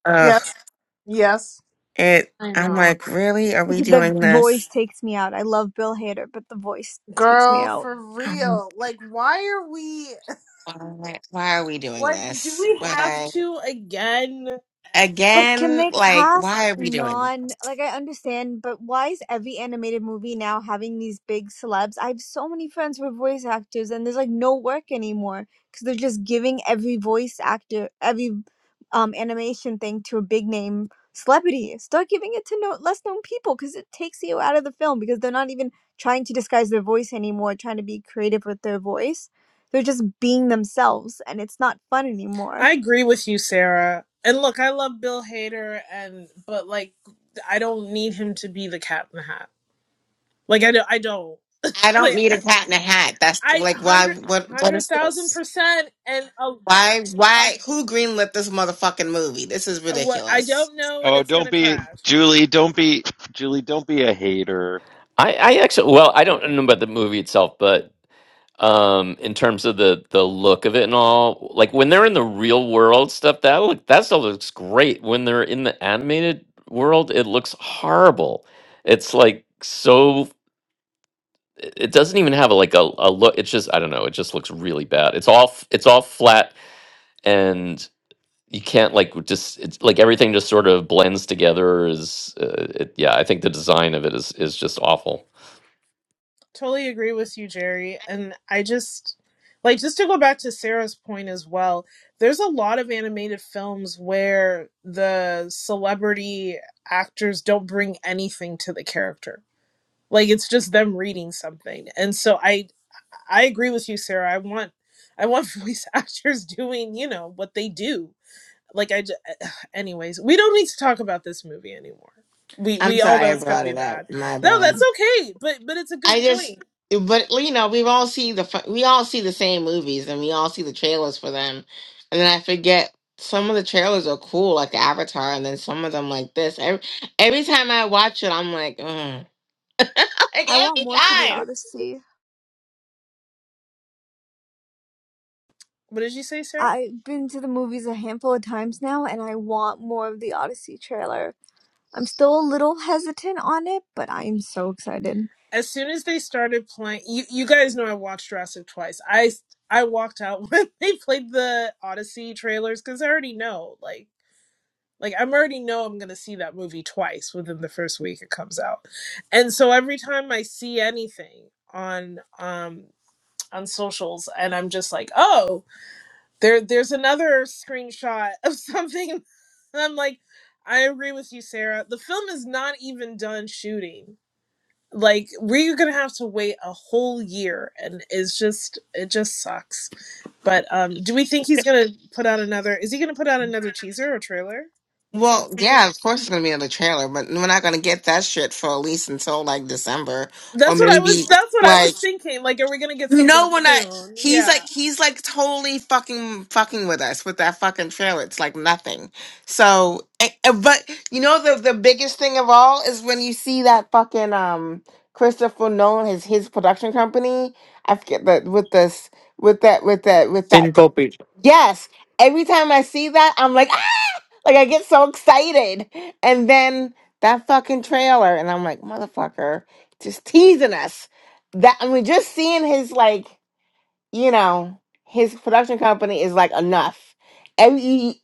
[SPEAKER 10] Ugh.
[SPEAKER 9] Yes, yes,
[SPEAKER 10] It
[SPEAKER 9] I
[SPEAKER 10] I'm
[SPEAKER 9] know.
[SPEAKER 10] like, really? Are we
[SPEAKER 4] The
[SPEAKER 10] doing
[SPEAKER 4] voice
[SPEAKER 10] this?
[SPEAKER 4] takes me out. I love Bill Hader, but the voice takes me
[SPEAKER 9] Girl,
[SPEAKER 4] out.
[SPEAKER 9] for
[SPEAKER 10] Um,
[SPEAKER 9] real. Like, why are we.
[SPEAKER 10] Why, why are we doing
[SPEAKER 9] Like, do
[SPEAKER 10] this?
[SPEAKER 9] we have
[SPEAKER 10] Why
[SPEAKER 9] to again?
[SPEAKER 4] But can
[SPEAKER 10] again?
[SPEAKER 4] they
[SPEAKER 10] Like,
[SPEAKER 4] cast
[SPEAKER 10] why are we doing? this?
[SPEAKER 4] non like I understand, but why is every animated movie now having these big celebs? I have so many friends who are voice actors and there's like no work anymore because they're just giving every voice actor every um animation thing to a big name celebrity. Start giving it to no less known people because it takes you out of the film because they're not even trying to disguise their voice anymore, trying to be creative with their voice. They're just being themselves and it's not fun anymore.
[SPEAKER 9] I agree with you, Sarah. And look, I love Bill Hader, and but like, I don't need him to be the Cat in the Hat. Like, I don't. I don't.
[SPEAKER 10] I don't
[SPEAKER 9] Like,
[SPEAKER 10] need a cat in a hat. That's
[SPEAKER 9] I
[SPEAKER 10] like, why?
[SPEAKER 9] hundred
[SPEAKER 10] What? What
[SPEAKER 9] hundred
[SPEAKER 10] is
[SPEAKER 9] thousand
[SPEAKER 10] this?
[SPEAKER 9] percent, and uh,
[SPEAKER 10] Why? Why? Who greenlit this motherfucking movie? This is
[SPEAKER 9] what I
[SPEAKER 10] ridiculous.
[SPEAKER 9] don't know, and
[SPEAKER 15] Oh,
[SPEAKER 9] it's
[SPEAKER 15] don't
[SPEAKER 9] gonna
[SPEAKER 15] be
[SPEAKER 9] crash.
[SPEAKER 15] Julie. Don't be Julie. Don't be a hater.
[SPEAKER 12] I I actually well I
[SPEAKER 15] Yeah,
[SPEAKER 12] don't know
[SPEAKER 15] uh-huh,
[SPEAKER 12] about the movie itself,
[SPEAKER 15] uh-huh.
[SPEAKER 12] but um in terms of the the look of it and all like when they're in the real world stuff that look that stuff looks great when they're in the animated world it looks horrible it's like so it it doesn't even have a, like a, a look it's just i don't know it just looks really bad it's all f- it's all flat and you can't like just it's like everything just sort of blends together is uh, it, yeah i think the design of it is is just awful
[SPEAKER 9] Totally agree with you, Jerry. And I just like just to go back to Sarah's point as well. There's a lot of animated films where the celebrity actors don't bring anything to the character like it's just them reading something and so i i agree with you sarah i want i want voice actors doing you know what they do like i just, anyways we don't need to talk about this movie anymore we
[SPEAKER 10] I'm
[SPEAKER 9] we all
[SPEAKER 10] sorry
[SPEAKER 9] know
[SPEAKER 10] I
[SPEAKER 9] it's going to
[SPEAKER 10] brought
[SPEAKER 9] be
[SPEAKER 10] it up.
[SPEAKER 9] bad
[SPEAKER 10] My
[SPEAKER 9] no
[SPEAKER 10] bad.
[SPEAKER 9] that's okay but but it's a good
[SPEAKER 10] I just,
[SPEAKER 9] point
[SPEAKER 10] but well, you know, we've all seen the fu- we all see the same movies, and we all see the trailers for them, and then I forget some of the trailers are cool, like the Avatar, and then some of them like this. Every every time I watch it, I'm like, Ugh. like
[SPEAKER 4] I want
[SPEAKER 10] every
[SPEAKER 4] more for the
[SPEAKER 10] time.
[SPEAKER 4] Odyssey.
[SPEAKER 9] what did you say sarah
[SPEAKER 4] I've been to the movies a handful of times now, and I want more of the Odyssey trailer. I'm still a little hesitant on it, but I'm so excited.
[SPEAKER 9] as soon as they started playing you, you guys know i watched jurassic twice i i walked out when they played the odyssey trailers because i already know like Like I'm already know I'm gonna see that movie twice within the first week it comes out. And so every time I see anything on um on socials and I'm just like, oh, there there's another screenshot of something and I'm like, I agree with you, Sarah. The film is not even done shooting. Like we're gonna have to wait a whole year and it's just it just sucks. But um do we think he's gonna put out another is he gonna put out another teaser or trailer at some
[SPEAKER 10] Well,
[SPEAKER 9] point?
[SPEAKER 10] yeah, of course it's gonna be in the trailer, but we're not gonna get that shit for at least until like December or
[SPEAKER 9] That's what I
[SPEAKER 10] maybe
[SPEAKER 9] was. That's what I
[SPEAKER 10] like.
[SPEAKER 9] was thinking. Like, are we gonna get
[SPEAKER 10] You
[SPEAKER 9] something
[SPEAKER 10] know when I
[SPEAKER 9] soon?
[SPEAKER 10] he's like
[SPEAKER 9] Yeah.
[SPEAKER 10] he's like totally fucking fucking with us with that fucking trailer. It's like nothing. So, eh, eh, but you know the the biggest thing of all is when you see that fucking um Christopher Nolan his his production company. I forget that with this with that with that with that.
[SPEAKER 14] Syncope.
[SPEAKER 10] Yes, every time I see that, I'm like ah! like I get so excited, and then that fucking trailer, and I'm like motherfucker, just teasing us. That I mean, just seeing his like you know, his production company is like enough. And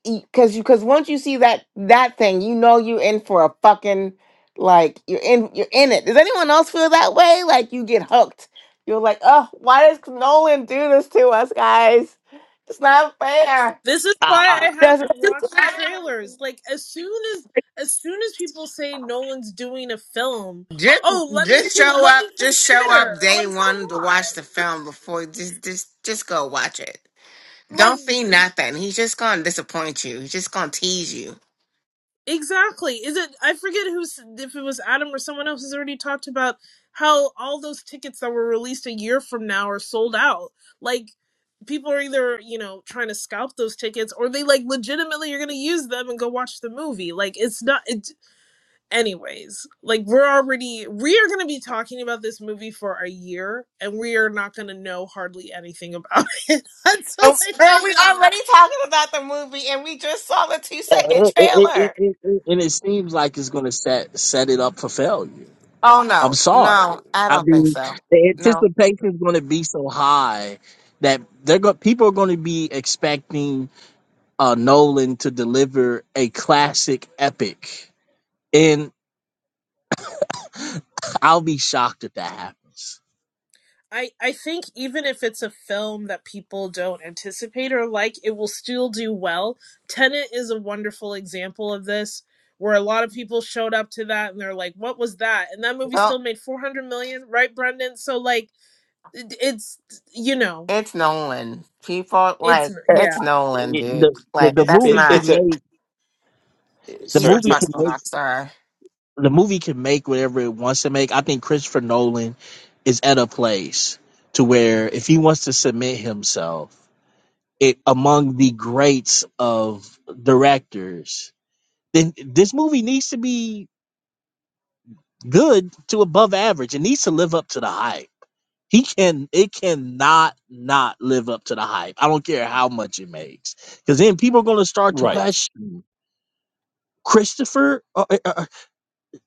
[SPEAKER 10] because you because once you see that that thing, you know you're in for a fucking like you're in you're in it. Does anyone else feel that way? Like you get hooked. You're like, oh, why does Nolan do this to us, guys? It's not fair.
[SPEAKER 9] This is why I
[SPEAKER 10] does
[SPEAKER 9] haven't watched the trailers. Like, as soon as as soon as people say Nolan's doing a film,
[SPEAKER 10] Just
[SPEAKER 9] oh, let me
[SPEAKER 10] just
[SPEAKER 9] con-
[SPEAKER 10] show
[SPEAKER 9] let
[SPEAKER 10] up.
[SPEAKER 9] me
[SPEAKER 10] Just show
[SPEAKER 9] consider.
[SPEAKER 10] up day
[SPEAKER 9] Like, come
[SPEAKER 10] one to watch the
[SPEAKER 9] on.
[SPEAKER 10] film before just just just go watch it. Don't
[SPEAKER 9] Like,
[SPEAKER 10] see nothing. He's just gonna disappoint you. He's just gonna tease you.
[SPEAKER 9] Exactly. Is it? I forget who's if it was Adam or someone else has already talked about how all those tickets that were released a year from now are sold out. Like people are either you know trying to scalp those tickets or they like legitimately are going to use them and go watch the movie. Like it's not. It, anyways, like we're already we are going to be talking about this movie for a year and we are not going to know hardly anything about it
[SPEAKER 10] Oh,
[SPEAKER 9] until it
[SPEAKER 10] Girl,
[SPEAKER 9] comes
[SPEAKER 10] we
[SPEAKER 9] out.
[SPEAKER 10] already talking about the movie and we just saw the two
[SPEAKER 18] And
[SPEAKER 10] second
[SPEAKER 18] it it- it-
[SPEAKER 10] trailer.
[SPEAKER 18] it- it- and it seems like it's going to set set it up for failure.
[SPEAKER 10] Oh
[SPEAKER 18] I'm
[SPEAKER 10] no,
[SPEAKER 18] sorry.
[SPEAKER 10] no, I
[SPEAKER 18] I
[SPEAKER 10] don't think
[SPEAKER 18] mean,
[SPEAKER 10] so.
[SPEAKER 18] the
[SPEAKER 10] No,
[SPEAKER 18] anticipation is going to be so high that they're go- people are going to be expecting uh, Nolan to deliver a classic epic, and I'll be shocked if that happens.
[SPEAKER 9] I, I think even if it's a film that people don't anticipate or like, it will still do well. Tenet is a wonderful example of this, where a lot of people showed up to that and they're like, "What was that?" And that movie
[SPEAKER 10] don't.
[SPEAKER 9] still made four hundred million, right, Brendan? So like, it, it's you know,
[SPEAKER 10] It's Nolan. People
[SPEAKER 9] it's
[SPEAKER 10] like
[SPEAKER 18] Uh,
[SPEAKER 10] it's
[SPEAKER 9] yeah,
[SPEAKER 10] Nolan, dude.
[SPEAKER 18] The, the
[SPEAKER 10] Like
[SPEAKER 18] the
[SPEAKER 1] It's
[SPEAKER 10] that's
[SPEAKER 1] it,
[SPEAKER 18] movie can
[SPEAKER 10] not.
[SPEAKER 1] it's a
[SPEAKER 18] make the
[SPEAKER 10] He's a
[SPEAKER 1] sorry.
[SPEAKER 18] movie
[SPEAKER 1] no,
[SPEAKER 10] fucking
[SPEAKER 18] can make
[SPEAKER 10] rock star.
[SPEAKER 18] the movie can make whatever it wants to make. I think Christopher Nolan is at a place to where if he wants to submit himself it, among the greats of directors, then this movie needs to be good to above average. It needs to live up to the hype. He can it cannot not live up to the hype. I don't care how much it makes. Cuz then people are going to start to
[SPEAKER 1] right.
[SPEAKER 18] question Christopher, uh, uh, uh,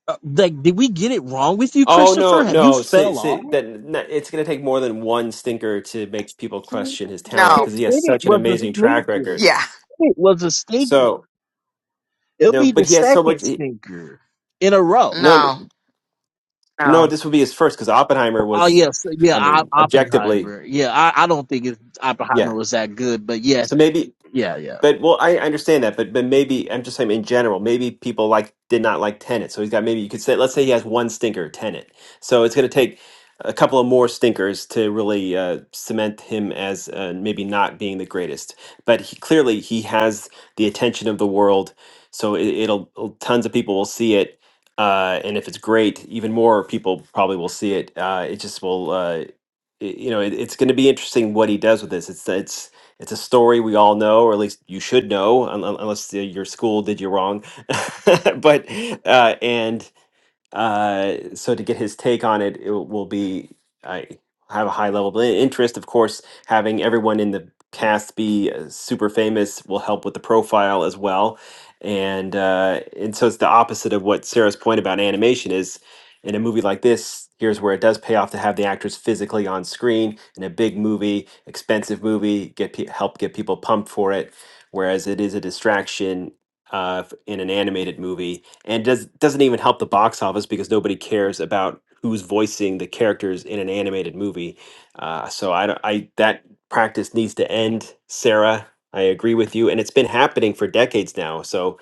[SPEAKER 18] uh, like, did we get it wrong with you,
[SPEAKER 1] Oh
[SPEAKER 18] Christopher?
[SPEAKER 1] no,
[SPEAKER 18] Have you
[SPEAKER 1] no, see,
[SPEAKER 18] fell off?
[SPEAKER 1] see, that n- it's going to take more than one stinker to make people question his talent
[SPEAKER 10] No.
[SPEAKER 18] It,
[SPEAKER 1] because he has
[SPEAKER 18] it
[SPEAKER 1] such an
[SPEAKER 18] was a
[SPEAKER 1] amazing track
[SPEAKER 18] sneaker.
[SPEAKER 1] record.
[SPEAKER 10] Yeah.
[SPEAKER 18] It was a sneaker.
[SPEAKER 1] So
[SPEAKER 18] It'll
[SPEAKER 1] no,
[SPEAKER 18] be the
[SPEAKER 1] but he has so much.
[SPEAKER 18] second
[SPEAKER 1] He,
[SPEAKER 18] sneaker in a row.
[SPEAKER 1] no, no,
[SPEAKER 10] No.
[SPEAKER 1] no,
[SPEAKER 10] No.
[SPEAKER 1] this would be his first because Oppenheimer
[SPEAKER 18] Oh
[SPEAKER 1] was,
[SPEAKER 18] yes, yeah,
[SPEAKER 1] I
[SPEAKER 18] O-
[SPEAKER 1] mean, objectively,
[SPEAKER 18] Oppenheimer. Yeah, I, I don't think it, Oppenheimer
[SPEAKER 1] yeah.
[SPEAKER 18] was that good, but yes,
[SPEAKER 1] So maybe
[SPEAKER 18] yeah, yeah.
[SPEAKER 1] But well, I understand that, but but maybe I'm just saying in general, maybe people like did not like Tenet, so he's got maybe you could say let's say he has one stinker, Tenet. So it's going to take a couple of more stinkers to really uh, cement him as uh, maybe not being the greatest. But he clearly he has the attention of the world, so it, it'll it'll- tons of people will see it. Uh, and if it's great, even more people probably will see it. Uh, it just will. uh, y- you know, it, it's going to be interesting what he does with this. It's it's it's a story we all know, or at least you should know, un, un- unless uh, your school did you wrong. but uh, and uh, so to get his take on it, it will be I have a high level of interest. Of course, having everyone in the cast be uh, super famous will help with the profile as well, and uh, and so it's the opposite of what Sarah's point about animation is. In a movie like this, here's where it does pay off to have the actors physically on screen in a big movie, expensive movie, get pe- help get people pumped for it. Whereas it is a distraction uh, f- in an animated movie and does doesn't even help the box office because nobody cares about who's voicing the characters in an animated movie. Uh, so I, don't- I that practice needs to end, Sarah. I agree with you, and it's been happening for decades now. So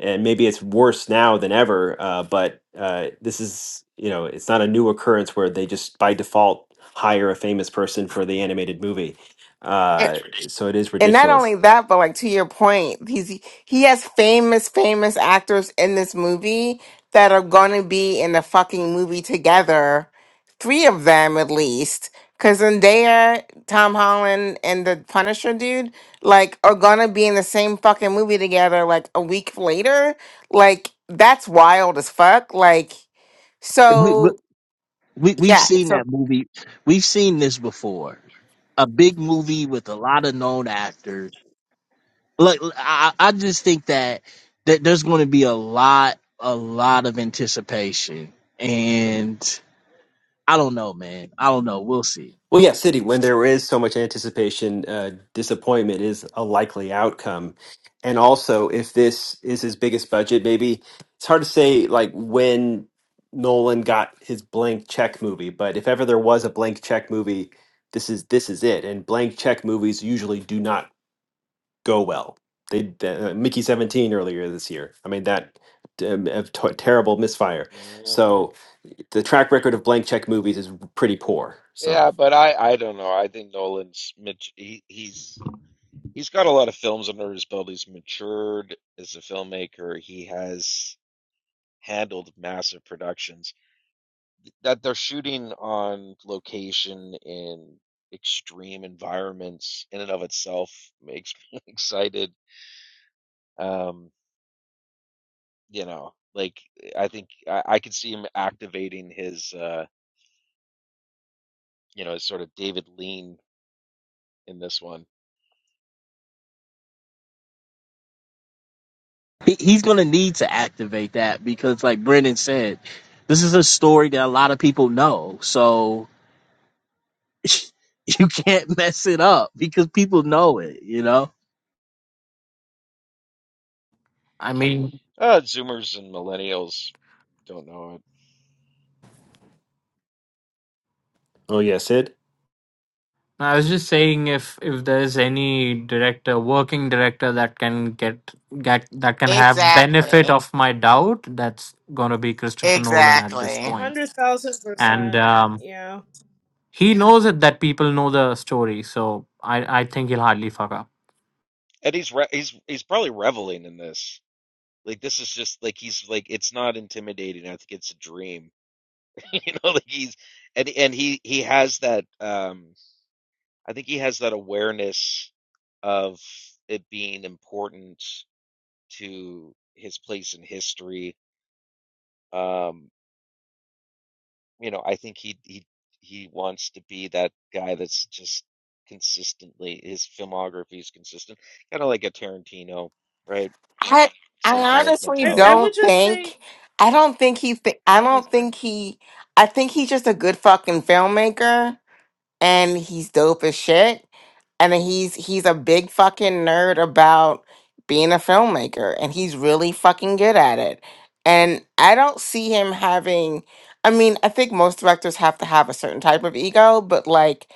[SPEAKER 1] and maybe it's worse now than ever. Uh, but uh, this is you know it's not a new occurrence where they just by default hire a famous person for the animated movie. Uh, so it is
[SPEAKER 10] and not
[SPEAKER 1] ridiculous.
[SPEAKER 10] only that, but like to your point, he's he has famous, famous actors in this movie that are going to be in the fucking movie together. Three of them at least, because Zendaya, Tom Holland, and the Punisher dude, like, are gonna be in the same fucking movie together like a week later. Like, that's wild as fuck. Like,
[SPEAKER 18] We, we
[SPEAKER 10] so
[SPEAKER 18] we- we've
[SPEAKER 10] yeah,
[SPEAKER 18] seen
[SPEAKER 10] so
[SPEAKER 18] that movie. We've seen this before. A big movie with a lot of known actors. Like I, I just think that that there's going to be a lot, a lot of anticipation, and I don't know, man. I don't know. We'll see.
[SPEAKER 1] Well, yeah, City, when there is so much anticipation, uh, disappointment is a likely outcome. And also, if this is his biggest budget, maybe it's hard to say like when Nolan got his blank check movie, but if ever there was a blank check movie, this is this is it. And blank check movies usually do not go well. They uh, Mickey 17 earlier this year. I mean that um, a t- terrible misfire.
[SPEAKER 15] Mhm.
[SPEAKER 1] So the track record of blank check movies is pretty poor. So,
[SPEAKER 15] Yeah, but I, I don't know. I think Nolan's he, he's he's got a lot of films under his belt. He's matured as a filmmaker. He has handled massive productions that they're shooting on location in extreme environments. In and of itself, makes me excited. Um, You know, like eh, I think I, I could see him activating his, uh, you know, his sort of David lean in this one.
[SPEAKER 18] He, he's going to need to activate that because, like Brendan said, this is a story that a lot of people know. So you can't mess it up because people know it. You know.
[SPEAKER 14] I mean,
[SPEAKER 15] Uh, Zoomers and millennials don't know it,
[SPEAKER 1] oh yeah, Sid.
[SPEAKER 14] I was just saying if if there's any director, working director that can get get that can have
[SPEAKER 10] exactly,
[SPEAKER 14] benefit of my doubt, that's gonna be Christopher Nolan at this
[SPEAKER 10] exactly.
[SPEAKER 9] one
[SPEAKER 14] point.
[SPEAKER 9] hundred thousand
[SPEAKER 14] And
[SPEAKER 9] percent,
[SPEAKER 14] um,
[SPEAKER 9] yeah.
[SPEAKER 14] he knows it that people know the story, so I I think he'll hardly fuck up.
[SPEAKER 15] and he's re he's he's probably reveling in this. Like this is just like he's like it's not intimidating. I think it's a dream, you know. Like he's and and he he has that. Um, I think he has that awareness of it being important to his place in history. Um, you know, I think he he he wants to be that guy that's just consistently his filmography is consistent, kind of like a Tarantino, right?
[SPEAKER 10] I I
[SPEAKER 15] Same kind of
[SPEAKER 10] honestly
[SPEAKER 9] I I
[SPEAKER 15] mentality.
[SPEAKER 9] would
[SPEAKER 10] don't
[SPEAKER 9] just say,
[SPEAKER 10] think I don't think he thi- I
[SPEAKER 9] oh,
[SPEAKER 10] don't
[SPEAKER 9] sorry.
[SPEAKER 10] think he I think he's just a good fucking filmmaker and he's dope as shit and he's he's a big fucking nerd about being a filmmaker and he's really fucking good at it. And I don't see him having I mean, I think most directors have to have a certain type of ego, but like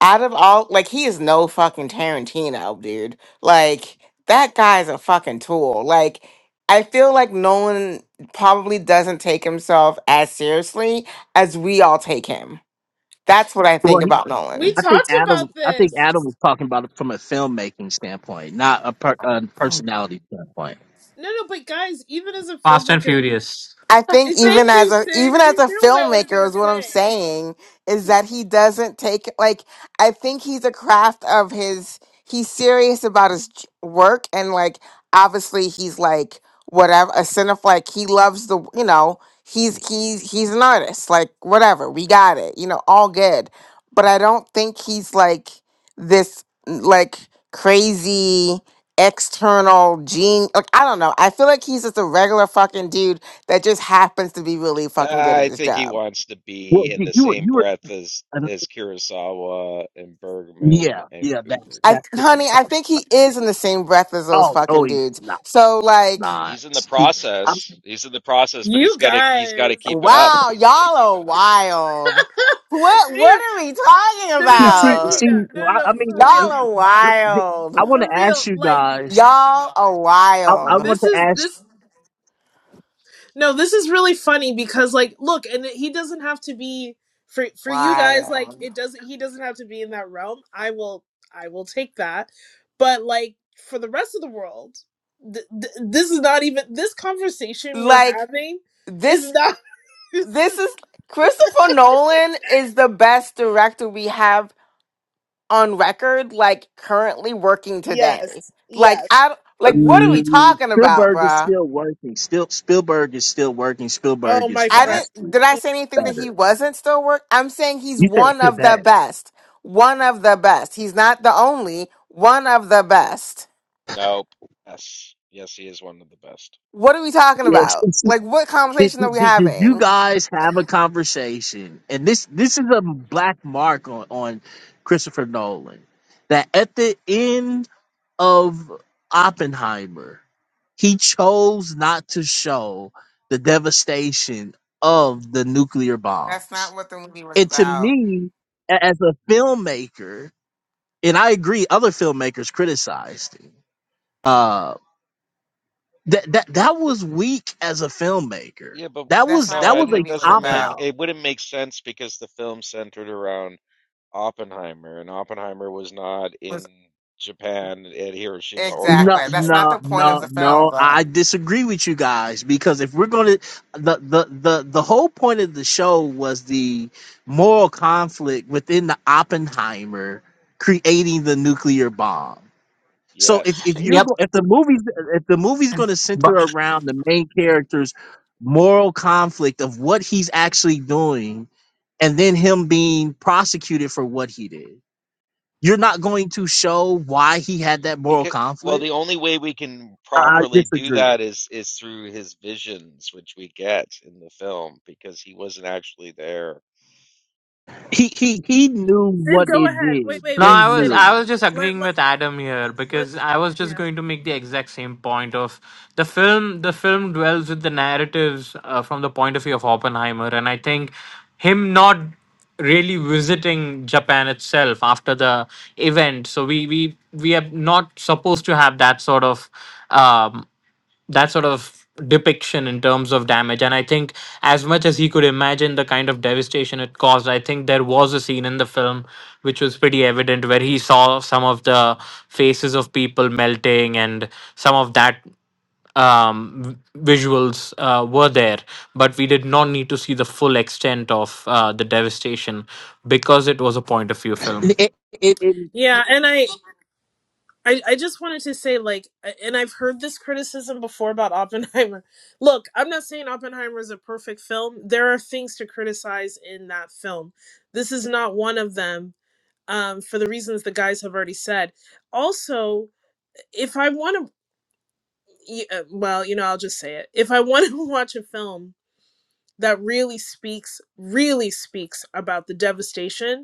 [SPEAKER 10] out of all like he is no fucking Tarantino, dude. Like that guy's a fucking tool. Like I feel like Nolan probably doesn't take himself as seriously as we all take him. That's what I think
[SPEAKER 18] Well, he,
[SPEAKER 10] about
[SPEAKER 9] we
[SPEAKER 10] Nolan.
[SPEAKER 18] I think
[SPEAKER 9] talked
[SPEAKER 18] Adam.
[SPEAKER 9] about
[SPEAKER 18] I think
[SPEAKER 9] this.
[SPEAKER 18] Adam was talking about it from a filmmaking standpoint, not a, per, a personality standpoint.
[SPEAKER 9] No, no, but guys, even as a
[SPEAKER 14] Fast and
[SPEAKER 9] filmmaker,
[SPEAKER 14] Furious.
[SPEAKER 10] I think even
[SPEAKER 9] thank you,
[SPEAKER 10] as a
[SPEAKER 9] Sid.
[SPEAKER 10] even as
[SPEAKER 9] You
[SPEAKER 10] a
[SPEAKER 9] knew what I was
[SPEAKER 10] filmmaker
[SPEAKER 9] gonna
[SPEAKER 10] is what I'm
[SPEAKER 9] say.
[SPEAKER 10] saying is that he doesn't take like I think he's a craft of his he's serious about his j- work and like obviously he's like whatever a cinephile like he loves the you know he's he's he's an artist like whatever we got it you know all good but I don't think he's like this like crazy external gene like I don't know I feel like he's just a regular fucking dude that just happens to be really fucking good at
[SPEAKER 15] I
[SPEAKER 10] his
[SPEAKER 15] think he
[SPEAKER 10] job.
[SPEAKER 15] wants to
[SPEAKER 18] Well,
[SPEAKER 15] be in
[SPEAKER 18] you,
[SPEAKER 15] the
[SPEAKER 18] you were,
[SPEAKER 15] same
[SPEAKER 18] you were,
[SPEAKER 15] breath as
[SPEAKER 18] uh,
[SPEAKER 15] as Kurosawa and Bergman
[SPEAKER 18] yeah,
[SPEAKER 15] and
[SPEAKER 18] yeah. That's
[SPEAKER 15] Kubrick.
[SPEAKER 10] I
[SPEAKER 18] that's. It.
[SPEAKER 10] honey, I think he is in the same breath as those
[SPEAKER 18] Oh, no,
[SPEAKER 10] fucking
[SPEAKER 18] he's
[SPEAKER 10] dudes.
[SPEAKER 18] not.
[SPEAKER 10] So like,
[SPEAKER 18] Not.
[SPEAKER 15] He's in the
[SPEAKER 18] He, I,
[SPEAKER 15] process. He's in the process, but he's
[SPEAKER 9] You
[SPEAKER 15] got to he's got to
[SPEAKER 9] guys.
[SPEAKER 15] keep it up.
[SPEAKER 10] wow, y'all are wild. What what
[SPEAKER 9] They-
[SPEAKER 10] are we talking
[SPEAKER 9] no, no,
[SPEAKER 18] see,
[SPEAKER 9] no,
[SPEAKER 18] see,
[SPEAKER 10] about?
[SPEAKER 18] see.
[SPEAKER 9] Martina. No,
[SPEAKER 18] well,
[SPEAKER 9] no, no,
[SPEAKER 18] I, I mean,
[SPEAKER 9] for
[SPEAKER 10] Y'all
[SPEAKER 9] real.
[SPEAKER 18] w
[SPEAKER 10] are
[SPEAKER 18] w- I
[SPEAKER 10] wild.
[SPEAKER 18] want
[SPEAKER 9] For
[SPEAKER 18] to ask
[SPEAKER 9] real.
[SPEAKER 18] you
[SPEAKER 9] Like,
[SPEAKER 18] guys
[SPEAKER 10] Y'all are
[SPEAKER 18] I, I
[SPEAKER 10] wild.
[SPEAKER 18] want
[SPEAKER 9] this
[SPEAKER 18] to
[SPEAKER 9] is
[SPEAKER 18] ask.
[SPEAKER 9] this. No, this is really funny because, like, look, and he doesn't have to be. For, for you guys like
[SPEAKER 10] Wild.
[SPEAKER 9] it doesn't he doesn't have to be in that realm i will i will take that but like for the rest of the world th- th- this is not even this conversation we're
[SPEAKER 10] Like
[SPEAKER 9] having is
[SPEAKER 10] this
[SPEAKER 9] not
[SPEAKER 10] this is Christopher Nolan is the best director we have on record like currently working today.
[SPEAKER 9] yes
[SPEAKER 10] Like
[SPEAKER 9] yes
[SPEAKER 10] I like what are we
[SPEAKER 18] Um,
[SPEAKER 10] talking about,
[SPEAKER 18] Spielberg is
[SPEAKER 10] bruh?
[SPEAKER 18] still working. Still, Spielberg is still working.
[SPEAKER 9] oh
[SPEAKER 18] Spielberg is
[SPEAKER 9] my
[SPEAKER 10] I
[SPEAKER 9] friend
[SPEAKER 10] didn't
[SPEAKER 18] vastly
[SPEAKER 10] did I say anything that he
[SPEAKER 18] better.
[SPEAKER 10] wasn't still work? I'm saying he's
[SPEAKER 18] You said
[SPEAKER 10] one of the
[SPEAKER 18] today.
[SPEAKER 10] best. One of the best. He's not the only, one of the best.
[SPEAKER 15] Nope. Yes, yes, he is one of the best.
[SPEAKER 10] What are we talking
[SPEAKER 18] Yes.
[SPEAKER 10] about?
[SPEAKER 18] and see,
[SPEAKER 10] Like what
[SPEAKER 18] Did,
[SPEAKER 10] conversation are
[SPEAKER 18] did,
[SPEAKER 10] we
[SPEAKER 18] did did you
[SPEAKER 10] having?
[SPEAKER 18] guys have a conversation? And this this is a black mark on, on Christopher Nolan. That at the end of Oppenheimer, he chose not to show the devastation of the nuclear
[SPEAKER 10] That's
[SPEAKER 18] bombs
[SPEAKER 10] not what the movie was
[SPEAKER 18] And to
[SPEAKER 10] about.
[SPEAKER 18] me, a- as a filmmaker, and I agree, other filmmakers criticized it. Uh, that that that was weak as a filmmaker.
[SPEAKER 15] Yeah, but
[SPEAKER 18] That
[SPEAKER 10] That's
[SPEAKER 18] was
[SPEAKER 10] not
[SPEAKER 15] no,
[SPEAKER 18] that
[SPEAKER 10] what the
[SPEAKER 18] was
[SPEAKER 15] it,
[SPEAKER 18] a
[SPEAKER 15] it
[SPEAKER 10] movie was
[SPEAKER 15] doesn't
[SPEAKER 18] cop
[SPEAKER 15] make
[SPEAKER 10] about.
[SPEAKER 18] out.
[SPEAKER 15] it wouldn't make sense because the film centered around Oppenheimer, and Oppenheimer was not
[SPEAKER 10] Was
[SPEAKER 15] in Japan at Hiroshima or
[SPEAKER 18] No,
[SPEAKER 10] exactly. That's not
[SPEAKER 15] Nagasaki.
[SPEAKER 18] no,
[SPEAKER 10] the point of
[SPEAKER 18] no,
[SPEAKER 10] the film,
[SPEAKER 18] no. I
[SPEAKER 10] bruh.
[SPEAKER 18] disagree with you guys because if we're going to the, the the the whole point of the show was the moral conflict within the Oppenheimer creating the nuclear bomb So if
[SPEAKER 15] Yes.
[SPEAKER 18] if you're
[SPEAKER 14] Yep.
[SPEAKER 18] go- if the movie's if the movie's going to center around the main character's moral conflict of what he's actually doing, and then him being prosecuted for what he did, you're not going to show why he had that moral
[SPEAKER 15] Because well,
[SPEAKER 18] conflict.
[SPEAKER 15] the only way we can
[SPEAKER 18] I
[SPEAKER 15] properly do
[SPEAKER 18] disagree.
[SPEAKER 15] that is is through his visions, which we get in the film because he wasn't actually there.
[SPEAKER 18] He he he knew
[SPEAKER 9] Sid,
[SPEAKER 18] what
[SPEAKER 9] go
[SPEAKER 18] it
[SPEAKER 9] ahead. Wait,
[SPEAKER 18] did.
[SPEAKER 9] wait,
[SPEAKER 14] No,
[SPEAKER 18] He
[SPEAKER 9] wait,
[SPEAKER 14] I was
[SPEAKER 9] City.
[SPEAKER 14] I
[SPEAKER 18] knew.
[SPEAKER 14] was just
[SPEAKER 9] Let
[SPEAKER 14] agreeing
[SPEAKER 9] let
[SPEAKER 14] with Adam here
[SPEAKER 9] let.
[SPEAKER 14] because I was just
[SPEAKER 9] Yeah,
[SPEAKER 14] going to make the exact same point of the film. The film dwells with the narratives uh, from the point of view of Oppenheimer, and I think him not really visiting Japan itself after the event. So we we we are not supposed to have that sort of. Um, that sort of depiction in terms of damage and i think as much as he could imagine the kind of devastation it caused i think there was a scene in the film which was pretty evident where he saw some of the faces of people melting and some of that um v- visuals uh, were there but we did not need to see the full extent of uh, the devastation because it was a point of view film
[SPEAKER 18] it, it,
[SPEAKER 9] yeah, and I, I, I just wanted to say, like, and I've heard this criticism before about Oppenheimer. Look, I'm not saying Oppenheimer is a perfect film. There are things to criticize in that film. This is not one of them, um, for the reasons the guys have already said. Also, if I want to, well, you know, I'll just say it. If I want to watch a film that really speaks, really speaks about the devastation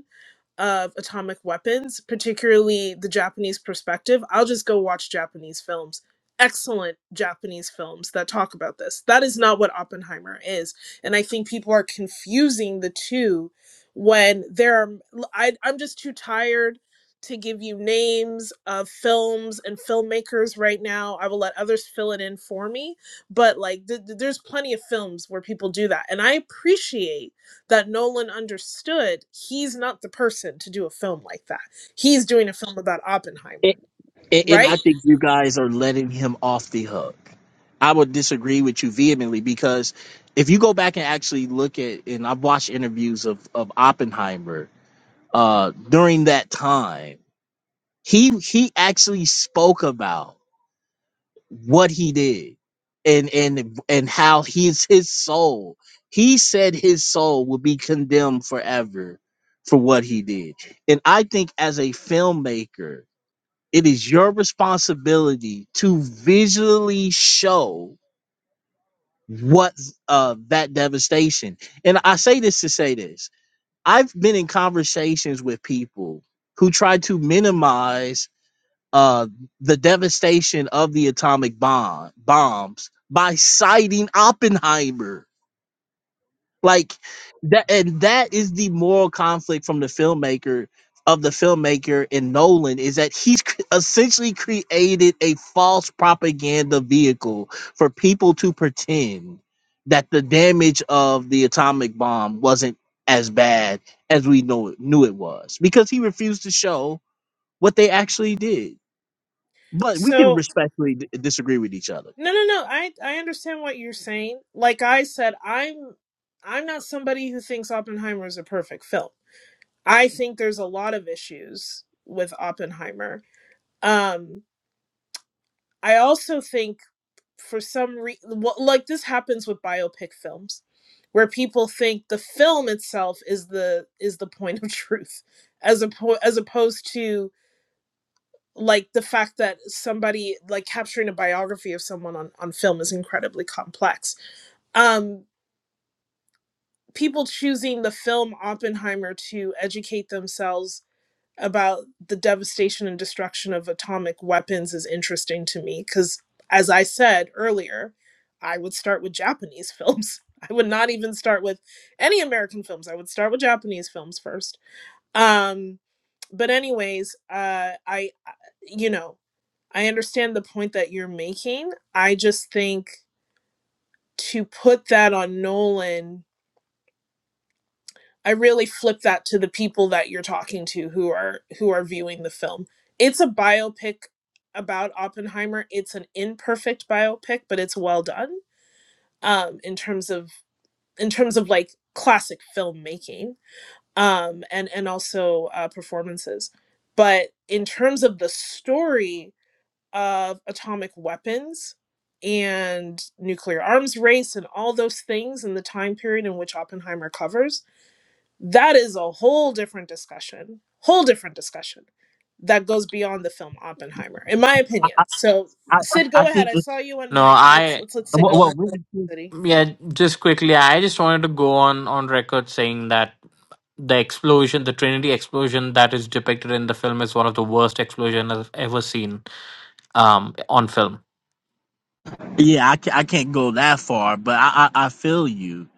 [SPEAKER 9] of atomic weapons, particularly the Japanese perspective, I'll just go watch Japanese films. Excellent Japanese films that talk about this. That is not what Oppenheimer is. And I think people are confusing the two when there are, I, I'm just too tired to give you names of films and filmmakers right now. I will let others fill it in for me. But like, th- th- there's plenty of films where people do that. And I appreciate that Nolan understood he's not the person to do a film like that. He's doing a film about Oppenheimer,
[SPEAKER 18] it- And, and
[SPEAKER 9] right?
[SPEAKER 18] I think you guys are letting him off the hook. I would disagree with you vehemently because if you go back and actually look at, and I've watched interviews of, of Oppenheimer uh, during that time, he he actually spoke about what he did and and and how his his soul. He said his soul will be condemned forever for what he did, and I think as a filmmaker it is your responsibility to visually show what uh, that devastation. And I say this to say this. I've been in conversations with people who try to minimize uh, the devastation of the atomic bomb bombs by citing Oppenheimer like that and that is the moral conflict from the filmmaker of the filmmaker in Nolan is that he's cr- essentially created a false propaganda vehicle for people to pretend that the damage of the atomic bomb wasn't as bad as we know it, knew it was because he refused to show what they actually did. But we can
[SPEAKER 9] So
[SPEAKER 18] respectfully d- disagree with each other.
[SPEAKER 9] no no no, I I understand what you're saying. Like I said, I'm I'm not somebody who thinks Oppenheimer is a perfect film. I think there's a lot of issues with Oppenheimer. Um I also think for some reason, well, like this happens with biopic films, where people think the film itself is the is the point of truth, as oppo- as opposed to like the fact that somebody like capturing a biography of someone on on film is incredibly complex. Um, people choosing the film Oppenheimer to educate themselves about the devastation and destruction of atomic weapons is interesting to me because, as I said earlier, I would start with Japanese films. I would not even start with any American films. I would start with Japanese films first. Um, but anyways, uh, I, I- you know, I understand the point that you're making. I just think to put that on Nolan I really flip that to the people that you're talking to who are who are viewing the film. It's a biopic about Oppenheimer. It's an imperfect biopic, but it's well done um, in terms of in terms of like classic filmmaking um, and and also uh, performances. But in terms of the story of atomic weapons and nuclear arms race and all those things in the time period in which Oppenheimer covers, that is a whole different discussion, whole different discussion that goes beyond the film Oppenheimer, in my opinion. So,
[SPEAKER 18] I,
[SPEAKER 9] Sid,
[SPEAKER 18] I, I
[SPEAKER 9] go ahead.
[SPEAKER 18] think
[SPEAKER 9] I
[SPEAKER 18] it,
[SPEAKER 9] saw you and
[SPEAKER 14] no
[SPEAKER 9] Mike. Let's
[SPEAKER 14] i
[SPEAKER 9] let's let Sid
[SPEAKER 18] well,
[SPEAKER 9] go to
[SPEAKER 18] well,
[SPEAKER 9] the
[SPEAKER 18] really,
[SPEAKER 9] city.
[SPEAKER 14] Yeah, just quickly, I just wanted to go on on record saying that the explosion, the Trinity explosion that is depicted in the film is one of the worst explosion I've ever seen um on film.
[SPEAKER 18] Yeah, I, ca- I can't go that far, but I, I I feel you.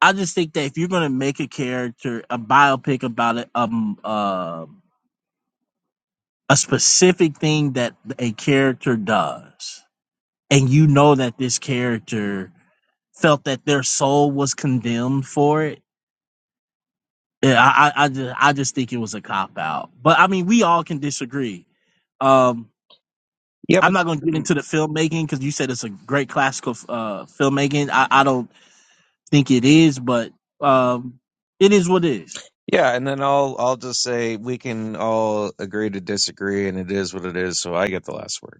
[SPEAKER 18] I just think that if you're gonna make a character a biopic about it, um, uh, a specific thing that a character does, and you know that this character felt that their soul was condemned for it, yeah, I I, I just I just think it was a cop out. But I mean, we all can disagree. Um,
[SPEAKER 15] Yeah,
[SPEAKER 18] I'm
[SPEAKER 15] but
[SPEAKER 18] not gonna get
[SPEAKER 15] mm,
[SPEAKER 18] into the filmmaking because you said it's a great classical uh filmmaking. I I don't think it is, but um, it is what it is.
[SPEAKER 15] yeah, and then I'll I'll just say we can all agree to disagree, and it is what it is. So I get the last word.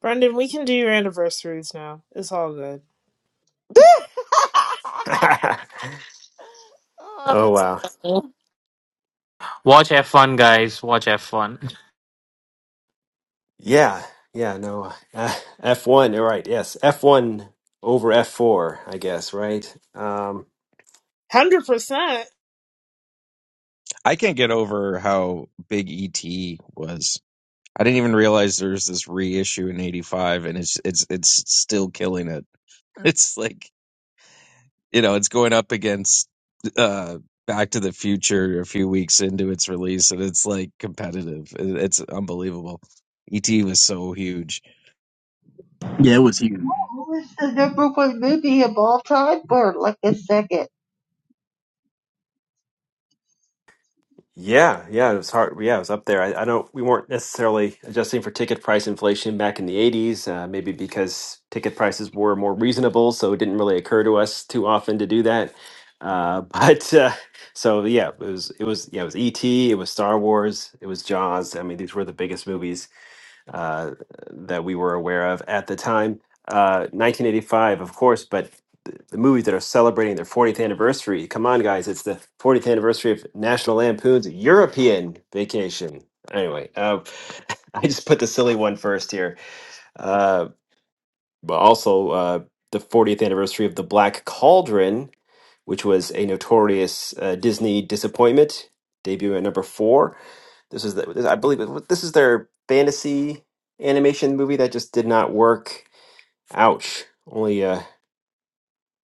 [SPEAKER 9] Brendan, we can do your anniversaries now. It's all good.
[SPEAKER 10] Uh,
[SPEAKER 1] oh wow.
[SPEAKER 14] Watch F1, guys. Watch F1.
[SPEAKER 1] Yeah. Yeah, no. Uh, F1, you're right. Yes. F1 over F4, I guess, right? Um
[SPEAKER 9] Hundred percent.
[SPEAKER 15] I can't get over how big ET was. I didn't even realize there was this reissue in '85, and it's it's it's still killing it. It's like you know, it's going up against uh, Back to the Future a few weeks into its release, and it's like competitive. It- It's unbelievable. ET was so huge.
[SPEAKER 18] Yeah, it was huge.
[SPEAKER 13] what was the number one movie of all time for like a second?
[SPEAKER 1] yeah, yeah, it was hard. Yeah, it was up there. I, I don't we weren't necessarily adjusting for ticket price inflation back in the 80s, uh, maybe because ticket prices were more reasonable, so it didn't really occur to us too often to do that. Uh, but uh, so yeah, it was it was yeah, it was E.T., it was Star Wars, it was Jaws. I mean, these were the biggest movies uh, that we were aware of at the time. Uh, 1985, of course, but th- the movies that are celebrating their 40th anniversary. Come on, guys! It's the 40th anniversary of National Lampoon's European Vacation. Anyway, uh, I just put the silly one first here. Uh, but also uh, the 40th anniversary of The Black Cauldron, which was a notorious uh, Disney disappointment, debuting at number four. This is, the, I believe, it- this is their fantasy animation movie that just did not work. Ouch! Only uh,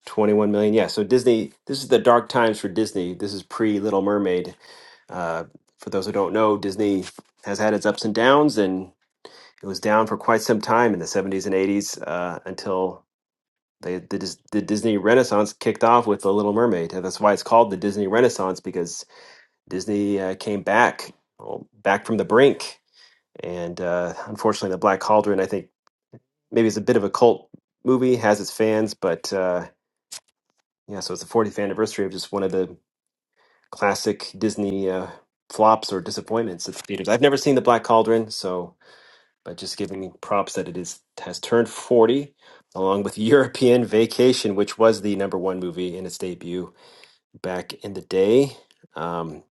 [SPEAKER 1] 21 million. Yeah, so Disney. This is the dark times for Disney. This is pre Little Mermaid. Uh, for those who don't know, Disney has had its ups and downs, and it was down for quite some time in the 70s and 80s uh, until they, the, Dis- the Disney Renaissance kicked off with The Little Mermaid. and That's why it's called the Disney Renaissance because Disney uh, came back, well, back from the brink. And uh, unfortunately, The Black Cauldron, I think maybe it's a bit of a cult movie, has its fans, but uh, yeah, so it's the 40th anniversary of just one of the classic Disney uh, flops or disappointments at the theaters. I've never seen The Black Cauldron, so but just giving props that it is has turned 40 along with European Vacation, which was the number one movie in its debut back in the day. Um,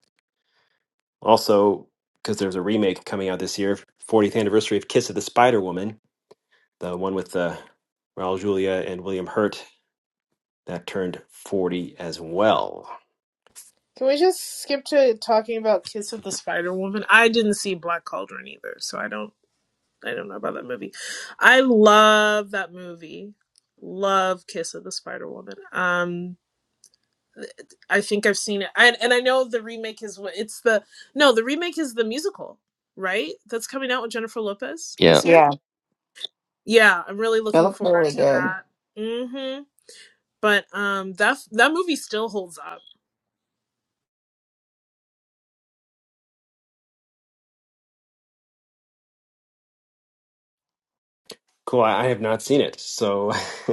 [SPEAKER 1] also, because there's a remake coming out this year, 40th anniversary of Kiss of the Spider Woman, the one with uh, Raul Julia and William Hurt, that turned 40 as well.
[SPEAKER 9] Can we just skip to talking about Kiss of the Spider Woman? I didn't see Black Cauldron either, so I don't I don't know about that movie. I love that movie. Love Kiss of the Spider Woman. Um. I think I've seen it. And and I know the remake is what it's the no, the remake is the musical, right? That's coming out with Jennifer Lopez
[SPEAKER 12] yeah
[SPEAKER 9] this year.
[SPEAKER 10] yeah,
[SPEAKER 9] Yeah, I'm really
[SPEAKER 10] it
[SPEAKER 9] looking
[SPEAKER 10] looks
[SPEAKER 9] forward
[SPEAKER 10] really
[SPEAKER 9] to
[SPEAKER 10] good.
[SPEAKER 9] that. Mhm. But um that f- that movie still holds up.
[SPEAKER 1] Cool. I, I have not seen it, so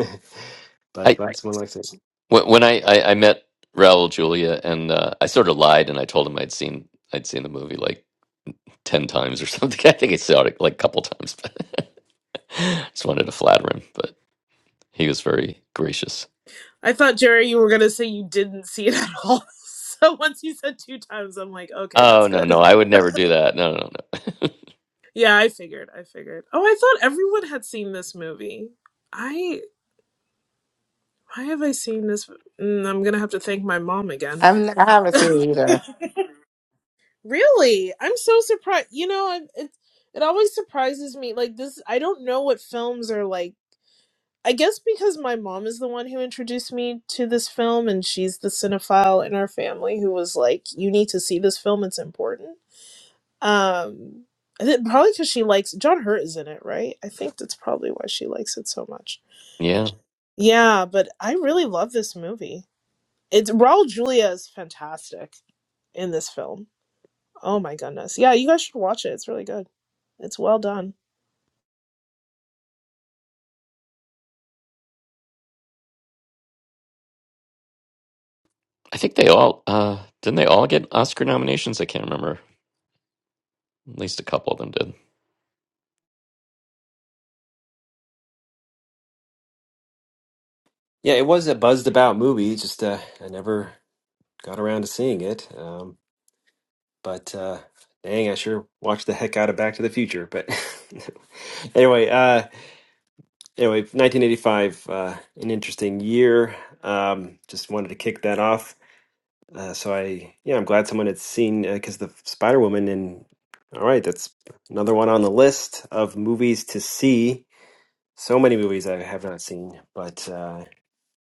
[SPEAKER 1] but glad someone likes it.
[SPEAKER 12] When, when I, I I met Raul Julia and uh, I sort of lied and I told him I'd seen I'd seen the movie like ten times or something. I think I saw it like a couple times, but just wanted to flatter him. But he was very gracious.
[SPEAKER 9] I thought Jerry you were going to say you didn't see it at all. So once you said two times I'm like, okay,
[SPEAKER 12] Oh
[SPEAKER 9] that's
[SPEAKER 12] no no
[SPEAKER 9] good.
[SPEAKER 12] I would never do that. No no no.
[SPEAKER 9] Yeah, I figured. I figured. Oh, I thought everyone had seen this movie. I why have I seen this? Mm, I'm going to have to thank my mom again.
[SPEAKER 10] I'm, I haven't seen it either.
[SPEAKER 9] Really? I'm so surprised. You know, I- it it always surprises me. Like this, I don't know what films are like. I guess because my mom is the one who introduced me to this film, and she's the cinephile in our family who was like, "You need to see this film. It's important." Um, I think probably because she likes John Hurt is in it, right? I think that's probably why she likes it so much.
[SPEAKER 12] Yeah,
[SPEAKER 9] Yeah, but I really love this movie. It's Raul Julia is fantastic in this film. Oh my goodness. Yeah, you guys should watch it. It's really good. It's well done.
[SPEAKER 12] I think they all uh, didn't they all get Oscar nominations? I can't remember. At least a couple of them did.
[SPEAKER 1] Yeah, it was a buzzed about movie. Just uh, I never got around to seeing it. Um, but uh, dang, I sure watched the heck out of Back to the Future. But anyway, uh. Anyway, 1985, uh, an interesting year. Um, just wanted to kick that off. Uh, so I, yeah, I'm glad someone had seen because the Spider Woman and all right, that's another one on the list of movies to see. So many movies I have not seen, but uh,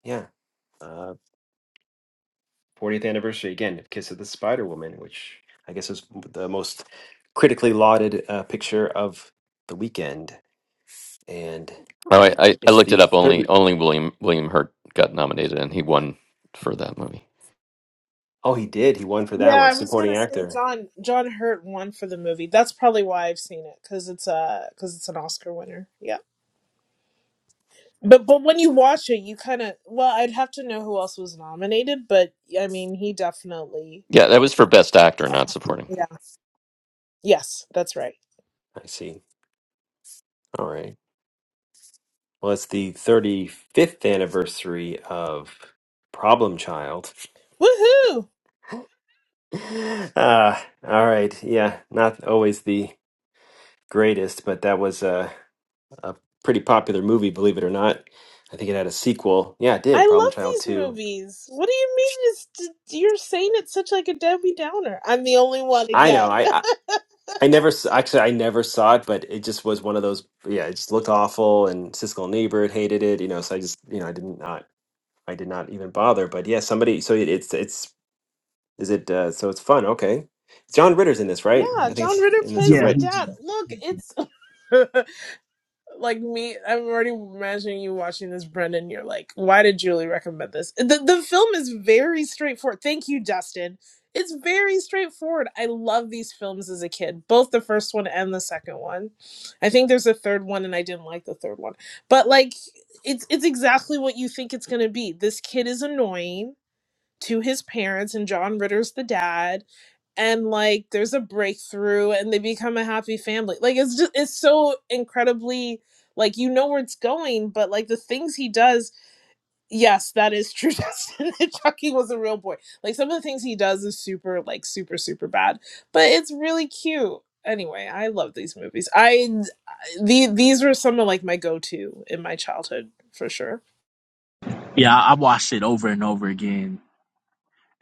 [SPEAKER 1] yeah, uh, 40th anniversary again of Kiss of the Spider Woman, which I guess was the most critically lauded uh, picture of the weekend, and
[SPEAKER 12] Oh, I, I, I
[SPEAKER 1] it's
[SPEAKER 12] looked it
[SPEAKER 1] the
[SPEAKER 12] up. Only
[SPEAKER 1] third.
[SPEAKER 12] only William William Hurt got nominated and he won for that movie.
[SPEAKER 1] Oh, he did. He won for that
[SPEAKER 9] Yeah,
[SPEAKER 1] one,
[SPEAKER 9] I was gonna
[SPEAKER 1] supporting
[SPEAKER 9] say
[SPEAKER 1] actor.
[SPEAKER 9] John John Hurt won for the movie. That's probably why I've seen it because it's a because it's an Oscar winner. Yeah, but but when you watch it, you kind of well, I'd have to know who else was nominated, but I mean, he definitely.
[SPEAKER 12] Yeah, that was for Best Actor,
[SPEAKER 9] Uh,
[SPEAKER 12] not supporting.
[SPEAKER 9] yeah. Yes, that's right.
[SPEAKER 1] I see. All right. Well, it's the 35th anniversary of Problem Child.
[SPEAKER 9] Woohoo!
[SPEAKER 1] Uh, all right. Yeah, not always the greatest, but that was a, a pretty popular movie, believe it or not. I think it had a sequel. Yeah, it
[SPEAKER 9] I
[SPEAKER 1] did. Problem
[SPEAKER 9] love
[SPEAKER 1] Child
[SPEAKER 9] these
[SPEAKER 1] 2.
[SPEAKER 9] movies. What do you mean? Is you're saying it's such like a Debbie Downer? I'm the only one
[SPEAKER 1] I know.
[SPEAKER 9] again.
[SPEAKER 1] I, I, I never, s- actually, I never saw it, but it just was one of those. Yeah, it just looked awful, and Siskel and Ebert hated it, you know, so I just, you know, I didn't not. I did not even bother, but yeah, somebody. So it, it's it's Is it uh so it's fun, okay. John Ritter's in this, right?
[SPEAKER 9] Yeah,
[SPEAKER 1] I think
[SPEAKER 9] John
[SPEAKER 1] it's
[SPEAKER 9] Ritter
[SPEAKER 1] in this a
[SPEAKER 9] plays
[SPEAKER 18] Yeah,
[SPEAKER 9] the
[SPEAKER 1] Ritter.
[SPEAKER 9] dad.
[SPEAKER 18] he-
[SPEAKER 9] Look, it's like me. I'm already imagining you watching this, Brendan. You're like, why did Julie recommend this? The, the film is very straightforward. Thank you, Dustin. It's very straightforward. I love these films as a kid, both the first one and the second one. I think there's a third one, and I didn't like the third one. But like, it's it's exactly what you think it's gonna be. This kid is annoying to his parents and John Ritter's the dad and like there's a breakthrough and they become a happy family. Like it's just it's so incredibly like you know where it's going, but like the things he does, yes, that is true. Justin that Chucky was a real boy. Like some of the things he does is super like super super bad, but it's really cute. Anyway, I love these movies. I the these were some of like my go to in my childhood for sure.
[SPEAKER 18] yeah, I I watched it over and over again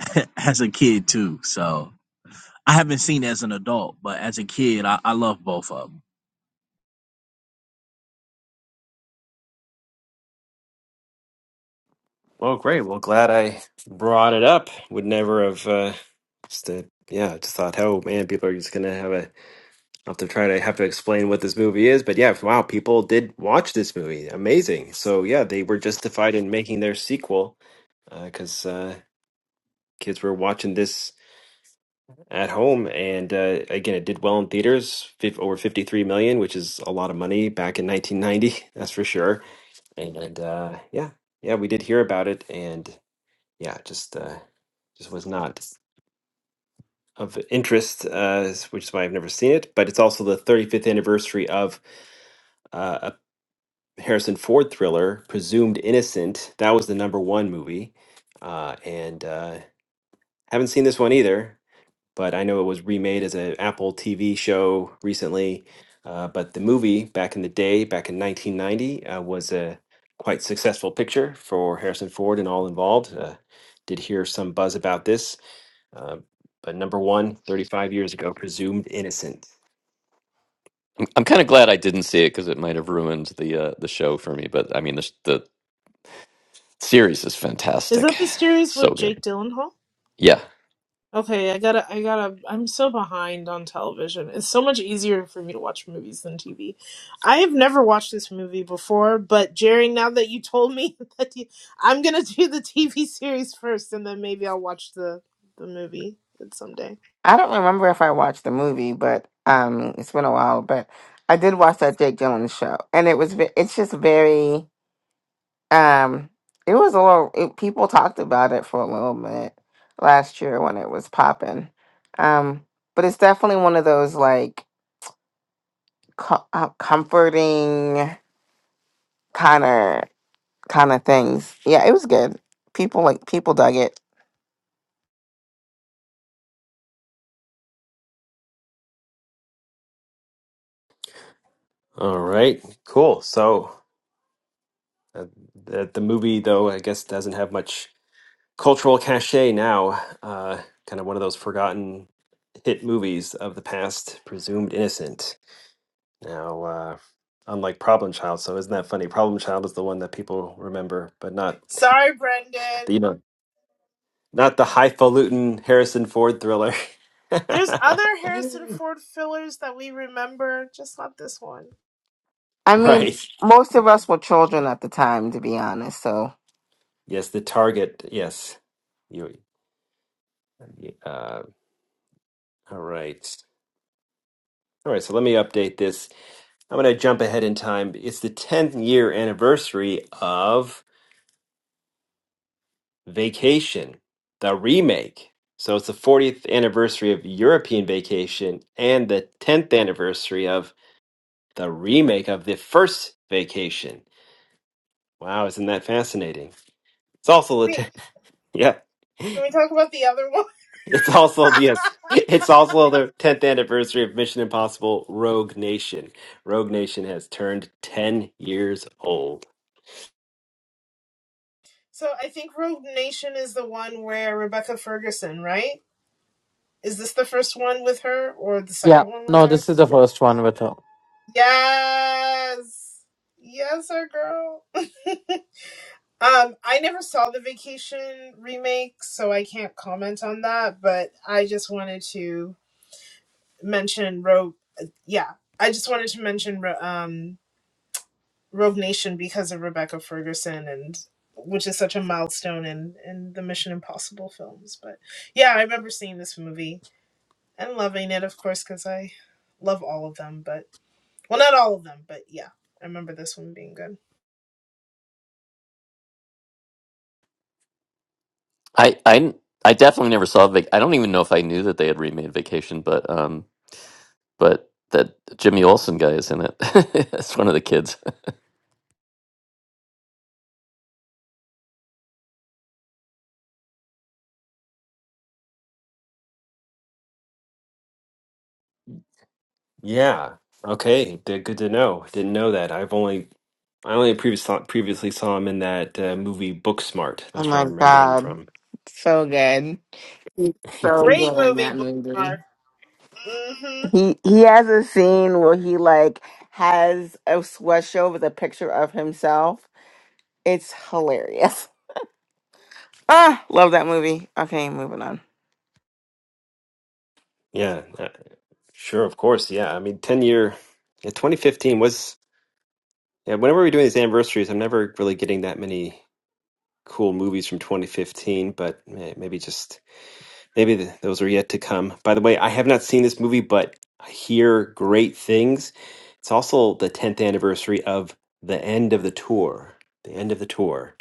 [SPEAKER 18] as a kid too. So I haven't seen it as an adult, but as a kid, I, I love both of them.
[SPEAKER 1] Well, great. Well, glad I brought it up. Would never have uh just uh, yeah, just thought, oh man, people are just gonna have a have to try to have to explain what this movie is. But yeah, wow, people did watch this movie. Amazing. So yeah, they were justified in making their sequel because uh, 'cause, uh, kids were watching this at home, and uh, again, it did well in theaters, fif- over 53 million, which is a lot of money back in 1990, that's for sure and uh, yeah, yeah, we did hear about it, and yeah, just uh, just was not of interest, uh, s- which is why I've never seen it. But it's also the 35th anniversary of uh, a Harrison Ford thriller, Presumed Innocent. That was the number one movie, uh, and uh, haven't seen this one either. but I know it was remade as an Apple TV show recently. Uh, but the movie back in the day, back in 1990, uh, was a quite successful picture for Harrison Ford and all involved. Uh, did hear some buzz about this. Uh, but number one, 35 years ago, presumed innocent.
[SPEAKER 12] I'm kind of glad I didn't see it because it might have ruined the uh, the show for me. But I mean, the, sh- the series is
[SPEAKER 9] Is
[SPEAKER 12] fantastic,
[SPEAKER 9] that the series
[SPEAKER 12] so
[SPEAKER 9] with
[SPEAKER 12] good.
[SPEAKER 9] Jake Gyllenhaal?
[SPEAKER 12] Yeah,
[SPEAKER 9] Okay, I gotta, I gotta, I'm so behind on television. It's so much easier for me to watch movies than TV. I have never watched this movie before, but Jerry, now that you told me that you, I'm gonna do the TV series first and then maybe I'll watch the, the movie someday.
[SPEAKER 10] I don't remember if I watched the movie, but um, it's been a while. But I did watch that Jake Gyllenhaal show, and it was ve- it's just very um, it was a little it, people talked about it for a little bit last year when it was popping. Um, but it's definitely one of those like co- uh, comforting kind of. kind of things. Yeah, it was good. People like people dug it.
[SPEAKER 1] All right, cool. So uh, the, the movie, though, I guess doesn't have much cultural cachet now. Uh, kind of one of those forgotten hit movies of the past, presumed innocent. Now, uh, unlike Problem Child, so isn't that funny? Problem Child is the one that people remember, but not
[SPEAKER 9] Sorry,
[SPEAKER 1] the you
[SPEAKER 9] Brendan.
[SPEAKER 1] know, not the highfalutin Harrison Ford thriller.
[SPEAKER 9] There's other Harrison Ford fillers that we remember, just not this one.
[SPEAKER 10] I mean,
[SPEAKER 1] Right.
[SPEAKER 10] most of us were children at the time, to be honest. So,
[SPEAKER 1] Yes, the target. Yes. You, uh, all right. All right, so let me update this. I'm going to jump ahead in time. It's the 10th year anniversary of Vacation, the remake. So it's the 40th anniversary of European Vacation and the 10th anniversary of the remake of the first Vacation. Wow, isn't that fascinating? It's
[SPEAKER 9] Can
[SPEAKER 1] also the
[SPEAKER 9] we,
[SPEAKER 1] 10th, yeah.
[SPEAKER 9] can we talk about the other one?
[SPEAKER 1] It's also yes. It's also the 10th anniversary of Mission Impossible Rogue Nation. Rogue Nation has turned 10 years old.
[SPEAKER 9] So I think Rogue Nation is the one where Rebecca Ferguson, right? Is this the first one with her or the
[SPEAKER 14] Yeah.
[SPEAKER 9] second one with
[SPEAKER 14] No,
[SPEAKER 9] her?
[SPEAKER 14] this is the first one with her.
[SPEAKER 9] Yes. Yes, our girl. Um, I never saw the vacation remake, so I can't comment on that, but I just wanted to mention Rogue yeah. I just wanted to mention Ro- um Rogue Nation because of Rebecca Ferguson and which is such a milestone in in the Mission Impossible films, but yeah, I remember seeing this movie and loving it of course cuz I love all of them, but Well, not all of them, but yeah, I remember this one being good.
[SPEAKER 12] I I I definitely never saw. Vac- I don't even know if I knew that they had remade Vacation, but um, but that Jimmy Olsen guy is in it. It's one of the kids.
[SPEAKER 1] Yeah. Okay. They're good to know. Didn't know that. I've only I only previous saw, previously saw him in that uh, movie Booksmart.
[SPEAKER 10] oh
[SPEAKER 1] That's where I
[SPEAKER 10] my
[SPEAKER 1] remember him
[SPEAKER 10] god,
[SPEAKER 1] from.
[SPEAKER 10] so good. He's so
[SPEAKER 9] Great
[SPEAKER 10] good in
[SPEAKER 9] movie,
[SPEAKER 10] that movie.
[SPEAKER 9] Bookmark. Mm-hmm.
[SPEAKER 10] He he has a scene where he like has a sweatshirt with a picture of himself. It's hilarious. Ah, love that movie. Okay, moving on.
[SPEAKER 1] Yeah. uh, sure. Of course. Yeah. I mean, ten year. Yeah, 2015 was. Yeah. Whenever we're doing these anniversaries, I'm never really getting that many cool movies from 2015. But eh, maybe just. Maybe th- those are yet to come. By the way, I have not seen this movie, but I hear great things. It's also the 10th anniversary of the end of the tour, the end of the tour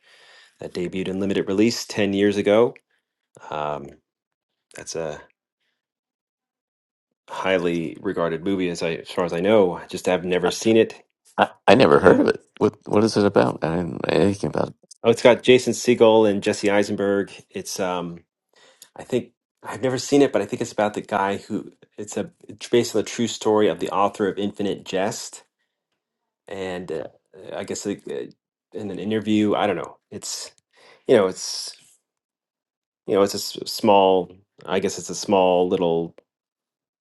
[SPEAKER 1] that debuted in limited release 10 years ago. Um, that's a highly regarded movie, as, I, as far as I know. I just have never seen it.
[SPEAKER 12] I, I never heard
[SPEAKER 1] Yeah.
[SPEAKER 12] of it. What what is it about? I didn't know anything about it.
[SPEAKER 1] Oh, it's got Jason Segel and Jesse Eisenberg. It's, um, I think, I've never seen it, but I think it's about the guy who, it's a, it's based on the true story of the author of Infinite Jest and uh, I guess like, uh, in an interview, I don't know. It's you know, it's you know, it's a s- small. I guess it's a small little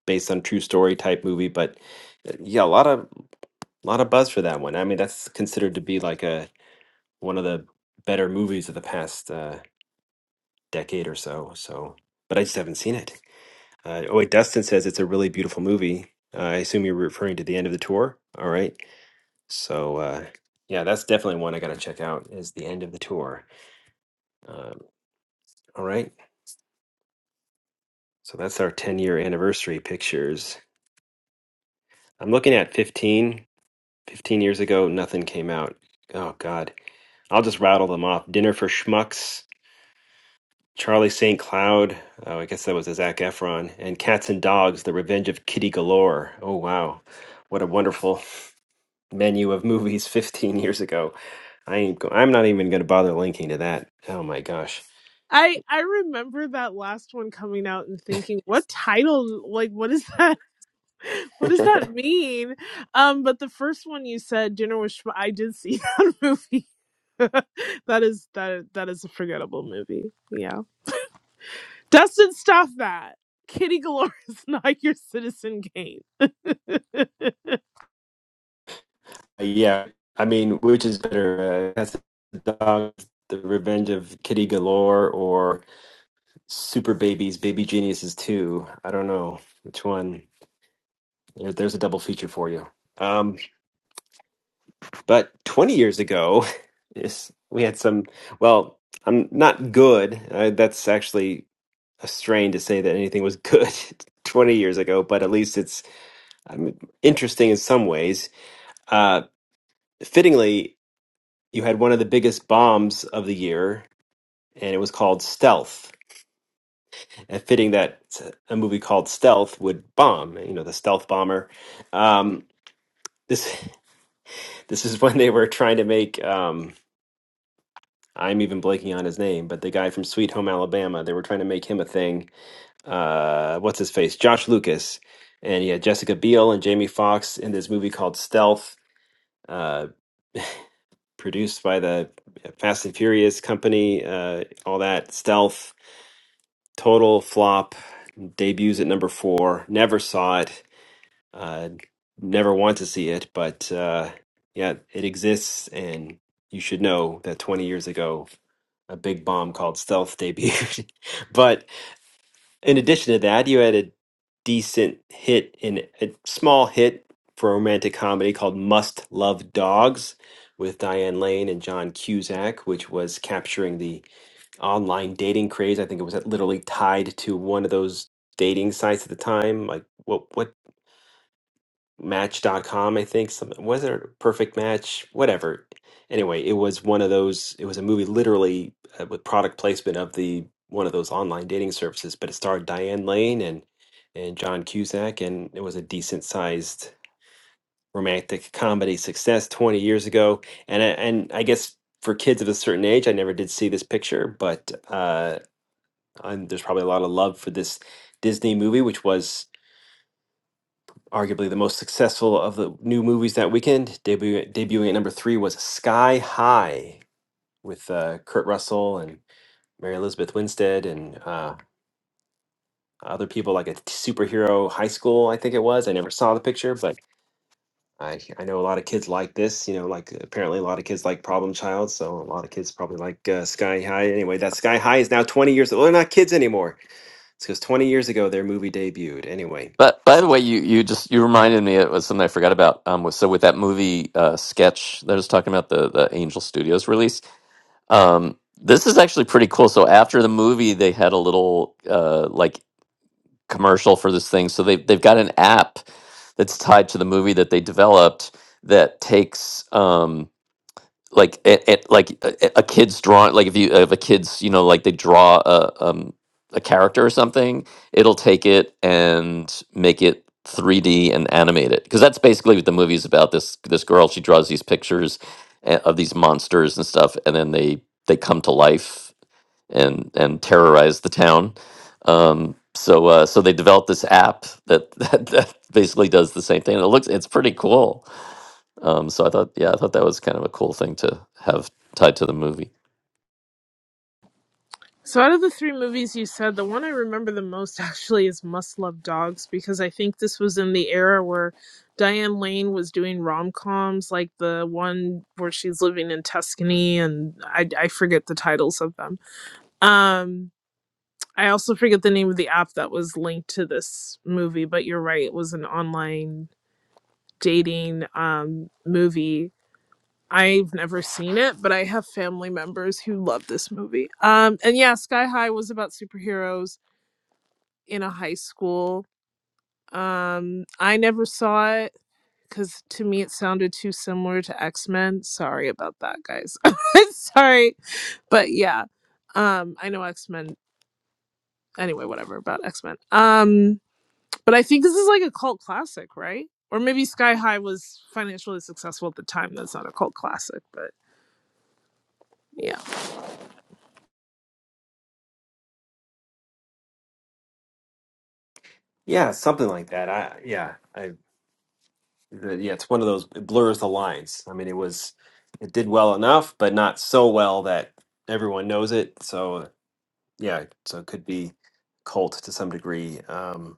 [SPEAKER 1] based on true story type movie, but uh, yeah, a lot of lot of buzz for that one. I mean, that's considered to be like a one of the better movies of the past uh, decade or so. So, but I just haven't seen it. Uh, oh wait, Dustin says it's a really beautiful movie. Uh, I assume you're referring to the end of the tour. All right, so uh, yeah, that's definitely one I got to check out. Is the end of the tour? Um, all right. So that's our 10 year anniversary pictures. I'm looking at 15. 15 years ago, nothing came out. Oh, God. I'll just rattle them off Dinner for Schmucks, Charlie St. Cloud. Oh, I guess that was a Zach Efron. And Cats and Dogs, The Revenge of Kitty Galore. Oh, wow. What a wonderful menu of movies 15 years ago. I ain't go- I'm not even going to bother linking to that. Oh, my gosh.
[SPEAKER 9] I I remember that last one coming out and thinking, what title? Like, what is that? What does that mean? Um, but the first one you said, Dinner with Schmo, I did see that movie. that is that that is a forgettable movie. Yeah, Dustin, stop that. Kitty Galore is not your Citizen Kane.
[SPEAKER 1] Yeah, I mean, which is better, uh, Cats and Dogs, The Revenge of Kitty Galore, or Super Babies, Baby Geniuses 2? I don't know which one. There- There's a double feature for you. Um, but 20 years ago, yes, we had some. Well, I'm not good. Uh, that's actually a strain to say that anything was good 20 years ago, but at least it's um, interesting in some ways. Uh, fittingly, you had one of the biggest bombs of the year and it was called Stealth. And fitting that a movie called Stealth would bomb, you know, the stealth bomber. Um, this this is when they were trying to make um, I'm even blanking on his name, but the guy from Sweet Home Alabama, they were trying to make him a thing. Uh, what's his face? Josh Lucas, and he had Jessica Biel and Jamie Foxx in this movie called Stealth. Uh, produced by the uh, Fast and Furious company, uh, all that stealth total flop. Debuts at number four. Never saw it. Uh, never want to see it. But uh, yeah, it exists, and you should know that 20 years ago, a big bomb called Stealth debuted. but in addition to that, you had a decent hit in a small hit for a romantic comedy called Must Love Dogs with Diane Lane and John Cusack, which was capturing the online dating craze. I think it was uh, literally tied to one of those dating sites at the time, like what what Match dot com. I think some was it perfect match whatever anyway it was one of those it was a movie literally uh, with product placement of the one of those online dating services but it starred Diane Lane and and John Cusack and it was a decent sized romantic comedy success 20 years ago and I- and I guess for kids of a certain age I never did see this picture but uh and there's probably a lot of love for this Disney movie, which was arguably the most successful of the new movies that weekend. Debut debuting at number three was Sky High with uh, Kurt Russell and Mary Elizabeth Winstead and uh, other people like a t- superhero high school. I think it was. I never saw the picture, but I I know a lot of kids like this. You know, like apparently a lot of kids like Problem Child, so a lot of kids probably like uh, Sky High. Anyway, that Sky High is now 20 years. old. Well, they're not kids anymore. It's because 20 years ago their movie debuted. Anyway,
[SPEAKER 12] But by the way, you, you just you reminded me it was something I forgot about. Um, was- so with that movie uh, sketch that I was talking about the the Angel Studios release, Um, this is actually pretty cool. So after the movie, they had a little uh, like commercial for this thing. So they they've got an app that's tied to the movie that they developed that takes. Um, like it, it like a, a kid's drawing like if you if a kid's you know like they draw a um a character or something it'll take it and make it 3d and animate it because that's basically what the movie's about this this girl she draws these pictures a- of these monsters and stuff and then they they come to life and and terrorize the town um so uh so they developed this app that that, that basically does the same thing and it looks it's pretty cool um, so I thought, yeah, I thought that was kind of a cool thing to have tied to the movie.
[SPEAKER 9] So out of the three movies you said, the one I remember the most actually is Must Love Dogs because I think this was in the era where Diane Lane was doing rom-coms like the one where she's living in Tuscany and I, I forget the titles of them. Um I also forget the name of the app that was linked to this movie, but you're right, it was an online dating um movie. I've never seen it, but I have family members who love this movie. Um and yeah, Sky High was about superheroes in a high school. Um, I never saw it because to me it sounded too similar to X Men. Sorry about that, guys. Sorry, but yeah, um, I know X Men. Anyway, whatever about X Men. Um, but I think this is like a cult classic, right? Or maybe Sky High was financially successful at the time. That's not a cult classic, but yeah,
[SPEAKER 1] Yeah, something like that. I yeah, I the, yeah, it's one of those it blurs the lines. I mean, it was it did well enough, but not so well that everyone knows it. So yeah, so it could be cult to some degree. Um,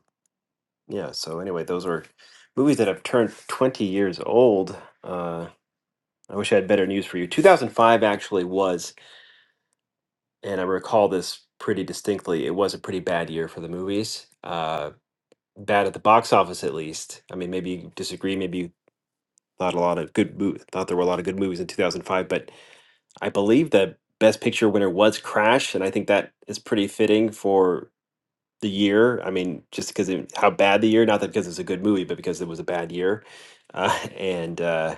[SPEAKER 1] yeah. So anyway, those were movies that have turned twenty years old. Uh, I wish I had better news for you. Two thousand five actually was, and I recall this pretty distinctly. It was a pretty bad year for the movies. Uh, bad at the box office at least. I mean, maybe you disagree, maybe you Thought a lot of good mo- thought there were a lot of good movies in 2005, but I believe the best picture winner was Crash, and I think that is pretty fitting for the year. I mean, just because it, how bad the year, not that because it's a good movie, but because it was a bad year. Uh, and uh,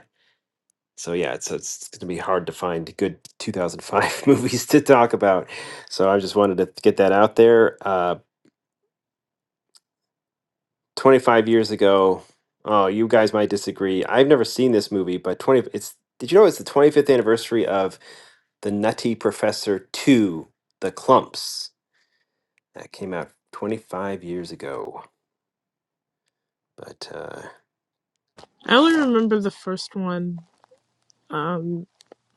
[SPEAKER 1] so yeah, it's it's going to be hard to find good 2005 movies to talk about. So I just wanted to get that out there. Uh, 25 years ago. Oh, you guys might disagree. I've never seen this movie, but 20 it's did you know it's the 25th anniversary of The Nutty Professor 2, The Clumps. That came out 25 years ago. But uh
[SPEAKER 9] I only remember the first one. Um,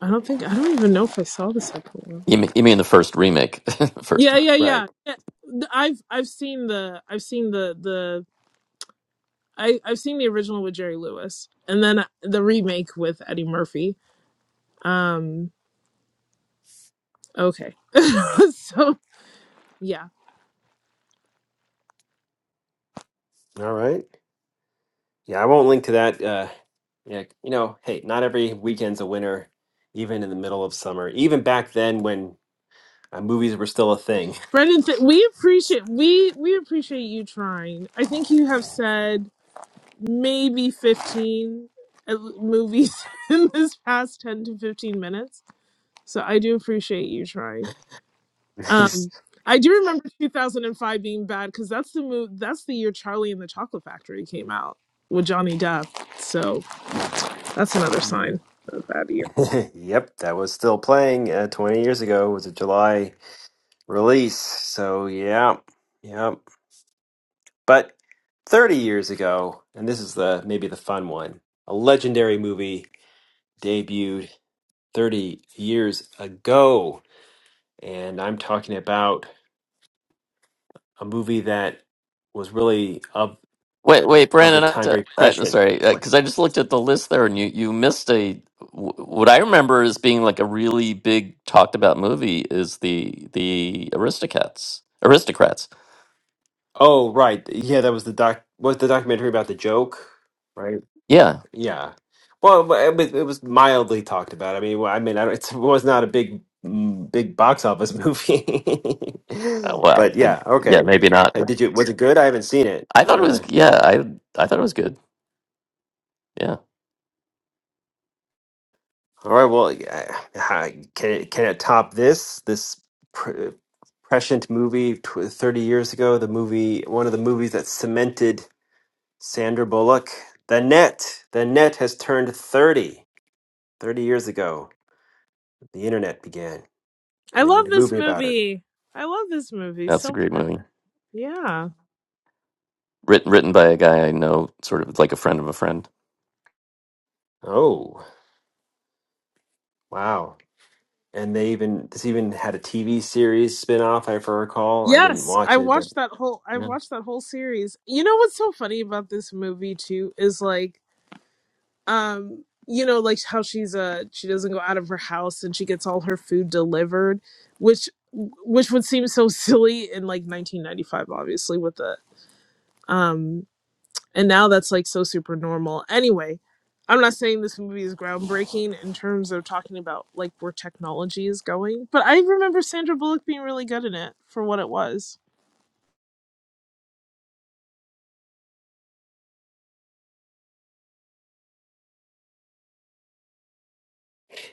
[SPEAKER 9] I don't think I don't even know if I saw the second one.
[SPEAKER 12] You mean, you mean the first remake, first
[SPEAKER 9] Yeah,
[SPEAKER 12] one?
[SPEAKER 9] yeah, yeah.
[SPEAKER 1] right.
[SPEAKER 9] yeah. Th- I've I've seen the I've seen the the I I've seen the original with Jerry Lewis and then uh, the remake with Eddie Murphy. Um okay. so yeah.
[SPEAKER 1] All right. Yeah, I won't link to that uh yeah, you know, hey, not every weekend's a winner even in the middle of summer. Even back then when uh, movies were still a thing.
[SPEAKER 9] Brendan, th- we appreciate we we appreciate you trying. I think you have said maybe 15 at- l- movies in this past 10 to 15 minutes. So I do appreciate you trying. Um, I do remember 2005 being bad because that's the move. That's the year Charlie and the Chocolate Factory came out with Johnny Depp. So that's another
[SPEAKER 1] Nice.
[SPEAKER 9] sign of that year.
[SPEAKER 1] Yep, that was still playing uh, 20 years ago. It was a July release. So, yeah. Yep. But 30 years ago, and this is the maybe the fun one. A legendary movie debuted 30 years ago, and I'm talking about a movie that was really of
[SPEAKER 12] Wait, wait,
[SPEAKER 1] of the
[SPEAKER 12] Brandon, I have
[SPEAKER 1] time
[SPEAKER 12] to,
[SPEAKER 1] very
[SPEAKER 12] I,
[SPEAKER 1] prescient.
[SPEAKER 12] sorry,
[SPEAKER 1] What?
[SPEAKER 12] because I just looked at the list there, and you you missed a wh- what I remember as being like a really big talked about movie is the the Aristocats, Aristocrats.
[SPEAKER 1] Oh, right. Yeah, that was the doc was the documentary about the joke, right?
[SPEAKER 12] Yeah,
[SPEAKER 1] Yeah. Well, but it was it was mildly talked about. I mean, well, I mean, I don't, it was not a big, mm, big box office movie.
[SPEAKER 12] uh, well,
[SPEAKER 1] But
[SPEAKER 12] I,
[SPEAKER 1] yeah,
[SPEAKER 12] yeah,
[SPEAKER 1] okay.
[SPEAKER 12] maybe not.
[SPEAKER 1] Uh, Did you, was it good? I haven't seen it.
[SPEAKER 12] I thought it was,
[SPEAKER 1] Uh,
[SPEAKER 12] yeah, I I thought it was good. Yeah,
[SPEAKER 1] all right. Well, yeah, how- can it, can it top this, this pr prescient movie tw 30 years ago? The movie, one of the movies that cemented Sandra Bullock. The Net, The Net has turned 30, 30 years ago. The internet began,
[SPEAKER 9] I
[SPEAKER 1] and they
[SPEAKER 9] love
[SPEAKER 1] made a
[SPEAKER 9] this
[SPEAKER 1] movie about it.
[SPEAKER 9] movie. I love this movie
[SPEAKER 12] that's a
[SPEAKER 9] so
[SPEAKER 12] great
[SPEAKER 9] much.
[SPEAKER 12] movie.
[SPEAKER 9] Yeah.
[SPEAKER 12] Written written by a guy I know, sort of like a friend of a friend.
[SPEAKER 1] Oh, wow. And they even this even had a TV series spin-off, if I recall. I didn't
[SPEAKER 9] Yes, I
[SPEAKER 1] watch it, but
[SPEAKER 9] watched that whole. I
[SPEAKER 1] yeah.
[SPEAKER 9] watched that whole series. You know what's so funny about this movie too is like um you know like how she's uh she doesn't go out of her house and she gets all her food delivered which which would seem so silly in like 1995 obviously with the um and now that's like so super normal anyway i'm not saying this movie is groundbreaking in terms of talking about like where technology is going but i remember sandra bullock being really good in it for what it was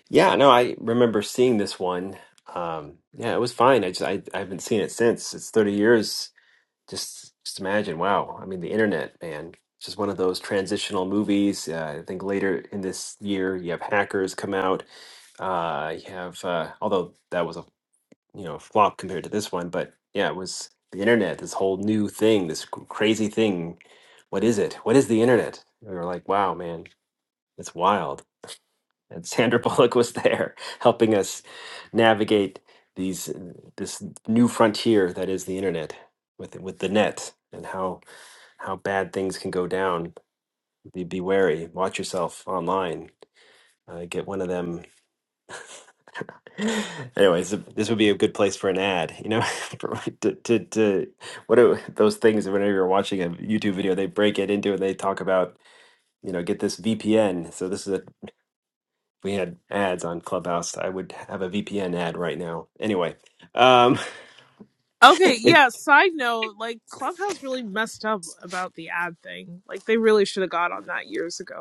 [SPEAKER 1] Yeah, no, I remember seeing this one. Um, yeah, it was fine. I just I, I haven't seen it since. It's 30 years. Just just imagine, wow. I mean, the internet, man. It's Just one of those transitional movies. Uh, I think later in this year, you have Hackers come out. Uh, you have, uh, although that was a you know flop compared to this one but yeah it was the internet this whole new thing this c- crazy thing what is it what is the internet And we were like wow man it's wild and sandra bullock was there helping us navigate these uh, this new frontier that is the internet with with the net and how how bad things can go down be, be wary watch yourself online uh, get one of them Anyways, this would be a good place for an ad, you know, for- to, to, to what are those things that whenever you're watching a YouTube video, they break it into and they talk about, you know, get this VPN. So this is a, we had ads on Clubhouse. I would have a VPN ad right now. Anyway, um,
[SPEAKER 9] okay yeah side note like clubhouse really messed up about the ad thing like they really should have got on that years ago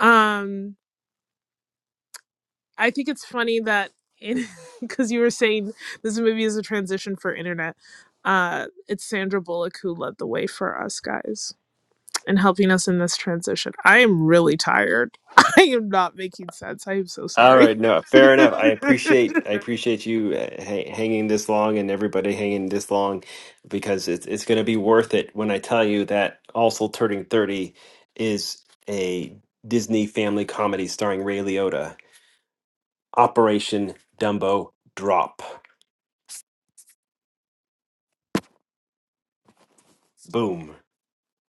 [SPEAKER 9] Um, I think it's funny that in because you were saying this movie is a transition for internet. Uh, it's Sandra Bullock who led the way for us guys and helping us in this transition. I am really tired. I am not making sense. I am so
[SPEAKER 1] All
[SPEAKER 9] sorry.
[SPEAKER 1] right, no, fair enough. I appreciate I appreciate you uh, ha hanging this long and everybody hanging this long because it's it's going to be worth it when I tell you that also turning 30 is a Disney family comedy starring Ray Liotta, Operation Dumbo Drop. Boom.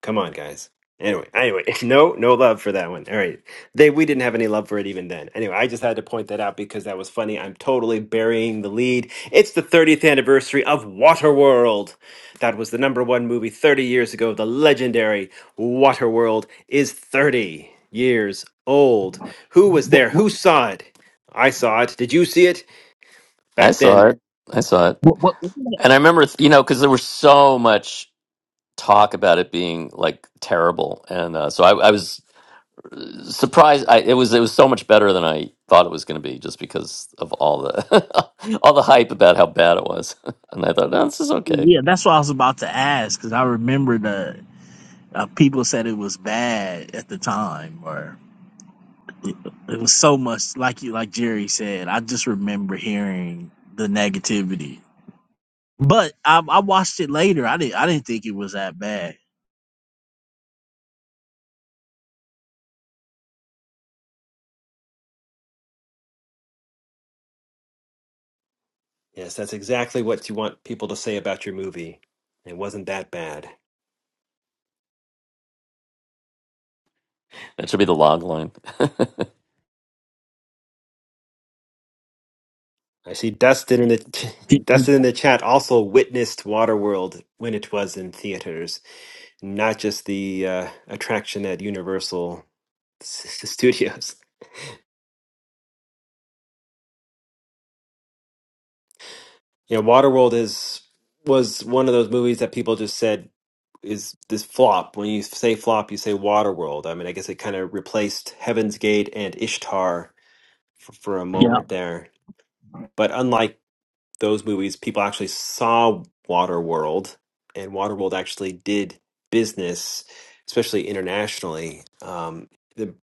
[SPEAKER 1] Come on, guys. Anyway, anyway, no, no love for that one. All right, they we didn't have any love for it even then. Anyway, I just had to point that out because that was funny. I'm totally burying the lead. It's the 30th anniversary of Waterworld. That was the number one movie 30 years ago. The legendary Waterworld is 30 years old. Who was
[SPEAKER 18] What,
[SPEAKER 1] there?
[SPEAKER 18] what,
[SPEAKER 1] Who saw it? I saw it. Did you see it
[SPEAKER 12] I
[SPEAKER 1] back
[SPEAKER 12] saw
[SPEAKER 1] then?
[SPEAKER 12] it. I saw it.
[SPEAKER 18] what, what, what-
[SPEAKER 12] And I remember, you know, because there was so much talk about it being like terrible, and uh, so I, I was uh, surprised. I, it was it was so much better than I thought it was going to be, just because of all the all the hype about how bad it was. And I thought, no, this is okay.
[SPEAKER 18] yeah, that's what I was about to ask because I remember the uh, people said it was bad at the time, or it, it was so much like you, like Jerry said. I just remember hearing the negativity. But I, I watched it later. I didn't I didn't think it was that bad.
[SPEAKER 1] Yes, that's exactly what you want people to say about your movie. It wasn't that bad.
[SPEAKER 12] That should be the log line.
[SPEAKER 1] I see Dustin in the
[SPEAKER 18] It-
[SPEAKER 1] Dustin in the chat also witnessed Waterworld when it was in theaters, not just the uh, attraction at Universal Studios. You know, Waterworld is was one of those movies that people just said is this flop. When you say flop, you say Waterworld. I mean, I guess it kind of replaced Heaven's Gate and Ishtar for, for a
[SPEAKER 18] Yeah,
[SPEAKER 1] moment there. But unlike those movies, people actually saw Waterworld, and Waterworld actually did business, especially internationally. Um, the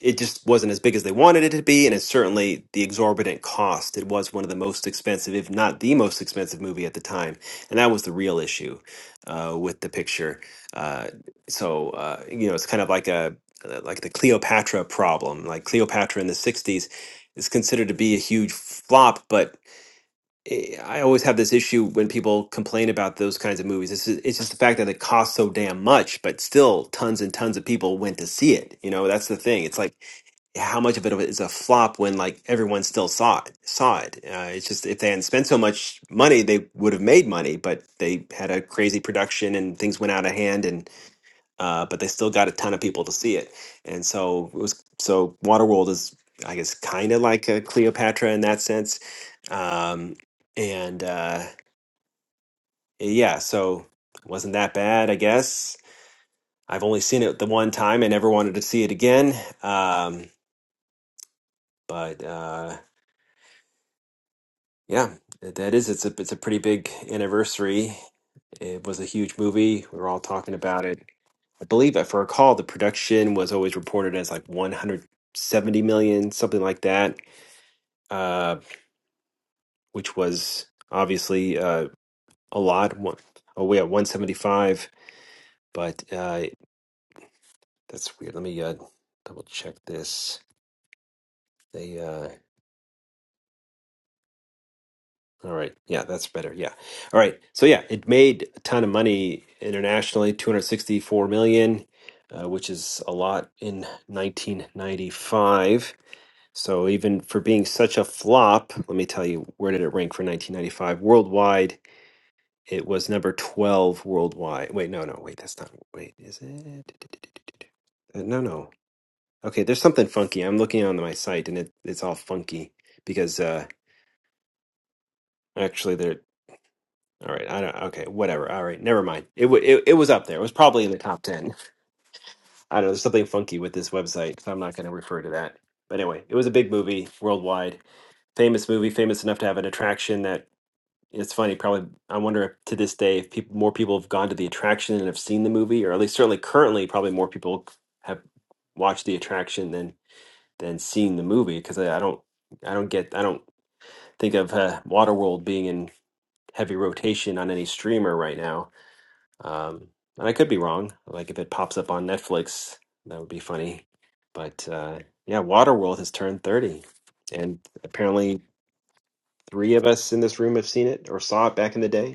[SPEAKER 1] it just wasn't as big as they wanted it to be, and it's certainly the exorbitant cost. It was one of the most expensive, if not the most expensive movie at the time, and that was the real issue uh, with the picture. Uh, so uh, you know, it's kind of like a like the Cleopatra problem. Like Cleopatra in the '60s is considered to be a huge flop, but eh, I always have this issue when people complain about those kinds of movies. It's, it's just the fact that it costs so damn much, but still tons and tons of people went to see it. You know, that's the thing. It's like how much of it is a flop when like everyone still saw it. Saw it. Uh, it's just if they hadn't spent so much money, they would have made money, but they had a crazy production and things went out of hand. And uh, but they still got a ton of people to see it. And so it was so Waterworld is I guess kind of like a Cleopatra in that sense. Um, and uh, yeah, so it wasn't that bad, I guess. I've only seen it the one time. I never wanted to see it again. Um, but uh, yeah, that that is it's a it's a pretty big anniversary. It was a huge movie. We were all talking about it I believe, if I recall, the production was always reported as like 170 million, something like that, uh, which was obviously uh, a lot. One, oh, we at 175, but uh, that's weird. Let me uh, double check this. They, uh, all right, yeah, that's better. Yeah, all right. So yeah, it made a ton of money internationally, 264 million, uh, which is a lot in 1995 So even for being such a flop, let me tell you where did it rank for 1995 worldwide? It was number 12 worldwide. Wait, no, no, wait, that's not. Wait, is it? Uh, No, no. Okay, there's something funky. I'm looking on my site and it, it's all funky because uh actually they're all right. I don't. Okay, whatever. All right, never mind. It, wa it it was up there. It was probably in the top 10. I don't know. There's something funky with this website, so I'm not going to refer to that. But anyway, it was a big movie worldwide famous movie, famous enough to have an attraction that It's funny, probably I wonder if to this day if people more people have gone to the attraction and have seen the movie, or at least certainly currently probably more people have watched the attraction than than seen the movie because I, I don't I don't get I don't think of uh, Waterworld being in heavy rotation on any streamer right now. Um, and I could be wrong. Like if it pops up on Netflix, that would be funny. But uh, yeah, Waterworld has turned 30, and apparently three of us in this room have seen it or saw it back in the day.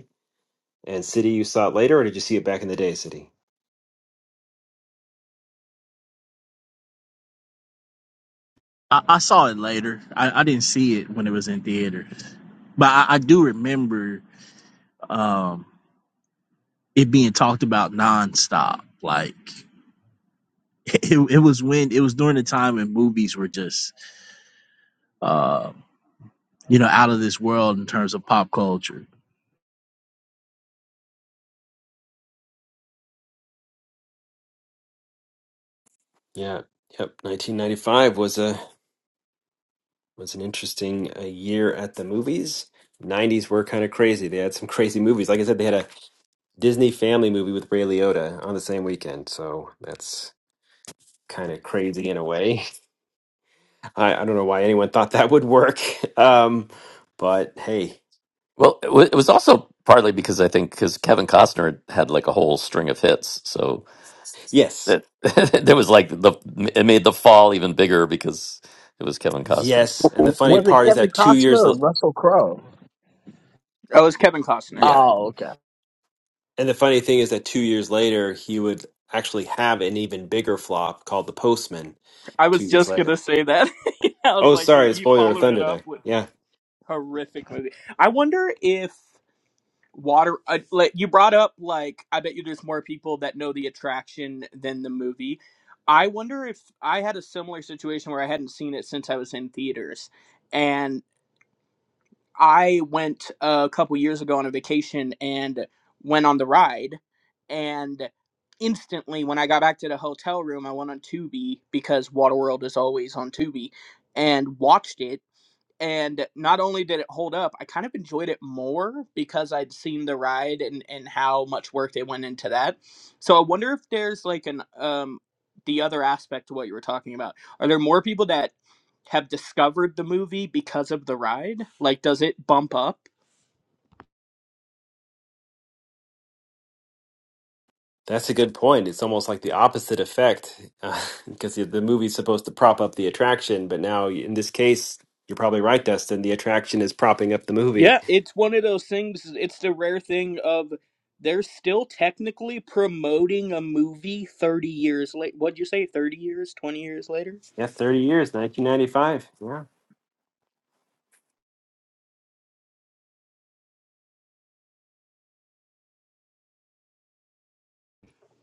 [SPEAKER 1] And City, you saw it later, or did you see it back in the day, City?
[SPEAKER 18] I, I saw it later. I, I didn't see it when it was in theaters, but I, I do remember um, it being talked about nonstop. Like it, it was when it was during the time when movies were just uh, you know out of this world in terms of pop culture.
[SPEAKER 1] Yeah, yep. 1995 was a was an interesting uh, year at the movies. 90s were kind of crazy. They had some crazy movies. Like I said, they had a Disney family movie with Ray Liotta on the same weekend. So that's kind of crazy in a way. I, I don't know why anyone thought that would work. Um, but hey,
[SPEAKER 12] well, it, wa- it was also partly because I think because Kevin Costner had had, like a whole string of hits, so
[SPEAKER 1] yes,
[SPEAKER 12] that that was like the it made the fall even bigger because it was Kevin Costner,
[SPEAKER 1] yes. And the funny
[SPEAKER 18] Was it
[SPEAKER 1] part is
[SPEAKER 18] Kevin
[SPEAKER 1] that two
[SPEAKER 18] Costner
[SPEAKER 1] years,
[SPEAKER 18] or
[SPEAKER 1] l-
[SPEAKER 18] Russell Crowe?
[SPEAKER 19] That was Kevin Costner.
[SPEAKER 1] yeah.
[SPEAKER 18] Oh, okay.
[SPEAKER 1] And the funny thing is that two years later, he would actually have an even bigger flop called The Postman
[SPEAKER 19] I
[SPEAKER 1] two
[SPEAKER 19] was
[SPEAKER 1] years
[SPEAKER 19] just gonna
[SPEAKER 1] later.
[SPEAKER 19] say that. I was
[SPEAKER 1] Oh,
[SPEAKER 19] like,
[SPEAKER 1] sorry,
[SPEAKER 19] he
[SPEAKER 1] spoiler of
[SPEAKER 19] followed it
[SPEAKER 1] Thunder
[SPEAKER 19] up
[SPEAKER 1] there.
[SPEAKER 19] with
[SPEAKER 1] Yeah,
[SPEAKER 19] horrific movie. I wonder if water. Uh, like you brought up, like I bet you there's more people that know the attraction than the movie. I wonder if I had a similar situation where I hadn't seen it since I was in theaters, and. I went a couple years ago on a vacation and went on the ride. And instantly, when I got back to the hotel room, I went on Tubi because Waterworld is always on Tubi and watched it and not only did it hold up, I kind of enjoyed it more because I'd seen the ride and and how much work they went into that. So I wonder if there's like an um the other aspect to what you were talking about. Are there more people that have discovered the movie because of the ride? Like does it bump up?
[SPEAKER 1] that's a good point. It's almost like the opposite effect because the the movie's supposed to prop up the attraction, but now in this case, you're probably right, Dustin. The attraction is propping up the movie.
[SPEAKER 19] Yeah, it's one of those things it's the rare thing of they're still technically promoting a movie 30 years late. What'd you say 30 years, 20 years later?
[SPEAKER 1] Yeah, 30 years, 1995. Yeah.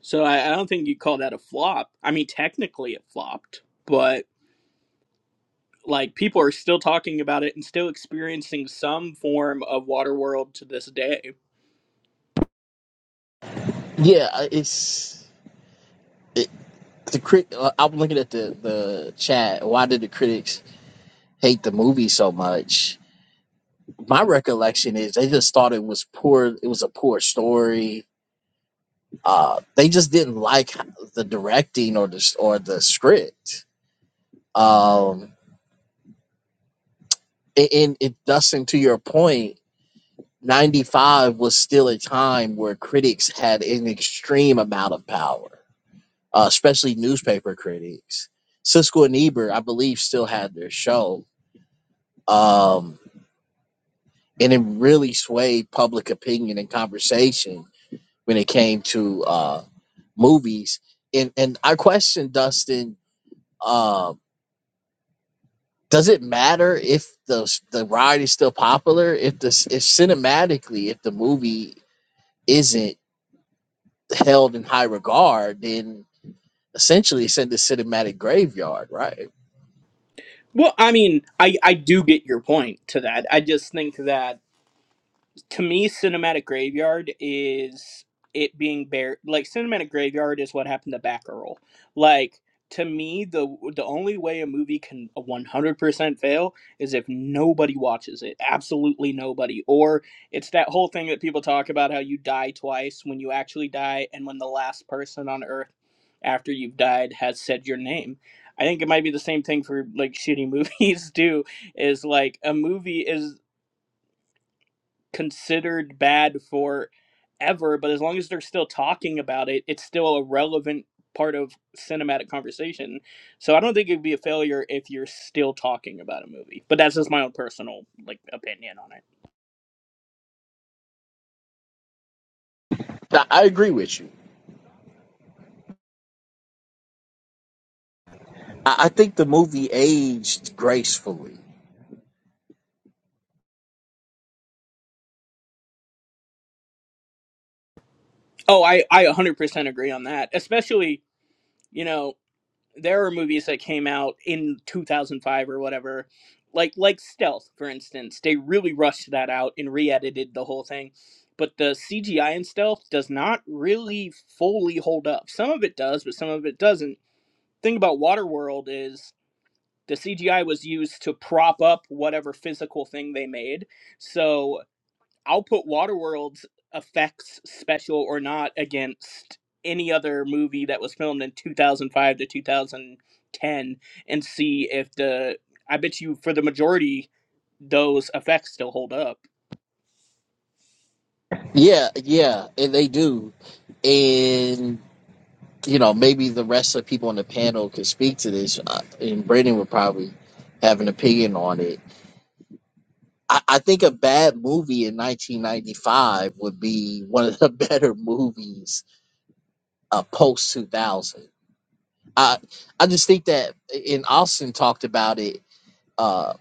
[SPEAKER 19] So I, I don't think you call that a flop. I mean, technically it flopped, but like people are still talking about it and still experiencing some form of Waterworld to this day.
[SPEAKER 18] Yeah, it's. the crit. Uh, I'm looking at the the chat. Why did the critics hate the movie so much? My recollection is they just thought it was poor. It was a poor story. Uh, they just didn't like the directing or the or the script. Um, and it Dustin, to your point, '95 was still a time where critics had an extreme amount of power, uh, especially newspaper critics. Siskel and Ebert, I believe, still had their show. Um, and it really swayed public opinion and conversation when it came to uh, movies. And and I question Dustin: uh, Does it matter if the the ride is still popular? If the if cinematically, if the movie isn't held in high regard, then essentially it's in the cinematic graveyard, right?
[SPEAKER 19] Well, I mean, I I do get your point to that. I just think that to me cinematic graveyard is it being bare like cinematic graveyard is what happened to Batgirl. Like to me the the only way a movie can 100% fail is if nobody watches it. Absolutely nobody. Or it's that whole thing that people talk about how you die twice when you actually die and when the last person on earth after you've died has said your name. I think it might be the same thing for like shitty movies too is like a movie is considered bad for ever, but as long as they're still talking about it, it's still a relevant part of cinematic conversation. So I don't think it'd be a failure if you're still talking about a movie. But that's just my own personal like opinion on it.
[SPEAKER 18] I, I agree with you. I, I think the movie aged gracefully.
[SPEAKER 19] Oh, I I 100% agree on that. Especially, you know, there are movies that came out in 2005 or whatever like like stealth for instance they really rushed that out and re-edited the whole thing but the cgi in stealth does not really fully hold up some of it does but some of it doesn't The thing about waterworld is the cgi was used to prop up whatever physical thing they made so I'll put Waterworld's effects special or not against any other movie that was filmed in 2005 to 2010 and see if the I bet you for the majority those effects still hold up.
[SPEAKER 18] Yeah, yeah, and they do and you know, maybe the rest of the people on the panel could speak to this, uh, and Brandon would probably have an opinion on it. I, I think a bad movie in 1995 would be one of the better movies uh, post 2000. I I just think that, and Austin talked about it, uh,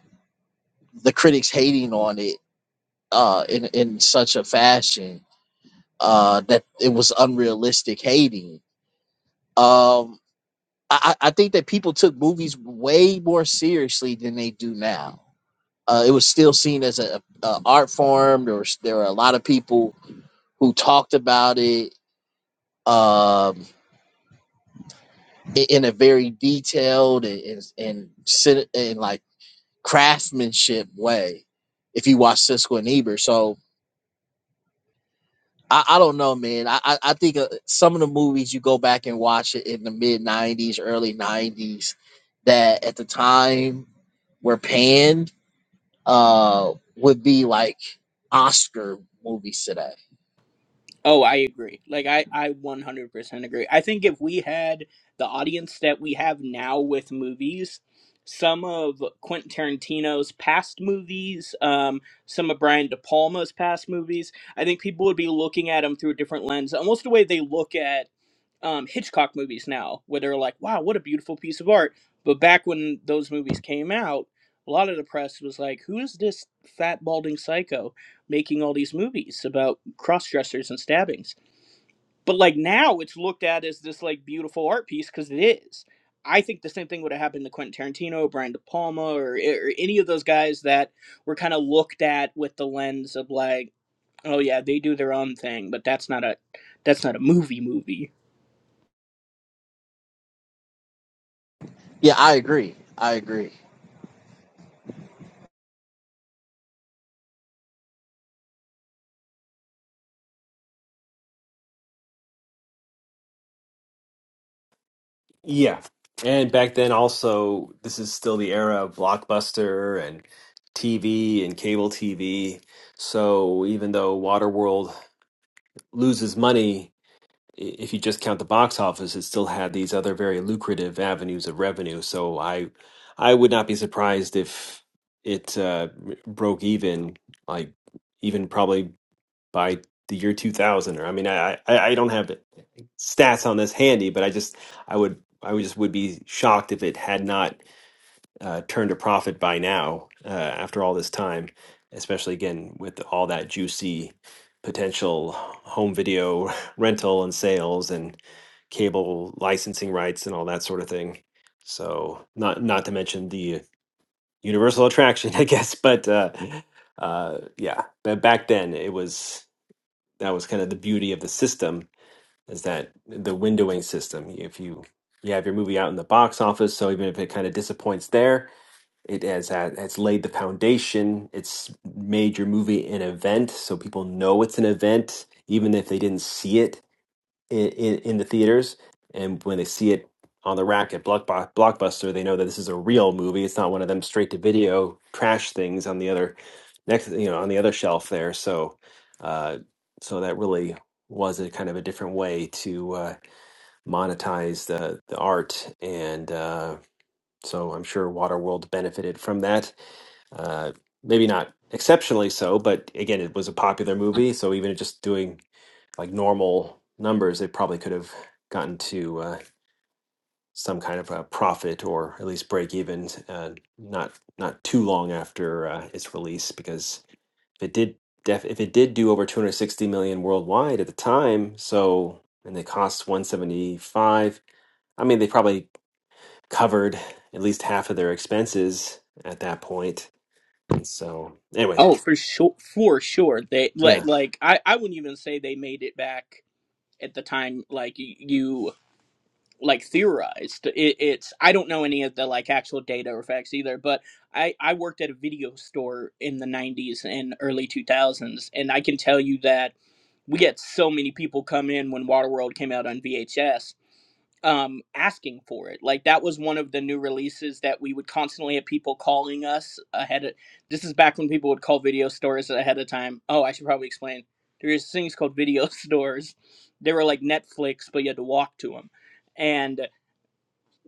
[SPEAKER 18] the critics hating on it uh, in in such a fashion uh, that it was unrealistic hating. Um, I, I I think that people took movies way more seriously than they do now. Uh, it was still seen as a, a art form. There was there were a lot of people who talked about it um, i- in a very detailed and and, and, cin- and like craftsmanship way. If you watch Cisco and Ebert, so I, I don't know, man. I I, I think uh, some of the movies you go back and watch it in the mid '90s, early '90s, that at the time were panned uh, would be like Oscar movies today.
[SPEAKER 19] Oh, I agree. Like I I 100% agree. I think if we had the audience that we have now with movies, some of Quentin Tarantino's past movies, um some of Brian De Palma's past movies, I think people would be looking at them through a different lens, almost the way they look at um, Hitchcock movies now, where they're like, "Wow, what a beautiful piece of art." But back when those movies came out, a lot of the press was like, "Who is this fat balding psycho making all these movies about cross dressers and stabbings?" But like now, it's looked at as this like beautiful art piece because it is. I think the same thing would have happened to Quentin Tarantino, Brian De Palma, or, or any of those guys that were kind of looked at with the lens of like, "Oh yeah, they do their own thing, but that's not a that's not a movie movie."
[SPEAKER 18] Yeah, I agree. I agree.
[SPEAKER 1] Yeah. And back then also this is still the era of Blockbuster and TV and cable TV. So even though Waterworld loses money, i- if you just count the box office, it still had these other very lucrative avenues of revenue. So I I would not be surprised if it uh, broke even, like even probably by the year 2000 or i mean i i, I don't have stats on this handy but i just i would i would just would be shocked if it had not uh, turned a profit by now uh, after all this time especially again with all that juicy potential home video rental and sales and cable licensing rights and all that sort of thing so not not to mention the universal attraction i guess but uh uh yeah but back then it was that was kind of the beauty of the system is that the windowing system. If you you have your movie out in the box office, so even if it kind of disappoints there, it has had- it's laid the foundation. It's made your movie an event, so people know it's an event, even if they didn't see it in, in, in the theaters, and when they see it on the rack at Blockbu- Blockbuster, they know that this is a real movie. It's not one of them straight to video trash things on the other next, you know, on the other shelf there. So, uh, so that really was a kind of a different way to uh, monetize the the art, and uh, so I'm sure Waterworld benefited from that. Uh, maybe not exceptionally so, but again, it was a popular movie, so even just doing like normal numbers, they probably could have gotten to uh, some kind of a profit or at least break even uh, not not too long after uh, its release because if it did def- if it did do over 260 million worldwide at the time, so and they cost 175, I mean they probably covered at least half of their expenses at that point. And so anyway,
[SPEAKER 19] Oh, for sure, for sure. They like,
[SPEAKER 1] yeah.
[SPEAKER 19] like I, I wouldn't even say they made it back at the time. Like y- you, like theorized. It, it's I don't know any of the like actual data or facts either. But I, I worked at a video store in the '90s and early 2000s, and I can tell you that we had so many people come in when Waterworld came out on VHS um asking for it like that was one of the new releases that we would constantly have people calling us ahead of this is back when people would call video stores ahead of time oh i should probably explain there's things called video stores they were like netflix but you had to walk to them and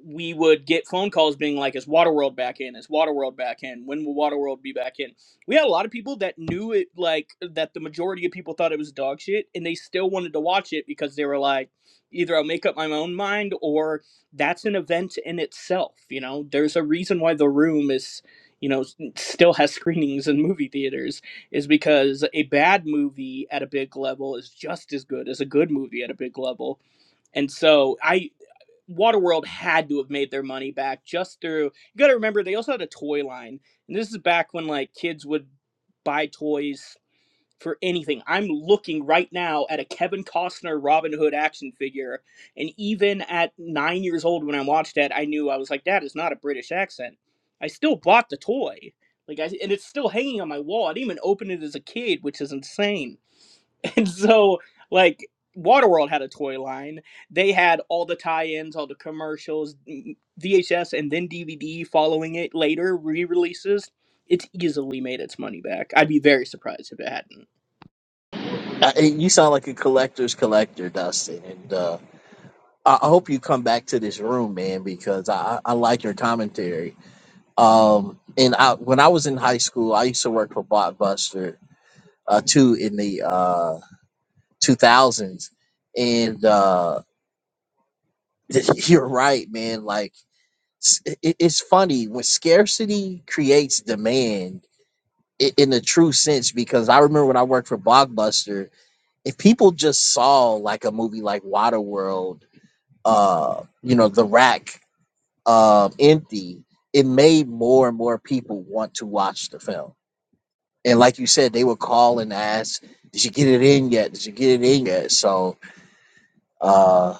[SPEAKER 19] we would get phone calls being like, "Is Waterworld back in? Is Waterworld back in? When will Waterworld be back in?" We had a lot of people that knew it, like that. The majority of people thought it was dog shit, and they still wanted to watch it because they were like, "Either I'll make up my own mind, or that's an event in itself." You know, there's a reason why The Room is, you know, s- still has screenings in movie theaters, is because a bad movie at a big level is just as good as a good movie at a big level. And so I Waterworld had to have made their money back just through. You got to remember they also had a toy line, and this is back when like kids would buy toys for anything. I'm looking right now at a Kevin Costner Robin Hood action figure, and even at nine years old when I watched that, I knew I was like, that is not a British accent. I still bought the toy, like, I, and it's still hanging on my wall. I didn't even open it as a kid, which is insane and so like Waterworld had a toy line. They had all the tie-ins, all the commercials, VHS, and then DVD following it later re-releases. It's easily made its money back. I'd be very surprised if it hadn't.
[SPEAKER 18] I, and you sound like a collector's collector, Dustin. And uh, I, I hope you come back to this room, man, because I, I I like your commentary. Um, and I, when I was in high school, I used to work for Blockbuster uh, too in the uh, 2000s. And uh, you're right, man. Like, s- i- i- it's funny when scarcity creates demand i- in a true sense because I remember when I worked for Blockbuster, if people just saw like a movie like Waterworld, uh, you know, the rack um, empty, it made more and more people want to watch the film. And like you said, they would call and ask, "Did you get it in yet? Did you get it in yet?" So, uh,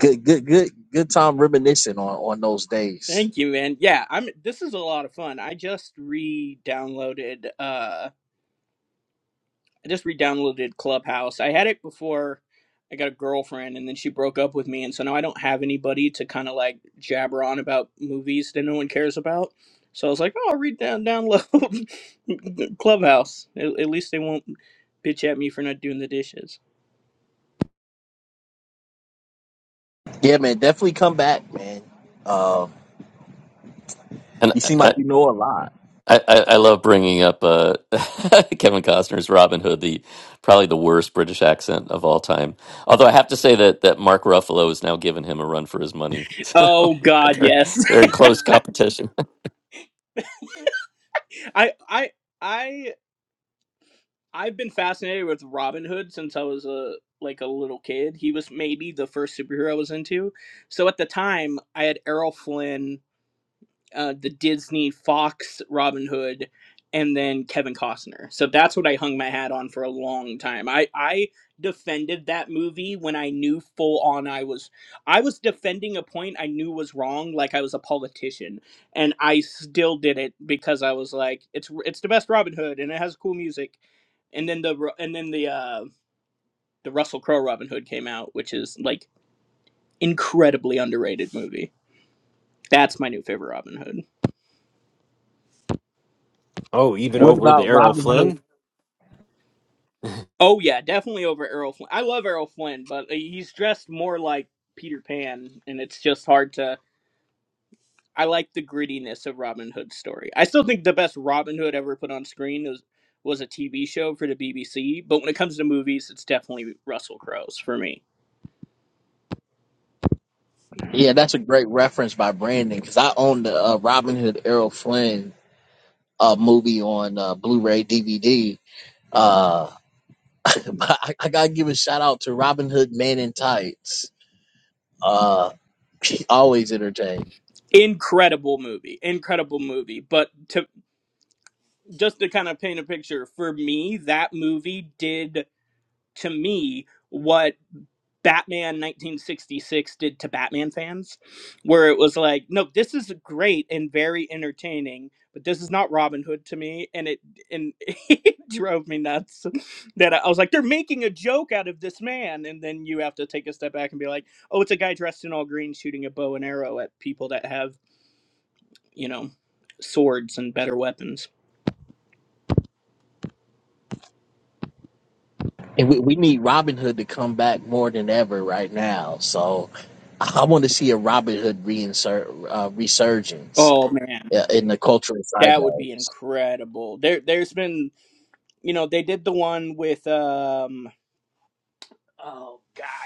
[SPEAKER 18] good, good, good, good time reminiscing on on those days.
[SPEAKER 19] Thank you, man. Yeah, I'm. This is a lot of fun. I just re-downloaded. uh I just re-downloaded Clubhouse. I had it before I got a girlfriend, and then she broke up with me, and so now I don't have anybody to kind of like jabber on about movies that no one cares about. So I was like, oh, I'll read down download Clubhouse. At, at least they won't bitch at me for not doing the dishes.
[SPEAKER 18] Yeah, man, definitely come back, man. Uh,
[SPEAKER 12] and
[SPEAKER 18] you seem like
[SPEAKER 12] I
[SPEAKER 18] you know a lot.
[SPEAKER 12] I, I I love bringing up uh, Kevin Costner's Robin Hood, the probably the worst British accent of all time. Although I have to say that that Mark Ruffalo has now given him a run for his money,
[SPEAKER 19] Oh
[SPEAKER 12] so
[SPEAKER 19] God,
[SPEAKER 12] they're
[SPEAKER 19] yes.
[SPEAKER 12] they're in close competition.
[SPEAKER 19] I I I I've been fascinated with Robin Hood since I was a like a little kid. He was maybe the first superhero I was into. So at the time, I had Errol Flynn uh, the Disney Fox Robin Hood, and then Kevin Costner. So that's what I hung my hat on for a long time. I I defended that movie when I knew full on I was I was defending a point I knew was wrong, like I was a politician, and I still did it because I was like, it's it's the best Robin Hood, and it has cool music, and then the Ru- and then the uh, the Russell Crowe Robin Hood came out, which is like incredibly underrated movie. That's my new favorite Robin Hood.
[SPEAKER 1] Oh, even
[SPEAKER 18] What
[SPEAKER 1] over the
[SPEAKER 18] about
[SPEAKER 1] Errol
[SPEAKER 18] Robin Hood?
[SPEAKER 1] Flynn?
[SPEAKER 19] Oh yeah, definitely over Errol Flynn. I love Errol Flynn, but uh, he's dressed more like Peter Pan, and it's just hard to. I like the grittiness of Robin Hood's story. I still think the best Robin Hood ever put on screen was was a TV show for the BBC. But when it comes to movies, it's definitely Russell Crowe's for me.
[SPEAKER 18] Yeah, that's a great reference by Brandon because I own the uh, Robin Hood Errol Flynn uh, movie on uh, Blu-ray DVD. Uh, but I, I gotta give a shout out to Robin Hood Man in Tights. Uh, he always entertained,
[SPEAKER 19] Incredible movie, incredible movie. But to just to kind of paint a picture for me, that movie did to me what Batman 1966 did to Batman fans, where it was like, no, this is great and very entertaining, but this is not Robin Hood to me, and it and it drove me nuts that I I was like, they're making a joke out of this man, and then you have to take a step back and be like, oh, it's a guy dressed in all green shooting a bow and arrow at people that have you know swords and better weapons.
[SPEAKER 18] and we, we need Robin Hood to come back more than ever right now. So I, want to see a Robin Hood reinsert uh, resurgence.
[SPEAKER 19] Oh man,
[SPEAKER 18] Yeah, in the cultural
[SPEAKER 19] that would be
[SPEAKER 18] zeitgeist.
[SPEAKER 19] incredible. There, there's been, you know, they did the one with, um, oh god,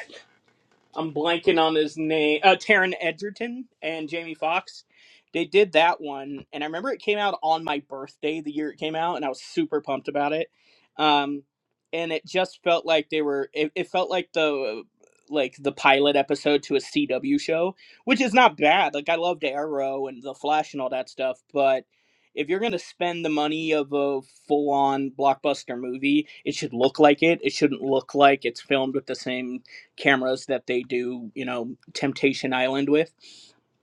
[SPEAKER 19] I'm blanking on his name. Uh, Taron Egerton and Jamie Foxx. They did that one, and I remember it came out on my birthday the year it came out, and I was super pumped about it. Um, and it just felt like they were. It, it felt like the like the pilot episode to a CW show, which is not bad. Like I loved Arrow and The Flash and all that stuff, but if you're gonna spend the money of a full on blockbuster movie, it should look like it. It shouldn't look like it's filmed with the same cameras that they do, you know, Temptation Island with.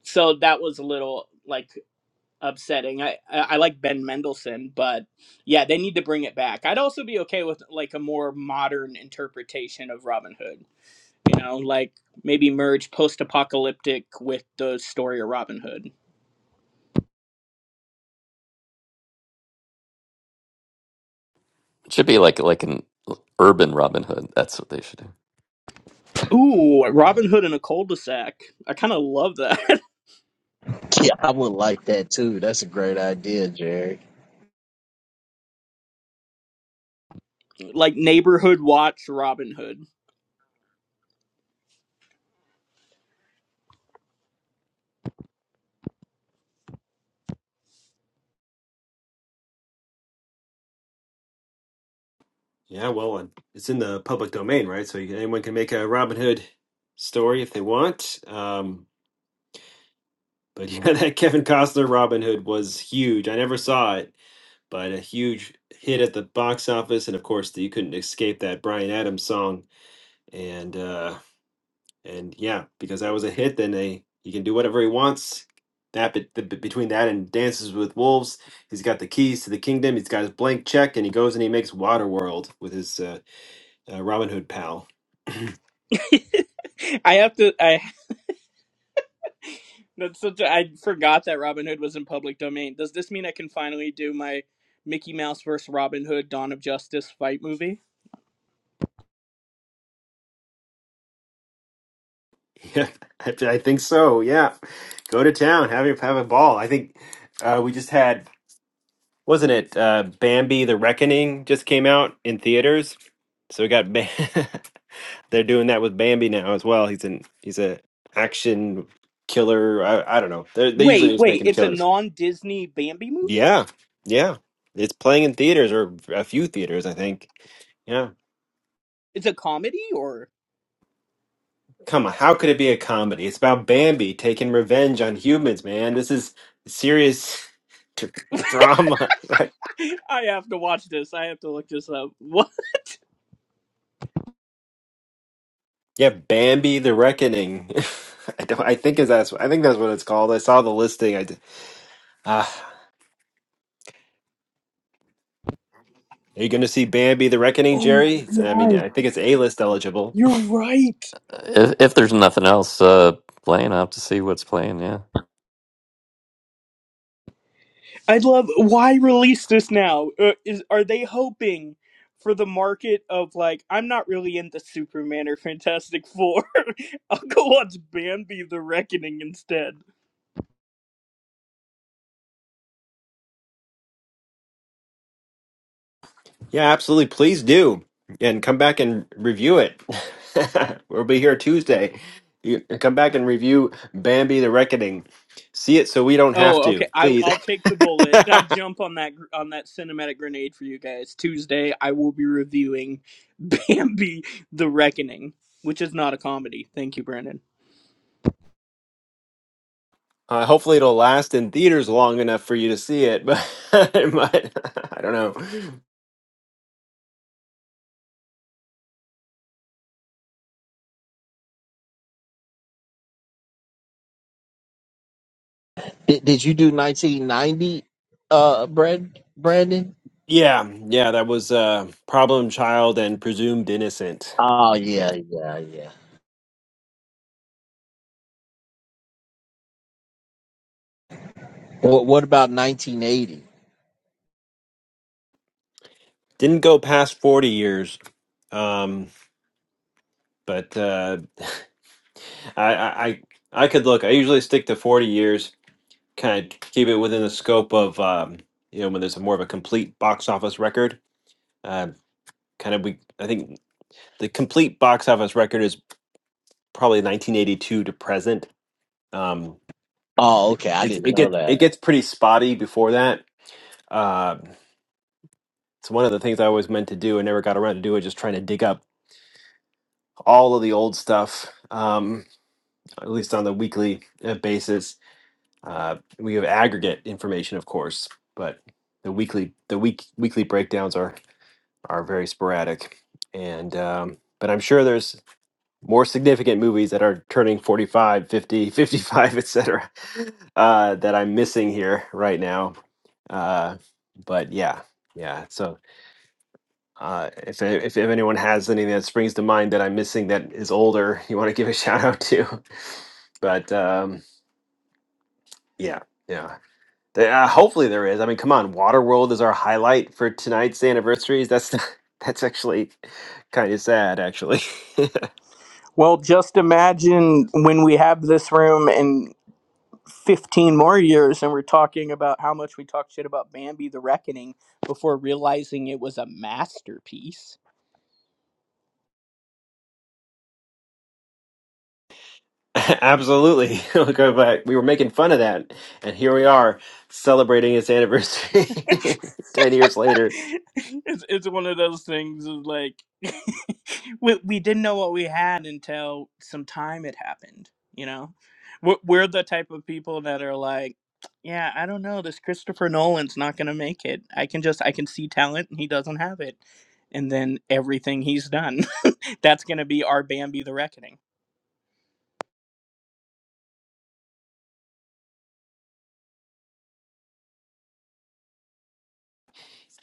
[SPEAKER 19] So that was a little like upsetting. I I, I like Ben Mendelsohn, but yeah, they need to bring it back. I'd also be okay with like a more modern interpretation of Robin Hood. You know, like maybe merge post-apocalyptic with the story of Robin Hood.
[SPEAKER 12] It should be like like an urban Robin Hood. That's what they should do.
[SPEAKER 19] Ooh, Robin Hood in a cul-de-sac. I kind of love that.
[SPEAKER 18] Yeah, I would like that too. That's a great idea, Jerry.
[SPEAKER 19] like neighborhood watch Robin Hood.
[SPEAKER 1] Yeah, well, and it's in the public domain, right? So you- anyone can make a Robin Hood story if they want. Um, but yeah, that Kevin Costner Robin Hood was huge. I never saw it, but a huge hit at the box office, and of course, you couldn't escape that Brian Adams song. And uh, and yeah, because that was a hit, then they he can do whatever he wants. That bet- the- bet- between that and Dances with Wolves, he's got the keys to the kingdom. He's got his blank check, and he goes and he makes Waterworld with his uh, uh, Robin Hood pal.
[SPEAKER 19] I have to. I That's such a, I forgot that Robin Hood was in public domain. Does this mean I can finally do my Mickey Mouse versus Robin Hood Dawn of Justice fight movie?
[SPEAKER 1] Yeah, I I think so. Yeah, go to town, have a have a ball. I think uh, we just had, wasn't it? Uh, Bambi: The Reckoning just came out in theaters, so we got. Ba- They're doing that with Bambi now as well. He's an he's a action killer. I, I don't know. They're, they usually
[SPEAKER 19] Wait,
[SPEAKER 1] just make
[SPEAKER 19] wait,
[SPEAKER 1] him
[SPEAKER 19] it's a
[SPEAKER 1] killers.
[SPEAKER 19] non-Disney Bambi movie?
[SPEAKER 1] Yeah, yeah. It's playing in theaters or a few theaters, I think. Yeah.
[SPEAKER 19] It's a comedy or
[SPEAKER 1] Come on, how could it be a comedy? It's about Bambi taking revenge on humans, man. This is serious dr- drama, right?
[SPEAKER 19] I have to watch this. I have to look this up. What?
[SPEAKER 1] Yeah, Bambi the Reckoning. I don't. I think is that's. I think that's what it's called. I saw the listing. I did. Ah, are you going to see Bambi the Reckoning,
[SPEAKER 19] Oh
[SPEAKER 1] Jerry?
[SPEAKER 19] my
[SPEAKER 1] It's, I mean, I
[SPEAKER 19] god.
[SPEAKER 1] think it's A list eligible.
[SPEAKER 19] You're right.
[SPEAKER 12] If, if there's nothing else uh, playing, I will have to see what's playing. Yeah.
[SPEAKER 19] I'd love. Why release this now? Uh, is are they hoping for the market of like I'm not really into Superman or Fantastic Four. I'll go watch Bambi: The Reckoning instead.
[SPEAKER 1] Yeah, absolutely. Please do, and come back and review it. we'll be here Tuesday. You, come back and review Bambi the Reckoning. See it so we don't have
[SPEAKER 19] Oh,
[SPEAKER 1] to,
[SPEAKER 19] okay. I
[SPEAKER 1] please.
[SPEAKER 19] I'll take the bullet. I'll jump on that gr- on that cinematic grenade for you guys. Tuesday, I will be reviewing Bambi: The Reckoning, which is not a comedy. Thank you, Brandon.
[SPEAKER 1] Uh, hopefully, it'll last in theaters long enough for you to see it, but it might- I don't know.
[SPEAKER 18] Did, did you do 1990, uh, Brad, Brandon?
[SPEAKER 1] Yeah, yeah, that was uh, Problem Child and Presumed Innocent.
[SPEAKER 18] Oh,
[SPEAKER 1] Yeah,
[SPEAKER 18] yeah, yeah, yeah. What, what about 1980?
[SPEAKER 1] didn't go past forty years, um, but uh, I, I I I could look. I usually stick to forty years, kind of keep it within the scope of um, you know when there's a more of a complete box office record. Uh, kind of we I think the complete box office record is probably 1982 to present Um,
[SPEAKER 18] Oh,
[SPEAKER 1] it,
[SPEAKER 18] okay. I
[SPEAKER 1] it's
[SPEAKER 18] didn't
[SPEAKER 1] it
[SPEAKER 18] know
[SPEAKER 1] get
[SPEAKER 18] that.
[SPEAKER 1] it gets pretty spotty before that. Uh, it's one of the things I always meant to do and never got around to do it. Just trying to dig up all of the old stuff, um, at least on the weekly uh, basis. Uh, we have aggregate information, of course, but the weekly the week weekly breakdowns are are very sporadic. And um, but I'm sure there's more significant movies that are turning forty five, fifty, fifty five, 50 55 etc uh that i'm missing here right now uh but yeah yeah so uh if if, if anyone has anything that springs to mind that i'm missing that is older you want to give a shout out to but um yeah yeah There- uh, hopefully there is i mean come on waterworld is our highlight for tonight's anniversaries that's that's actually kind of sad actually
[SPEAKER 19] Well, just imagine when we have this room and. 15 more years and we're talking about how much we talked shit about Bambi the Reckoning before realizing it was a masterpiece.
[SPEAKER 1] Absolutely. We'll go back. We were making fun of that. And here we are celebrating its anniversary 10 years later.
[SPEAKER 19] it's, it's one of those things of like we, we didn't know what we had until some time had happened, you know? We're, we're the type of people that are like, yeah, I don't know. This Christopher Nolan's not going to make it. I can just, I can see talent and he doesn't have it. And then everything he's done, that's going to be our Bambi the Reckoning.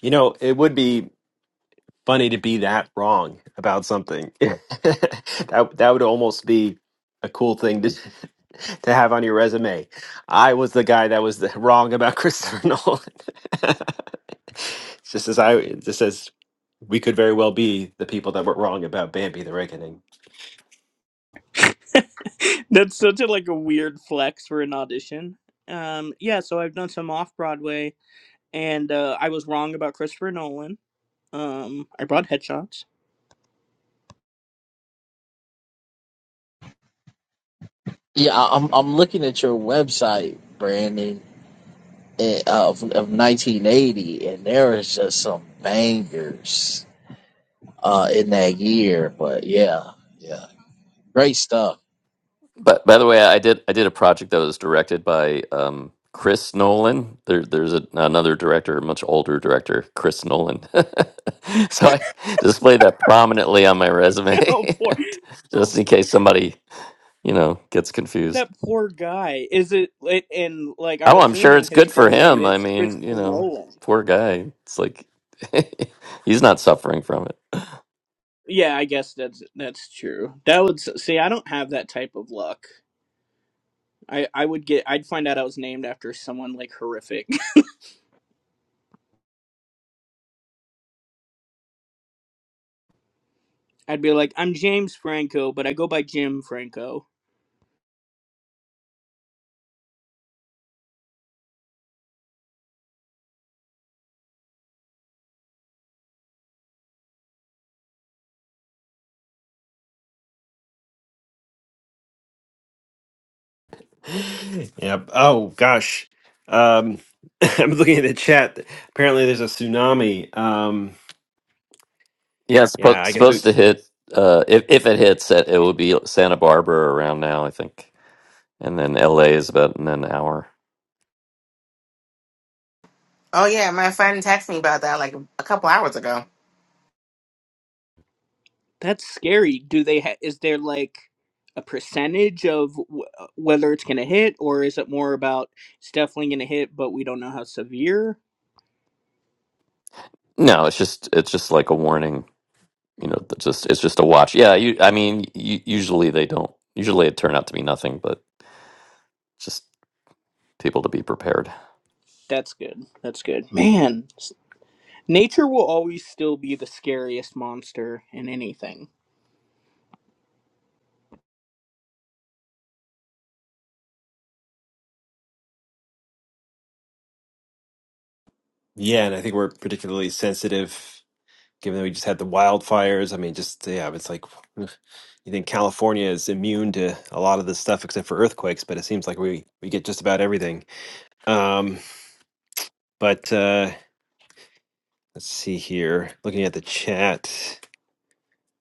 [SPEAKER 1] You know, it would be funny to be that wrong about something. that, that would almost be a cool thing to, to have on your resume. I was the guy that was the, wrong about Christopher Nolan. just as I, just as we could very well be the people that were wrong about Bambi the Reckoning.
[SPEAKER 19] that's such a like a weird flex for an audition. Um, yeah, so I've done some off Broadway and uh, I was wrong about Christopher Nolan. Um, I brought headshots.
[SPEAKER 18] Yeah, I- I'm, I'm looking at your website, Brandon, eh, of, of 1980, and there is just some bangers uh, in that year. But yeah, yeah, great stuff.
[SPEAKER 12] But by the way, I did I did a project that was directed by um, Chris Nolan. There, there's a, another director, a much older director, Chris Nolan. so I display that prominently on my
[SPEAKER 19] oh,
[SPEAKER 12] resume,
[SPEAKER 19] poor.
[SPEAKER 12] just in case somebody you know gets confused.
[SPEAKER 19] that poor guy. Is it it- and like I'm
[SPEAKER 12] Oh, I'm sure
[SPEAKER 19] assuming
[SPEAKER 12] it's
[SPEAKER 19] his
[SPEAKER 12] good for
[SPEAKER 19] full name
[SPEAKER 12] him. I
[SPEAKER 19] is
[SPEAKER 12] mean, you
[SPEAKER 19] Christopher
[SPEAKER 12] know,
[SPEAKER 19] Nolan.
[SPEAKER 12] poor guy. It's like he's not suffering from it.
[SPEAKER 19] Yeah, I guess that's that's true. That would s- see. I don't have that type of luck. I I would get. I'd find out I was named after someone like horrific. I'd be like, I'm James Franco, but I go by Jim Franco.
[SPEAKER 1] Yep. Oh gosh. Um, I'm looking at the chat. Apparently, there's a tsunami. Um,
[SPEAKER 12] Yeah, it's
[SPEAKER 1] yeah,
[SPEAKER 12] supposed
[SPEAKER 1] I guess. we-
[SPEAKER 12] supposed to hit. Uh, if if it hits, it, it will be Santa Barbara around now, I think. and then LA is about in an hour.
[SPEAKER 10] Oh yeah, my friend texted me about that like a couple hours ago.
[SPEAKER 19] That's scary. Do they? Ha- is there like a percentage of w- whether it's gonna hit, or is it more about it's definitely gonna hit, but we don't know how severe?
[SPEAKER 12] No, it's just it's just like a warning, you know. that Just it's just a watch. Yeah, you, I mean, u- usually they don't. Usually it turned out to be nothing, but just people to be prepared.
[SPEAKER 19] That's good. That's good. Man, Nature will always still be the scariest monster in anything.
[SPEAKER 1] Yeah, and I think we're particularly sensitive. given that we just had the wildfires. I mean, just yeah, it's like ugh, you think California is immune to a lot of this stuff except for earthquakes, but it seems like we we get just about everything. Um, but uh, let's see here, looking at the chat.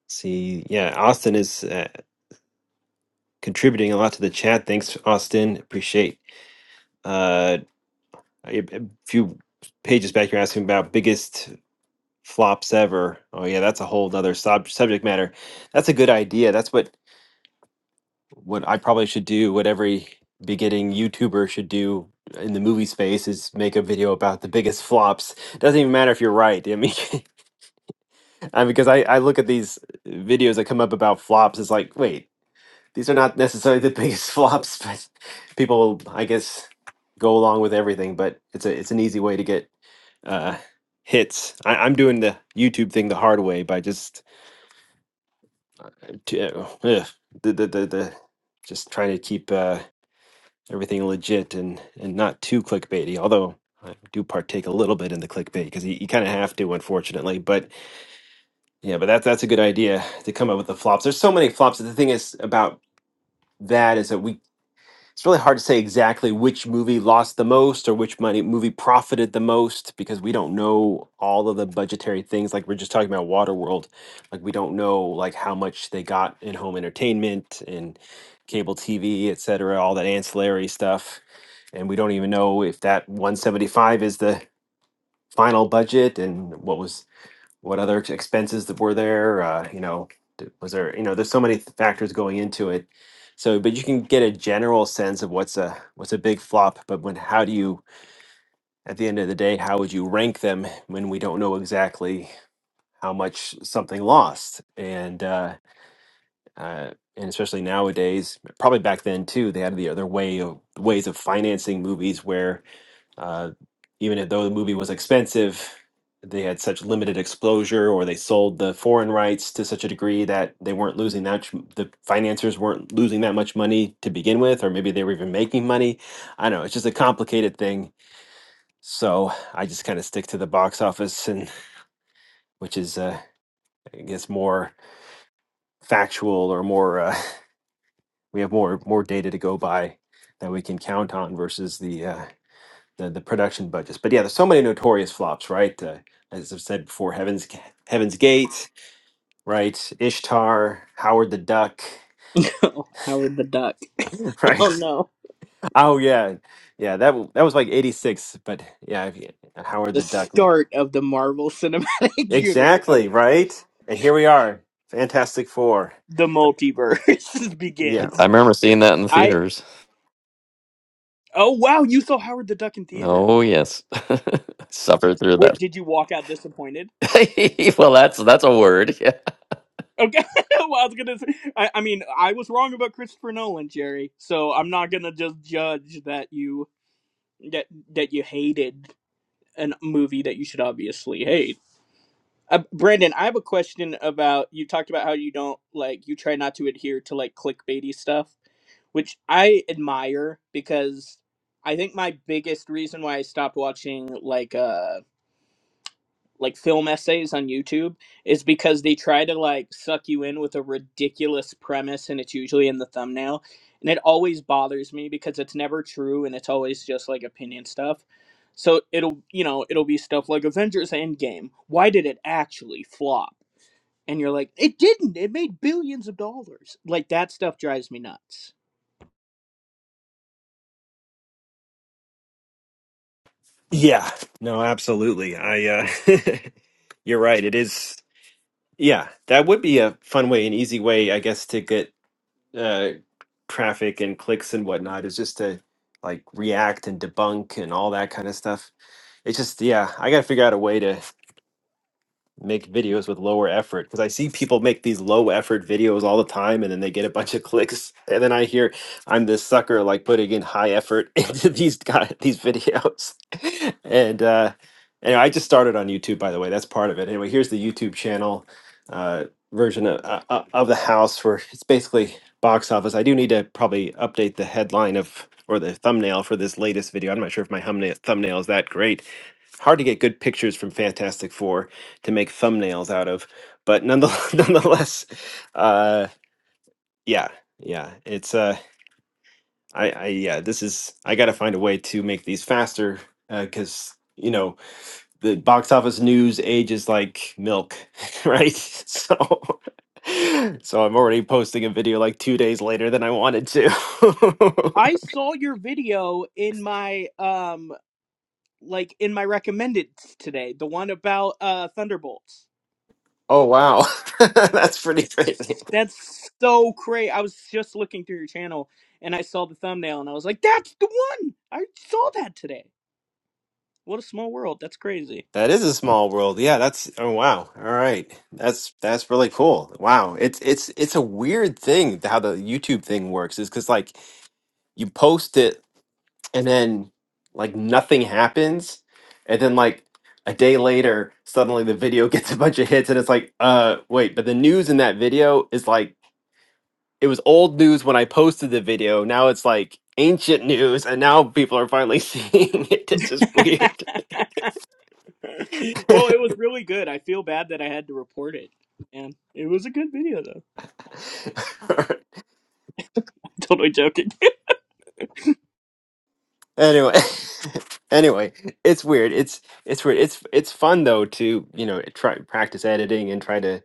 [SPEAKER 1] See, yeah, Austin is uh, contributing a lot to the chat. Thanks, Austin. Appreciate. Uh, a a few pages back, you're asking about biggest flops ever. Oh yeah, that's a whole other sub- subject matter. That's a good idea. That's what what I probably should do, what every beginning YouTuber should do in the movie space is make a video about the biggest flops. Doesn't even matter if you're right. I mean, I mean, because I, I look at these videos that come up about flops, it's like, wait, these are not necessarily the biggest flops, but people, I guess, go along with everything. But it's a it's an easy way to get uh, hits. I, I'm doing the YouTube thing the hard way by just t- uh, ugh, the, the the the just trying to keep. Uh, everything legit and and not too clickbaity. Although I do partake a little bit in the clickbait because you, you kind of have to, unfortunately. But yeah, but that's that's a good idea to come up with the flops. There's so many flops. The thing is about that is that we it's really hard to say exactly which movie lost the most or which money movie profited the most because we don't know all of the budgetary things like we're just talking about waterworld like we don't know like how much they got in home entertainment and cable tv etc all that ancillary stuff and we don't even know if that 175 is the final budget and what was what other ex- expenses that were there uh, you know d- was there you know there's so many th- factors going into it so but you can get a general sense of what's a what's a big flop but when how do you at the end of the day how would you rank them when we don't know exactly how much something lost and uh, uh and especially nowadays probably back then too they had the other way of ways of financing movies where uh, even if though the movie was expensive, they had such limited exposure, or they sold the foreign rights to such a degree that they weren't losing that ch- the financiers weren't losing that much money to begin with, or maybe they were even making money. I don't know it's just a complicated thing. So I just kind of stick to the box office, and which is uh, I guess more factual or more uh, we have more more data to go by that we can count on versus the uh, the the production budgets. But yeah, there's so many notorious flops, right? Uh, as I've said before, Heaven's Heaven's Gate, right? Ishtar, Howard the Duck,
[SPEAKER 19] Oh, Howard the Duck. Oh
[SPEAKER 1] right?
[SPEAKER 19] no.
[SPEAKER 1] Oh yeah, yeah. That w- that was like '86, but yeah, if you- Howard
[SPEAKER 19] The
[SPEAKER 1] the Duck. like,
[SPEAKER 19] start of the Marvel Cinematic Universe. I'm
[SPEAKER 1] Exactly
[SPEAKER 19] j-
[SPEAKER 1] right. And here we are, Fantastic Four.
[SPEAKER 19] The multiverse
[SPEAKER 12] I,
[SPEAKER 1] Yeah,
[SPEAKER 12] I
[SPEAKER 19] begins.
[SPEAKER 12] remember seeing that in the
[SPEAKER 19] I.
[SPEAKER 12] theaters.
[SPEAKER 19] Oh wow, you saw Howard the Duck in theaters.
[SPEAKER 12] Oh yes, I suffered through
[SPEAKER 19] What
[SPEAKER 12] that.
[SPEAKER 19] did you walk out disappointed?
[SPEAKER 12] well, that's that's a word.
[SPEAKER 19] Okay. well, I was gonna. Say, I, I mean, I was wrong about Christopher Nolan, Jerry. So I'm not gonna just judge that you that that you hated a movie that you should obviously hate. Uh, Brandon, I have a question about you talked about how you don't like you try not to adhere to like clickbaity stuff, which I admire because I think my biggest reason why I stopped watching like uh like film essays on YouTube is because they try to like suck you in with a ridiculous premise and it's usually in the thumbnail and it always bothers me because it's never true and it's always just like opinion stuff. So it'll you know it'll be stuff like Avengers Endgame. Why did it actually flop? and you're like, it didn't. It made billions of dollars. Like that stuff drives me nuts.
[SPEAKER 1] yeah. No, absolutely. I. Uh, you're right. It is. Yeah, that would be a fun way, an easy way, I guess, to get uh, traffic and clicks and whatnot is just to like react and debunk and all that kind of stuff. It's just yeah, I got to figure out a way to make videos with lower effort because I see people make these low effort videos all the time and then they get a bunch of clicks and then I hear I'm this sucker like putting in high effort into these guys these videos and uh anyway I just started on YouTube by the way that's part of it anyway here's the YouTube channel uh version of, uh, uh, of the house where it's basically box office I do need to probably update the headline of or the thumbnail for this latest video I'm not sure if my thumbnail thumbnail is that great hard to get good pictures from Fantastic Four to make thumbnails out of, but nonetheless, nonetheless, uh, yeah, yeah, it's uh, I, I, yeah, this is I got to find a way to make these faster because you know the box office news ages like milk, right? So. So I'm already posting a video like two days later than I wanted to.
[SPEAKER 19] I saw your video in my um like in my recommended today, the one about uh Thunderbolts.
[SPEAKER 1] oh wow, that's pretty crazy.
[SPEAKER 19] That's so crazy. I was just looking through your channel and I saw the thumbnail and I was like, that's the one. I saw that today. What a small world. That's crazy.
[SPEAKER 1] That is a small world. Yeah, that's oh wow. All right. That's that's really cool. Wow. It's it's it's a weird thing how the YouTube thing works is cuz like you post it and then like nothing happens and then like a day later suddenly the video gets a bunch of hits and it's like uh wait, but the news in that video is like it was old news when I posted the video. Now it's like ancient news and now people are finally seeing it. It's just
[SPEAKER 19] well,
[SPEAKER 1] weird.
[SPEAKER 19] it was really good. I feel bad that I had to report it. And it was a good video though. Totally joking.
[SPEAKER 1] anyway anyway it's weird it's it's weird it's it's fun though to you know try practice editing and try to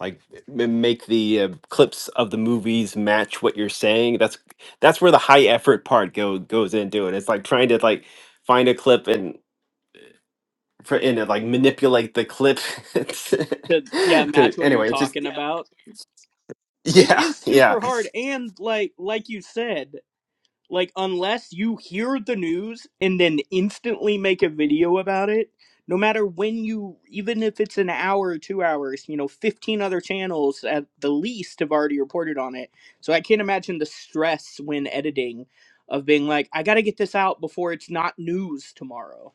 [SPEAKER 1] like m- make the uh, clips of the movies match what you're saying that's that's where the high effort part go goes into it it's like trying to like find a clip and for and uh, like manipulate the clip
[SPEAKER 19] to yeah
[SPEAKER 1] to
[SPEAKER 19] match what you're
[SPEAKER 1] anyway it's just
[SPEAKER 19] talking
[SPEAKER 1] yeah
[SPEAKER 19] about it
[SPEAKER 1] yeah
[SPEAKER 19] is
[SPEAKER 1] yeah
[SPEAKER 19] super hard and like like you said Like, unless you hear the news and then instantly make a video about it, no matter when you, even if it's an hour or two hours, you know, 15 other channels at the least have already reported on it. So I can't imagine the stress when editing of being like, I gotta get this out before it's not news tomorrow.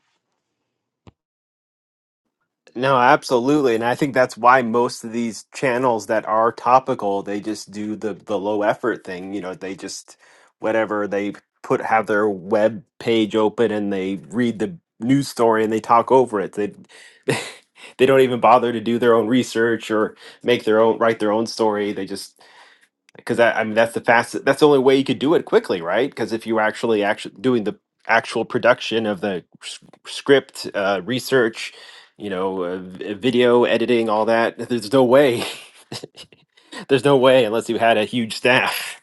[SPEAKER 1] No, absolutely. And I think that's why most of these channels that are topical, they just do the the low effort thing. You know, they just whatever they put have their web page open and they read the news story and they talk over it. They they don't even bother to do their own research or make their own write their own story. They just because I, I mean that's the fastest that's the only way you could do it quickly right because if you were actually actually doing the actual production of the s- script uh, research you know uh, v- video editing all that there's no way there's no way unless you had a huge staff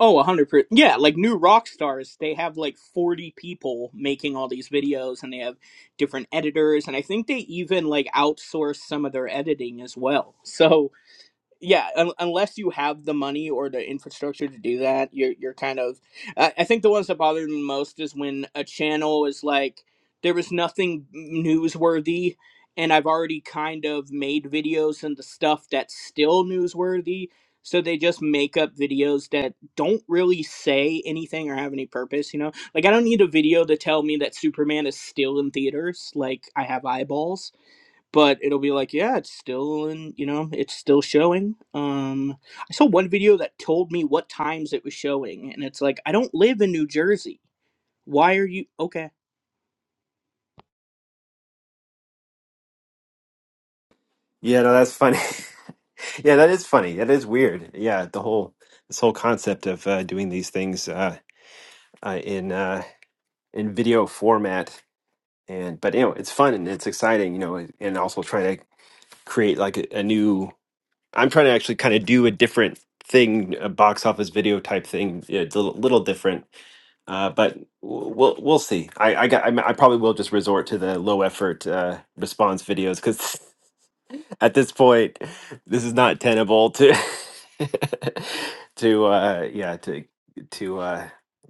[SPEAKER 19] Oh, 100%. Yeah, like new rock stars, they have like 40 people making all these videos and they have different editors and I think they even like outsource some of their editing as well. So, yeah un- unless you have the money or the infrastructure to do that you're you're kind of I, I think the ones that bother me most is when a channel is like there was nothing newsworthy and i've already kind of made videos and the stuff that's still newsworthy so they just make up videos that don't really say anything or have any purpose you know like i don't need a video to tell me that superman is still in theaters like i have eyeballs but it'll be like yeah it's still in you know it's still showing um i saw one video that told me what times it was showing and it's like i don't live in new jersey why are you okay
[SPEAKER 1] yeah no that's funny yeah that is funny that is weird yeah the whole this whole concept of uh, doing these things uh, uh, in uh, in video format and but you know it's fun and it's exciting you know and also trying to create like a, a new i'm trying to actually kind of do a different thing a box office video type thing yeah, it's a li- little different uh, but w- we'll we'll see i i got i i probably will just resort to the low effort uh, response videos because at this point this is not tenable to to uh yeah to to uh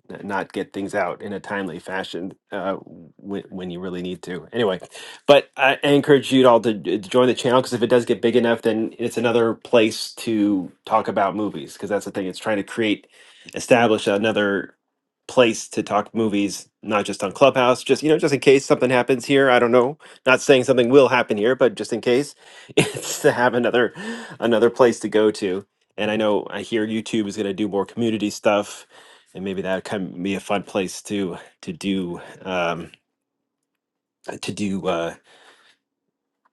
[SPEAKER 1] n- not get things out in a timely fashion uh when, when you really need to anyway but i I encourage you all to, to join the channel because if it does get big enough then it's another place to talk about movies because that's the thing it's trying to create establish another place to talk movies not just on clubhouse just you know just in case something happens here i don't know not saying something will happen here, but just in case it's to have another another place to go to. And I know I hear YouTube is going to do more community stuff, and maybe that can be a fun place to to do um, to do uh,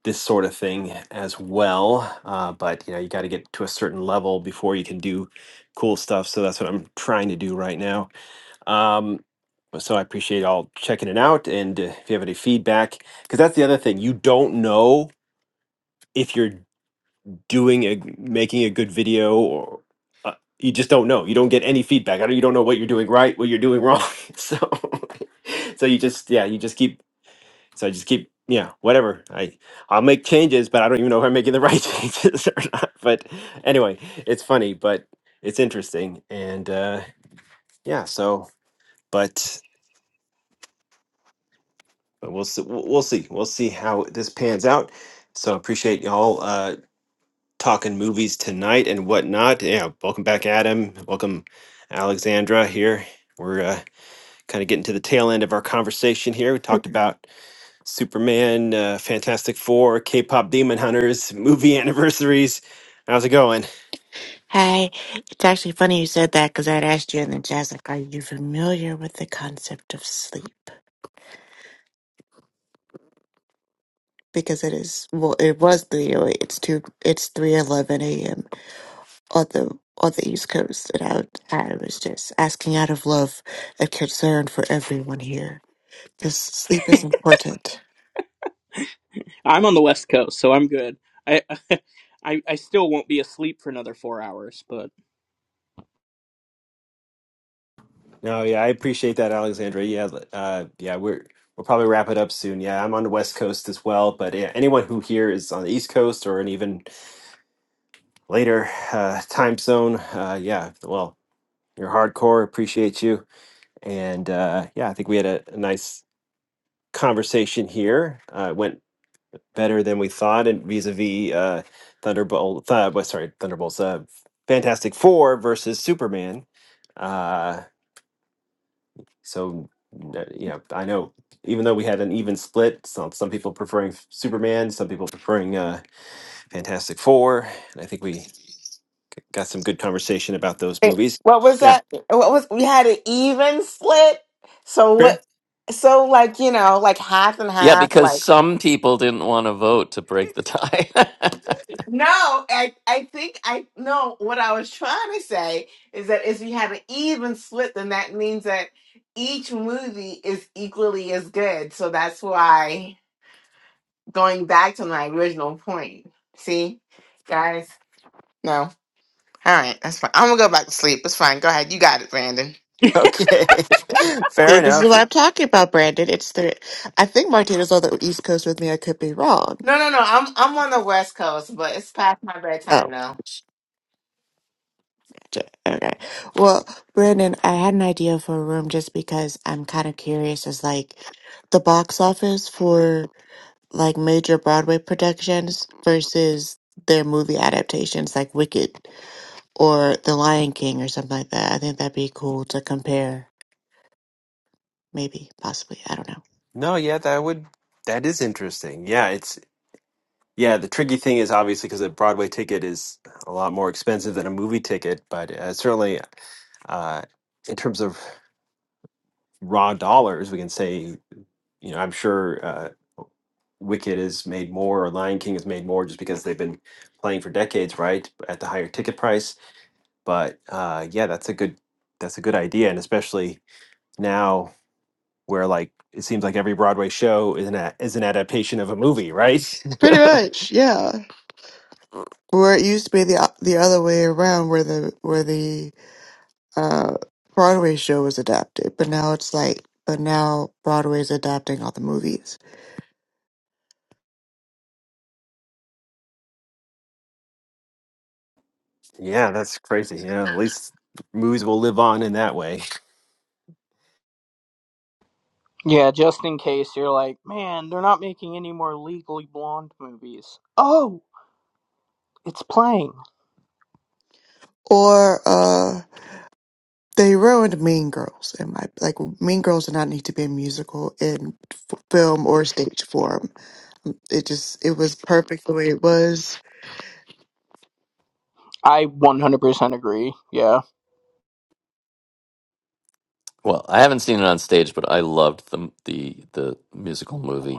[SPEAKER 1] this sort of thing as well. Uh, but you know, you got to get to a certain level before you can do cool stuff. So that's what I'm trying to do right now. Um, so I appreciate all checking it out, and uh, if you have any feedback, because that's the other thing, you don't know if you're doing a making a good video or uh, you just don't know you don't get any feedback I don't, you don't know what you're doing right what you're doing wrong so so you just yeah you just keep so i just keep yeah whatever i i'll make changes but i don't even know if i'm making the right changes or not but anyway it's funny but it's interesting and uh yeah so but but we'll see we'll we'll see we'll see how this pans out so appreciate y'all uh talking movies tonight and whatnot. Yeah, welcome back, Adam. Welcome, Alexandra. Here we're uh, kind of getting to the tail end of our conversation. Here we talked about Superman, uh, Fantastic Four, K-pop Demon Hunters, movie anniversaries. How's it going?
[SPEAKER 20] Hi, it's actually funny you said that because I'd asked you in the jazz, like, are you familiar with the concept of sleep? Because it is, well, it was the, it's two, it's three eleven a.m. on the on the East Coast, and I, I was just asking out of love and concern for everyone here because sleep is important.
[SPEAKER 19] i'm on the west coast so i'm good i i, I still won't be asleep for another four hours but
[SPEAKER 1] No, yeah, I appreciate that, Alexandra. Yeah, l- uh, yeah, we're we'll probably wrap it up soon. Yeah, I'm on the West Coast as well, but yeah, anyone who here is on the East Coast or an even later uh, time zone, uh, yeah, well, you're hardcore. Appreciate you. And uh, yeah, I think we had a, a nice conversation here. Uh, it went better than we thought, and vis-a-vis uh, Thunderbolt. Uh, well, sorry, Thunderbolts. Uh, Fantastic Four versus Superman. Uh, so uh, you know, I know even though we had an even split, some some people preferring f- Superman, some people preferring uh, Fantastic Four, and I think we got some good conversation about those
[SPEAKER 10] Wait,
[SPEAKER 1] movies.
[SPEAKER 10] what was
[SPEAKER 1] Yeah,
[SPEAKER 10] that? What was we had an even split? So
[SPEAKER 1] fair.
[SPEAKER 10] what? So like you know, like half and
[SPEAKER 12] Yeah, yeah,
[SPEAKER 10] half. Like
[SPEAKER 12] because some people didn't want to vote to break the tie.
[SPEAKER 10] No, I, I think I no. What I was trying to say is that if you had an even split, then that means that each movie is equally as good. So that's why going back to my original point. See, guys. No, all right, that's fine. I'm gonna go back to sleep. It's fine. Go ahead. You got it, Brandon.
[SPEAKER 1] Okay, fair
[SPEAKER 20] See, this is
[SPEAKER 1] enough.
[SPEAKER 20] what I'm talking about, Brandon. It's the I think Martina's on the East Coast with me. I could be wrong.
[SPEAKER 10] No, no, no. I'm I'm on the West Coast, but it's past my bedtime
[SPEAKER 20] Oh,
[SPEAKER 10] now.
[SPEAKER 20] sh- j- okay. Well, Brandon, I had an idea for a room just because I'm kind of curious. Is like the box office for. like major Broadway productions versus their movie adaptations like Wicked or The Lion King or something like that. I think that'd be cool to compare, maybe, possibly. I don't know.
[SPEAKER 1] No, yeah, that would that is interesting. Yeah, it's yeah, the tricky thing is obviously because a Broadway ticket is a lot more expensive than a movie ticket, but uh, certainly uh, in terms of raw dollars, we can say, you know, I'm sure uh, Wicked has made more or Lion King has made more just because they've been playing for decades, right, at the higher ticket price. But uh, yeah, that's a good that's a good idea, and especially now where like it seems like every Broadway show is an a- is an adaptation of a movie, right?
[SPEAKER 20] Pretty much, yeah. Where it used to be the uh, the other way around, where the where the uh, Broadway show was adapted, but now it's like, but now Broadway's adapting all the movies.
[SPEAKER 1] Yeah, that's crazy. Yeah, at least movies will live on in that way.
[SPEAKER 19] Yeah, just in case you're like, man, they're not making any more legally blonde movies. Oh, it's playing.
[SPEAKER 20] Or uh, They ruined Mean Girls in my like Mean Girls did not need to be a musical in f- film or stage form. It just it was perfect the way it was.
[SPEAKER 19] I 100% agree. Yeah.
[SPEAKER 12] well, I haven't seen it on stage, but I loved the the the musical movie.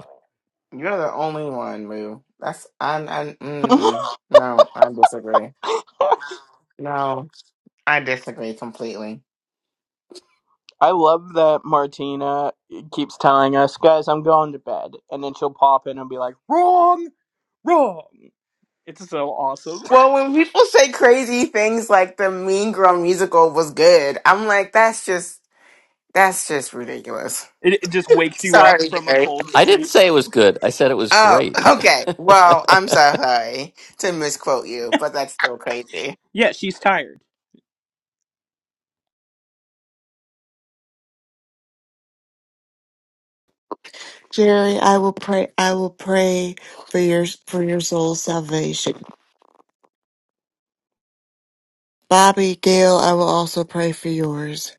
[SPEAKER 10] You're the only one, Lou. That's I'm. I'm mm-mm. No, I disagree. No. I disagree completely.
[SPEAKER 19] I love that Martina keeps telling us, guys, I'm going to bed. And then she'll pop in and be like, wrong, wrong. It's so awesome.
[SPEAKER 10] Well, when people say crazy things like the Mean Girl musical was good, I'm like, that's just that's just ridiculous.
[SPEAKER 19] It, it just wakes you up
[SPEAKER 10] Sorry,
[SPEAKER 19] from a
[SPEAKER 10] Jerry.
[SPEAKER 19] cold
[SPEAKER 12] I didn't
[SPEAKER 19] sleep.
[SPEAKER 12] say it was good. I said it was
[SPEAKER 10] Oh,
[SPEAKER 12] great.
[SPEAKER 10] okay. Well, I'm so sorry to misquote you, but that's still crazy.
[SPEAKER 19] Yeah, she's tired.
[SPEAKER 20] Jerry, I will pray. I will pray for your for your soul's salvation. Bobby Gail, I will also pray for yours.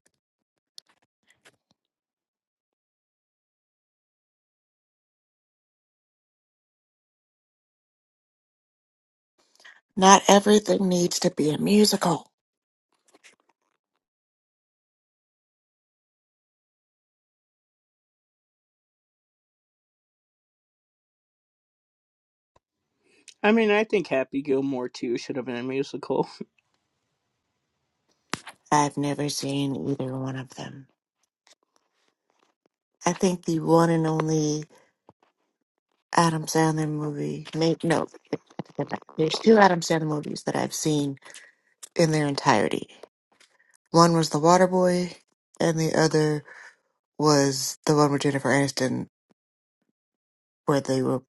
[SPEAKER 20] Not everything needs to be a musical.
[SPEAKER 19] I mean, I think Happy Gilmore too should have been a musical.
[SPEAKER 20] I've never seen either one of them. I think the one and only Adam Sandler movie. Make no, there's two Adam Sandler movies that I've seen in their entirety. One was The Waterboy, and the other was the one with Jennifer Aniston, where they were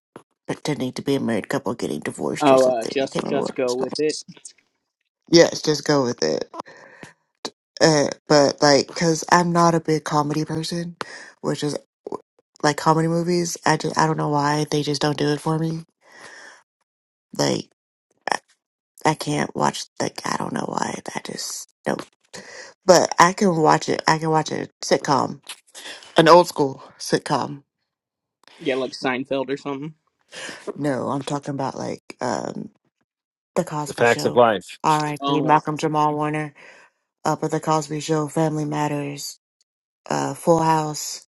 [SPEAKER 20] pretending to be a married couple getting divorced or
[SPEAKER 19] Oh, uh,
[SPEAKER 20] something. I
[SPEAKER 19] just
[SPEAKER 20] can't remember what
[SPEAKER 19] just
[SPEAKER 20] it
[SPEAKER 19] go
[SPEAKER 20] was called.
[SPEAKER 19] with it.
[SPEAKER 20] Yes, just go with it. Uh, but like, cause I'm not a big comedy person, which is like comedy movies. I just I don't know why they just don't do it for me. Like I, I can't watch like I don't know why I just don't. But I can watch it. I can watch a sitcom, an old school sitcom
[SPEAKER 19] Yeah, like Seinfeld or something.
[SPEAKER 20] No, I'm talking about like um the
[SPEAKER 1] The
[SPEAKER 20] Cosby
[SPEAKER 1] Facts of
[SPEAKER 20] Show.
[SPEAKER 1] Life.
[SPEAKER 20] R.I.P.
[SPEAKER 19] Oh,
[SPEAKER 20] Malcolm Jamal Warner. Up at the Cosby Show, Family Matters, uh, Full House,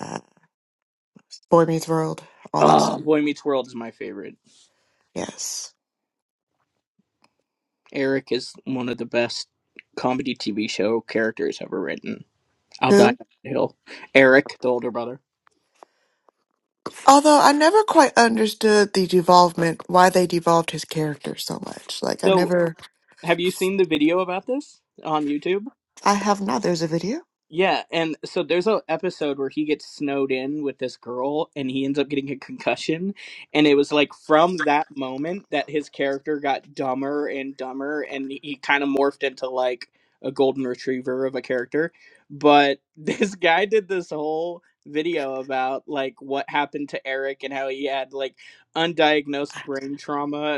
[SPEAKER 20] uh, Boy Meets World, all that stuff.
[SPEAKER 19] oh, Boy Meets World is my favorite.
[SPEAKER 20] Yes.
[SPEAKER 19] Eric is one of the best comedy TV show characters ever written. I'll die
[SPEAKER 20] Who?
[SPEAKER 19] on that hill. Eric, the older brother.
[SPEAKER 20] Although I never quite understood the devolvement, why they devolved his character so much. Like I
[SPEAKER 19] So
[SPEAKER 20] never,
[SPEAKER 19] Have you seen the video about this on YouTube?
[SPEAKER 20] I have not. There's a video.
[SPEAKER 19] Yeah, and so there's a episode where he gets snowed in with this girl and he ends up getting a concussion and it was like from that moment that his character got dumber and dumber and he kind of morphed into like a golden retriever of a character. But this guy did this whole video about like what happened to Eric and how he had like undiagnosed brain trauma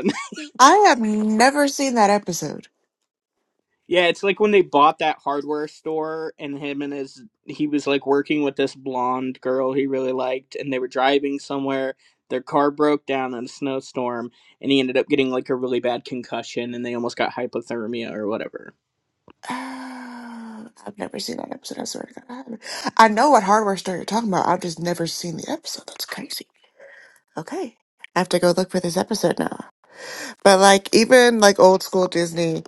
[SPEAKER 20] I have never seen that episode.
[SPEAKER 19] Yeah, it's like when they bought that hardware store and him and his he was like working with this blonde girl he really liked and they were driving somewhere. Their car broke down in a snowstorm and he ended up getting like a really bad concussion and they almost got hypothermia or whatever.
[SPEAKER 20] Uh, I've never seen that episode. I swear to God, I haven't. I know what hardware store you're talking about. I've just never seen the episode. That's crazy. Okay. I have to go look for this episode now. But like even like old school Disney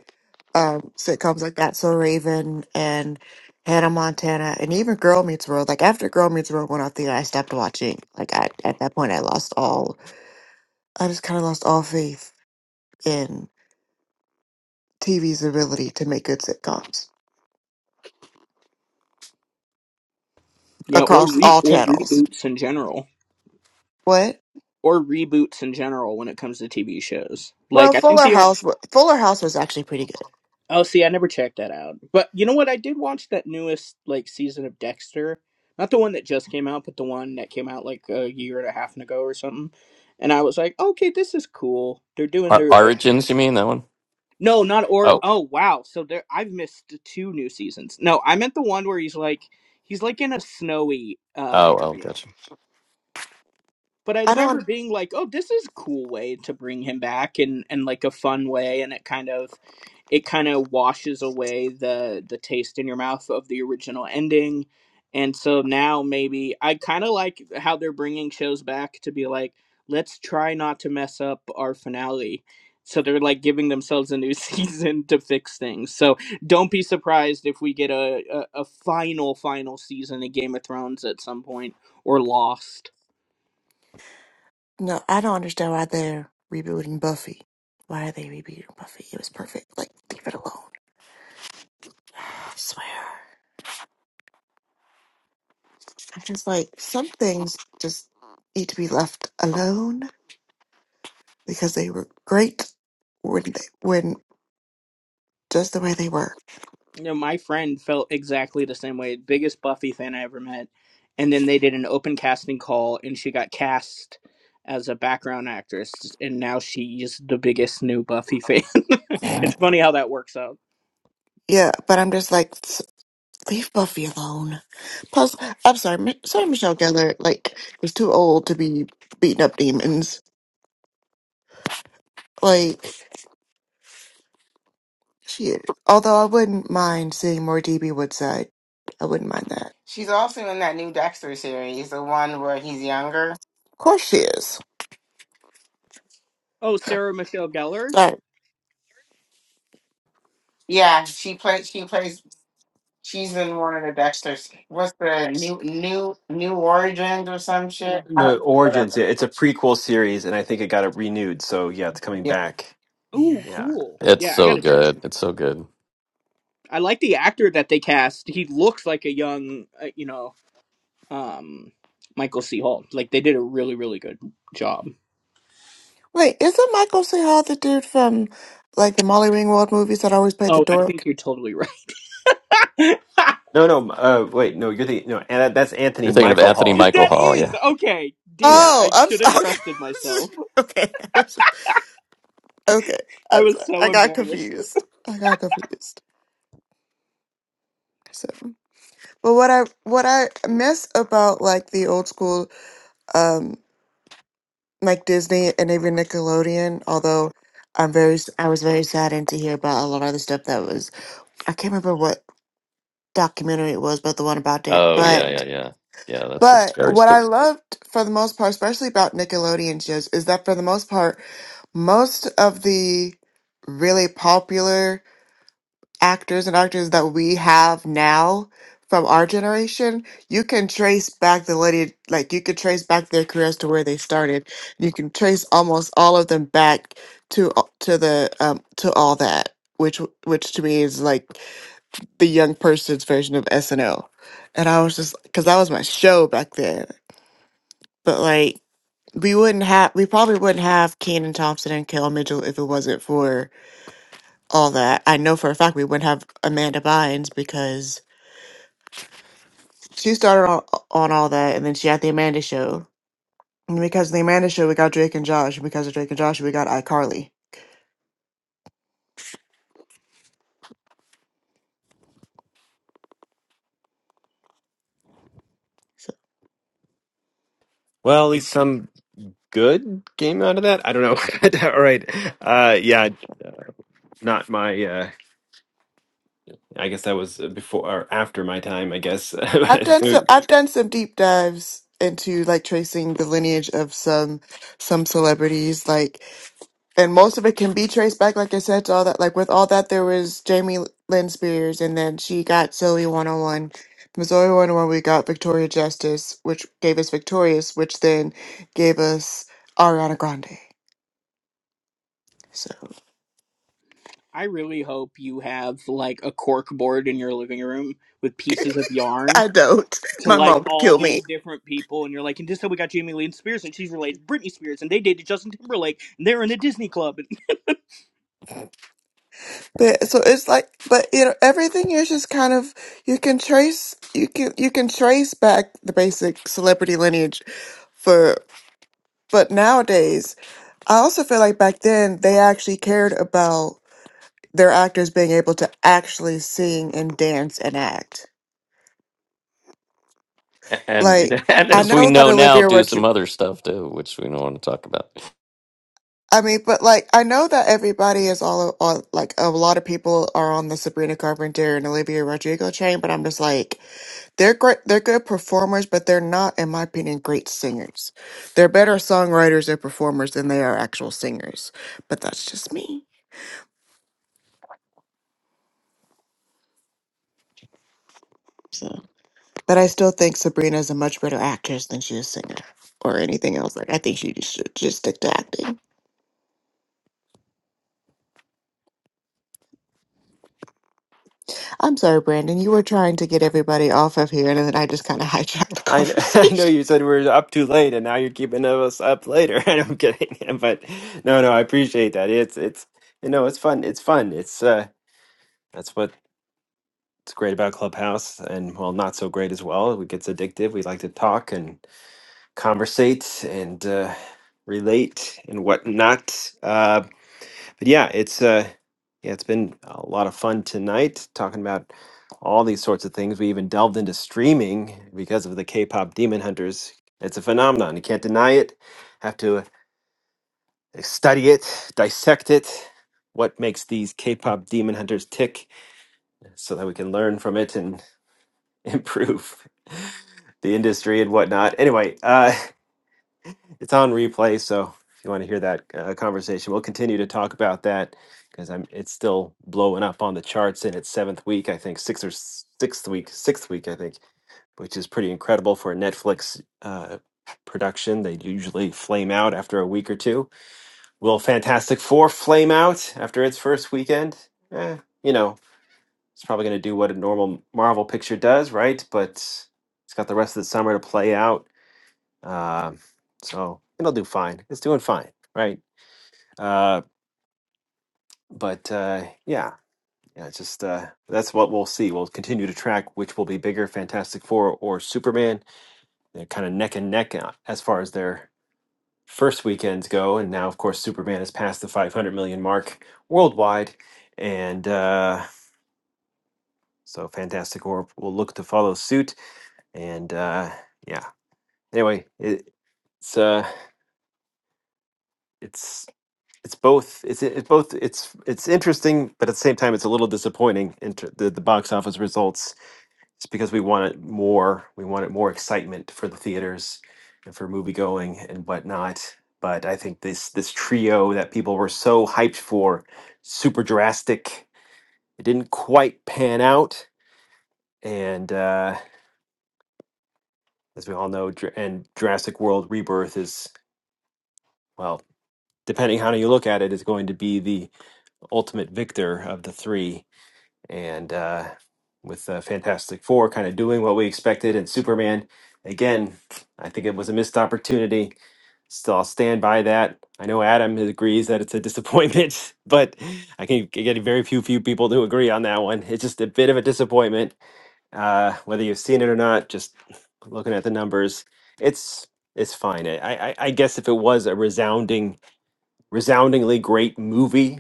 [SPEAKER 20] um sitcoms like that, So Raven and Hannah Montana and even Girl Meets World, like after Girl Meets World went off the air, I stopped watching. Like I, at that point I lost all I just kinda lost all faith in TV's ability to make good sitcoms
[SPEAKER 19] Yeah, or
[SPEAKER 20] across
[SPEAKER 19] re-
[SPEAKER 20] all
[SPEAKER 19] or
[SPEAKER 20] channels.
[SPEAKER 19] reboots in general.
[SPEAKER 20] What?
[SPEAKER 19] Or reboots in general when it comes to TV shows.
[SPEAKER 20] Well
[SPEAKER 19] Like I think
[SPEAKER 20] Fuller
[SPEAKER 19] the o-
[SPEAKER 20] House wa- Fuller House was actually pretty good.
[SPEAKER 19] Oh, see, I never checked that out. But you know what? I did watch that newest like season of Dexter, not the one that just came out, but the one that came out like a year and a half ago or something. And I was like, okay, this is cool. They're doing
[SPEAKER 12] Our
[SPEAKER 19] their uh,
[SPEAKER 12] origins, you mean that one?
[SPEAKER 19] no, not or
[SPEAKER 12] Oh,
[SPEAKER 19] oh wow. So there, I've missed two new seasons. No, I meant the one where he's like he's like in a snowy uh
[SPEAKER 12] oh, oh,
[SPEAKER 19] area.
[SPEAKER 12] gotcha.
[SPEAKER 19] but I
[SPEAKER 20] I don't.
[SPEAKER 19] remember being like, "Oh, this is a cool way to bring him back, and and like a fun way, and it kind of, it kind of washes away the the taste in your mouth of the original ending, and so now maybe I kind of like how they're bringing shows back to be like, let's try not to mess up our finale. So they're like giving themselves a new season to fix things. So don't be surprised if we get a, a, a final final season of Game of Thrones at some point or Lost
[SPEAKER 20] No, I don't understand why they're rebooting Buffy. Why are they rebooting Buffy? It was perfect. Like, leave it alone. I swear. I'm just like, some things just need to be left alone because they were great when they, when just the way they were.
[SPEAKER 19] You know, my friend felt exactly the same way. Biggest Buffy fan I ever met. And then they did an open casting call, and she got cast as a background actress, and now she's the biggest new Buffy fan. it's funny how that works out.
[SPEAKER 20] Yeah, but I'm just like, s- leave Buffy alone. Plus, I'm sorry, Mi- sorry, Michelle Gellar, like, was too old to be beating up demons. Like, she, is. although I wouldn't mind seeing more DB Woodside. I wouldn't mind that.
[SPEAKER 10] She's also in that new Dexter series, the one where he's younger.
[SPEAKER 20] course she is.
[SPEAKER 19] Oh, Sarah Michelle Gellar.
[SPEAKER 20] All right.
[SPEAKER 10] Yeah, she plays. She plays. She's in one of the Dexters. What's the new new new origins or some shit? Uh,
[SPEAKER 1] The Origins,
[SPEAKER 10] whatever.
[SPEAKER 1] yeah, it's a prequel series, and I think it got it renewed. So yeah, it's coming
[SPEAKER 10] Yeah.
[SPEAKER 1] back.
[SPEAKER 20] Yeah.
[SPEAKER 19] Ooh,
[SPEAKER 1] Yeah.
[SPEAKER 19] cool.
[SPEAKER 12] It's
[SPEAKER 19] Yeah, I
[SPEAKER 12] so
[SPEAKER 19] gotta check it
[SPEAKER 12] good.
[SPEAKER 19] out.
[SPEAKER 12] It's so good.
[SPEAKER 19] I like the actor that they cast. He looks like a young, uh, you know, um, Michael C. Hall. Like they did a really, really good job.
[SPEAKER 20] Wait, isn't Michael C. Hall the dude from like the Molly Ringwald movies that always played the
[SPEAKER 19] Oh, I
[SPEAKER 20] dork?
[SPEAKER 19] think you're totally right.
[SPEAKER 1] No, no. Uh, wait, no. You're the no. And that- that's
[SPEAKER 12] You're
[SPEAKER 1] Anthony
[SPEAKER 12] thinking of
[SPEAKER 1] Michael
[SPEAKER 12] Anthony
[SPEAKER 1] Hall.
[SPEAKER 12] Michael
[SPEAKER 19] That
[SPEAKER 12] Hall,
[SPEAKER 19] is
[SPEAKER 12] yeah?
[SPEAKER 19] okay. Damn
[SPEAKER 1] Yeah.
[SPEAKER 19] it.
[SPEAKER 20] Oh,
[SPEAKER 19] I
[SPEAKER 20] I'm s
[SPEAKER 19] should have trusted myself.
[SPEAKER 20] okay. okay, I was just- okay.
[SPEAKER 19] I
[SPEAKER 20] I'm
[SPEAKER 19] was
[SPEAKER 20] sorry. I
[SPEAKER 19] so
[SPEAKER 20] got
[SPEAKER 19] embarrassed.
[SPEAKER 20] confused. I got confused. So, but what I what I miss about like the old school, um, like Disney and even Nickelodeon, although. I'm very. s- I was very saddened to hear about a lot of the stuff that was. I can't remember what documentary it was, but the one about
[SPEAKER 12] Oh, yeah,
[SPEAKER 20] that.
[SPEAKER 12] yeah, yeah, yeah. That's some
[SPEAKER 20] But
[SPEAKER 12] scary
[SPEAKER 20] what I
[SPEAKER 12] stuff.
[SPEAKER 20] loved for the most part, especially about Nickelodeon shows, is that for the most part, most of the really popular actors and actors that we have now from our generation, you can trace back the lineage, like you could trace back their careers to where they started. You can trace almost all of them back to to the um, to all that, which which to me is like the young person's version of SNL. And I was just because that was my show back then. But like we wouldn't have we probably wouldn't have Kenan Thompson and Kel Mitchell if it wasn't for all that. I know for a fact we wouldn't have Amanda Bynes because she started on, on all that and then she had the Amanda show. And because of the Amanda show we got Drake and Josh. And because of Drake and Josh we got iCarly. So
[SPEAKER 1] Well, at least some good game out of that. I don't know. All right. Uh, yeah. Not my. Uh, I guess that was before or after my time. I guess.
[SPEAKER 20] I've done
[SPEAKER 1] So
[SPEAKER 20] some I've done some deep dives into like tracing the lineage of some some celebrities. Like and most of it can be traced back, like I said, to all that. Like with all that, there was Jamie Lynn Spears, and then she got Zoe 101. From Zoe 101, we got Victoria Justice, which gave us Victorious, which then gave us Ariana Grande. So
[SPEAKER 19] I really hope you have like a cork board in your living room with pieces of yarn
[SPEAKER 20] I don't.
[SPEAKER 19] to
[SPEAKER 20] My
[SPEAKER 19] like
[SPEAKER 20] mom would
[SPEAKER 19] all
[SPEAKER 20] kill me.
[SPEAKER 19] these different people. And you're like, and just so we got Jamie Lee Spears and she's related to Britney Spears and they dated Justin Timberlake and they're in a Disney club. And-
[SPEAKER 20] But so it's like, but you know, everything is just kind of you can trace you can you can trace back the basic celebrity lineage for. But nowadays, I also feel like back then they actually cared about their actors being able to actually sing and dance and act.
[SPEAKER 12] And
[SPEAKER 20] Like
[SPEAKER 12] and
[SPEAKER 20] I
[SPEAKER 12] as we
[SPEAKER 20] know that
[SPEAKER 12] know now,
[SPEAKER 20] Olivia
[SPEAKER 12] do some
[SPEAKER 20] Rodrigo.
[SPEAKER 12] other stuff too, which we don't want to talk about.
[SPEAKER 20] I mean, but like I know that everybody is all, all like a lot of people are on the Sabrina Carpenter and Olivia Rodrigo chain. but I'm just like they're great. They're good performers, but they're not, in my opinion, great singers. They're better songwriters and performers than they are actual singers. But that's just me. So, but I still think Sabrina is a much better actress than she is a singer or anything else. Like I think she should just stick to acting. I'm sorry, Brandon. You were trying to get everybody off of here, and then I just kind of hijacked the
[SPEAKER 1] I kn- I know
[SPEAKER 20] conversation.
[SPEAKER 1] you said we were up too late, and now you're keeping us up later. I'm kidding, but no, no, I appreciate that. It's it's you know it's fun. It's fun. It's uh that's what's great about Clubhouse, and well, not so great as well. It gets addictive. We like to talk and conversate and uh, relate and whatnot. Uh, but yeah, it's uh, yeah, it's been a lot of fun tonight talking about all these sorts of things. We even delved into streaming because of the K-pop Demon Hunters. It's a phenomenon. You can't deny it. Have to uh, study it, dissect it. What makes these K-pop Demon Hunters tick, so that we can learn from it and improve the industry and whatnot. Anyway, uh, it's on replay. So if you want to hear that uh, conversation, we'll continue to talk about that because I'm it's still blowing up on the charts in its seventh week, I think sixth or s- sixth week, sixth week, I think, which is pretty incredible for a Netflix uh, production. They usually flame out after a week or two. Will Fantastic Four flame out after its first weekend? Eh, you know, it's probably going to do what a normal Marvel picture does, right? But it's got the rest of the summer to play out uh, so it'll do fine. It's doing fine, right? Uh, but uh, yeah, yeah, it's just uh, that's what we'll see. We'll continue to track which will be bigger, Fantastic Four or Superman. They're kind of neck and neck uh, as far as their first weekends go, and now of course Superman has passed the 500 million mark worldwide, and uh, so Fantastic Four will look to follow suit. And uh, yeah, anyway, it, it's uh, it's it's both it's it's both it's it's interesting but at the same time it's a little disappointing Into the, the box office results it's because we wanted more we wanted more excitement for the theaters and for movie going and whatnot but i think this this trio that people were so hyped for super drastic it didn't quite pan out and uh as we all know Dr- and jurassic world rebirth is well depending how you look at it is going to be the ultimate victor of the three and uh, with uh, Fantastic Four kind of doing what we expected, and Superman again, I think it was a missed opportunity. Still, I'll stand by that. I know Adam agrees that it's a disappointment, but I can get very few few people to agree on that one. It's just a bit of a disappointment, uh, whether you've seen it or not. Just looking at the numbers, it's it's fine. I, I, I guess if it was a resounding, resoundingly great movie,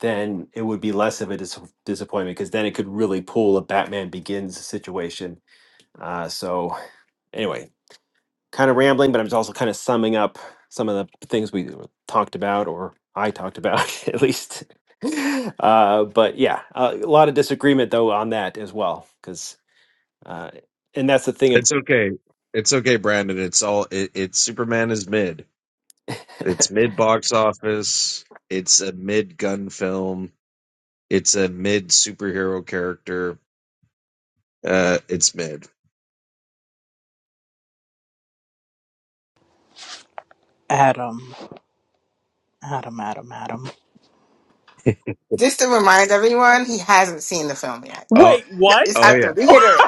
[SPEAKER 1] then it would be less of a dis- disappointment because then it could really pull a Batman Begins situation. Uh, so anyway, kind of rambling, but I'm just also kind of summing up some of the things we talked about, or I talked about at least. Uh, but yeah, a lot of disagreement though on that as well, because uh, and that's the thing.
[SPEAKER 15] It's okay. It's okay, Brandon. It's all. It, it's Superman is mid.
[SPEAKER 1] Ab-
[SPEAKER 15] It's mid box office. It's a mid gun film It's a mid superhero character. Uh, it's mid.
[SPEAKER 19] Adam, Adam, Adam, Adam.
[SPEAKER 10] Just to remind everyone, he hasn't seen the film yet.
[SPEAKER 15] Oh,
[SPEAKER 19] Wait, what?
[SPEAKER 10] Just
[SPEAKER 15] oh
[SPEAKER 10] have to
[SPEAKER 15] yeah.
[SPEAKER 10] reiterate.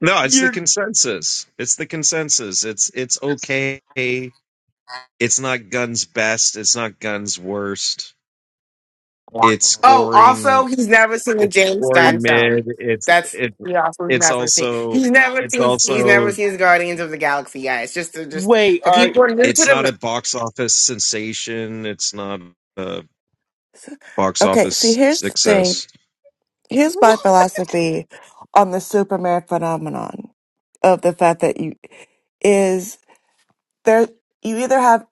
[SPEAKER 15] No, it's the
[SPEAKER 19] You're.
[SPEAKER 15] consensus. It's the consensus. It's it's okay. It's not guns best. It's not guns worst. It's
[SPEAKER 10] Oh,
[SPEAKER 15] scoring.
[SPEAKER 10] also, he's never seen a
[SPEAKER 15] It's
[SPEAKER 10] James
[SPEAKER 20] I,
[SPEAKER 10] Gunn
[SPEAKER 15] scoring mid.
[SPEAKER 10] film.
[SPEAKER 15] It's
[SPEAKER 10] That's
[SPEAKER 15] it.
[SPEAKER 10] he also has
[SPEAKER 15] it's
[SPEAKER 10] never seen.
[SPEAKER 15] also
[SPEAKER 10] He's never
[SPEAKER 15] it's
[SPEAKER 10] seen. He's never
[SPEAKER 15] also
[SPEAKER 10] seen Guardians of the Galaxy, guys. Just to, just
[SPEAKER 19] Wait,
[SPEAKER 10] for
[SPEAKER 19] are.
[SPEAKER 10] people who are new to
[SPEAKER 15] it's
[SPEAKER 10] the
[SPEAKER 15] not
[SPEAKER 10] room.
[SPEAKER 15] a box office sensation. It's not a box
[SPEAKER 20] okay, see,
[SPEAKER 15] office
[SPEAKER 20] here's the thing.
[SPEAKER 15] success.
[SPEAKER 20] Here's my philosophy on the Superman phenomenon of the fact that you is there. You either have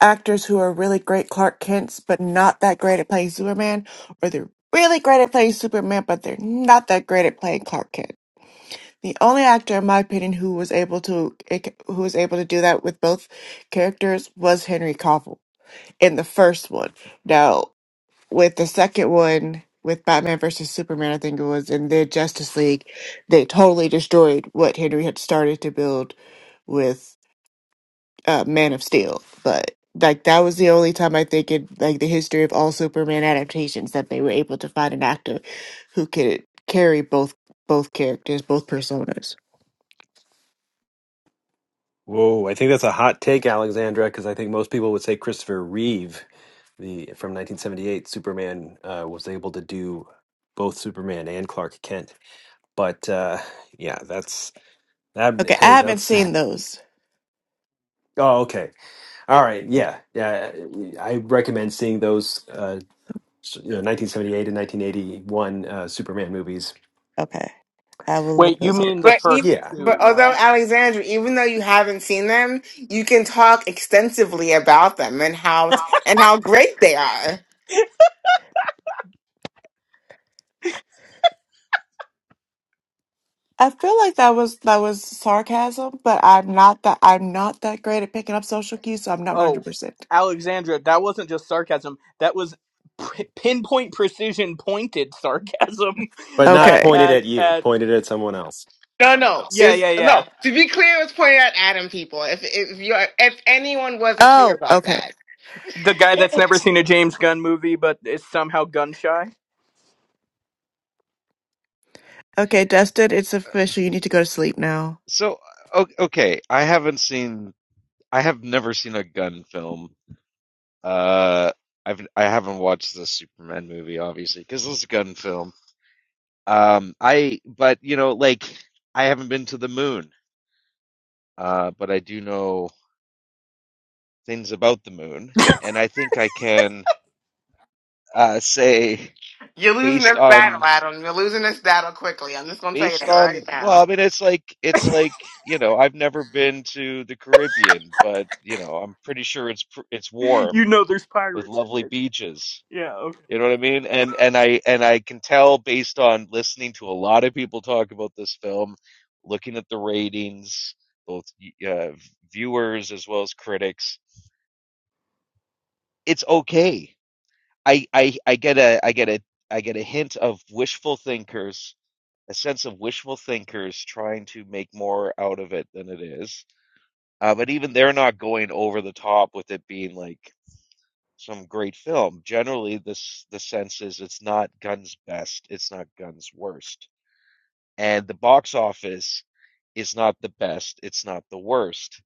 [SPEAKER 20] actors who are really great Clark Kents, but not that great at playing Superman, or they're really great at playing Superman, but they're not that great at playing Clark Kent. The only actor, in my opinion, who was able to who was able to do that with both characters was Henry Cavill in the first one. Now, with the second one, with Batman versus Superman, I think it was in the Justice League, they totally destroyed what Henry had started to build with uh, Man of Steel. But like that was the only time I think in like the history of all Superman adaptations that they were able to find an actor who could carry both both characters, both personas.
[SPEAKER 1] Whoa, I think that's a hot take, Alexandra, because I think most people would say Christopher Reeve, the from 1978 Superman, uh, was able to do both Superman and Clark Kent. But uh, yeah, that's that.
[SPEAKER 20] Okay, I
[SPEAKER 1] Hey,
[SPEAKER 20] haven't
[SPEAKER 1] that's
[SPEAKER 20] seen those.
[SPEAKER 1] oh, okay, all right, yeah, yeah. I recommend seeing those, uh, you know, 1978 and 1981 uh, Superman movies.
[SPEAKER 20] Okay, I will look
[SPEAKER 19] Wait, you
[SPEAKER 20] those up.
[SPEAKER 19] mean the
[SPEAKER 10] But
[SPEAKER 19] first
[SPEAKER 10] e-
[SPEAKER 1] Yeah,
[SPEAKER 10] but
[SPEAKER 19] two, right?
[SPEAKER 10] although Alexandra, even though you haven't seen them, you can talk extensively about them and how and how great they are.
[SPEAKER 20] I feel like that was that was sarcasm, but I'm not that I'm not that great at picking up social cues, so I'm not 100.
[SPEAKER 19] Oh,
[SPEAKER 20] percent
[SPEAKER 19] Alexandra, that wasn't just sarcasm. That was p- pinpoint precision pointed sarcasm.
[SPEAKER 1] but not
[SPEAKER 19] At,
[SPEAKER 20] Okay.
[SPEAKER 1] pointed
[SPEAKER 19] at,
[SPEAKER 1] at you,
[SPEAKER 19] at,
[SPEAKER 1] pointed at someone else.
[SPEAKER 10] No, no, it
[SPEAKER 19] yeah,
[SPEAKER 10] was
[SPEAKER 19] yeah, yeah.
[SPEAKER 10] no. To be clear, it was pointed at Adam people. If if you are if anyone wasn't clear
[SPEAKER 20] Oh,
[SPEAKER 10] about
[SPEAKER 20] okay,
[SPEAKER 10] that,
[SPEAKER 19] The guy that's never seen a James Gunn movie but is somehow gun shy.
[SPEAKER 20] okay, Dustin, it's official. You need to go to sleep now.
[SPEAKER 15] So, o- okay, I haven't seen I have never seen a gun film. Uh, I've I haven't watched the Superman movie, obviously, because it's a gun film. Um, I but you know, like I haven't been to the moon, uh, but I do know things about the moon, and I think I can uh, say
[SPEAKER 10] you're losing
[SPEAKER 15] based
[SPEAKER 10] this battle,
[SPEAKER 15] on
[SPEAKER 10] Adam. You're losing this battle quickly. I'm just gonna tell you
[SPEAKER 15] based
[SPEAKER 10] that right
[SPEAKER 15] on well,
[SPEAKER 10] now.
[SPEAKER 15] I mean, it's like it's like you know, I've never been to the Caribbean, but you know, I'm pretty sure it's pr- it's
[SPEAKER 19] You
[SPEAKER 15] warm
[SPEAKER 19] know there's
[SPEAKER 15] with
[SPEAKER 19] pirates in
[SPEAKER 15] lovely beaches.
[SPEAKER 19] it. Yeah, okay.
[SPEAKER 15] You know what I mean? And and I and I can tell based on listening to a lot of people talk about this film, looking at the ratings, both uh, viewers as well as critics, it's okay. I, I I get a I get a I get a hint of wishful thinkers, a sense of wishful thinkers trying to make more out of it than it is. Uh, but even they're not going over the top with it being like some great film. Generally, this the sense is it's not Gunn's best, it's not Gunn's worst. And the box office is not the best, it's not the worst.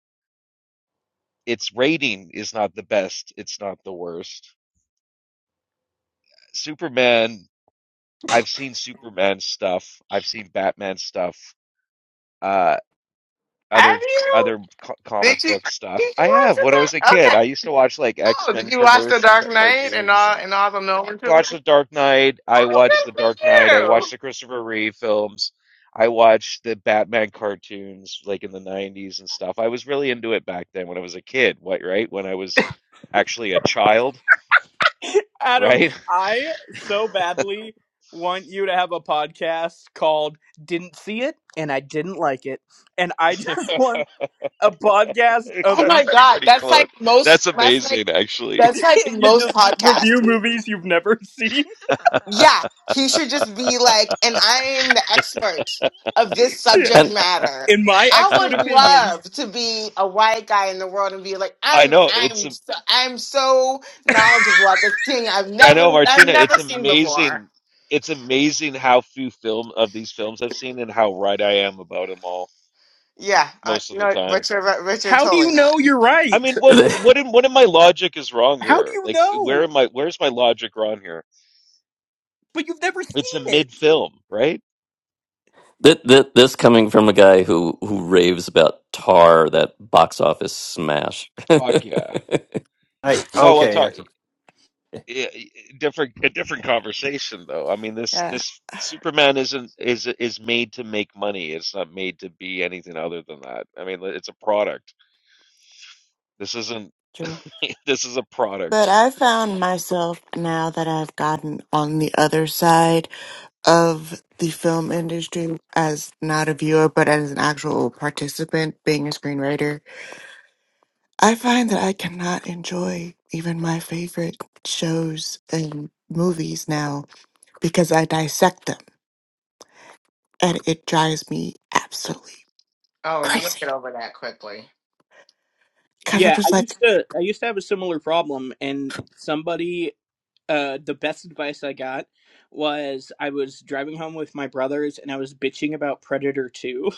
[SPEAKER 15] Its rating is not the best, it's not the worst. Superman, I've seen Superman stuff, I've seen Batman stuff, uh
[SPEAKER 10] Have
[SPEAKER 15] other
[SPEAKER 10] you?
[SPEAKER 15] other co- comic
[SPEAKER 10] Did you?
[SPEAKER 15] book stuff.
[SPEAKER 10] Did you
[SPEAKER 15] I
[SPEAKER 10] watch
[SPEAKER 15] have
[SPEAKER 10] the
[SPEAKER 15] when I was a
[SPEAKER 10] dark?
[SPEAKER 15] kid.
[SPEAKER 10] Okay.
[SPEAKER 15] I used to watch like
[SPEAKER 10] Oh, did
[SPEAKER 15] X-Men
[SPEAKER 10] you watch the
[SPEAKER 15] commercial c-
[SPEAKER 10] Dark Knight and
[SPEAKER 15] cartoons and
[SPEAKER 10] all and all the Nolan
[SPEAKER 15] watched
[SPEAKER 10] trilogy?
[SPEAKER 15] The Dark Knight. I
[SPEAKER 10] Oh, good
[SPEAKER 15] watched The
[SPEAKER 10] for
[SPEAKER 15] Dark Knight. I
[SPEAKER 10] you.
[SPEAKER 15] watched the Christopher Reeve films. I watched the Batman cartoons like in the 90s and stuff. I was really into it back then when I was a kid, what, right? When I was actually a child,
[SPEAKER 19] Adam,
[SPEAKER 15] right?
[SPEAKER 19] I so badly want you to have a podcast called Didn't See It and I Didn't Like It. And I just want a podcast of
[SPEAKER 10] Oh my
[SPEAKER 19] you
[SPEAKER 15] That's
[SPEAKER 10] god,
[SPEAKER 15] pretty
[SPEAKER 10] that's
[SPEAKER 15] close.
[SPEAKER 10] like most.
[SPEAKER 15] That's
[SPEAKER 10] That's like
[SPEAKER 15] amazing, actually.
[SPEAKER 10] that's like
[SPEAKER 19] you
[SPEAKER 10] most
[SPEAKER 19] just review
[SPEAKER 10] podcasts.
[SPEAKER 19] movies you've never seen.
[SPEAKER 15] I
[SPEAKER 10] Yeah, he should just be like, and I am the expert of this
[SPEAKER 19] Yeah.
[SPEAKER 10] subject
[SPEAKER 12] And
[SPEAKER 10] matter.
[SPEAKER 19] in my
[SPEAKER 10] I
[SPEAKER 19] expert
[SPEAKER 10] would
[SPEAKER 19] opinion,
[SPEAKER 10] love to be a white guy in the world and be like, I'm,
[SPEAKER 15] know it's
[SPEAKER 10] I'm, so, I'm so knowledgeable about this thing I've
[SPEAKER 15] I know
[SPEAKER 10] never, I've
[SPEAKER 15] Martina, it's
[SPEAKER 10] never seen before.
[SPEAKER 15] amazing. It's amazing how few film of these films I've seen and how right I am about them all
[SPEAKER 10] Yeah, uh,
[SPEAKER 15] most of the
[SPEAKER 10] no,
[SPEAKER 15] time.
[SPEAKER 10] Richard, Richard,
[SPEAKER 19] how do
[SPEAKER 10] totally
[SPEAKER 19] you
[SPEAKER 10] not.
[SPEAKER 19] know you're
[SPEAKER 15] I
[SPEAKER 19] right?
[SPEAKER 15] mean, what
[SPEAKER 12] th
[SPEAKER 15] what in what in my logic is wrong
[SPEAKER 19] How do
[SPEAKER 15] here?
[SPEAKER 19] you
[SPEAKER 15] Like, where
[SPEAKER 19] know?
[SPEAKER 15] am I? Where's my logic wrong here?
[SPEAKER 19] But you've never
[SPEAKER 15] It's a
[SPEAKER 19] seen it.
[SPEAKER 15] mid film, right?
[SPEAKER 12] th th this coming from a guy who who raves about Tar, that box office smash.
[SPEAKER 15] Fuck yeah.
[SPEAKER 1] I
[SPEAKER 15] No, we'll
[SPEAKER 1] okay,
[SPEAKER 15] talk
[SPEAKER 1] okay.
[SPEAKER 15] eh, eh, different a different conversation though. I mean, this
[SPEAKER 20] Yeah,
[SPEAKER 15] this Superman isn't is is made to make money. It's not made to be anything other than that. I mean, it's a product. This isn't
[SPEAKER 20] true.
[SPEAKER 15] this is a
[SPEAKER 20] But
[SPEAKER 15] product.
[SPEAKER 20] I found myself now that I've gotten on the other side of the film industry as not a viewer but as an actual participant being a screenwriter i find that i cannot enjoy even my favorite shows and movies now because i dissect them and it drives me absolutely
[SPEAKER 10] Oh, you'll
[SPEAKER 20] crazy
[SPEAKER 10] get over that quickly.
[SPEAKER 20] because i'm
[SPEAKER 19] Yeah, I
[SPEAKER 20] just like
[SPEAKER 19] used to I used to have a similar problem and somebody uh the best advice I got was I was driving home with my brothers and I was bitching about Predator 2.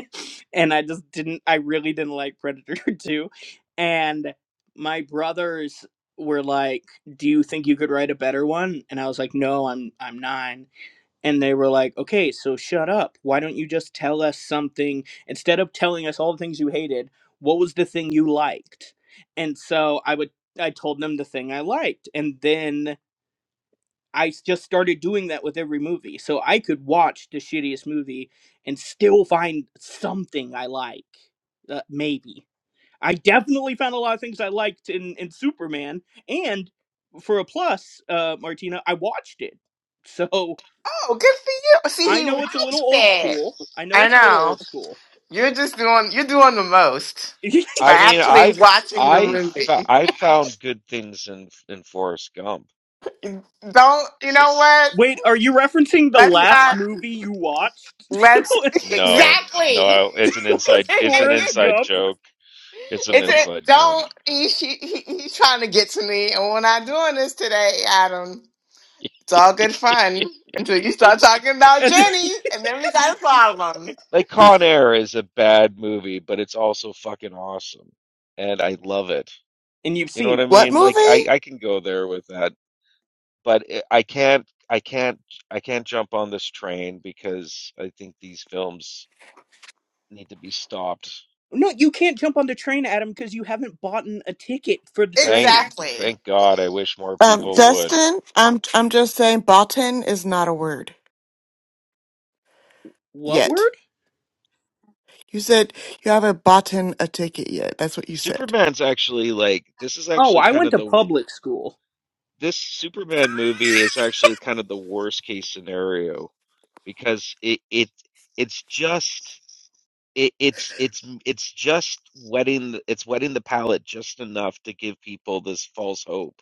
[SPEAKER 19] and I just didn't I really didn't like Predator 2 and my brothers were like, "Do you think you could write a better one?" And I was like, "No, I'm I'm 9." and they were like, okay, so shut up. Why don't you just tell us something? Instead of telling us all the things you hated, what was the thing you liked? And so I would, I told them the thing I liked. And then I s- just started doing that with every movie. So I could watch the shittiest movie and still find something I like. Uh, maybe. I definitely found a lot of things I liked in, in Superman. And for a plus, uh, Martina, I watched it. So
[SPEAKER 10] Oh, good for you. See,
[SPEAKER 19] I
[SPEAKER 10] he
[SPEAKER 19] know it's a little
[SPEAKER 10] watched
[SPEAKER 19] old
[SPEAKER 10] it.
[SPEAKER 19] school. I know
[SPEAKER 10] I
[SPEAKER 19] it's a little
[SPEAKER 10] know.
[SPEAKER 19] old school.
[SPEAKER 10] You're just doing you're doing the most by
[SPEAKER 15] I mean,
[SPEAKER 10] actually
[SPEAKER 15] I've
[SPEAKER 10] watching the
[SPEAKER 15] I fo-
[SPEAKER 10] movie.
[SPEAKER 15] I found good things in in Forrest Gump.
[SPEAKER 10] Don't you know
[SPEAKER 15] It's.
[SPEAKER 10] what?
[SPEAKER 19] Wait, are you referencing the
[SPEAKER 10] Let's
[SPEAKER 19] last
[SPEAKER 10] not
[SPEAKER 19] movie you watched?
[SPEAKER 10] let's
[SPEAKER 19] it
[SPEAKER 15] No, no,
[SPEAKER 10] exactly.
[SPEAKER 15] I- it's an inside,
[SPEAKER 19] was
[SPEAKER 15] it's an
[SPEAKER 19] Forrest
[SPEAKER 15] inside
[SPEAKER 19] Gump,
[SPEAKER 15] joke. It's an
[SPEAKER 10] it's a
[SPEAKER 15] inside joke.
[SPEAKER 10] don't he, he, he, he's trying to get to me and we're not doing this today, Adam. It's all good fun until you start talking about
[SPEAKER 19] and,
[SPEAKER 10] Jenny and then we got a problem.
[SPEAKER 15] Like Con Air is a bad movie, but it's also fucking awesome, and I love it.
[SPEAKER 19] and you've
[SPEAKER 15] You know
[SPEAKER 19] seen
[SPEAKER 15] what I
[SPEAKER 19] it.
[SPEAKER 20] what
[SPEAKER 15] mean? Like I,
[SPEAKER 20] movie
[SPEAKER 15] I can go there with that, but I I can't, I can't, I can't jump on this train because I think these films need to be stopped.
[SPEAKER 19] No, you can't jump on the train, Adam, because you haven't bought a ticket for the
[SPEAKER 15] Thank,
[SPEAKER 19] train.
[SPEAKER 10] Exactly.
[SPEAKER 15] thank God. I wish more
[SPEAKER 20] um
[SPEAKER 15] people would.
[SPEAKER 20] justin i'm i'm just saying botan is not a word
[SPEAKER 19] What
[SPEAKER 20] yet
[SPEAKER 19] word?
[SPEAKER 20] you said you haven't bought in a ticket yet that's what you said
[SPEAKER 15] Superman's actually like this is
[SPEAKER 19] Oh,
[SPEAKER 15] actually
[SPEAKER 19] I
[SPEAKER 15] kind
[SPEAKER 19] went
[SPEAKER 15] of
[SPEAKER 19] to
[SPEAKER 15] the
[SPEAKER 19] public school.
[SPEAKER 15] this Superman movie is actually kind of the worst case scenario because it it it's just it, it's it's it's just wetting it's wetting the palate just enough to give people this false hope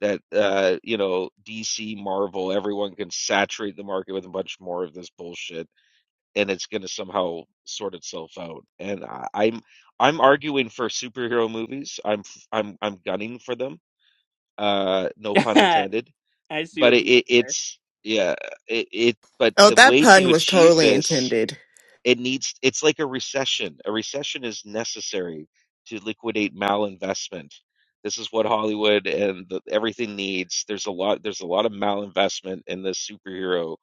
[SPEAKER 15] that uh you know DC Marvel everyone can saturate the market with a bunch more of this bullshit and it's going to somehow sort itself out and I, I'm I'm arguing for superhero movies I'm I'm I'm gunning for them uh no pun
[SPEAKER 19] I
[SPEAKER 15] intended
[SPEAKER 19] see
[SPEAKER 15] but
[SPEAKER 19] what
[SPEAKER 15] it,
[SPEAKER 19] you
[SPEAKER 15] it
[SPEAKER 19] did
[SPEAKER 15] it's yeah it, it but
[SPEAKER 20] oh
[SPEAKER 15] the
[SPEAKER 20] that
[SPEAKER 15] way
[SPEAKER 20] pun
[SPEAKER 15] to
[SPEAKER 20] was
[SPEAKER 15] achieve
[SPEAKER 20] totally
[SPEAKER 15] this
[SPEAKER 20] intended
[SPEAKER 15] it needs it's like a recession a recession is necessary to liquidate malinvestment this is what hollywood and the, everything needs there's a lot there's a lot of malinvestment in this superhero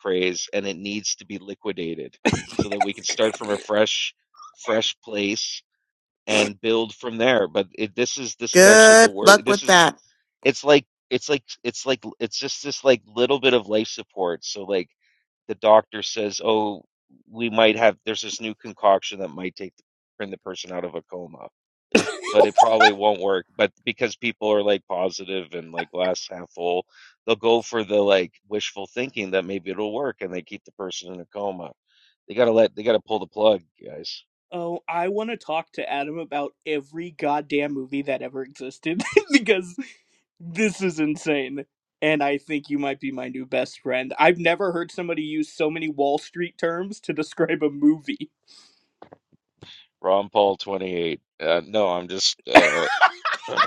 [SPEAKER 15] craze and it needs to be liquidated so that we can start from a fresh fresh place and build from there but it, this is this is actually the
[SPEAKER 20] Good
[SPEAKER 15] word.
[SPEAKER 20] luck
[SPEAKER 15] this
[SPEAKER 20] with
[SPEAKER 15] is
[SPEAKER 20] that.
[SPEAKER 15] it's like it's like it's like it's just this like little bit of life support so like the doctor says oh we might have there's this new concoction that might take bring the person out of a coma
[SPEAKER 19] there.
[SPEAKER 15] but it probably won't work but because people are like positive and like glass half full they'll go for the like wishful thinking that maybe it'll work and they keep the person in a coma they gotta let they gotta pull the plug guys
[SPEAKER 19] Oh, I want to talk to Adam about every goddamn movie that ever existed because this is insane. And I think you might be my new best friend. I've never heard somebody use so many Wall Street terms to describe a movie.
[SPEAKER 15] ron paul 28 uh, no i'm just uh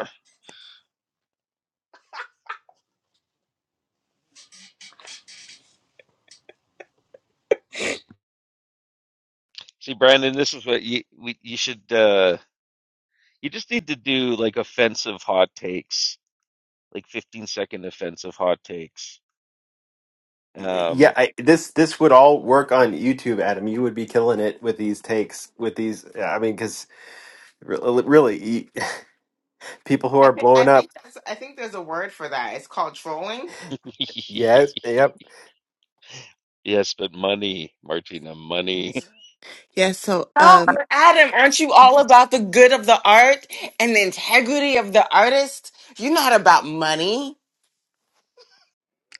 [SPEAKER 15] see brandon this is what you we, you should uh You just need to do like offensive hot takes, like 15 second offensive hot takes.
[SPEAKER 1] Yeah,
[SPEAKER 15] Um,
[SPEAKER 1] I, this this would all work on YouTube, Adam. You would be killing it with these takes, with these. yeah, I mean, because really, you, people who
[SPEAKER 10] I
[SPEAKER 1] are
[SPEAKER 10] think I
[SPEAKER 1] blowing up.
[SPEAKER 10] think that's I think there's a word for that. It's called trolling.
[SPEAKER 1] Yes. Yep.
[SPEAKER 15] yes, but money, Martina, money.
[SPEAKER 20] Yes. So,
[SPEAKER 10] No,
[SPEAKER 20] um,
[SPEAKER 10] Adam, aren't you all about the good of the art and the integrity of the artist? You're not about money.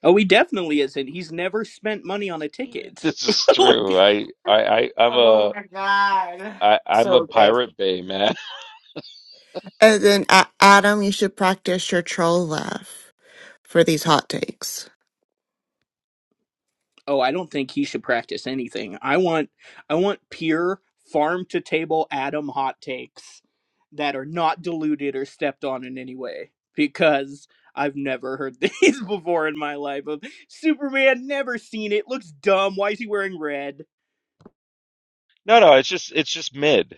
[SPEAKER 19] Oh, he definitely isn't. He's never spent money on a ticket.
[SPEAKER 15] This is true. I, I, I, I'm
[SPEAKER 10] Oh
[SPEAKER 15] a,
[SPEAKER 10] my God.
[SPEAKER 15] I, I'm a
[SPEAKER 10] So good.
[SPEAKER 15] Pirate Bay man.
[SPEAKER 20] and then uh, Adam, you should practice your troll laugh for these hot takes.
[SPEAKER 19] oh i don't think he should practice anything i want i want pure farm to table adam hot takes that are not diluted or stepped on in any way because i've never heard these before in my life of superman never seen it looks dumb why is he wearing red
[SPEAKER 15] No, no, it's just, it's just mid.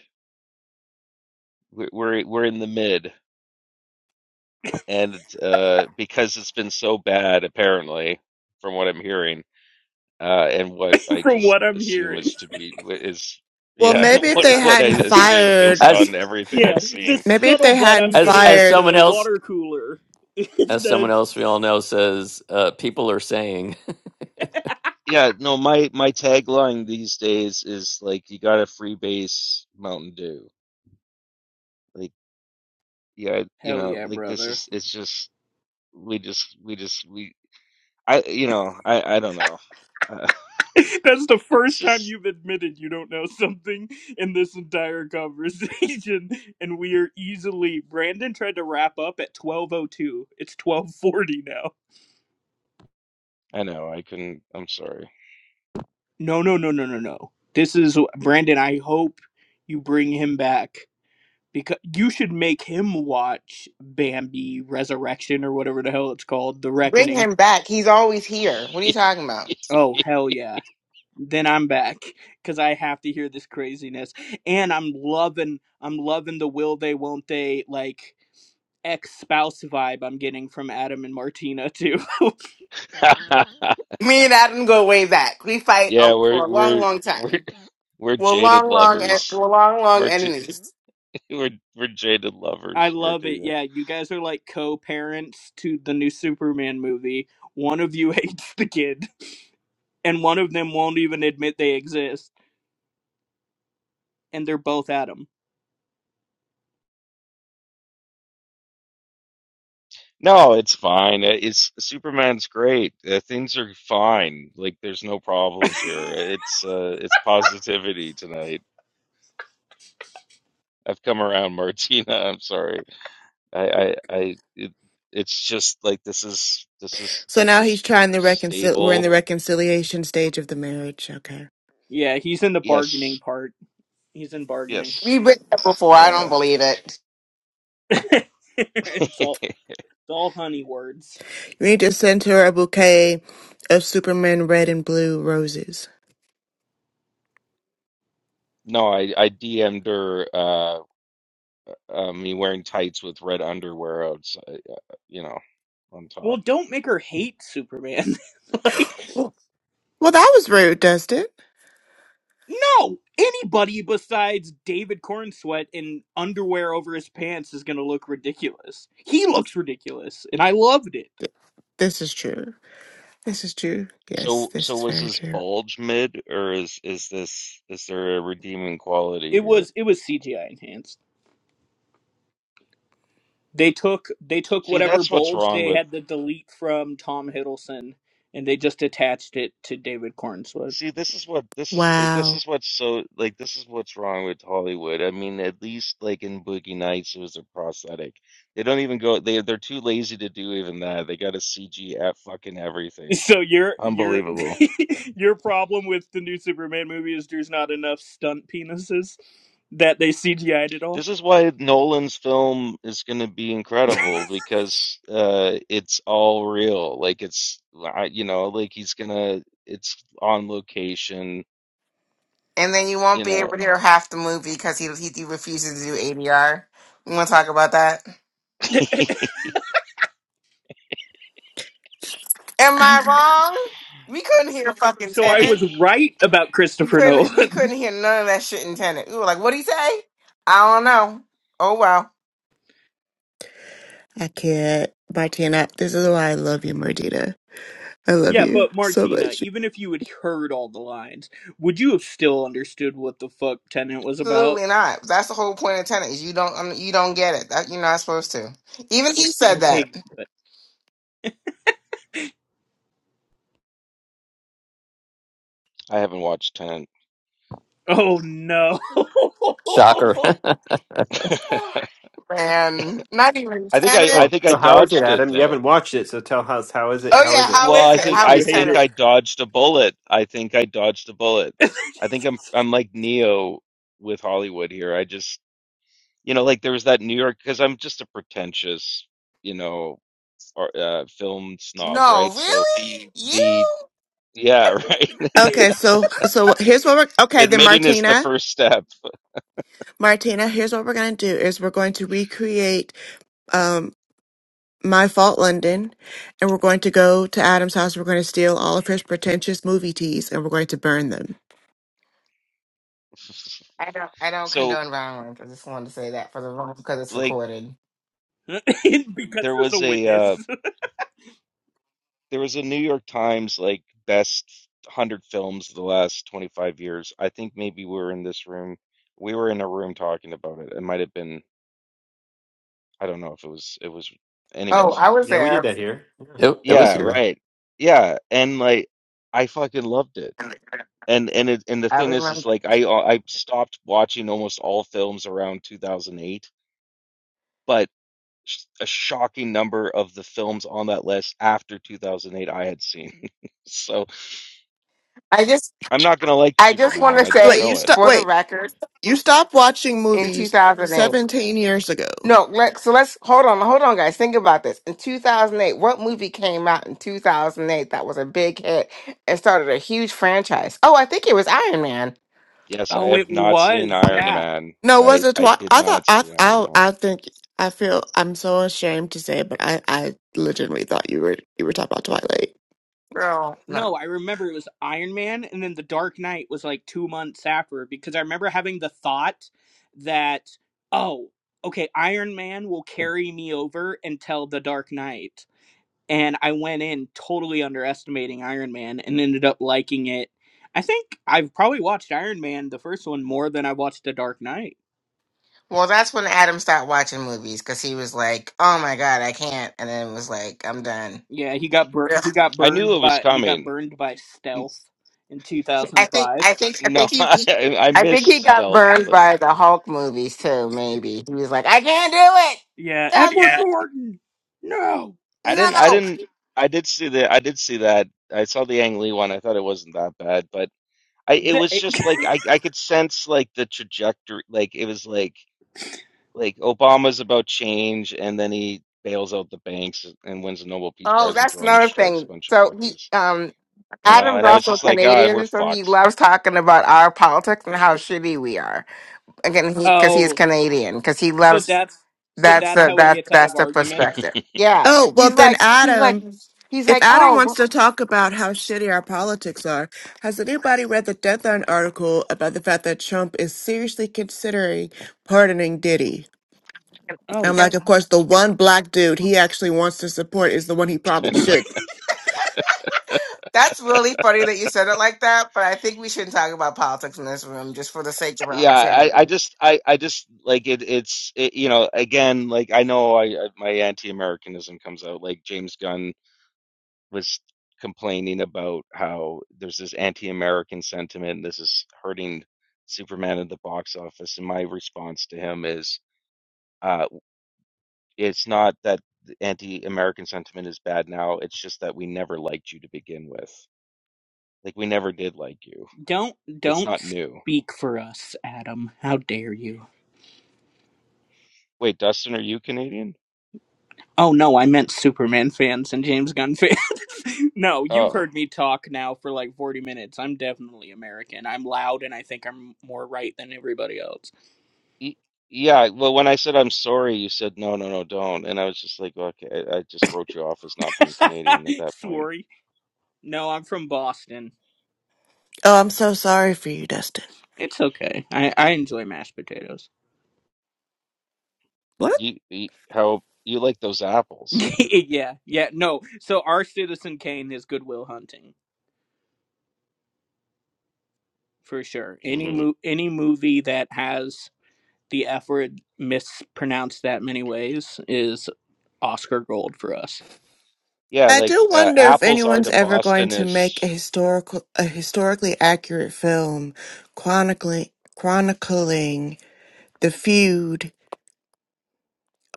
[SPEAKER 15] We're, we're, we're in the mid, and uh, because it's been so bad, apparently, from what I'm hearing. uh, and what I
[SPEAKER 19] from
[SPEAKER 15] just
[SPEAKER 19] what i'm
[SPEAKER 15] assume
[SPEAKER 19] hearing
[SPEAKER 15] is to be is
[SPEAKER 20] Well,
[SPEAKER 15] yeah
[SPEAKER 20] maybe if
[SPEAKER 15] what
[SPEAKER 20] they
[SPEAKER 15] what I
[SPEAKER 20] hadn't
[SPEAKER 15] assume
[SPEAKER 20] fired,
[SPEAKER 15] based
[SPEAKER 12] as
[SPEAKER 15] on everything
[SPEAKER 19] yeah
[SPEAKER 15] I've
[SPEAKER 19] the
[SPEAKER 15] seen.
[SPEAKER 20] maybe if they
[SPEAKER 19] scuttlebutt
[SPEAKER 20] hadn't
[SPEAKER 19] i'm
[SPEAKER 12] as
[SPEAKER 15] Eh,
[SPEAKER 19] getting
[SPEAKER 12] as
[SPEAKER 19] at
[SPEAKER 20] fired,
[SPEAKER 12] someone
[SPEAKER 19] the
[SPEAKER 12] else
[SPEAKER 19] water cooler is
[SPEAKER 12] as
[SPEAKER 19] the
[SPEAKER 12] someone else we all know says, uh, people are saying.
[SPEAKER 15] Yeah, no, my my tagline these days is like you got to freebase Mountain Dew. Like yeah, you
[SPEAKER 19] hell
[SPEAKER 15] know,
[SPEAKER 19] yeah
[SPEAKER 15] like this
[SPEAKER 19] brother
[SPEAKER 15] is it's just we just we just we I you know I I don't know. Uh,
[SPEAKER 19] That's the
[SPEAKER 15] it's
[SPEAKER 19] first time
[SPEAKER 15] just
[SPEAKER 19] you've admitted you don't know something in this entire conversation, and we are easily. Brandon tried to wrap up at twelve oh two. It's twelve forty now.
[SPEAKER 15] I know I couldn't I'm sorry.
[SPEAKER 19] No, no, no, no, no, no. This is Brandon. I hope you bring him back because you should make him watch Bambi Resurrection or whatever the hell it's called, The
[SPEAKER 10] Bring
[SPEAKER 19] Reckoning.
[SPEAKER 10] him back. He's always here. What are you talking about?
[SPEAKER 19] Oh hell yeah. then I'm back because I have to hear this craziness. And I'm loving, I'm loving the will they, won't they, like ex spouse vibe I'm getting from Adam and Martina too.
[SPEAKER 10] Me and Adam go way back. We fight uh,
[SPEAKER 15] yeah,
[SPEAKER 10] for
[SPEAKER 15] we're
[SPEAKER 10] a long,
[SPEAKER 15] we're
[SPEAKER 10] long
[SPEAKER 15] we're
[SPEAKER 10] time.
[SPEAKER 15] we're
[SPEAKER 10] We're
[SPEAKER 15] jaded
[SPEAKER 10] long, long, and
[SPEAKER 15] lovers.
[SPEAKER 10] we're long, long
[SPEAKER 15] We're t-
[SPEAKER 10] enemies.
[SPEAKER 15] We're we're jaded
[SPEAKER 19] I
[SPEAKER 15] lovers,
[SPEAKER 19] love it.
[SPEAKER 15] Martina.
[SPEAKER 19] Yeah, you guys are like co parents to the new Superman movie. One of you hates the kid, and one of them won't even admit they exist, and they're both Adam.
[SPEAKER 15] No, it's fine. Uh, It's Superman's great. Uh, things are fine. Like there's no problems here. It's uh, it's positivity tonight. I've come around, Martina. I'm sorry. I I, I it, it's just like this is this is
[SPEAKER 20] so
[SPEAKER 15] this
[SPEAKER 20] now
[SPEAKER 15] is
[SPEAKER 20] he's trying to reconcile. We're in
[SPEAKER 15] stable.
[SPEAKER 20] the reconciliation stage of the marriage. Okay,
[SPEAKER 19] Yeah, he's in the bargaining
[SPEAKER 15] Yes,
[SPEAKER 19] part. He's in bargaining.
[SPEAKER 10] We've
[SPEAKER 15] yes.
[SPEAKER 10] been there before. I don't
[SPEAKER 15] Uh,
[SPEAKER 10] believe it.
[SPEAKER 19] it's all it's all honey words.
[SPEAKER 20] you need to send her a bouquet of Superman red and blue roses.
[SPEAKER 15] no, I I DM'd her uh, uh, me wearing tights with red underwear outside. uh, uh, You know, on
[SPEAKER 19] Well,
[SPEAKER 15] top.
[SPEAKER 19] don't make her hate Superman. like,
[SPEAKER 20] Well, well, that was rude, Dustin.
[SPEAKER 19] no, anybody besides David Corn Sweat in underwear over his pants is gonna look ridiculous. He looks ridiculous, and I loved it.
[SPEAKER 20] This is true. This is true. Yes,
[SPEAKER 15] So,
[SPEAKER 20] this
[SPEAKER 15] so
[SPEAKER 20] is
[SPEAKER 15] was
[SPEAKER 20] very
[SPEAKER 15] his
[SPEAKER 20] true.
[SPEAKER 15] bulge mid, or is is this is there a redeeming quality
[SPEAKER 19] It
[SPEAKER 15] here?
[SPEAKER 19] was it was CGI enhanced. They took they took
[SPEAKER 15] See,
[SPEAKER 19] whatever
[SPEAKER 15] that's what's
[SPEAKER 19] bolds
[SPEAKER 15] wrong
[SPEAKER 19] they
[SPEAKER 15] with.
[SPEAKER 19] had to delete from Tom Hiddleston, and they just attached it to David Corn Sweat.
[SPEAKER 15] See, this is what this is eh, this
[SPEAKER 20] Wow.
[SPEAKER 15] is what's so like this is what's wrong with Hollywood. I mean, at least like in Boogie Nights, it was a prosthetic. They don't even go. They they're too lazy to do even that. They got to CG at fucking everything.
[SPEAKER 19] So your your
[SPEAKER 15] Unbelievable.
[SPEAKER 19] your problem with the new Superman movie is there's not enough stunt penises that they CGI'd at all.
[SPEAKER 15] This is why Nolan's film is going to be incredible because uh, it's all real. Like it's, you know, like he's gonna, it's on location.
[SPEAKER 10] And then you won't
[SPEAKER 15] You
[SPEAKER 10] be
[SPEAKER 15] know,
[SPEAKER 10] able to hear half the movie because he he refuses to do ADR. You want to talk about that? Am I wrong? We couldn't hear fucking
[SPEAKER 19] So I
[SPEAKER 15] I
[SPEAKER 10] Tenet.
[SPEAKER 19] was right about
[SPEAKER 10] We
[SPEAKER 19] Christopher
[SPEAKER 10] couldn't.
[SPEAKER 19] Nolan.
[SPEAKER 10] We couldn't hear none of that shit in Tenet. We were like, "What would he say?" I don't know. Oh well,
[SPEAKER 20] I can't. But I This is why I love you, Martina. I love
[SPEAKER 19] yeah,
[SPEAKER 20] you
[SPEAKER 19] but
[SPEAKER 20] so
[SPEAKER 19] Martina,
[SPEAKER 20] much.
[SPEAKER 19] even if you had heard all the lines, would you have still understood what the fuck Tenant was about?
[SPEAKER 10] absolutely not. That's the whole point of Tenet. Is you don't. um, you don't get it. That, you're not supposed to. Even he said that.
[SPEAKER 19] Okay. But,
[SPEAKER 15] haven't watched Ten.
[SPEAKER 19] oh no.
[SPEAKER 12] Shocker. it,
[SPEAKER 10] And not even
[SPEAKER 15] I think I,
[SPEAKER 10] Tenet.
[SPEAKER 15] I
[SPEAKER 1] So,
[SPEAKER 15] think I
[SPEAKER 1] so how is it,
[SPEAKER 15] dodged it
[SPEAKER 1] Adam? You
[SPEAKER 15] though.
[SPEAKER 1] haven't watched it, so tell us how is it?
[SPEAKER 10] Oh
[SPEAKER 1] How is
[SPEAKER 10] yeah.
[SPEAKER 1] it?
[SPEAKER 10] How
[SPEAKER 15] Well,
[SPEAKER 10] is
[SPEAKER 19] yeah,
[SPEAKER 15] I
[SPEAKER 19] how
[SPEAKER 10] it?
[SPEAKER 15] think,
[SPEAKER 19] much
[SPEAKER 10] How
[SPEAKER 19] do
[SPEAKER 15] I
[SPEAKER 19] you
[SPEAKER 10] is
[SPEAKER 19] hate
[SPEAKER 15] think
[SPEAKER 19] it?
[SPEAKER 10] Tenet?
[SPEAKER 15] I dodged a bullet. I think I dodged a bullet. I think I'm, I'm like Neo with Hollywood here. I just, you know, like there was that New York because I'm just a pretentious, you know. or uh, film snob,
[SPEAKER 10] No,
[SPEAKER 15] right? So
[SPEAKER 10] really. You.
[SPEAKER 15] the yeah, right.
[SPEAKER 20] Okay, so so here's what we're okay then,
[SPEAKER 15] Admitting is the
[SPEAKER 20] Martina.
[SPEAKER 15] first step.
[SPEAKER 20] Martina, here's what we're gonna do is we're going to recreate um my fault London, and we're going to go to Adam's house. We're going to steal all of his pretentious movie teas, and we're going to burn them.
[SPEAKER 10] I don't. I don't
[SPEAKER 15] So
[SPEAKER 10] condone violence. I just wanted to say that for the room because it's
[SPEAKER 15] like
[SPEAKER 10] recorded.
[SPEAKER 19] because
[SPEAKER 15] there
[SPEAKER 19] there's a
[SPEAKER 15] was a uh,
[SPEAKER 19] witness.
[SPEAKER 15] there was a New York Times like best 100 films of the last 25 years. I think maybe we were in this room. We were in a room talking about it. It might have been I don't know if it was it was
[SPEAKER 10] Oh,
[SPEAKER 15] anyways.
[SPEAKER 10] I was
[SPEAKER 1] Yeah, we did
[SPEAKER 10] there.
[SPEAKER 1] that here. Yeah.
[SPEAKER 12] it was
[SPEAKER 15] Yeah,
[SPEAKER 12] here.
[SPEAKER 15] right. Yeah, and like I fucking loved it. And and it, and the
[SPEAKER 10] I
[SPEAKER 15] thing is, is
[SPEAKER 10] remember.
[SPEAKER 15] like I uh, I stopped watching almost all films around 2008, but sh- a shocking number of the films on that list after 2008 I had seen. So
[SPEAKER 10] I just
[SPEAKER 15] I'm not gonna like
[SPEAKER 10] I just want
[SPEAKER 15] Superman.
[SPEAKER 10] to
[SPEAKER 15] I
[SPEAKER 20] So
[SPEAKER 15] just
[SPEAKER 20] wait,
[SPEAKER 10] say
[SPEAKER 20] you
[SPEAKER 15] know it.
[SPEAKER 20] stop.
[SPEAKER 10] for the
[SPEAKER 20] Wait,
[SPEAKER 15] Like,
[SPEAKER 10] record
[SPEAKER 20] you stopped watching
[SPEAKER 10] in
[SPEAKER 20] movies
[SPEAKER 10] 2008.
[SPEAKER 20] seventeen years ago.
[SPEAKER 10] No, let, so let's hold on, hold on, guys. Think about this. In 2008, what movie came out in 2008 that was a big hit and started a huge franchise? Oh, I think it was Iron Man.
[SPEAKER 15] yes, I
[SPEAKER 19] oh, it
[SPEAKER 15] have not seen
[SPEAKER 19] was.
[SPEAKER 15] Iron
[SPEAKER 19] Yeah.
[SPEAKER 15] Man.
[SPEAKER 20] No, was
[SPEAKER 15] I
[SPEAKER 20] it?
[SPEAKER 15] I
[SPEAKER 20] Twi-
[SPEAKER 15] did
[SPEAKER 20] I thought.
[SPEAKER 15] not
[SPEAKER 20] I.
[SPEAKER 15] see Iron
[SPEAKER 20] I.
[SPEAKER 15] Man.
[SPEAKER 20] I think. I feel. I'm so ashamed to say, but I. I legitimately thought you were. You were talking about Twilight.
[SPEAKER 10] Girl, no.
[SPEAKER 19] No, I remember it was Iron Man, and then The Dark Knight was like two months after because I remember having the thought that, oh, okay, Iron Man will carry me over until The Dark Knight. And I went in totally underestimating Iron Man and ended up liking it. I think I've probably watched Iron Man, the first one, more than I watched The Dark Knight.
[SPEAKER 10] Well, that's when Adam stopped watching movies because he was like, "Oh my god, I can't," and then was like, "I'm done."
[SPEAKER 19] Yeah, he got bur-
[SPEAKER 10] Yeah.
[SPEAKER 19] he got
[SPEAKER 15] I knew it
[SPEAKER 19] burned
[SPEAKER 15] was
[SPEAKER 19] by he got
[SPEAKER 15] coming.
[SPEAKER 19] burned by
[SPEAKER 15] N-
[SPEAKER 19] stealth in two
[SPEAKER 10] I
[SPEAKER 19] thousand
[SPEAKER 10] think, I
[SPEAKER 19] five.
[SPEAKER 10] think, I
[SPEAKER 15] No,
[SPEAKER 10] think he,
[SPEAKER 15] I, I
[SPEAKER 10] I think he
[SPEAKER 15] missed
[SPEAKER 10] got
[SPEAKER 15] stuff,
[SPEAKER 10] burned
[SPEAKER 15] but
[SPEAKER 10] by the Hulk movies too. Maybe he was like, "I can't
[SPEAKER 19] Yeah,
[SPEAKER 10] do it."
[SPEAKER 19] Edward Norton. No.
[SPEAKER 15] I didn't. I
[SPEAKER 10] No.
[SPEAKER 15] didn't. I did see the. I did see that. I saw the Ang Lee one. I thought it wasn't that bad, but. I it
[SPEAKER 19] The
[SPEAKER 15] was just like I I could sense like the trajectory like it was like like Obama's about change and then he bails out the banks uh, and wins the Nobel Peace
[SPEAKER 10] Oh,
[SPEAKER 15] Prize and
[SPEAKER 10] that's
[SPEAKER 15] drone
[SPEAKER 10] another
[SPEAKER 15] strikes a
[SPEAKER 10] thing.
[SPEAKER 15] bunch of
[SPEAKER 10] So he,
[SPEAKER 15] fuckers.
[SPEAKER 10] um,
[SPEAKER 15] You know,
[SPEAKER 10] Adam's
[SPEAKER 15] and I was
[SPEAKER 10] also
[SPEAKER 15] just like, ah, we're
[SPEAKER 10] Canadian, so he
[SPEAKER 15] fucked.
[SPEAKER 10] loves talking about our politics and how shitty we are. Again, he because he's
[SPEAKER 19] Oh,
[SPEAKER 10] Canadian, because he
[SPEAKER 19] so
[SPEAKER 10] loves
[SPEAKER 19] that's so
[SPEAKER 10] that's
[SPEAKER 19] that's
[SPEAKER 10] the
[SPEAKER 19] how he
[SPEAKER 10] that's
[SPEAKER 19] gets out
[SPEAKER 10] that's
[SPEAKER 19] of
[SPEAKER 10] the
[SPEAKER 19] arguments.
[SPEAKER 10] perspective. Yeah,
[SPEAKER 20] Oh, well,
[SPEAKER 10] he's
[SPEAKER 20] then,
[SPEAKER 10] like he's like
[SPEAKER 20] Adam,
[SPEAKER 10] he's
[SPEAKER 20] if
[SPEAKER 10] like
[SPEAKER 20] Adam
[SPEAKER 10] oh.
[SPEAKER 20] wants
[SPEAKER 10] well,
[SPEAKER 20] to talk about how shitty our politics are, has anybody read the Deadline article about the fact that Trump is seriously considering pardoning Diddy? I'm
[SPEAKER 19] Oh,
[SPEAKER 10] and-
[SPEAKER 20] like, of course, the one black dude he actually wants to support is the one he probably should.
[SPEAKER 10] That's really funny that you said it like that, but I think we shouldn't talk about politics in this room just for the sake of our
[SPEAKER 15] Yeah, I, I
[SPEAKER 10] sanity.
[SPEAKER 15] just I, I just like it it's it, you know, again, like I know I, I my anti-Americanism comes out like James Gunn was complaining about how there's this anti-American sentiment and this is hurting Superman at the box office. And my response to him is, uh, it's not that the anti-American sentiment is bad now. It's just that we never liked you to begin with. Like we never did like you.
[SPEAKER 19] don't
[SPEAKER 15] It's
[SPEAKER 19] don't
[SPEAKER 15] not new.
[SPEAKER 19] speak for us, Adam. How dare you?
[SPEAKER 15] Wait, Dustin, are you Canadian?
[SPEAKER 19] Oh no, I meant Superman fans and James Gunn fans. no, you've
[SPEAKER 15] Oh,
[SPEAKER 19] heard me talk now for like 40 minutes. I'm definitely American. I'm loud and I think I'm more right than everybody else.
[SPEAKER 15] y- yeah. Well, when I said I'm sorry, you said no, no, no, don't. And I was just like, okay, I I just wrote you off as not being Canadian at that point.
[SPEAKER 19] Sorry. No, I'm from Boston.
[SPEAKER 20] Oh, I'm so sorry for you, Dustin.
[SPEAKER 19] It's okay. I, I enjoy mashed potatoes.
[SPEAKER 20] What?
[SPEAKER 15] You, you how you like those apples?
[SPEAKER 19] yeah, yeah, no. So our Citizen Kane is Goodwill Hunting. for sure. Any
[SPEAKER 15] hmm
[SPEAKER 19] mo- any movie that has the F word mispronounced that many ways is Oscar gold for us.
[SPEAKER 15] Yeah,
[SPEAKER 20] I
[SPEAKER 15] like
[SPEAKER 20] do
[SPEAKER 15] uh,
[SPEAKER 20] wonder if
[SPEAKER 15] apples are
[SPEAKER 20] anyone's
[SPEAKER 15] to
[SPEAKER 20] ever going
[SPEAKER 15] Boston
[SPEAKER 20] to make a
[SPEAKER 15] is
[SPEAKER 20] historical, a historically accurate film chronicling chronicling the feud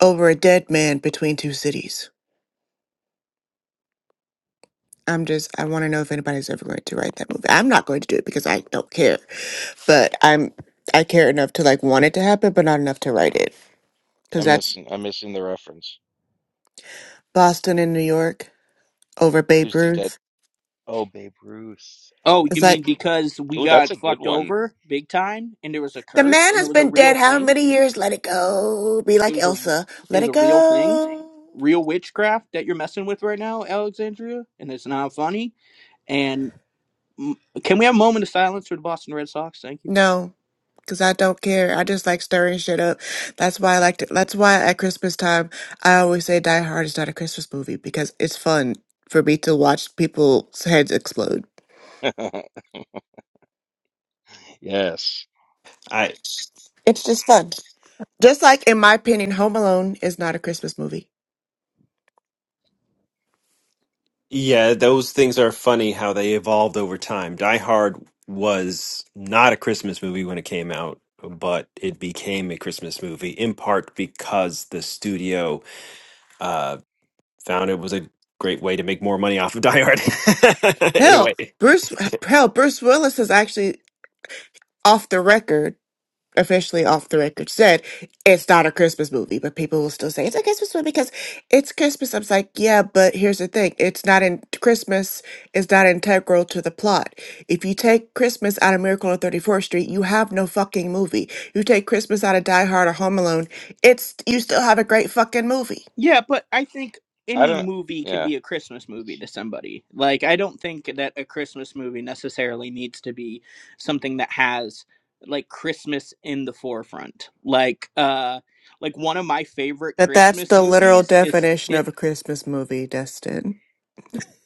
[SPEAKER 20] over a dead man between two cities. I'm just, I want to know if anybody's ever going to write that movie. I'm not going to do it because I don't care, but I'm, I care enough to like want it to happen, but not enough to write it because
[SPEAKER 15] I'm
[SPEAKER 20] that's
[SPEAKER 15] missing I'm missing the reference.
[SPEAKER 20] Boston and New York over Babe
[SPEAKER 15] Who's the dead?
[SPEAKER 20] Ruth.
[SPEAKER 15] Oh, Babe Ruth.
[SPEAKER 19] Oh,
[SPEAKER 15] Um,
[SPEAKER 20] It's
[SPEAKER 19] you mean
[SPEAKER 20] like
[SPEAKER 19] because we
[SPEAKER 15] oh, that's a
[SPEAKER 19] got
[SPEAKER 15] good
[SPEAKER 19] fucked
[SPEAKER 15] one.
[SPEAKER 19] over big time, and there was a
[SPEAKER 20] The
[SPEAKER 19] curse,
[SPEAKER 20] man
[SPEAKER 19] and it
[SPEAKER 20] has
[SPEAKER 19] was a
[SPEAKER 20] been dead
[SPEAKER 19] real
[SPEAKER 20] how
[SPEAKER 19] thing.
[SPEAKER 20] many years? Let it go. Be
[SPEAKER 19] It
[SPEAKER 20] like
[SPEAKER 19] was a
[SPEAKER 20] Elsa.
[SPEAKER 19] it
[SPEAKER 20] Let
[SPEAKER 19] was a
[SPEAKER 20] it
[SPEAKER 19] real thing,
[SPEAKER 20] go.
[SPEAKER 19] real witchcraft that you're messing with right now, Alexandria, and it's not funny. And mm, can we have a moment of silence for the Boston Red Sox? Thank you.
[SPEAKER 20] No, because I don't care. I just like stirring shit up. That's why I like to, that's why at Christmas time, I always say Die Hard is not a Christmas movie because it's fun for me to watch people's heads explode.
[SPEAKER 15] Yes,
[SPEAKER 1] I
[SPEAKER 20] It's just fun. Just like, in my opinion, Home Alone is not a Christmas movie.
[SPEAKER 1] yeah, those things are funny how they evolved over time. Die Hard was not a Christmas movie when it came out, but it became a Christmas movie in part because the studio. found it was a great way to make more money off of Die Hard.
[SPEAKER 20] Hell,
[SPEAKER 1] anyway.
[SPEAKER 20] Bruce, hell, Bruce Willis is actually off the record. officially off the record said it's not a Christmas movie, but people will still say it's a Christmas movie because it's Christmas. I was like, yeah, but here's the thing: it's not in Christmas is not integral to the plot. If you take Christmas out of Miracle on Thirty Fourth Street, you have no fucking movie. You take Christmas out of Die Hard or Home Alone, it's you still have a great fucking movie.
[SPEAKER 19] Yeah, but I think
[SPEAKER 15] I
[SPEAKER 19] any
[SPEAKER 15] don't.
[SPEAKER 19] movie can
[SPEAKER 15] Yeah,
[SPEAKER 19] be a Christmas movie to somebody. Like, I don't think that a Christmas movie necessarily needs to be something that has like Christmas in the forefront. Like, uh, like one of my favorite
[SPEAKER 20] But that's
[SPEAKER 19] Christmas
[SPEAKER 20] the literal
[SPEAKER 19] movies is
[SPEAKER 20] definition
[SPEAKER 19] it.
[SPEAKER 20] of a Christmas movie, Destin.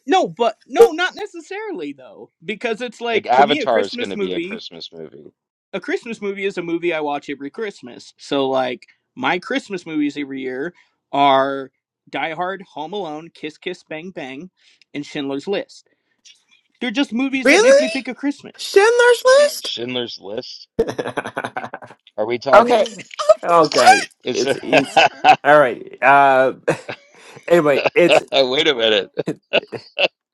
[SPEAKER 19] No, but no, not necessarily though, because it's
[SPEAKER 15] like
[SPEAKER 19] like to me a
[SPEAKER 15] Avatar is going
[SPEAKER 19] Christmas
[SPEAKER 15] to be a
[SPEAKER 19] movie
[SPEAKER 15] Christmas movie.
[SPEAKER 19] a Christmas movie is a movie I watch every Christmas. So like my Christmas movies every year are Die Hard, Home Alone, Kiss Kiss Bang Bang, and Schindler's List. They're just movies that make me
[SPEAKER 20] Really?
[SPEAKER 19] think of Christmas.
[SPEAKER 20] Schindler's List?
[SPEAKER 15] Schindler's List. Are we talking?
[SPEAKER 10] Okay,
[SPEAKER 1] okay.
[SPEAKER 15] Is
[SPEAKER 1] It's
[SPEAKER 15] it?
[SPEAKER 1] it's all right. Uh anyway, it's
[SPEAKER 15] Wait a minute.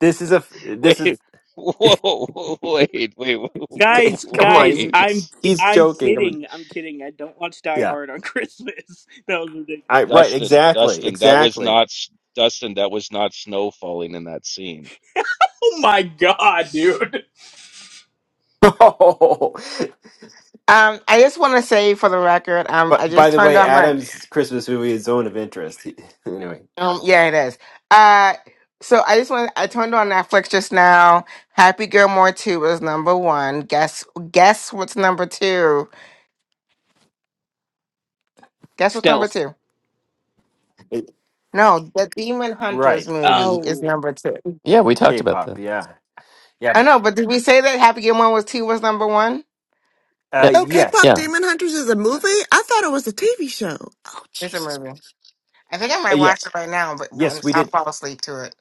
[SPEAKER 1] this is a f- this is
[SPEAKER 15] Wait. Whoa, wait, wait,
[SPEAKER 19] Guys,
[SPEAKER 1] come on,
[SPEAKER 19] guys,
[SPEAKER 1] he,
[SPEAKER 19] I'm
[SPEAKER 1] he's
[SPEAKER 19] I'm
[SPEAKER 15] wait.
[SPEAKER 1] joking. Come on.
[SPEAKER 19] kidding. I'm kidding. I don't watch Die
[SPEAKER 1] Yeah.
[SPEAKER 19] Hard on Christmas. That was ridiculous.
[SPEAKER 1] I right,
[SPEAKER 15] Dustin,
[SPEAKER 1] exactly.
[SPEAKER 15] Dustin, that was
[SPEAKER 1] Exactly.
[SPEAKER 15] not s- Dustin, that was not snow falling in that scene.
[SPEAKER 19] Oh my god, dude.
[SPEAKER 1] Oh,
[SPEAKER 10] um, I just want to say for the record, um, I
[SPEAKER 1] but by
[SPEAKER 10] just
[SPEAKER 1] the
[SPEAKER 10] turned
[SPEAKER 1] way,
[SPEAKER 10] on my
[SPEAKER 1] Adam's Christmas movie is Zone of Interest. anyway.
[SPEAKER 10] Um, yeah, it is. Uh, so I just want I turned on Netflix just now. Happy Gilmore two was number one. Guess guess what's number two? Guess what's number
[SPEAKER 19] Stealth.
[SPEAKER 10] two?
[SPEAKER 1] It-
[SPEAKER 10] No, the Demon Hunters
[SPEAKER 1] right.
[SPEAKER 10] movie is
[SPEAKER 19] Oh.
[SPEAKER 10] number two.
[SPEAKER 12] Yeah, we talked about
[SPEAKER 1] K-pop,
[SPEAKER 12] that.
[SPEAKER 1] yeah,
[SPEAKER 10] I
[SPEAKER 1] yeah,
[SPEAKER 10] know, but did we say that Happy Gilmore was two was number one?
[SPEAKER 12] Yeah.
[SPEAKER 1] uh,
[SPEAKER 20] Oh, k
[SPEAKER 1] yes,
[SPEAKER 20] Pop
[SPEAKER 12] Yeah.
[SPEAKER 20] Demon Hunters is a movie? I thought it was a TV show. Oh,
[SPEAKER 10] It's a
[SPEAKER 20] Jesus.
[SPEAKER 10] movie. I think I
[SPEAKER 1] Uh,
[SPEAKER 10] might
[SPEAKER 1] yeah,
[SPEAKER 10] watch it right now, but when
[SPEAKER 1] yes, we
[SPEAKER 10] I'll
[SPEAKER 1] did,
[SPEAKER 10] fall asleep to it.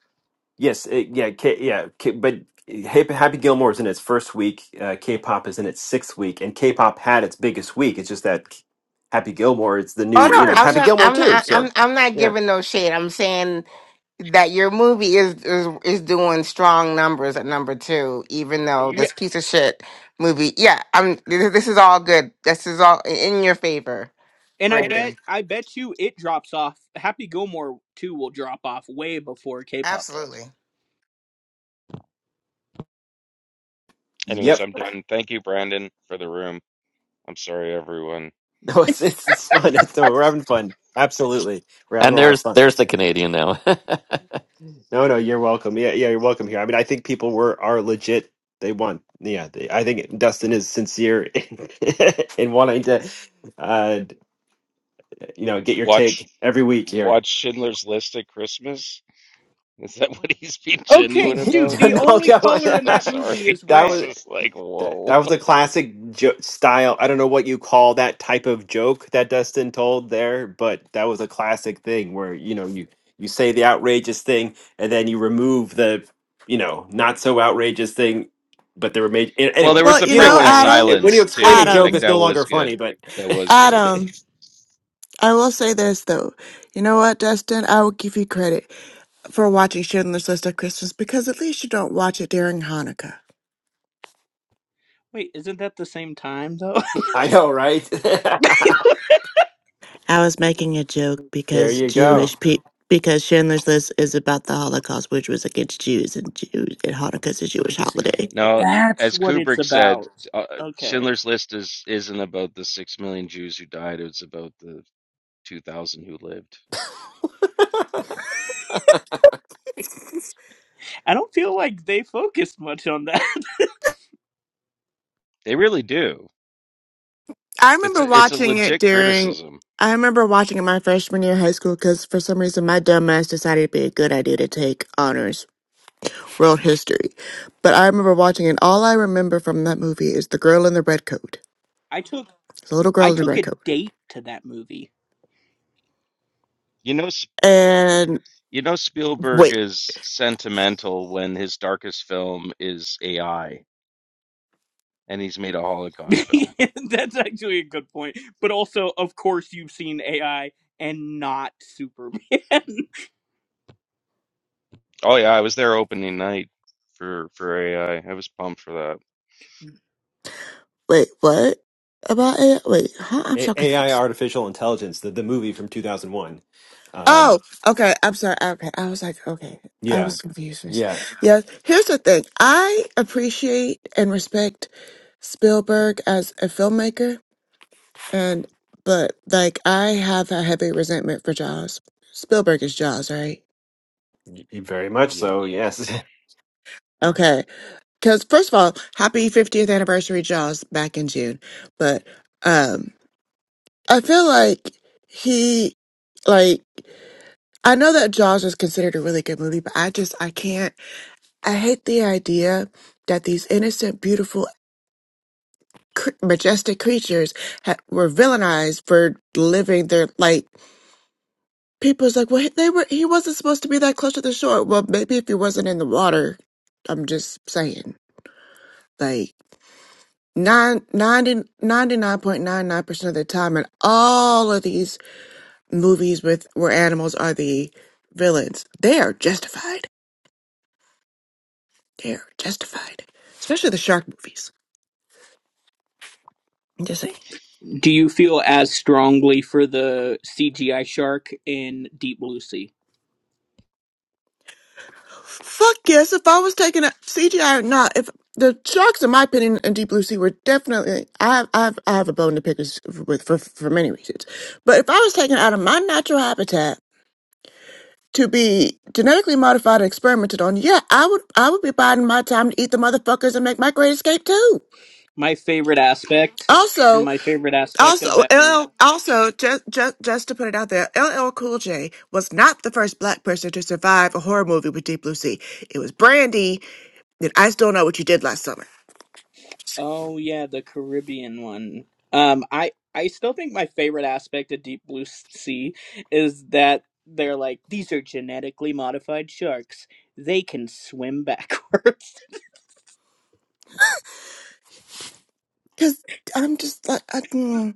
[SPEAKER 1] yes, uh, yeah, K, yeah, K, but Happy, Happy Gilmore is in its first week, uh, K-pop is in its sixth week, and K-pop had its biggest week. It's just that K- Happy Gilmore is the
[SPEAKER 10] Oh
[SPEAKER 1] new, you know,
[SPEAKER 10] no,
[SPEAKER 1] it's
[SPEAKER 10] I'm
[SPEAKER 1] Happy
[SPEAKER 10] not.
[SPEAKER 1] Gilmore
[SPEAKER 10] I'm
[SPEAKER 1] too.
[SPEAKER 10] not.
[SPEAKER 1] So,
[SPEAKER 10] I'm. I'm not
[SPEAKER 1] yeah,
[SPEAKER 10] giving no shade. I'm saying that your movie is is is doing strong numbers at number two, even though
[SPEAKER 19] Yeah.
[SPEAKER 10] this piece of shit movie. Yeah, I'm. This this is all good. This is all in your favor, And I
[SPEAKER 19] And I bet
[SPEAKER 10] Brandon.
[SPEAKER 19] I bet you it drops off. Happy Gilmore 2 will drop off way before K-pop does.
[SPEAKER 10] Absolutely.
[SPEAKER 15] Anyways,
[SPEAKER 1] yep,
[SPEAKER 15] I'm done. Thank you, Brandon, for the room. I'm sorry, everyone.
[SPEAKER 1] no, it's it's, it's fun. It's, no, we're having fun. Absolutely, we're having
[SPEAKER 12] And
[SPEAKER 1] a lot of
[SPEAKER 12] there's
[SPEAKER 1] fun.
[SPEAKER 12] there's the Canadian now.
[SPEAKER 1] No, no, you're welcome. Yeah, yeah, you're welcome here. I mean, I think people were are legit. They won. Yeah, they, I think Dustin is sincere in, wanting to, uh, you know, get your take
[SPEAKER 15] Watch
[SPEAKER 1] every week here.
[SPEAKER 15] watch Schindler's List at Christmas. Is that what he's being
[SPEAKER 1] no,
[SPEAKER 19] Okay,
[SPEAKER 15] genuine
[SPEAKER 19] dude,
[SPEAKER 15] about?
[SPEAKER 19] the
[SPEAKER 15] Like,
[SPEAKER 19] only
[SPEAKER 15] it's just,
[SPEAKER 19] color in
[SPEAKER 15] I'm
[SPEAKER 19] that
[SPEAKER 1] that
[SPEAKER 15] sorry.
[SPEAKER 19] movie is
[SPEAKER 15] It's
[SPEAKER 1] was
[SPEAKER 19] red.
[SPEAKER 15] just like,
[SPEAKER 1] That
[SPEAKER 15] whoa.
[SPEAKER 1] that was a classic jo- style. I don't know what you call that type of joke that Dustin told there, but that was a classic thing where you know you you say the outrageous thing and then you remove the you know not so outrageous thing, but the remain
[SPEAKER 15] Well, there
[SPEAKER 1] anyway.
[SPEAKER 15] was
[SPEAKER 20] Well,
[SPEAKER 15] the
[SPEAKER 20] you
[SPEAKER 1] You know
[SPEAKER 20] know,
[SPEAKER 1] what
[SPEAKER 15] pregnant
[SPEAKER 1] I mean?
[SPEAKER 20] Adam,
[SPEAKER 1] It, when you
[SPEAKER 15] silence
[SPEAKER 1] explain a
[SPEAKER 15] too.
[SPEAKER 1] joke,
[SPEAKER 15] Like
[SPEAKER 20] Adam,
[SPEAKER 1] it's no
[SPEAKER 15] that was
[SPEAKER 1] longer funny,
[SPEAKER 15] good.
[SPEAKER 1] but
[SPEAKER 15] That was good.
[SPEAKER 20] Adam, I will say this though. You know what, Dustin? I will give you credit for watching Schindler's List at Christmas because at least you don't watch it during Hanukkah.
[SPEAKER 19] Wait, isn't that the same time though?
[SPEAKER 1] I know, right?
[SPEAKER 20] I was making a joke
[SPEAKER 1] there
[SPEAKER 20] because
[SPEAKER 1] you go.
[SPEAKER 20] Jewish people, because Chandler's List is about the Holocaust, which was against Jews, and Jews, and Hanukkah's a Jewish holiday.
[SPEAKER 15] Now,
[SPEAKER 19] That's
[SPEAKER 15] as
[SPEAKER 19] what it's
[SPEAKER 15] Kubrick said,
[SPEAKER 19] about.
[SPEAKER 15] uh,
[SPEAKER 19] Okay.
[SPEAKER 15] Schindler's List is isn't about the six million Jews who died. It's about the 2000 who lived.
[SPEAKER 19] I don't feel like they focused much on that.
[SPEAKER 15] They really do.
[SPEAKER 20] I
[SPEAKER 15] It's
[SPEAKER 20] remember
[SPEAKER 15] a, it's a
[SPEAKER 20] watching it
[SPEAKER 15] legit
[SPEAKER 20] during.
[SPEAKER 15] criticism.
[SPEAKER 20] I remember watching it my freshman year of high school because for some reason my dumb ass decided it'd be a good idea to take honors world history. But I remember watching it. All I remember from that movie is the girl in the red coat,
[SPEAKER 19] I took
[SPEAKER 20] the little
[SPEAKER 19] I
[SPEAKER 20] girl in the
[SPEAKER 19] took
[SPEAKER 20] red
[SPEAKER 19] a
[SPEAKER 20] coat.
[SPEAKER 19] date to that movie.
[SPEAKER 15] You know
[SPEAKER 20] And
[SPEAKER 15] you know Spielberg
[SPEAKER 20] wait,
[SPEAKER 15] is sentimental when his darkest film is AI and he's made a Holocaust film.
[SPEAKER 19] That's actually a good point. But also, of course, you've seen AI and not Superman.
[SPEAKER 15] Oh yeah, I was there opening night for for AI. I I was pumped for that.
[SPEAKER 20] wait, what about it? Wait, huh? I'm
[SPEAKER 1] A-
[SPEAKER 20] so
[SPEAKER 1] AI,
[SPEAKER 20] confused.
[SPEAKER 1] artificial intelligence, the the movie from two thousand one. Um,
[SPEAKER 20] Oh, okay. I'm sorry. Okay. I was like, okay. I
[SPEAKER 1] yeah,
[SPEAKER 20] was confused. for a sec.
[SPEAKER 1] yeah,
[SPEAKER 20] Yeah. Here's the thing. I appreciate and respect Spielberg as a filmmaker and but like I have a heavy resentment for Jaws. Spielberg is Jaws, right?
[SPEAKER 1] y- very much
[SPEAKER 15] Yeah.
[SPEAKER 1] so. Yes.
[SPEAKER 20] Okay. Cuz first of all, happy 50th anniversary Jaws back in June. But um I feel like he like I know that Jaws was considered a really good movie, but I just I can't. I hate the idea that these innocent, beautiful, cr- majestic creatures ha- were villainized for living their like. People's like, well, they were. He wasn't supposed to be that close to the shore. Well, maybe if he wasn't in the water. I'm just saying, like. nine ninety ninety nine point nine nine percent of the time in all of these movies with where animals are the villains they are justified they are justified especially the shark movies I'm just saying
[SPEAKER 19] Do you feel as strongly for the CGI shark in Deep Blue Sea?
[SPEAKER 20] Fuck yes, if I was taking a CGI or not, if the sharks, in my opinion, and Deep Blue Sea were definitely, I have, I have, I have a bone to pick with with- for, for many reasons. But if I was taken out of my natural habitat to be genetically modified and experimented on, yeah, I would, I would be biding my time to eat the motherfuckers and make my great escape too.
[SPEAKER 19] My favorite aspect,
[SPEAKER 20] Also,
[SPEAKER 19] my favorite aspect of
[SPEAKER 20] Also,
[SPEAKER 19] that movie.
[SPEAKER 20] L, also just, just just to put it out there, LL Cool J was not the first black person to survive a horror movie with Deep Blue Sea. It was Brandy. And I still know what you did last summer.
[SPEAKER 19] Oh yeah, the Caribbean one. Um, I I still think my favorite aspect of Deep Blue Sea is that they're like these are genetically modified sharks. They can swim backwards.
[SPEAKER 20] Cause I'm just like, I, mm.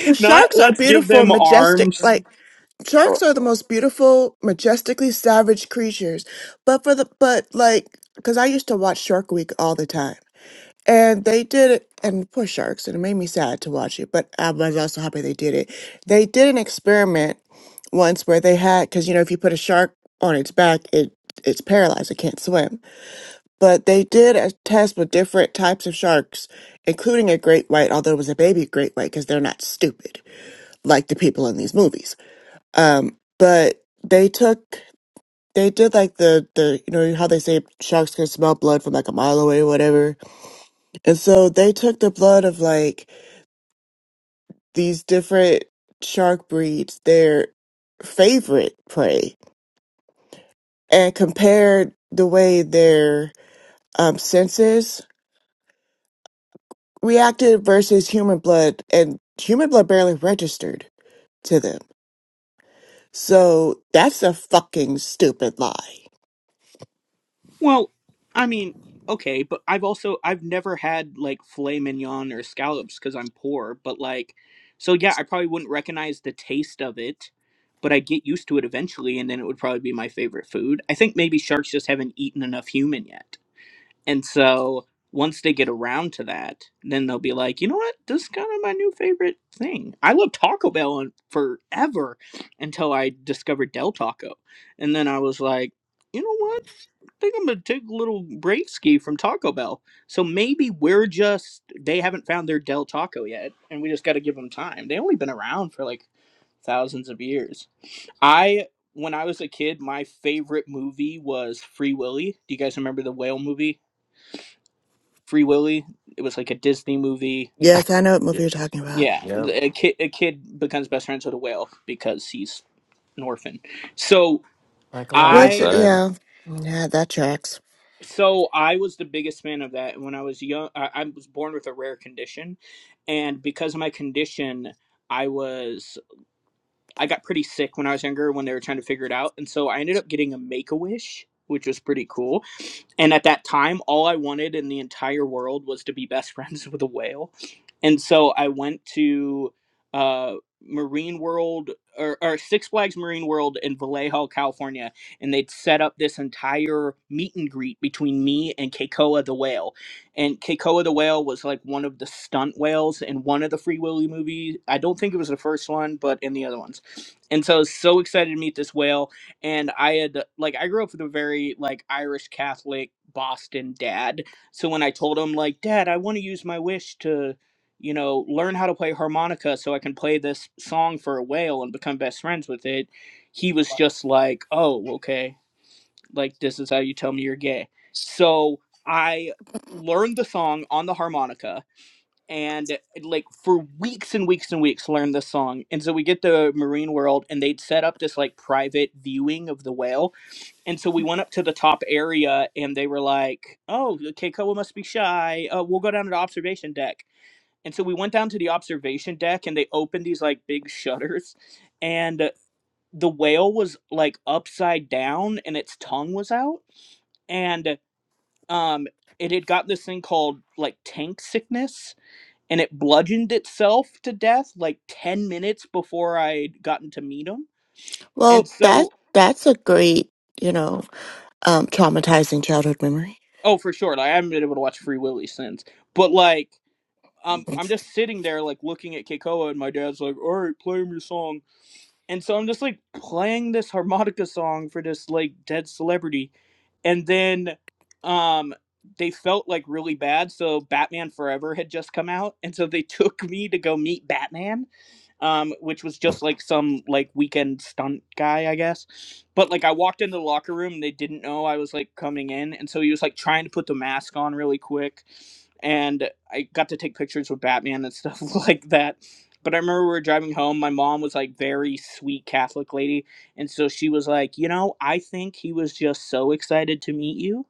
[SPEAKER 20] 'Cause
[SPEAKER 19] Not
[SPEAKER 20] sharks are
[SPEAKER 19] let's give
[SPEAKER 20] beautiful,
[SPEAKER 19] them
[SPEAKER 20] majestic.
[SPEAKER 19] arms.
[SPEAKER 20] Like sharks are the most beautiful, majestically savage creatures. But for the but like, cause I used to watch Shark Week all the time. And they did it, and poor sharks, and it made me sad to watch it, but I was also happy they did it. They did an experiment once where they had, because you know, if you put a shark on its back, it it's paralyzed, it can't swim. But they did a test with different types of sharks, including a great white, although it was a baby great white, because they're not stupid like the people in these movies. Um, but they took, they did like the the you know how they say sharks can smell blood from like a mile away or whatever. And so they took the blood of like these different shark breeds their favorite prey and compared the way their um, senses reacted versus human blood, and human blood barely registered to them. So that's a fucking stupid lie.
[SPEAKER 19] Well, I mean, okay, but I've also I've never had like filet mignon or scallops because I'm poor. But like, so yeah, I probably wouldn't recognize the taste of it, but I get used to it eventually, and then it would probably be my favorite food. I think maybe sharks just haven't eaten enough human yet, and so once they get around to that, then they'll be like, you know what, this is kind of my new favorite thing. I loved Taco Bell on- forever until I discovered Del Taco, and then I was like. You know what? think I'm gonna take a little break ski from Taco Bell. So maybe we're just they haven't found their Del Taco yet, and we just got to give them time. They only been around for like thousands of years. I when I was a kid, my favorite movie was Free Willy. Do you guys remember the whale movie, Free Willy? It was like a Disney movie.
[SPEAKER 20] Yes, I know what
[SPEAKER 1] Yeah.
[SPEAKER 20] movie you're talking about.
[SPEAKER 19] Yeah,
[SPEAKER 1] Yeah.
[SPEAKER 19] the- a kid a kid becomes best friends with a whale because he's an orphan. So
[SPEAKER 12] Michael
[SPEAKER 20] Which,
[SPEAKER 19] I
[SPEAKER 12] Ironside.
[SPEAKER 20] yeah, yeah, that tracks.
[SPEAKER 19] So I was the biggest fan of that when I was young. I, I was born with a rare condition, and because of my condition, I was I got pretty sick when I was younger when they were trying to figure it out, and so I ended up getting a Make a Wish, which was pretty cool and at that time, all I wanted in the entire world was to be best friends with a whale. And so I went to uh, Marine World or, or Six Flags Marine World in Vallejo, California. And they'd set up this entire meet and greet between me and Keikoa the whale. And Keikoa the whale was like one of the stunt whales in one of the Free Willy movies. I don't think it was the first one, but in the other ones. And so I was so excited to meet this whale and I had like I grew up with a very like Irish Catholic Boston dad. So when I told him like, "Dad, I want to use my wish to, you know, learn how to play harmonica so I can play this song for a whale and become best friends with it," he was just like, "Oh, okay. Like this is how you tell me you're gay." So I learned the song on the harmonica and like for weeks and weeks and weeks learned this song and so we get to marine world and they'd set up this like private viewing of the whale and so we went up to the top area and they were like, oh, Keikoa must be shy. Uh, we'll go down to the observation deck. And so we went down to the observation deck and they opened these like big shutters and uh, the whale was like upside down and its tongue was out. And um, it had got this thing called like tank sickness and it bludgeoned itself to death like 10 minutes before I'd gotten to meet him. And
[SPEAKER 20] Well, that
[SPEAKER 19] so,
[SPEAKER 20] that's a great, you know, um, traumatizing childhood memory.
[SPEAKER 19] oh, for sure. Like, I haven't been able to watch Free Willy since. But like, um, I'm just sitting there like looking at Keikoa, and my dad's like, "All right, play him your song." And so I'm just like playing this harmonica song for this like dead celebrity, and then um they felt like really bad so batman forever had just come out and so they took me to go meet batman um which was just like some like weekend stunt guy i guess but like i walked into the locker room and they didn't know i was like coming in and so he was like trying to put the mask on really quick and i got to take pictures with batman and stuff like that but i remember we were driving home my mom was like very sweet catholic lady and so she was like, you know, I think he was just so excited to meet you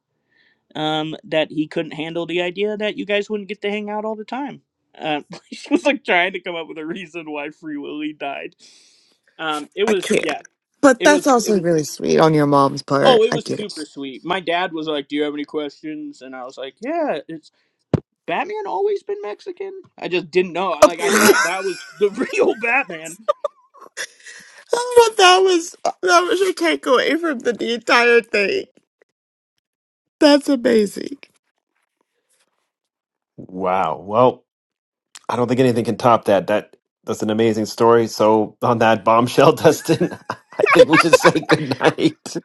[SPEAKER 19] um, that he couldn't handle the idea that you guys wouldn't get to hang out all the time. Uh, she was like trying to come up with a reason why Free Willy died. Um, it
[SPEAKER 20] I
[SPEAKER 19] was,
[SPEAKER 20] can't.
[SPEAKER 19] yeah,
[SPEAKER 20] But
[SPEAKER 19] it
[SPEAKER 20] that's
[SPEAKER 19] was, it
[SPEAKER 20] also
[SPEAKER 19] was,
[SPEAKER 20] really sweet on your mom's part.
[SPEAKER 19] oh, it
[SPEAKER 20] I
[SPEAKER 19] was
[SPEAKER 20] get it.
[SPEAKER 19] super sweet. My dad was like, do you have any questions? And I was like, yeah, it's Batman always been Mexican? I just didn't know.
[SPEAKER 20] but
[SPEAKER 19] Like, I thought that was the real Batman.
[SPEAKER 20] that was that was your takeaway from the, the entire thing. That's amazing.
[SPEAKER 1] Wow. Well, I don't think anything can top that. That that's an amazing story. So on that bombshell, Dustin, I think we should say goodnight.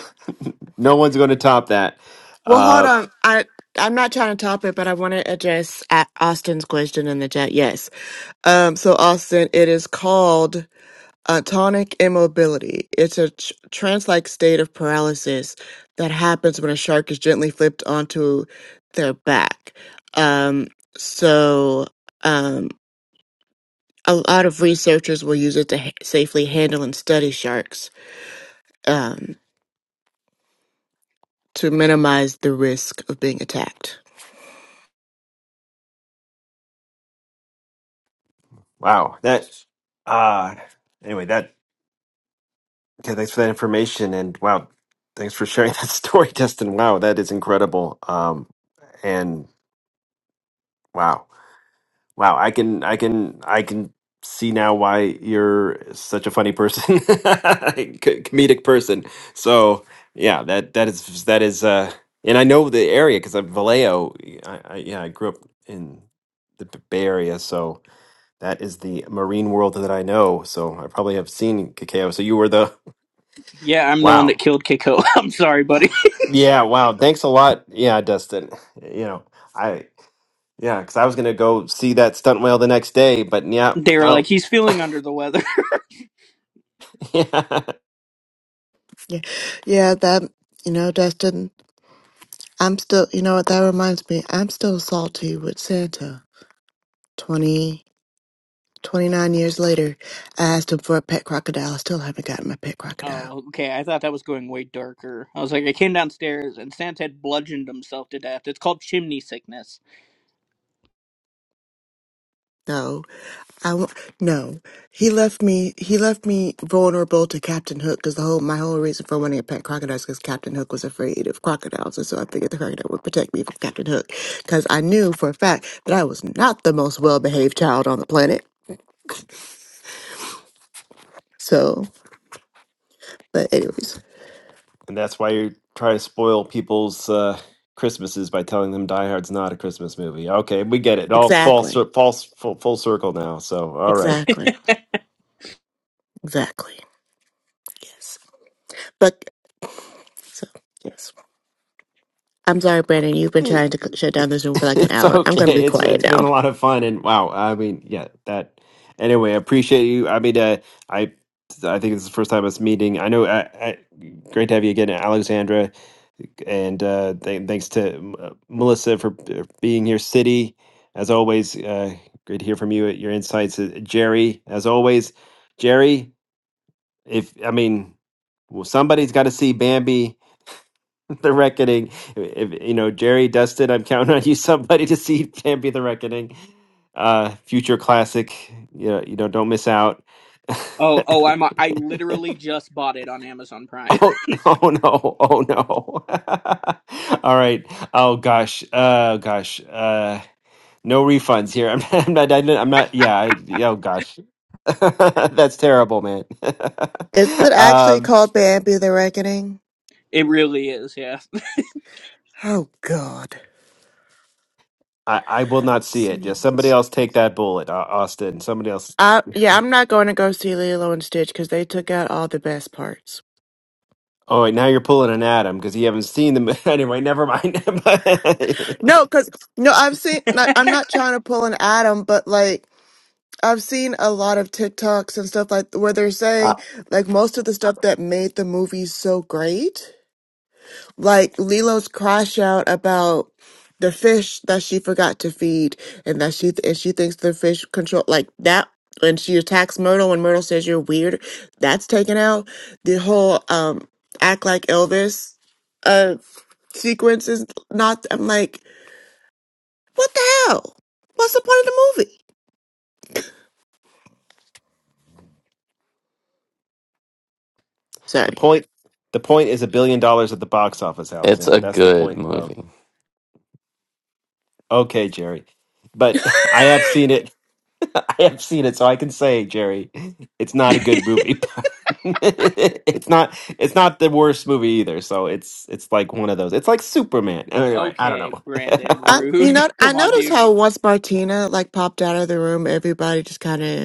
[SPEAKER 1] no one's going to top that.
[SPEAKER 20] Well, hold
[SPEAKER 1] Uh,
[SPEAKER 20] on. I I'm not trying to top it, but I want to address A- Austin's question in the chat. Yes. Um. So Austin, it is called. Atonic immobility. It's a tr- trance-like state of paralysis that happens when a shark is gently flipped onto their back. Um, so, um, a lot of researchers will use it to ha- safely handle and study sharks, um, to minimize the risk of being attacked.
[SPEAKER 1] wow. That. Uh, anyway, that. Okay, thanks for that information, and wow, thanks for sharing that story, Dustin. Wow, that is incredible. Um, and wow. Wow, I can, I can, I can see now why you're such a funny person, Co- comedic person. So yeah, that that is that is, uh, and I know the area because I'm Vallejo. I, I yeah, I grew up in the B- Bay Area, so that is the marine world that I know. So I probably have seen Cacao. So you were the
[SPEAKER 19] Yeah, I'm the one
[SPEAKER 1] wow,
[SPEAKER 19] that killed Keiko. I'm sorry, buddy.
[SPEAKER 1] yeah, wow. Thanks a lot, yeah, Dustin. You know, I yeah, because I was gonna go see that stunt whale the next day, but yeah,
[SPEAKER 19] They were like,
[SPEAKER 1] well.
[SPEAKER 19] he's feeling under the weather.
[SPEAKER 20] Yeah, yeah, that, you know, Dustin, I'm still, you know what, that reminds me, I'm still salty with Santa 20. 29 years later, I asked him for a pet crocodile. I still haven't gotten my pet crocodile.
[SPEAKER 19] oh, okay. I thought that was going way darker. I was like, I came downstairs and Santa had bludgeoned himself to death. It's called chimney sickness.
[SPEAKER 20] No, I won't. No, he left me. He left me vulnerable to Captain Hook because the whole my whole reason for wanting a pet crocodile is because Captain Hook was afraid of crocodiles, and so I figured the crocodile would protect me from Captain Hook because I knew for a fact that I was not the most well behaved child on the planet. So, but anyways,
[SPEAKER 1] And that's why you try to spoil people's uh, Christmases by telling them Die Hard's not a Christmas movie. Okay, we get it. All false,
[SPEAKER 20] exactly,
[SPEAKER 1] false, full, full circle now. So, all right.
[SPEAKER 20] exactly, exactly. Yes, but so yes. I'm sorry, Brandon. You've been trying to c- shut down this room for like an
[SPEAKER 1] It's
[SPEAKER 20] hour. I'm going to be
[SPEAKER 1] okay. It's
[SPEAKER 20] quiet
[SPEAKER 1] it's been
[SPEAKER 20] now.
[SPEAKER 1] a lot of fun and wow. I mean, yeah, that anyway, I appreciate you. I mean, uh, I I think it's the first time us meeting. I know I, I great to have you again, Alexandra, and uh th thanks to M- uh, Melissa for b- being here, City. As always, uh great to hear from you. Your insights, Uh, Jerry, as always. Jerry, if I mean, well, somebody's got to see Bambi the reckoning. If, if, you know, Jerry Dustin, I'm counting on you, somebody to see Champion the Reckoning. Uh, future classic. You know, you know, don't miss out.
[SPEAKER 19] Oh, oh, I'm a- I literally just bought it on Amazon Prime.
[SPEAKER 1] oh, oh no, oh no. All right. Oh gosh. Uh, gosh. Uh, no refunds here. I'm, not, I'm not. I'm not. I'm not. Yeah. I, yeah, oh gosh. That's terrible, man.
[SPEAKER 20] Is it actually
[SPEAKER 1] um,
[SPEAKER 20] called Bambi the Reckoning?
[SPEAKER 19] it really is, yeah.
[SPEAKER 20] Oh God.
[SPEAKER 1] I, I will not see it. Yeah,
[SPEAKER 20] Singing.
[SPEAKER 1] somebody else take that bullet, Au- Austin. Somebody else
[SPEAKER 20] Uh, yeah, I'm not going to go see Lilo and Stitch because they took out all the best parts.
[SPEAKER 1] Oh All right, now you're pulling an Adam because you haven't seen the mo- anyway. Never mind. the
[SPEAKER 20] No, because no, I've seen. Like, I'm not trying to pull an Adam, but like I've seen a lot of TikToks and stuff like where they're saying
[SPEAKER 12] Ah,
[SPEAKER 20] like most of the stuff that made the movie so great. like Lilo's crash out about the fish that she forgot to feed and that she and she thinks the fish control like that when she attacks Myrtle when Myrtle says you're weird, that's taken out. The whole um act like Elvis uh sequence is not I'm like, what the hell? What's the point of the movie? Sorry.
[SPEAKER 1] point, the point is a billion dollars at the box office,
[SPEAKER 12] It's
[SPEAKER 1] Alexander.
[SPEAKER 12] a
[SPEAKER 1] That's the
[SPEAKER 12] good
[SPEAKER 1] point of
[SPEAKER 12] movie.
[SPEAKER 1] okay, Jerry. But I have seen it. I have seen it, so I can say, Jerry, it's not a good movie. it's not. It's not the worst movie either. So it's it's like one of those. It's like Superman. Anyway, I don't
[SPEAKER 19] okay,
[SPEAKER 1] know.
[SPEAKER 19] Brandon,
[SPEAKER 20] I, you
[SPEAKER 19] rude.
[SPEAKER 20] know, I
[SPEAKER 19] Come on,
[SPEAKER 20] noticed
[SPEAKER 19] dude.
[SPEAKER 20] how once Martina like popped out of the room, everybody just kind of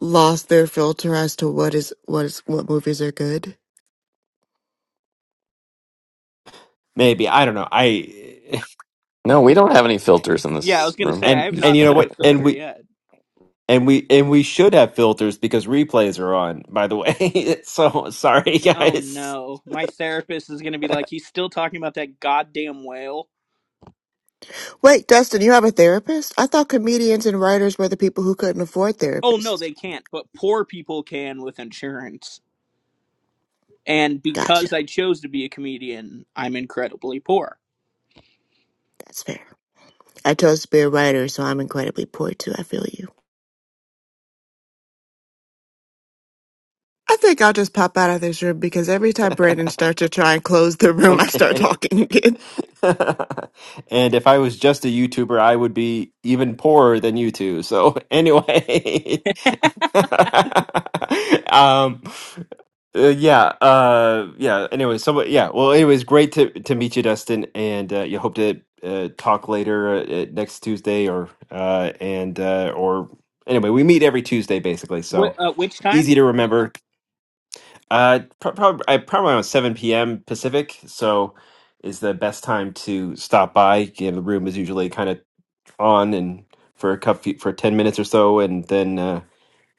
[SPEAKER 20] lost their filter as to what is what is what movies are good.
[SPEAKER 1] Maybe I don't know. I
[SPEAKER 12] No, we don't have any filters in
[SPEAKER 19] Yeah, I
[SPEAKER 12] this
[SPEAKER 19] was gonna
[SPEAKER 12] room.
[SPEAKER 19] say I
[SPEAKER 1] and
[SPEAKER 19] have
[SPEAKER 1] and
[SPEAKER 19] not
[SPEAKER 1] you know
[SPEAKER 19] seen a
[SPEAKER 1] what? And
[SPEAKER 19] filter
[SPEAKER 1] we
[SPEAKER 19] yet.
[SPEAKER 1] And we and we should have filters because replays are on, by the way. so sorry
[SPEAKER 19] Oh
[SPEAKER 1] guys.
[SPEAKER 19] no, my therapist is gonna be like, he's still talking about that goddamn whale.
[SPEAKER 20] Wait, Dustin, you have a therapist? I thought comedians and writers were the people who couldn't afford
[SPEAKER 19] Oh no,
[SPEAKER 20] therapists.
[SPEAKER 19] they can't, but poor people can with insurance. And
[SPEAKER 20] Gotcha.
[SPEAKER 19] because I chose to be a comedian, I'm incredibly poor.
[SPEAKER 20] That's fair. I chose to be a writer, so I'm incredibly poor too. I feel you. I think I'll just pop out of this room because every time Brandon starts to try and close the room, I start
[SPEAKER 1] Okay.
[SPEAKER 20] talking again.
[SPEAKER 1] and if I was just a YouTuber, I would be even poorer than you two. So anyway. um uh, yeah, uh yeah, anyway, so yeah. Well, anyways, great to to meet you Dustin and uh, you hope to uh, talk later uh, uh, next Tuesday or uh and uh or anyway, we meet every Tuesday basically. So
[SPEAKER 19] Wh- uh, which time?
[SPEAKER 1] easy to remember. Uh, probably I probably around seven p.m. Pacific, so is the best time to stop by. You know, the room is usually kind of on and for a cup for ten minutes or so, and then uh,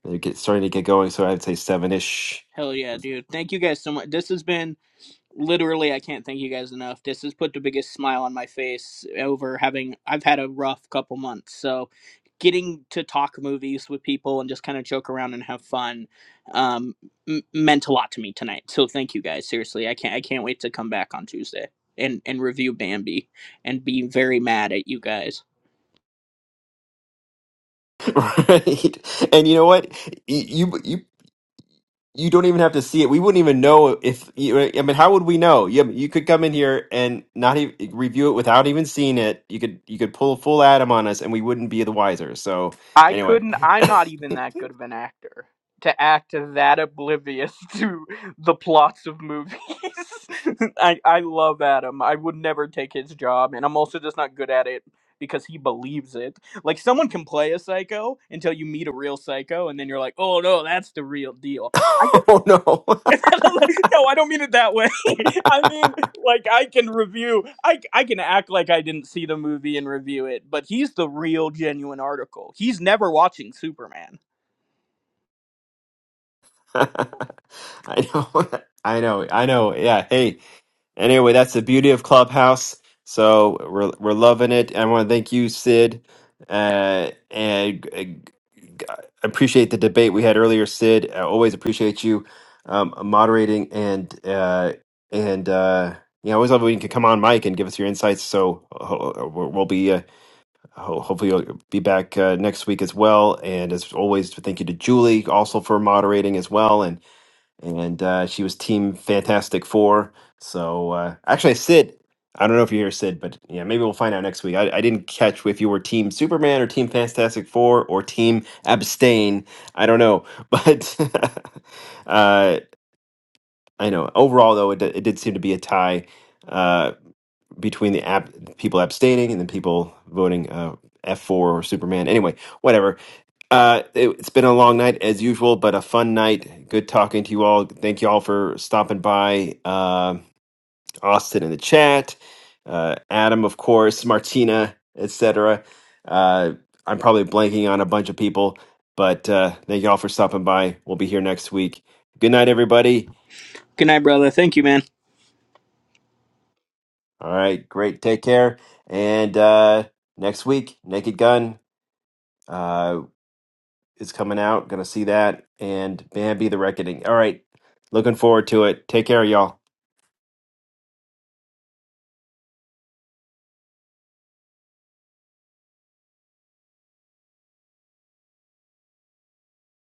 [SPEAKER 1] they get starting to get going. So I'd say seven ish.
[SPEAKER 19] Hell yeah, dude. Thank you guys so much. This has been literally i can't thank you guys enough this has put the biggest smile on my face over having i've had a rough couple months so getting to talk movies with people and just kind of joke around and have fun um, m- meant a lot to me tonight so thank you guys seriously i can't i can't wait to come back on tuesday and and review bambi and be very mad at you guys
[SPEAKER 1] Right, and you know what? You you you don't even have to see it. We wouldn't even know if you, I mean, how would we know? You, you could come in here and not even review it without even seeing it. You could you could pull a full Adam on us, and we wouldn't be the wiser. So
[SPEAKER 19] I
[SPEAKER 1] anyway,
[SPEAKER 19] couldn't. I'm not even that good of an actor to act that oblivious to the plots of movies. I I love Adam. I would never take his job, and I'm also just not good at it because he believes it. Like someone can play a psycho until you meet a real psycho, and then you're like, oh no, that's the real deal.
[SPEAKER 1] oh no,
[SPEAKER 19] like, no, I don't mean it that way. I mean, like, I can review, I, I can act like I didn't see the movie and review it, but he's the real, genuine article. He's never watching Superman.
[SPEAKER 1] I know, I know, I know. Yeah, hey, Anyway, that's the beauty of Clubhouse. So we're we're loving it. I want to thank you, Sid, uh, and uh, g- appreciate the debate we had earlier, Sid. I always appreciate you um, moderating and uh, and uh, you know, I always love when you can come on, Mike, and give us your insights. So ho- we'll we'll be uh, ho- hopefully you'll be back uh, next week as well. And as always, thank you to Julie also for moderating as well and uh, she was Team Fantastic Four. So uh, actually, Sid, I don't know if you're here, Sid, but yeah, maybe we'll find out next week. I, I didn't catch if you were Team Superman or Team Fantastic Four or Team Abstain. I don't know, but uh, I know overall though it, di- it did seem to be a tie uh, between the ab- people abstaining and the people voting uh, F four or Superman. Anyway, whatever uh, it, it's been a long night as usual, but a fun night. Good talking to you all. Thank you all for stopping by. Um Austin in the chat, uh, Adam, of course, Martina, etc. Uh, I'm probably blanking on a bunch of people, but uh, thank you all for stopping by. We'll be here next week. Good night, everybody.
[SPEAKER 19] Good night, brother. Thank you, man.
[SPEAKER 1] All right, great. Take care. And uh, next week, Naked Gun. Uh, is coming out. Gonna see that and Bambi the Reckoning. All right, looking forward to it. Take care, y'all.